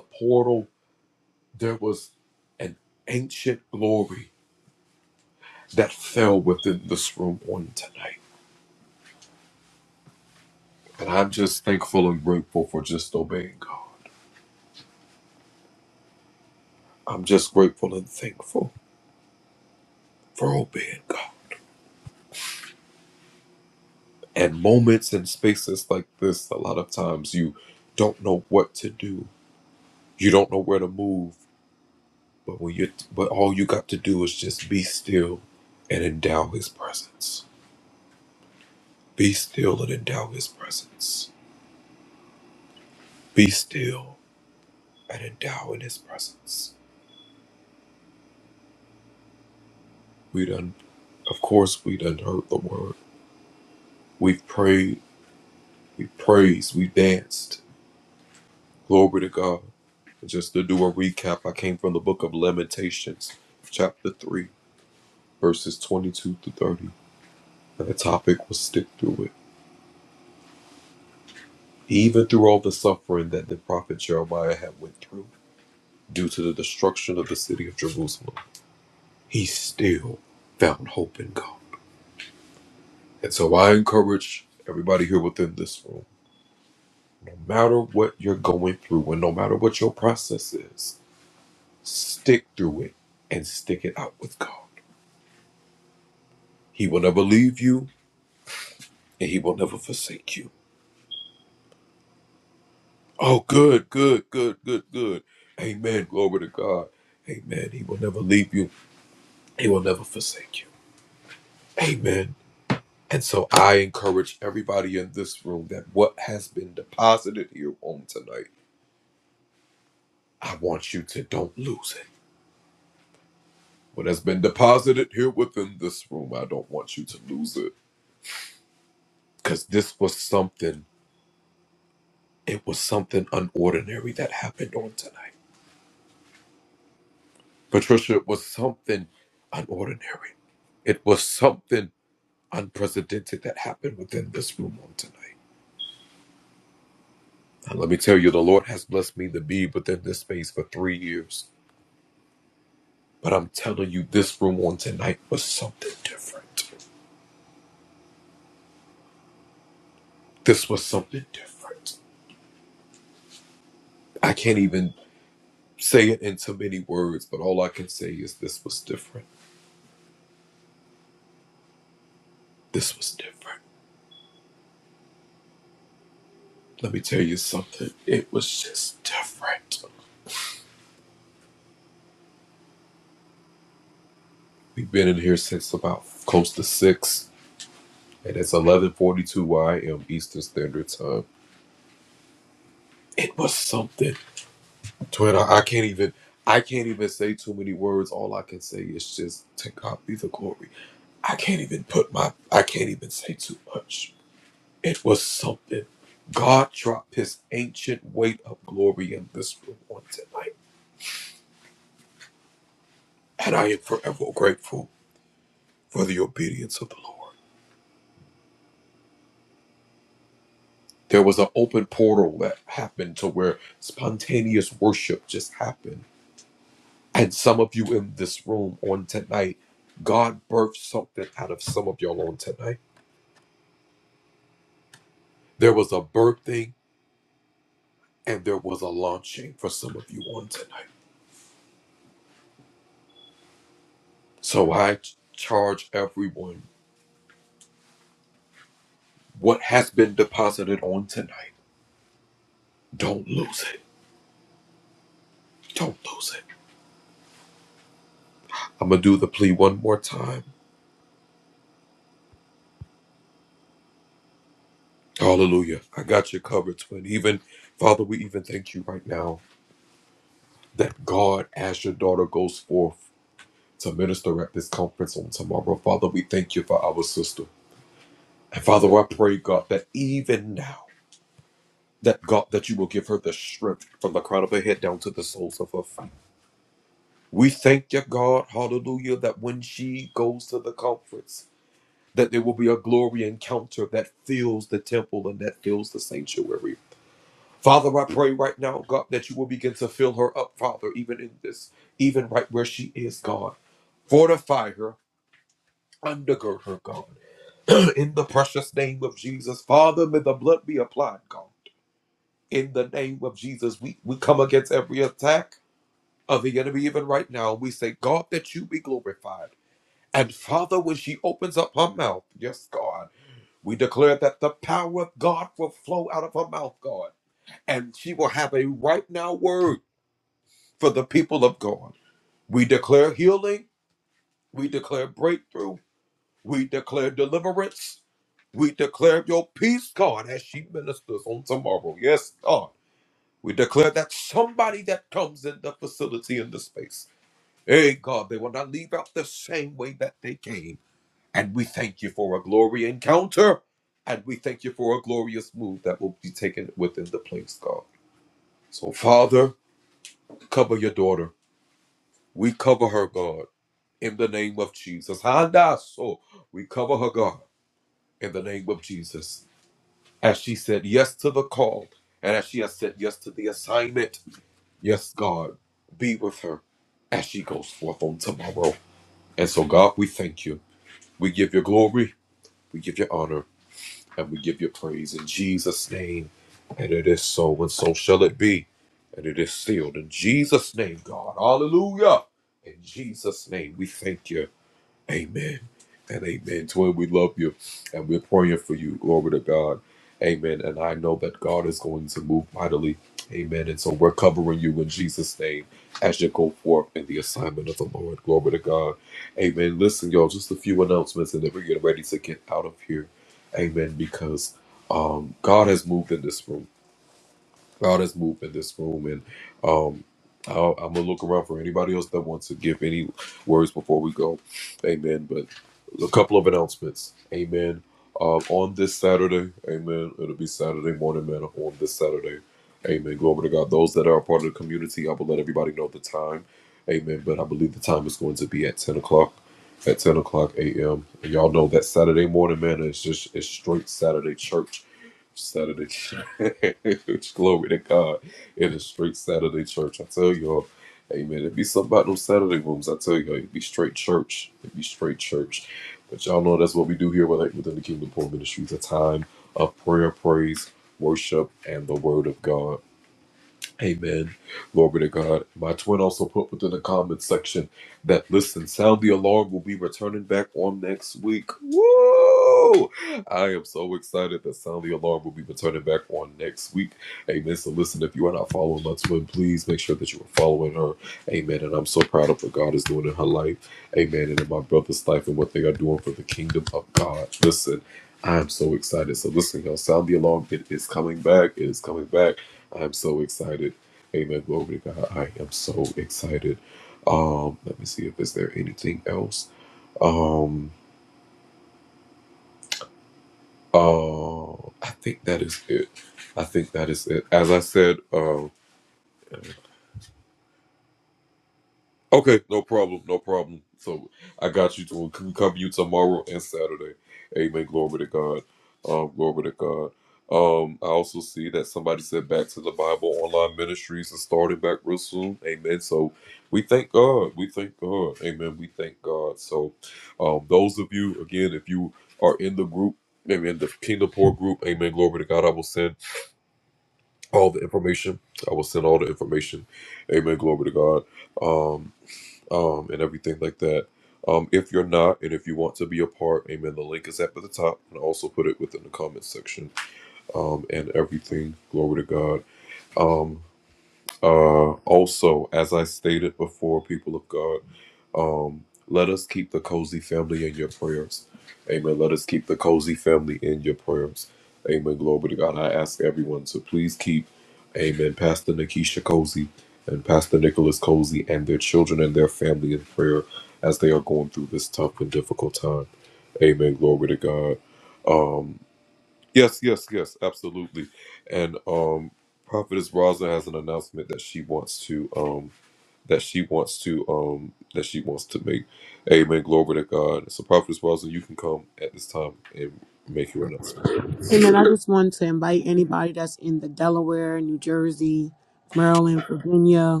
Speaker 18: Hey man, I just wanted to invite anybody that's in the Delaware, New Jersey, Maryland, Virginia,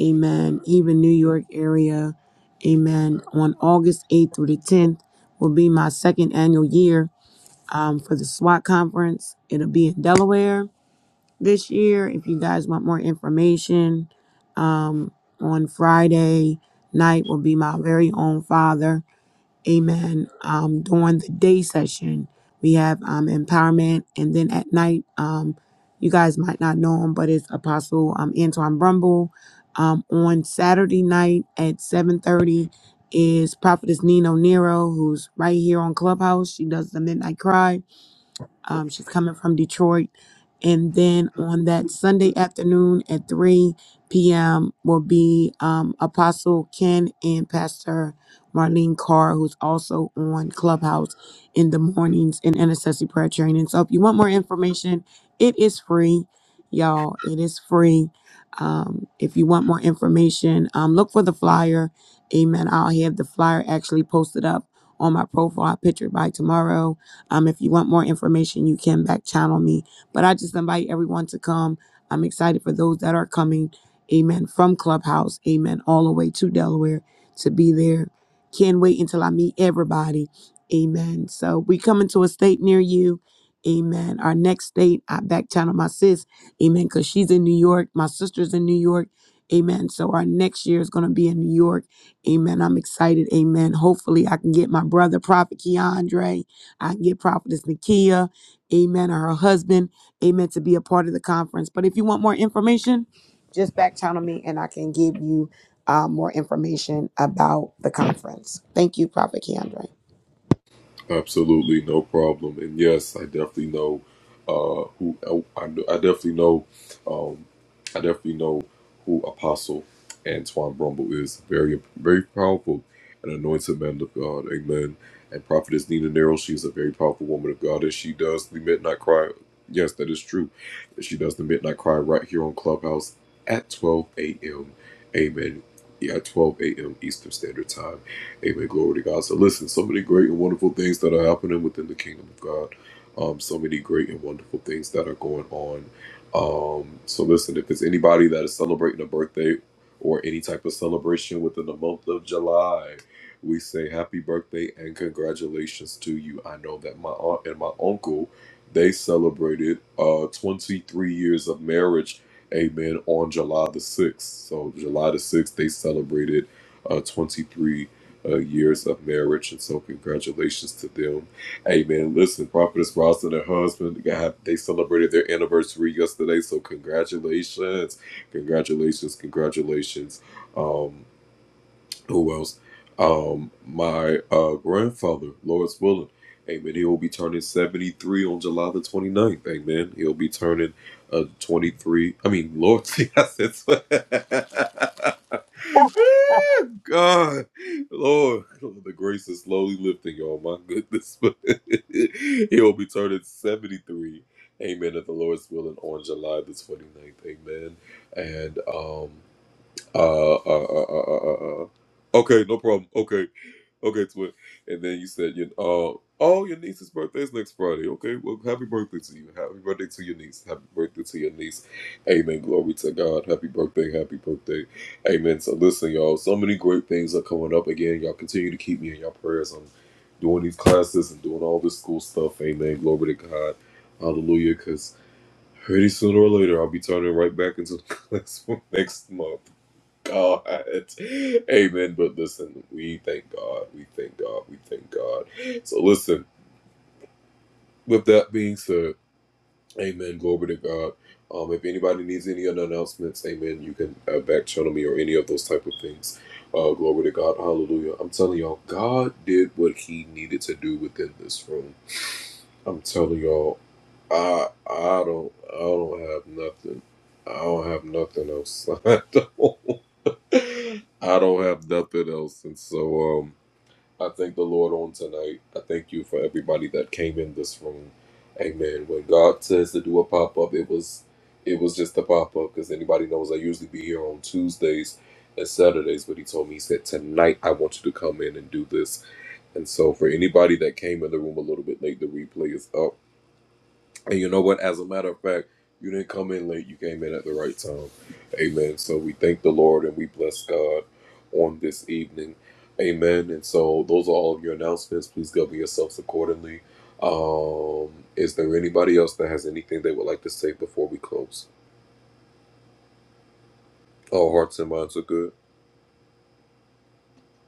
Speaker 18: amen, even New York area, amen. On August 8th through the 10th will be my second annual year um, for the SWAT conference. It'll be in Delaware this year. If you guys want more information, on Friday night will be my very own father. Amen. Um, during the day session, we have um, empowerment, and then at night, um, you guys might not know him, but it's Apostle um, Antoine Brumble. Um, on Saturday night at seven thirty is Prophetess Nino Nero, who's right here on Clubhouse. She does the Midnight Cry um, she's coming from Detroit. And then on that Sunday afternoon at 3 p.m. will be um, Apostle Ken and Pastor Marlene Carr, who's also on Clubhouse in the mornings in intercessory prayer training. So if you want more information, it is free, y'all. It is free. Um, if you want more information, um, look for the flyer. Amen. I'll have the flyer actually posted up on my profile picture by tomorrow um, if you want more information, you can back channel me. But I just invite everyone to come. I'm excited for those that are coming. Amen. From Clubhouse. Amen. All the way to Delaware to be there. Can't wait until I meet everybody. Amen. So we coming to a state near you. Amen. Our next state, I back channel my sis. Amen. Because she's in New York. My sister's in New York. Amen. So our next year is going to be in New York. Amen. I'm excited. Amen. Hopefully I can get my brother, Prophet Keandre. I get Prophetess Nakia, amen, or her husband, amen, to be a part of the conference. But if you want more information, just back channel me and I can give you uh, more information about the conference. Thank you, Prophet Keandre.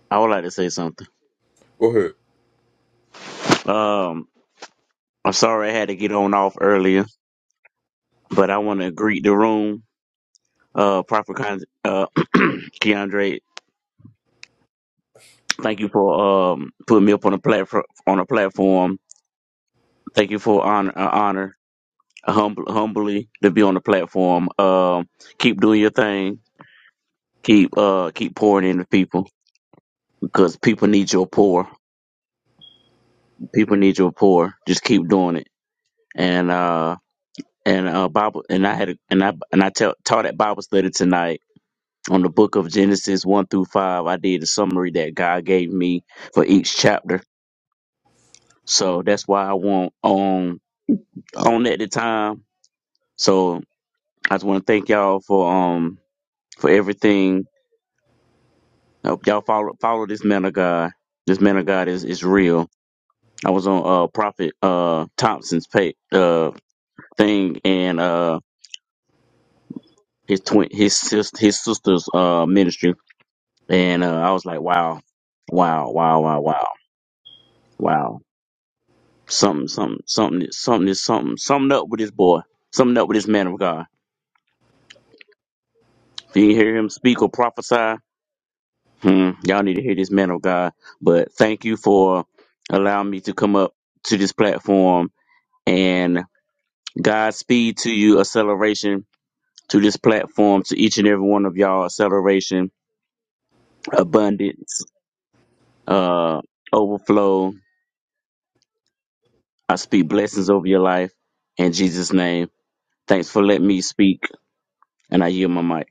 Speaker 19: I would like to say something. Um, I'm sorry I had to get on off earlier, but I want to greet the room. Uh, proper con- uh, Keandre, thank you for um putting me up on a platform. On a platform, thank you for honor, uh, honor, humble, humbly to be on the platform. Um, keep doing your thing. Keep uh keep pouring into people because people need your pour. People need your pour. Just keep doing it. And uh and uh Bible and I had a, and I and I tell taught at Bible study tonight on the book of Genesis 1 through 5, I did a summary that God gave me for each chapter. So that's why I want on on at the time. So I just want to thank y'all for um for everything. I hope y'all follow follow this man of God. This man of God is, is real. I was on uh Prophet uh Thompson's pay uh thing and uh his twin his sis his sister's uh ministry and uh I was like wow wow wow wow wow wow Something, something, something, something is something. Something up with this boy. Something up with this man of God. If you hear him speak or prophesy, hmm, y'all need to hear this man of God. But thank you for allowing me to come up to this platform and Godspeed to you, acceleration to this platform, to each and every one of y'all, acceleration, abundance, uh, overflow. I speak blessings over your life in Jesus' name. Thanks for letting me speak, and I yield my mic.